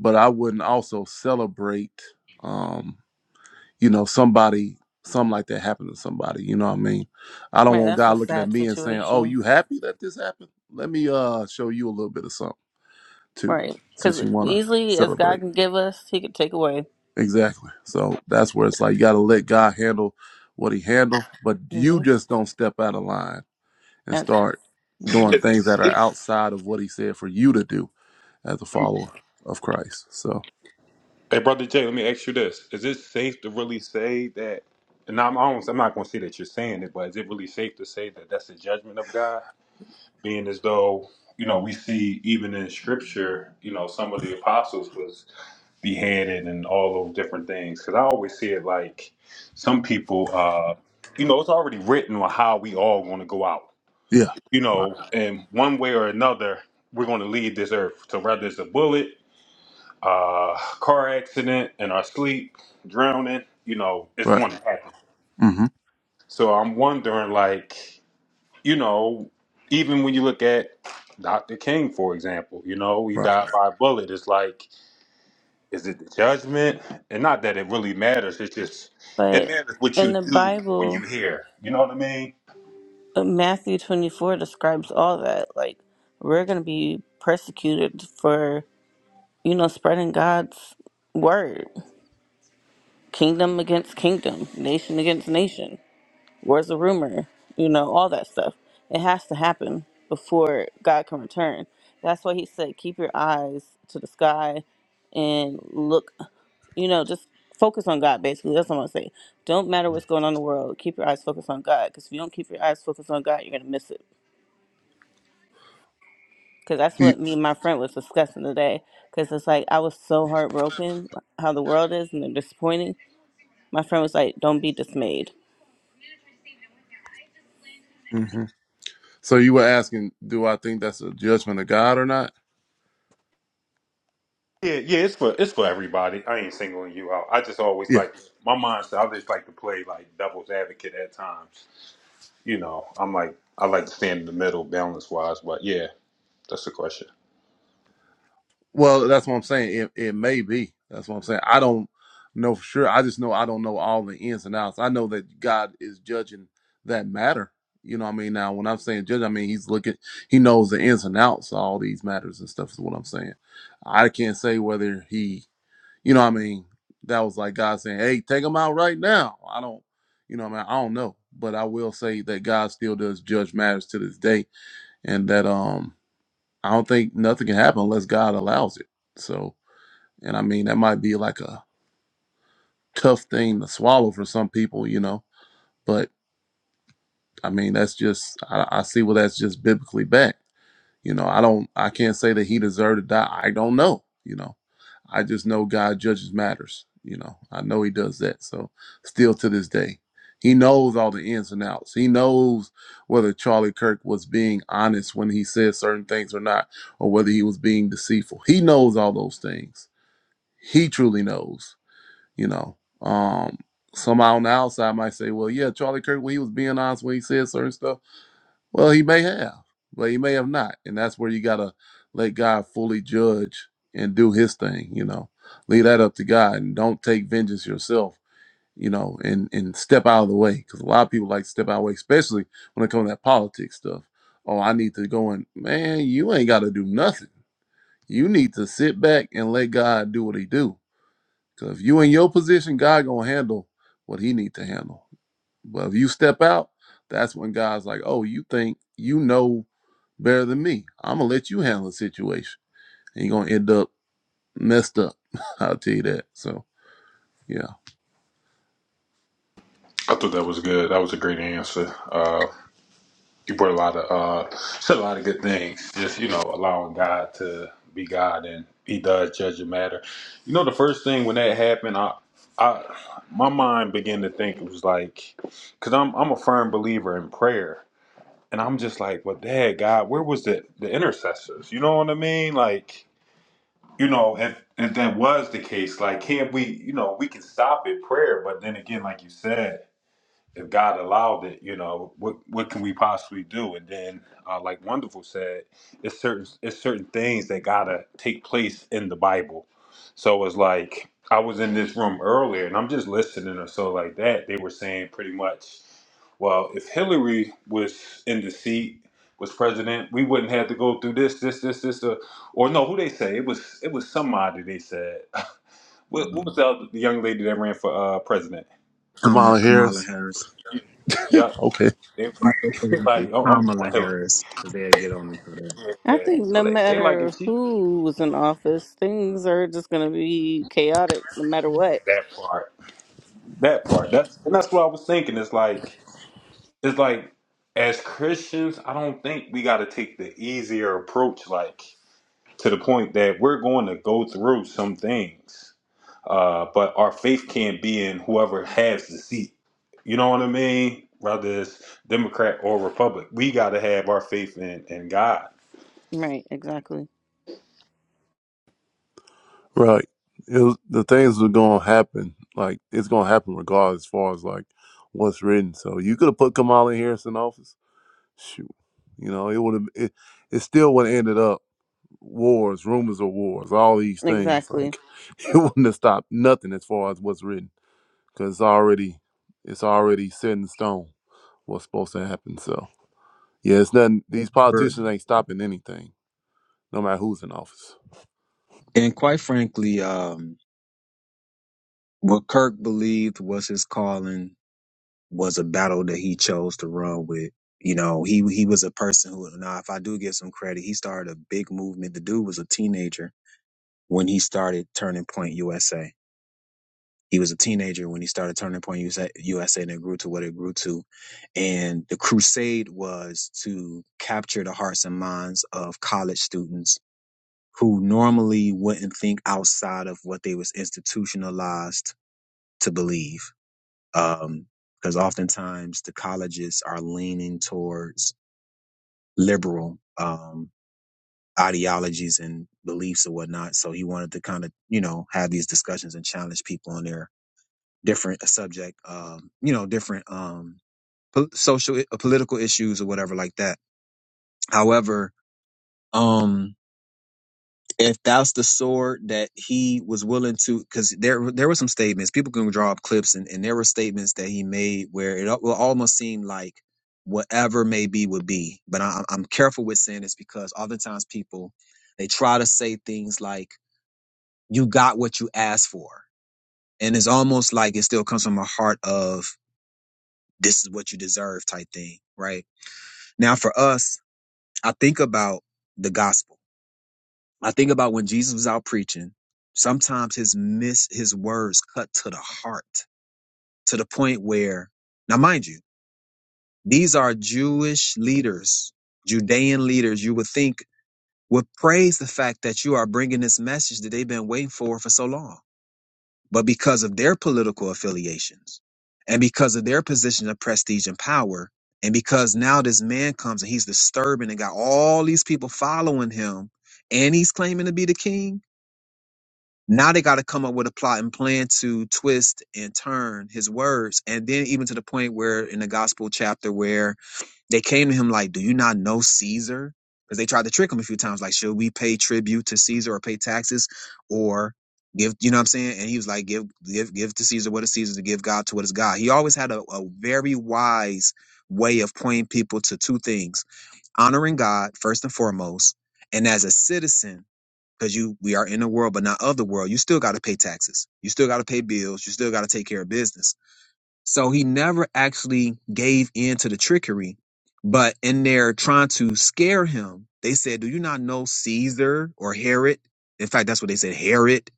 but I wouldn't also celebrate um, you know, somebody something like that happened to somebody, you know what I mean? I don't
Right,
want
that's a
God looking at
sad
me and saying, "Oh,
situation.
you happy that this happened? Let me uh show you a little bit of something." too,
Right,
since
because
you want to
easily as God
celebrate.
can give us, He could take away.
Exactly. So that's where it's like you got to let God handle what He handle, but you
hmm
just don't step out of line and
That's.
start doing
hmm
Is it
things that
safe
are outside of what He said for you to do as a follower of Christ. So
Hey, brother Jay, let me ask you this: Is it safe to really say that? And I'm I don't, I'm not going to say that you're saying it, but is it really safe to say that that's the judgment of God? Being as though you know, we see even in Scripture, you know, some of the apostles was beheaded and all those different things. Because I always see it like some people, uh, you know, it's already written on how we all going to go out,
yeah,
you
right,
know, and one way or another, we're going to leave this earth. So whether it's a bullet uh, car accident, in our sleep, drowning, you know, it's
right,
going to happen.
mm-hmm.
So I'm wondering, like, you know, even when you look at Dr. King, for example, you know, he
right.
died by a bullet. It's like, is it the judgment? And not that it really matters. It's just, it
But
matters what
in
you
the
do when you
Bible,
hear. You know what I mean?
uh, Matthew twenty four describes all that. Like we're gonna be persecuted for you know spreading God's word, kingdom against kingdom, nation against nation. Where's the rumor? You know, all that stuff. It has to happen before God can return. That's why he said, keep your eyes to the sky and look, you know, just focus on God, basically. That's what I'm going to say. Don't matter what's going on in the world, keep your eyes focused on God. Because if you don't keep your eyes focused on God, you're going to miss it. Because that's what me and my friend was discussing today. Because it's like, I was so heartbroken how the world is and they're disappointing. My friend was like, don't be dismayed
hmm So you were asking, do I think that's a judgment of God or not?
Yeah, yeah, it's for it's for everybody. I ain't singling you out. I just
Yeah.
always like my mindset. I just like to play like devil's advocate at times you know, I'm like I like to stand in the middle balance wise, but yeah, that's the question.
Well, that's what I'm saying. It it may be. That's what I'm saying. I don't know for sure. I just know I don't know all the ins and outs. I know that God is judging that matter. You know what I mean? Now when I'm saying judge, I mean he's looking he knows the ins and outs of all these matters and stuff is what I'm saying. I can't say whether he you know what I mean, that was like God saying, Hey, take him out right now. I don't you know what I mean, I don't know. But I will say that God still does judge matters to this day and that um I don't think nothing can happen unless God allows it. So and I mean, that might be like a tough thing to swallow for some people, you know. But I mean, that's just, I, I see where that's just biblically backed. You know, I don't, I can't say that he deserved to die. I don't know, you know. I just know God judges matters, you know. I know he does that. So still to this day, he knows all the ins and outs. He knows whether Charlie Kirk was being honest when he said certain things or not, or whether he was being deceitful. He knows all those things. He truly knows you know. Um, somehow on the outside might say, well, yeah, Charlie Kirk, well, he was being honest when he said certain stuff. Well, he may have, but he may have not. And that's where you got to let God fully judge and do his thing, you know. Leave that up to God and don't take vengeance yourself, you know, and, and step out of the way. Because a lot of people like to step out of the way, especially when it comes to that politics stuff. Oh, I need to go and, man, you ain't got to do nothing. You need to sit back and let God do what he do Cause if you in your position, God gonna handle what He need to handle. But if you step out, that's when God's like, "Oh, you think you know better than me? I'm gonna let you handle the situation, and you're gonna end up messed up." I'll tell you that. So yeah,
I thought that was good. That was a great answer. Uh, you brought a lot of uh, said a lot of good things. Just you know, allowing God to be God, and He does judge the matter. You know, the first thing when that happened, I, I, my mind began to think it was like, because I'm I'm a firm believer in prayer, and I'm just like, well, Dad, God, where was the the intercessors? You know what I mean, like. you know, if if that was the case, like, can't we, you know, we can stop it prayer, but then again, like you said, if God allowed it, you know, what what can we possibly do? And then, uh, like Wonderful said, it's certain it's certain things that gotta take place in the Bible. So it's like I was in this room earlier, and I'm just listening or so like that. They were saying pretty much, well, if Hillary was in the seat, was president, we wouldn't have to go through this, this, this, this, uh, or no, who they say it was it was somebody they said. what, what was
Um,
the, other, the young lady that ran for uh, president?
Kamala,
Kamala
Kamala
Harris.
Harris.
Yep.
Okay,
They
Let me
like,
say
they
something.
like, oh, I'm talking about
Kamala
Hillary.
Harris, because they'll get on me for that.
Yeah,
I
yeah.
think
So
no
they, they like
matter
if she
who was in office, things are just going to be chaotic no matter what.
that part, that part. That's and that's what I was thinking. It's like, it's like, as Christians, I don't think we got to take the easier approach. Like to the point that we're going to go through some things, uh, but our faith can't be in whoever has the seat. You know what I mean? Whether it's Democrat or Republic, we got to have our faith in in God
Right, exactly.
right. It was, the things are gonna happen. Like it's gonna happen regardless, as far as like what's written. So you could have put Kamala Harris in office. Shoot, you know it would have. It, it still would have ended up. wars, rumors of wars, all these things.
Exactly.
Like it wouldn't have stopped nothing as far as what's written because it's already it's already set in stone what's supposed to happen. So yeah, it's nothing. These
For-
politicians ain't stopping anything, no matter who's in office.
And quite frankly, um, what Kirk believed was his calling was a battle that he chose to run with. You know, he he was a person who now if I do give some credit, he started a big movement. The dude was a teenager when he started Turning Point USA. He was a teenager when he started Turning Point USA, USA and it grew to what it grew to. And the crusade was to capture the hearts and minds of college students who normally wouldn't think outside of what they was institutionalized to believe um, because oftentimes the colleges are leaning towards liberal um, ideologies and beliefs or whatnot. So he wanted to kind of, you know, have these discussions and challenge people on their different uh, subject, um, you know, different um, po- social, uh, political issues or whatever like that. However, um, if that's the sword that he was willing to because there there were some statements people can draw up clips and, and there were statements that he made where it al- will almost seem like whatever may be would be but I, i'm careful with saying this because oftentimes people they try to say things like you got what you asked for and it's almost like it still comes from a heart of this is what you deserve type thing right now for us i think about the gospel I think about when Jesus was out preaching, sometimes his miss his words cut to the heart, to the point where now mind you, these are Jewish leaders, Judean leaders you would think would praise the fact that you are bringing this message that they've been waiting for for so long. But because of their political affiliations and because of their position of prestige and power, and because now this man comes and he's disturbing and got all these people following him and he's claiming to be the king, Now they got to come up with a plot and plan to twist and turn his words. And then even to the point where in the gospel chapter where they came to him like, do you not know Caesar? Because they tried to trick him a few times. Like, should we pay tribute to Caesar or pay taxes or give, you know what I'm saying? And he was like, give, give, give to Caesar what is Caesar to give God to what is God. He always had a, a very wise way of pointing people to two things, honoring God first and foremost. And as a citizen, because you we are in the world but not of the world you still got to pay taxes you still got to pay bills you still got to take care of business so he never actually gave in to the trickery but in there trying to scare him they said do you not know caesar or herod in fact that's what they said herod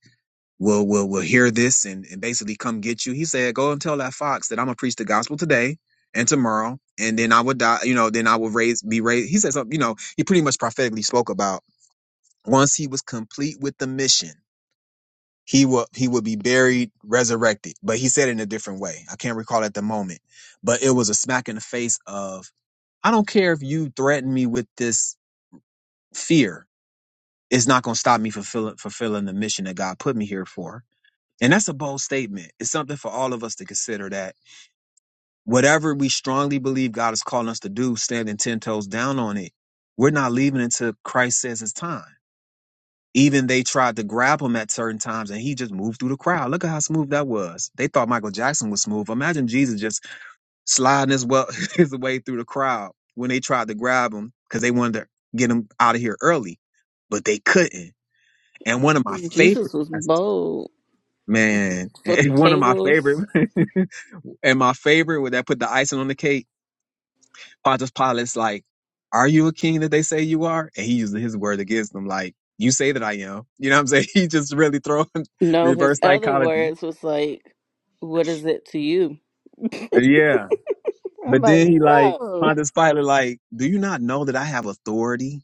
will will will hear this and, and basically come get you he said go and tell that fox that i'm gonna preach the gospel today and tomorrow and then i would die you know then i will raise be raised he said something you know he pretty much prophetically spoke about once he was complete with the mission he will he would be buried, resurrected. But he said it in a different way. I can't recall at the moment. But it was a smack in the face of I don't care if you threaten me with this fear. It's not gonna stop me fulfilling fulfilling the mission that God put me here for. And that's a bold statement. It's something for all of us to consider that whatever we strongly believe God is calling us to do, standing ten toes down on it, we're not leaving until Christ says it's time. Even they tried to grab him at certain times and he just moved through the crowd. Look at how smooth that was. They thought Michael Jackson was smooth. Imagine Jesus just sliding his, well, his way through the crowd when they tried to grab him because they wanted to get him out of here early, but they couldn't. And one of my favorite,
Jesus was bold,
man,
flipping
and one of my
tables.
favorite, and my favorite, where that put the icing on the cake Pontius Pilate's like, Are you a king that they say you are? And he uses his word against them, like, You say that I am. You know what I'm saying? He just really throwing
No, his
reverse
other
psychology.
words was like, What is it to you?
Yeah.
I'm
But
like,
then he like,
Whoa.
Pontius Pilate, like, Do you not know that I have authority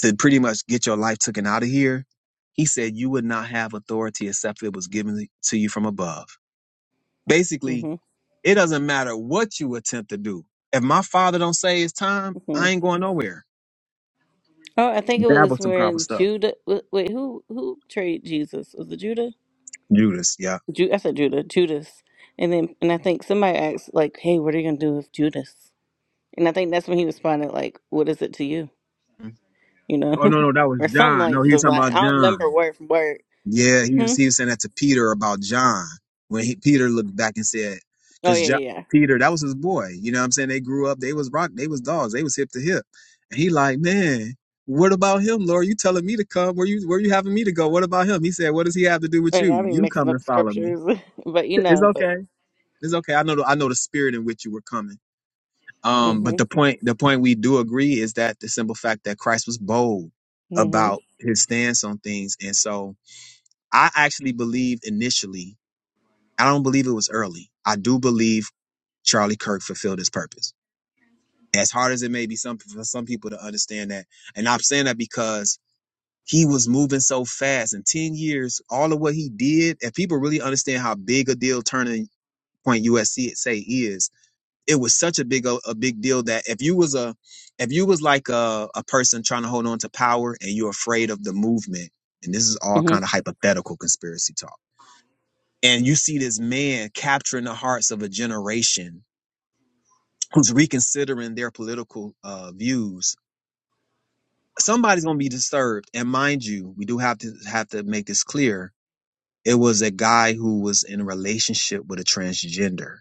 to pretty much get your life taken out of here? He said, You would not have authority except it was given to you from above. Basically,
hmm
it doesn't matter what you attempt to do. If my father don't say it's time,
hmm
I ain't going nowhere.
Oh, I think it
That
was
was some powerful
when
stuff.
Judah. wa- Wait, who who betrayed Jesus? Was it Judah?
Judas, yeah.
Ju- I said Judah, Judas. And then, and I think somebody asked, like, Hey, what are you going to do with Judas? And I think that's when he responded, like, "What is it to you?" You know,
Oh no, no, that was
or something
John.
like
No, he
the
was talking
line. I
about
don't remember
John.
word for word.
Yeah, he was
Hmm.
he was saying that to Peter about John when he, Peter looked back and said,
Oh
because
yeah,
John,
yeah. yeah.
Peter that was his boy. You know what I'm saying? They grew up. They was rock. They was dogs. They was hip to hip. And he like, man, what about him, Lord? You telling me to come? Where you where you having me to go? What about him? He said, what does he have to do
Oh,
with
yeah, I
you?
be
You
mixing
come and
up
follow me.
scriptures, but you
It's
know, but
okay. It's okay. I know the, I know the spirit in which you were coming. Um, but
mhm,
the point the point we do agree is that the simple fact that Christ was bold
mhm,
about his stance on things. And so I actually believe initially, I don't believe it was early. I do believe Charlie Kirk fulfilled his purpose. As hard as it may be some for some people to understand that. And I'm saying that because he was moving so fast in 10 years, all of what he did, if people really understand how big a deal turning point USC it say is, it was such a big a big deal that if you was a if you was like a, a person trying to hold on to power and you're afraid of the movement and this is all kind of hypothetical conspiracy talk and you see this man capturing the hearts of a generation who's reconsidering their political uh, views somebody's going to be disturbed and mind you we do have to have to make this clear it was a guy who was in a relationship with a transgender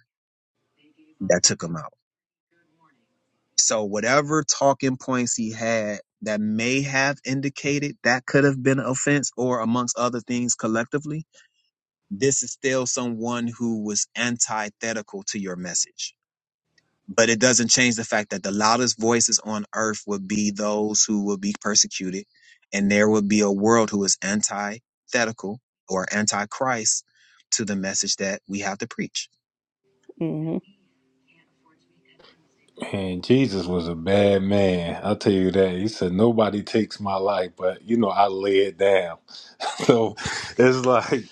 that took him out So whatever talking points he had that may have indicated that could have been an offense or amongst other things collectively, this is still someone who was antithetical to your message. But it doesn't change the fact that the loudest voices on earth would be those who will be persecuted, and there will be a world who is antithetical or antichrist to the message that we have to preach.
mhm, mhm.
And Jesus was a bad man. I'll tell you that. He said, Nobody takes my life, but you know, I lay it down. So it's like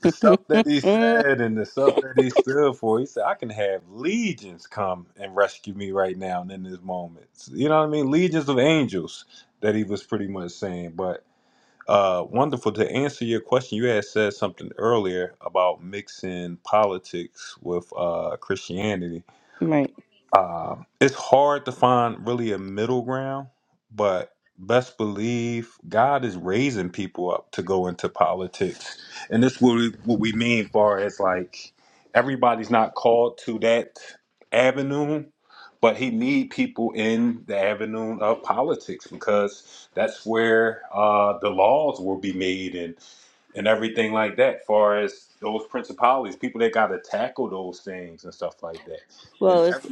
the stuff that he said and the stuff that he stood for. He said, I can have legions come and rescue me right now and in this moment. You know what I mean? Legions of angels that he was pretty much saying. But uh wonderful to answer your question. You had said something earlier about mixing politics with uh Christianity
right.
uh, it's hard to find really a middle ground, but best believe God is raising people up to go into politics, and this what we, what we mean far as like everybody's not called to that avenue, but He need people in the avenue of politics because that's where uh, the laws will be made and and everything like that. Far as those principalities, people that got to tackle those things and stuff like that.
Well,
And
if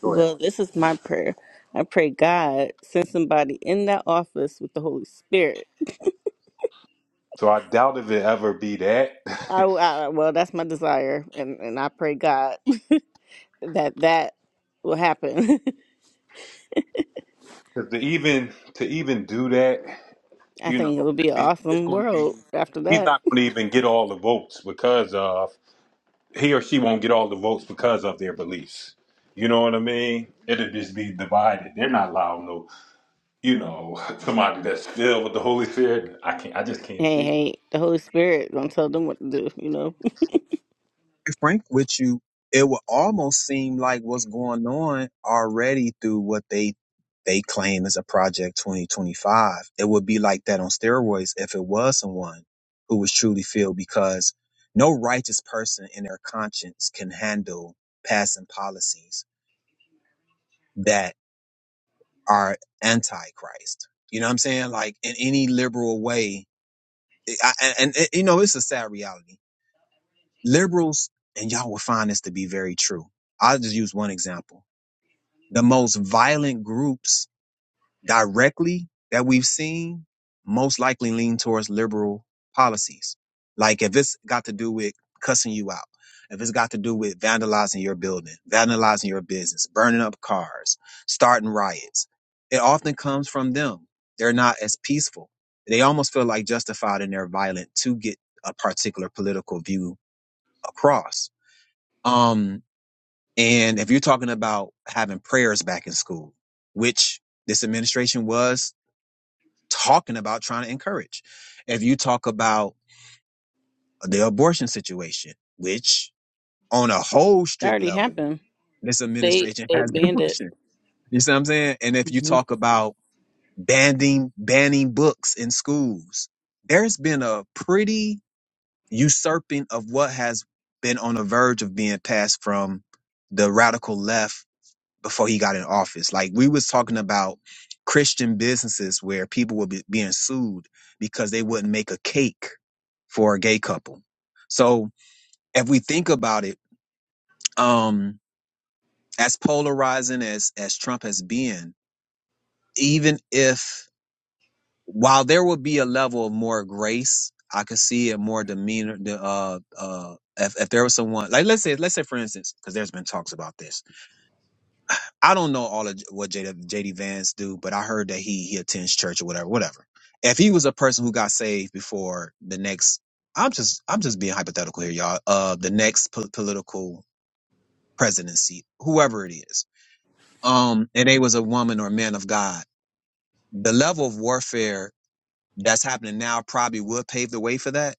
Go ahead.
well, this is my prayer. I pray God send somebody in that office with the Holy Spirit.
So I doubt if it ever be that,
I, I well, that's my desire, and and I pray God that that will happen
'Cause to even to even do that,
I
you know,
think it would
to
be an
be- it's
awesome
going to be
world after
he's
that.
not going to even get all the votes because of he or she won't get all the votes because of their beliefs. You know what I mean? It'll just be divided. They're not allowing no, you know, somebody that's filled with the Holy Spirit. I can't. I just can't see.
Hey,
It.
hey, the Holy Spirit gonna tell them what to do. You know, it
frank with you, it would almost seem like what's going on already through what they they claim is a project 2025. It would be like that on steroids if it was someone who was truly filled because no righteous person in their conscience can handle passing policies that are anti-Christ. You know what I'm saying? Like in any liberal way, I, and, and you know, it's a sad reality liberals, and y'all will find this to be very true. I'll just use one example. The most violent groups directly that we've seen most likely lean towards liberal policies. Like if it's got to do with cussing you out, if it's got to do with vandalizing your building, vandalizing your business, burning up cars, starting riots, it often comes from them. They're not as peaceful. They almost feel like justified in their violence to get a particular political view across um, and if you're talking about having prayers back in school, which this administration was talking about trying to encourage, if you talk about the abortion situation, which on a whole strict
already
level,
happened.
this
They
administration
they
has been
banned it.
pushing. You see what I'm saying? And if you
hmm
talk about banning banning books in schools, there's been a pretty usurping of what has been on the verge of being passed from the radical left before he got in office. Like we was talking about Christian businesses where people were be, being sued because they wouldn't make a cake for a gay couple. So if we think about it, um, as polarizing as as Trump has been, even if while there will be a level of more grace, I could see a more demeanor. The uh uh, if, if there was someone like let's say let's say for instance, because there's been talks about this I don't know all of what JD, Vance do, but I heard that he he attends church or whatever, whatever. If he was a person who got saved before the next, I'm just I'm just being hypothetical here, y'all. Uh, the next po- political presidency, whoever it is, um, and they was a woman or man of God, the level of warfare that's happening now probably would pave the way for that,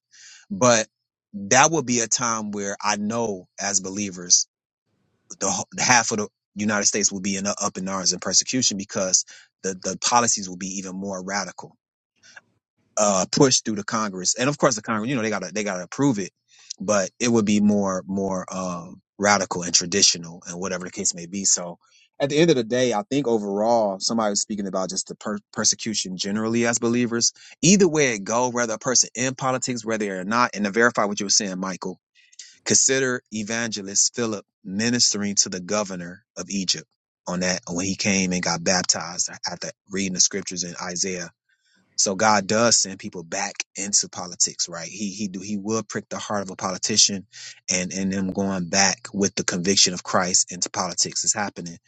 but that would be a time where I know as believers the, wh- the half of the United States will be in up in arms and persecution because the the policies will be even more radical, uh, pushed through the Congress, and of course the Congress, you know, they gotta they gotta approve it, but it would be more more um, radical and traditional and whatever the case may be. So at the end of the day, I think overall, somebody was speaking about just the per- persecution generally as believers. Either way it go, whether a person in politics, whether they're not, and to verify what you were saying, Michael Consider evangelist Philip ministering to the governor of Egypt on that when he came and got baptized after reading the scriptures in Isaiah. So God does send people back into politics, right? He he do he will prick the heart of a politician and and them going back with the conviction of Christ into politics is happening.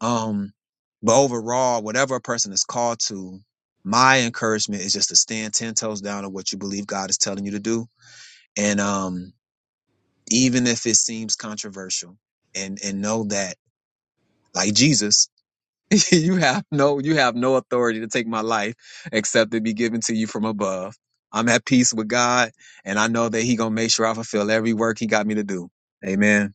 Um but overall, whatever a person is called to, my encouragement is just to stand ten toes down on what you believe God is telling you to do. And um even if it seems controversial and and know that like jesus you have no you have no authority to take my life except it be given to you from above i'm at peace with god and i know that he gonna make sure i fulfill every work he got me to do amen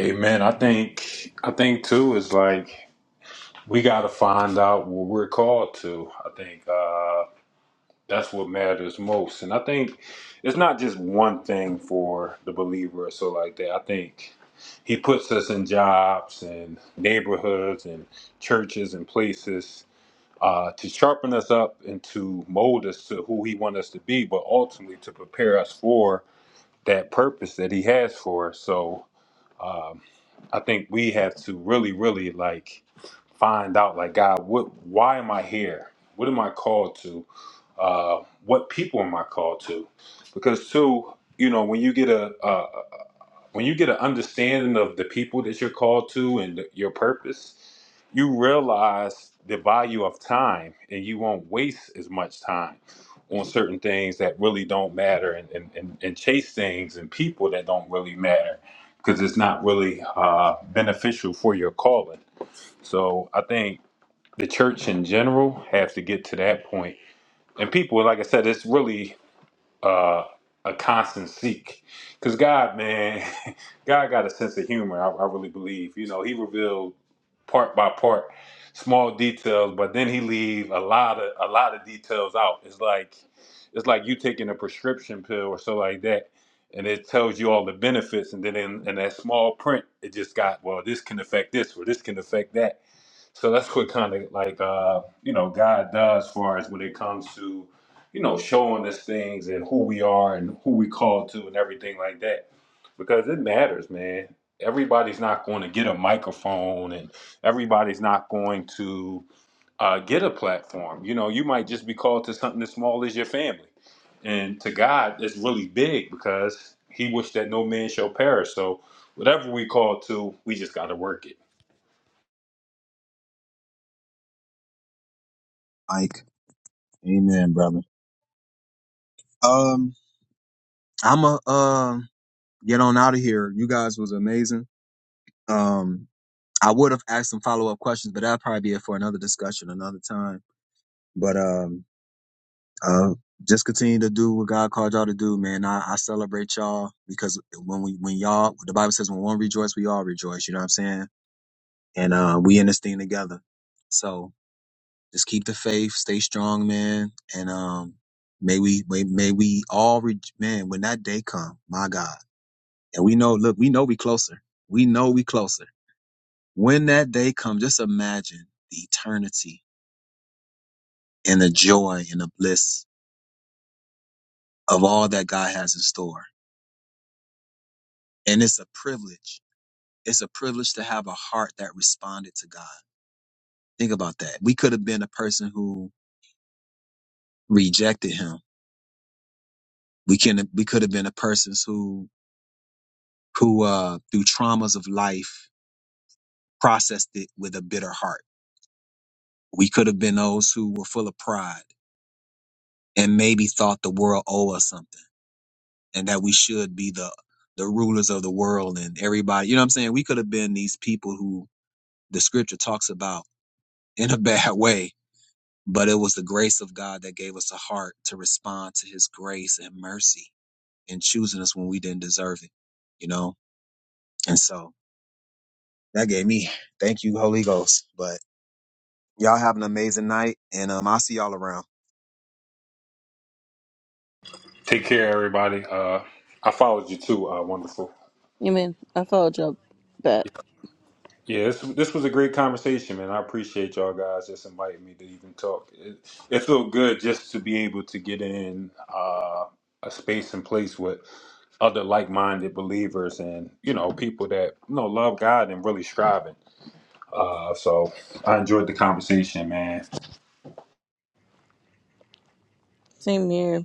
Amen. I think. I think too is like we got to find out what we're called to. I think. uh That's what matters most. And I think it's not just one thing for the believer or so like that. I think he puts us in jobs and neighborhoods and churches and places uh, to sharpen us up and to mold us to who he wants us to be, but ultimately to prepare us for that purpose that he has for us. So um, I think we have to really, really like find out, like God, what, why am I here? What am I called to? Uh, what people am I called to? Because too, you know, when you get a, a, when you get an understanding of the people that you're called to and th- your purpose, you realize the value of time and you won't waste as much time on certain things that really don't matter and, and, and, and chase things and people that don't really matter because it's not really uh, beneficial for your calling. So I think the church in general have to get to that point. And people, like I said, it's really uh, a constant seek. Because God, man, God got a sense of humor, I, I really believe. You know, He revealed part by part small details, but then He leave a lot of a lot of details out. It's like it's like you taking a prescription pill or so like that, and it tells you all the benefits, and then in, in that small print, it just got well, this can affect this or this can affect that so that's what kind of like uh, you know God does for us when it comes to you know showing us things and who we are and who we call to and everything like that because it matters, man. Everybody's not going to get a microphone and everybody's not going to uh, get a platform. You know, you might just be called to something as small as your family. And to God, it's really big because He wished that no man shall perish. So whatever we call to, we just got to work it.
Ike, amen brother um i'm a um get on out of here you guys was amazing um i would have asked some follow-up questions but that'll probably be it for another discussion another time but um Uh, just continue to do what God called y'all to do, man. I, I celebrate y'all because when we when y'all the Bible says when one rejoice, we all rejoice. You know what I'm saying? And uh, we in this thing together. So just keep the faith, stay strong, man, and um, may we may, may we all re- man when that day come, my God, and we know look we know we closer, we know we closer. When that day come, just imagine the eternity and the joy and the bliss of all that God has in store, and it's a privilege It's a privilege to have a heart that responded to God. Think about that. We could have been a person who rejected him. We can we could have been a person who who uh through traumas of life processed it with a bitter heart. We could have been those who were full of pride and maybe thought the world owed us something and that we should be the the rulers of the world and everybody. You know what I'm saying? We could have been these people who the scripture talks about in a bad way But it was the grace of God that gave us a heart to respond to his grace and mercy in choosing us when we didn't deserve it, you know? And so that gave me, thank you, Holy Ghost. But y'all have an amazing night and um, I'll see y'all around.
Take care, everybody. Uh, I followed you too. Uh, wonderful.
I mean, I told y'all that.
Yeah, this, this was a great conversation, man. I appreciate y'all guys just inviting me to even talk. It, it felt good just to be able to get in uh, a space and place with other like-minded believers and you know people that you know love God and really striving. Uh, so I enjoyed the conversation, man.
Same here.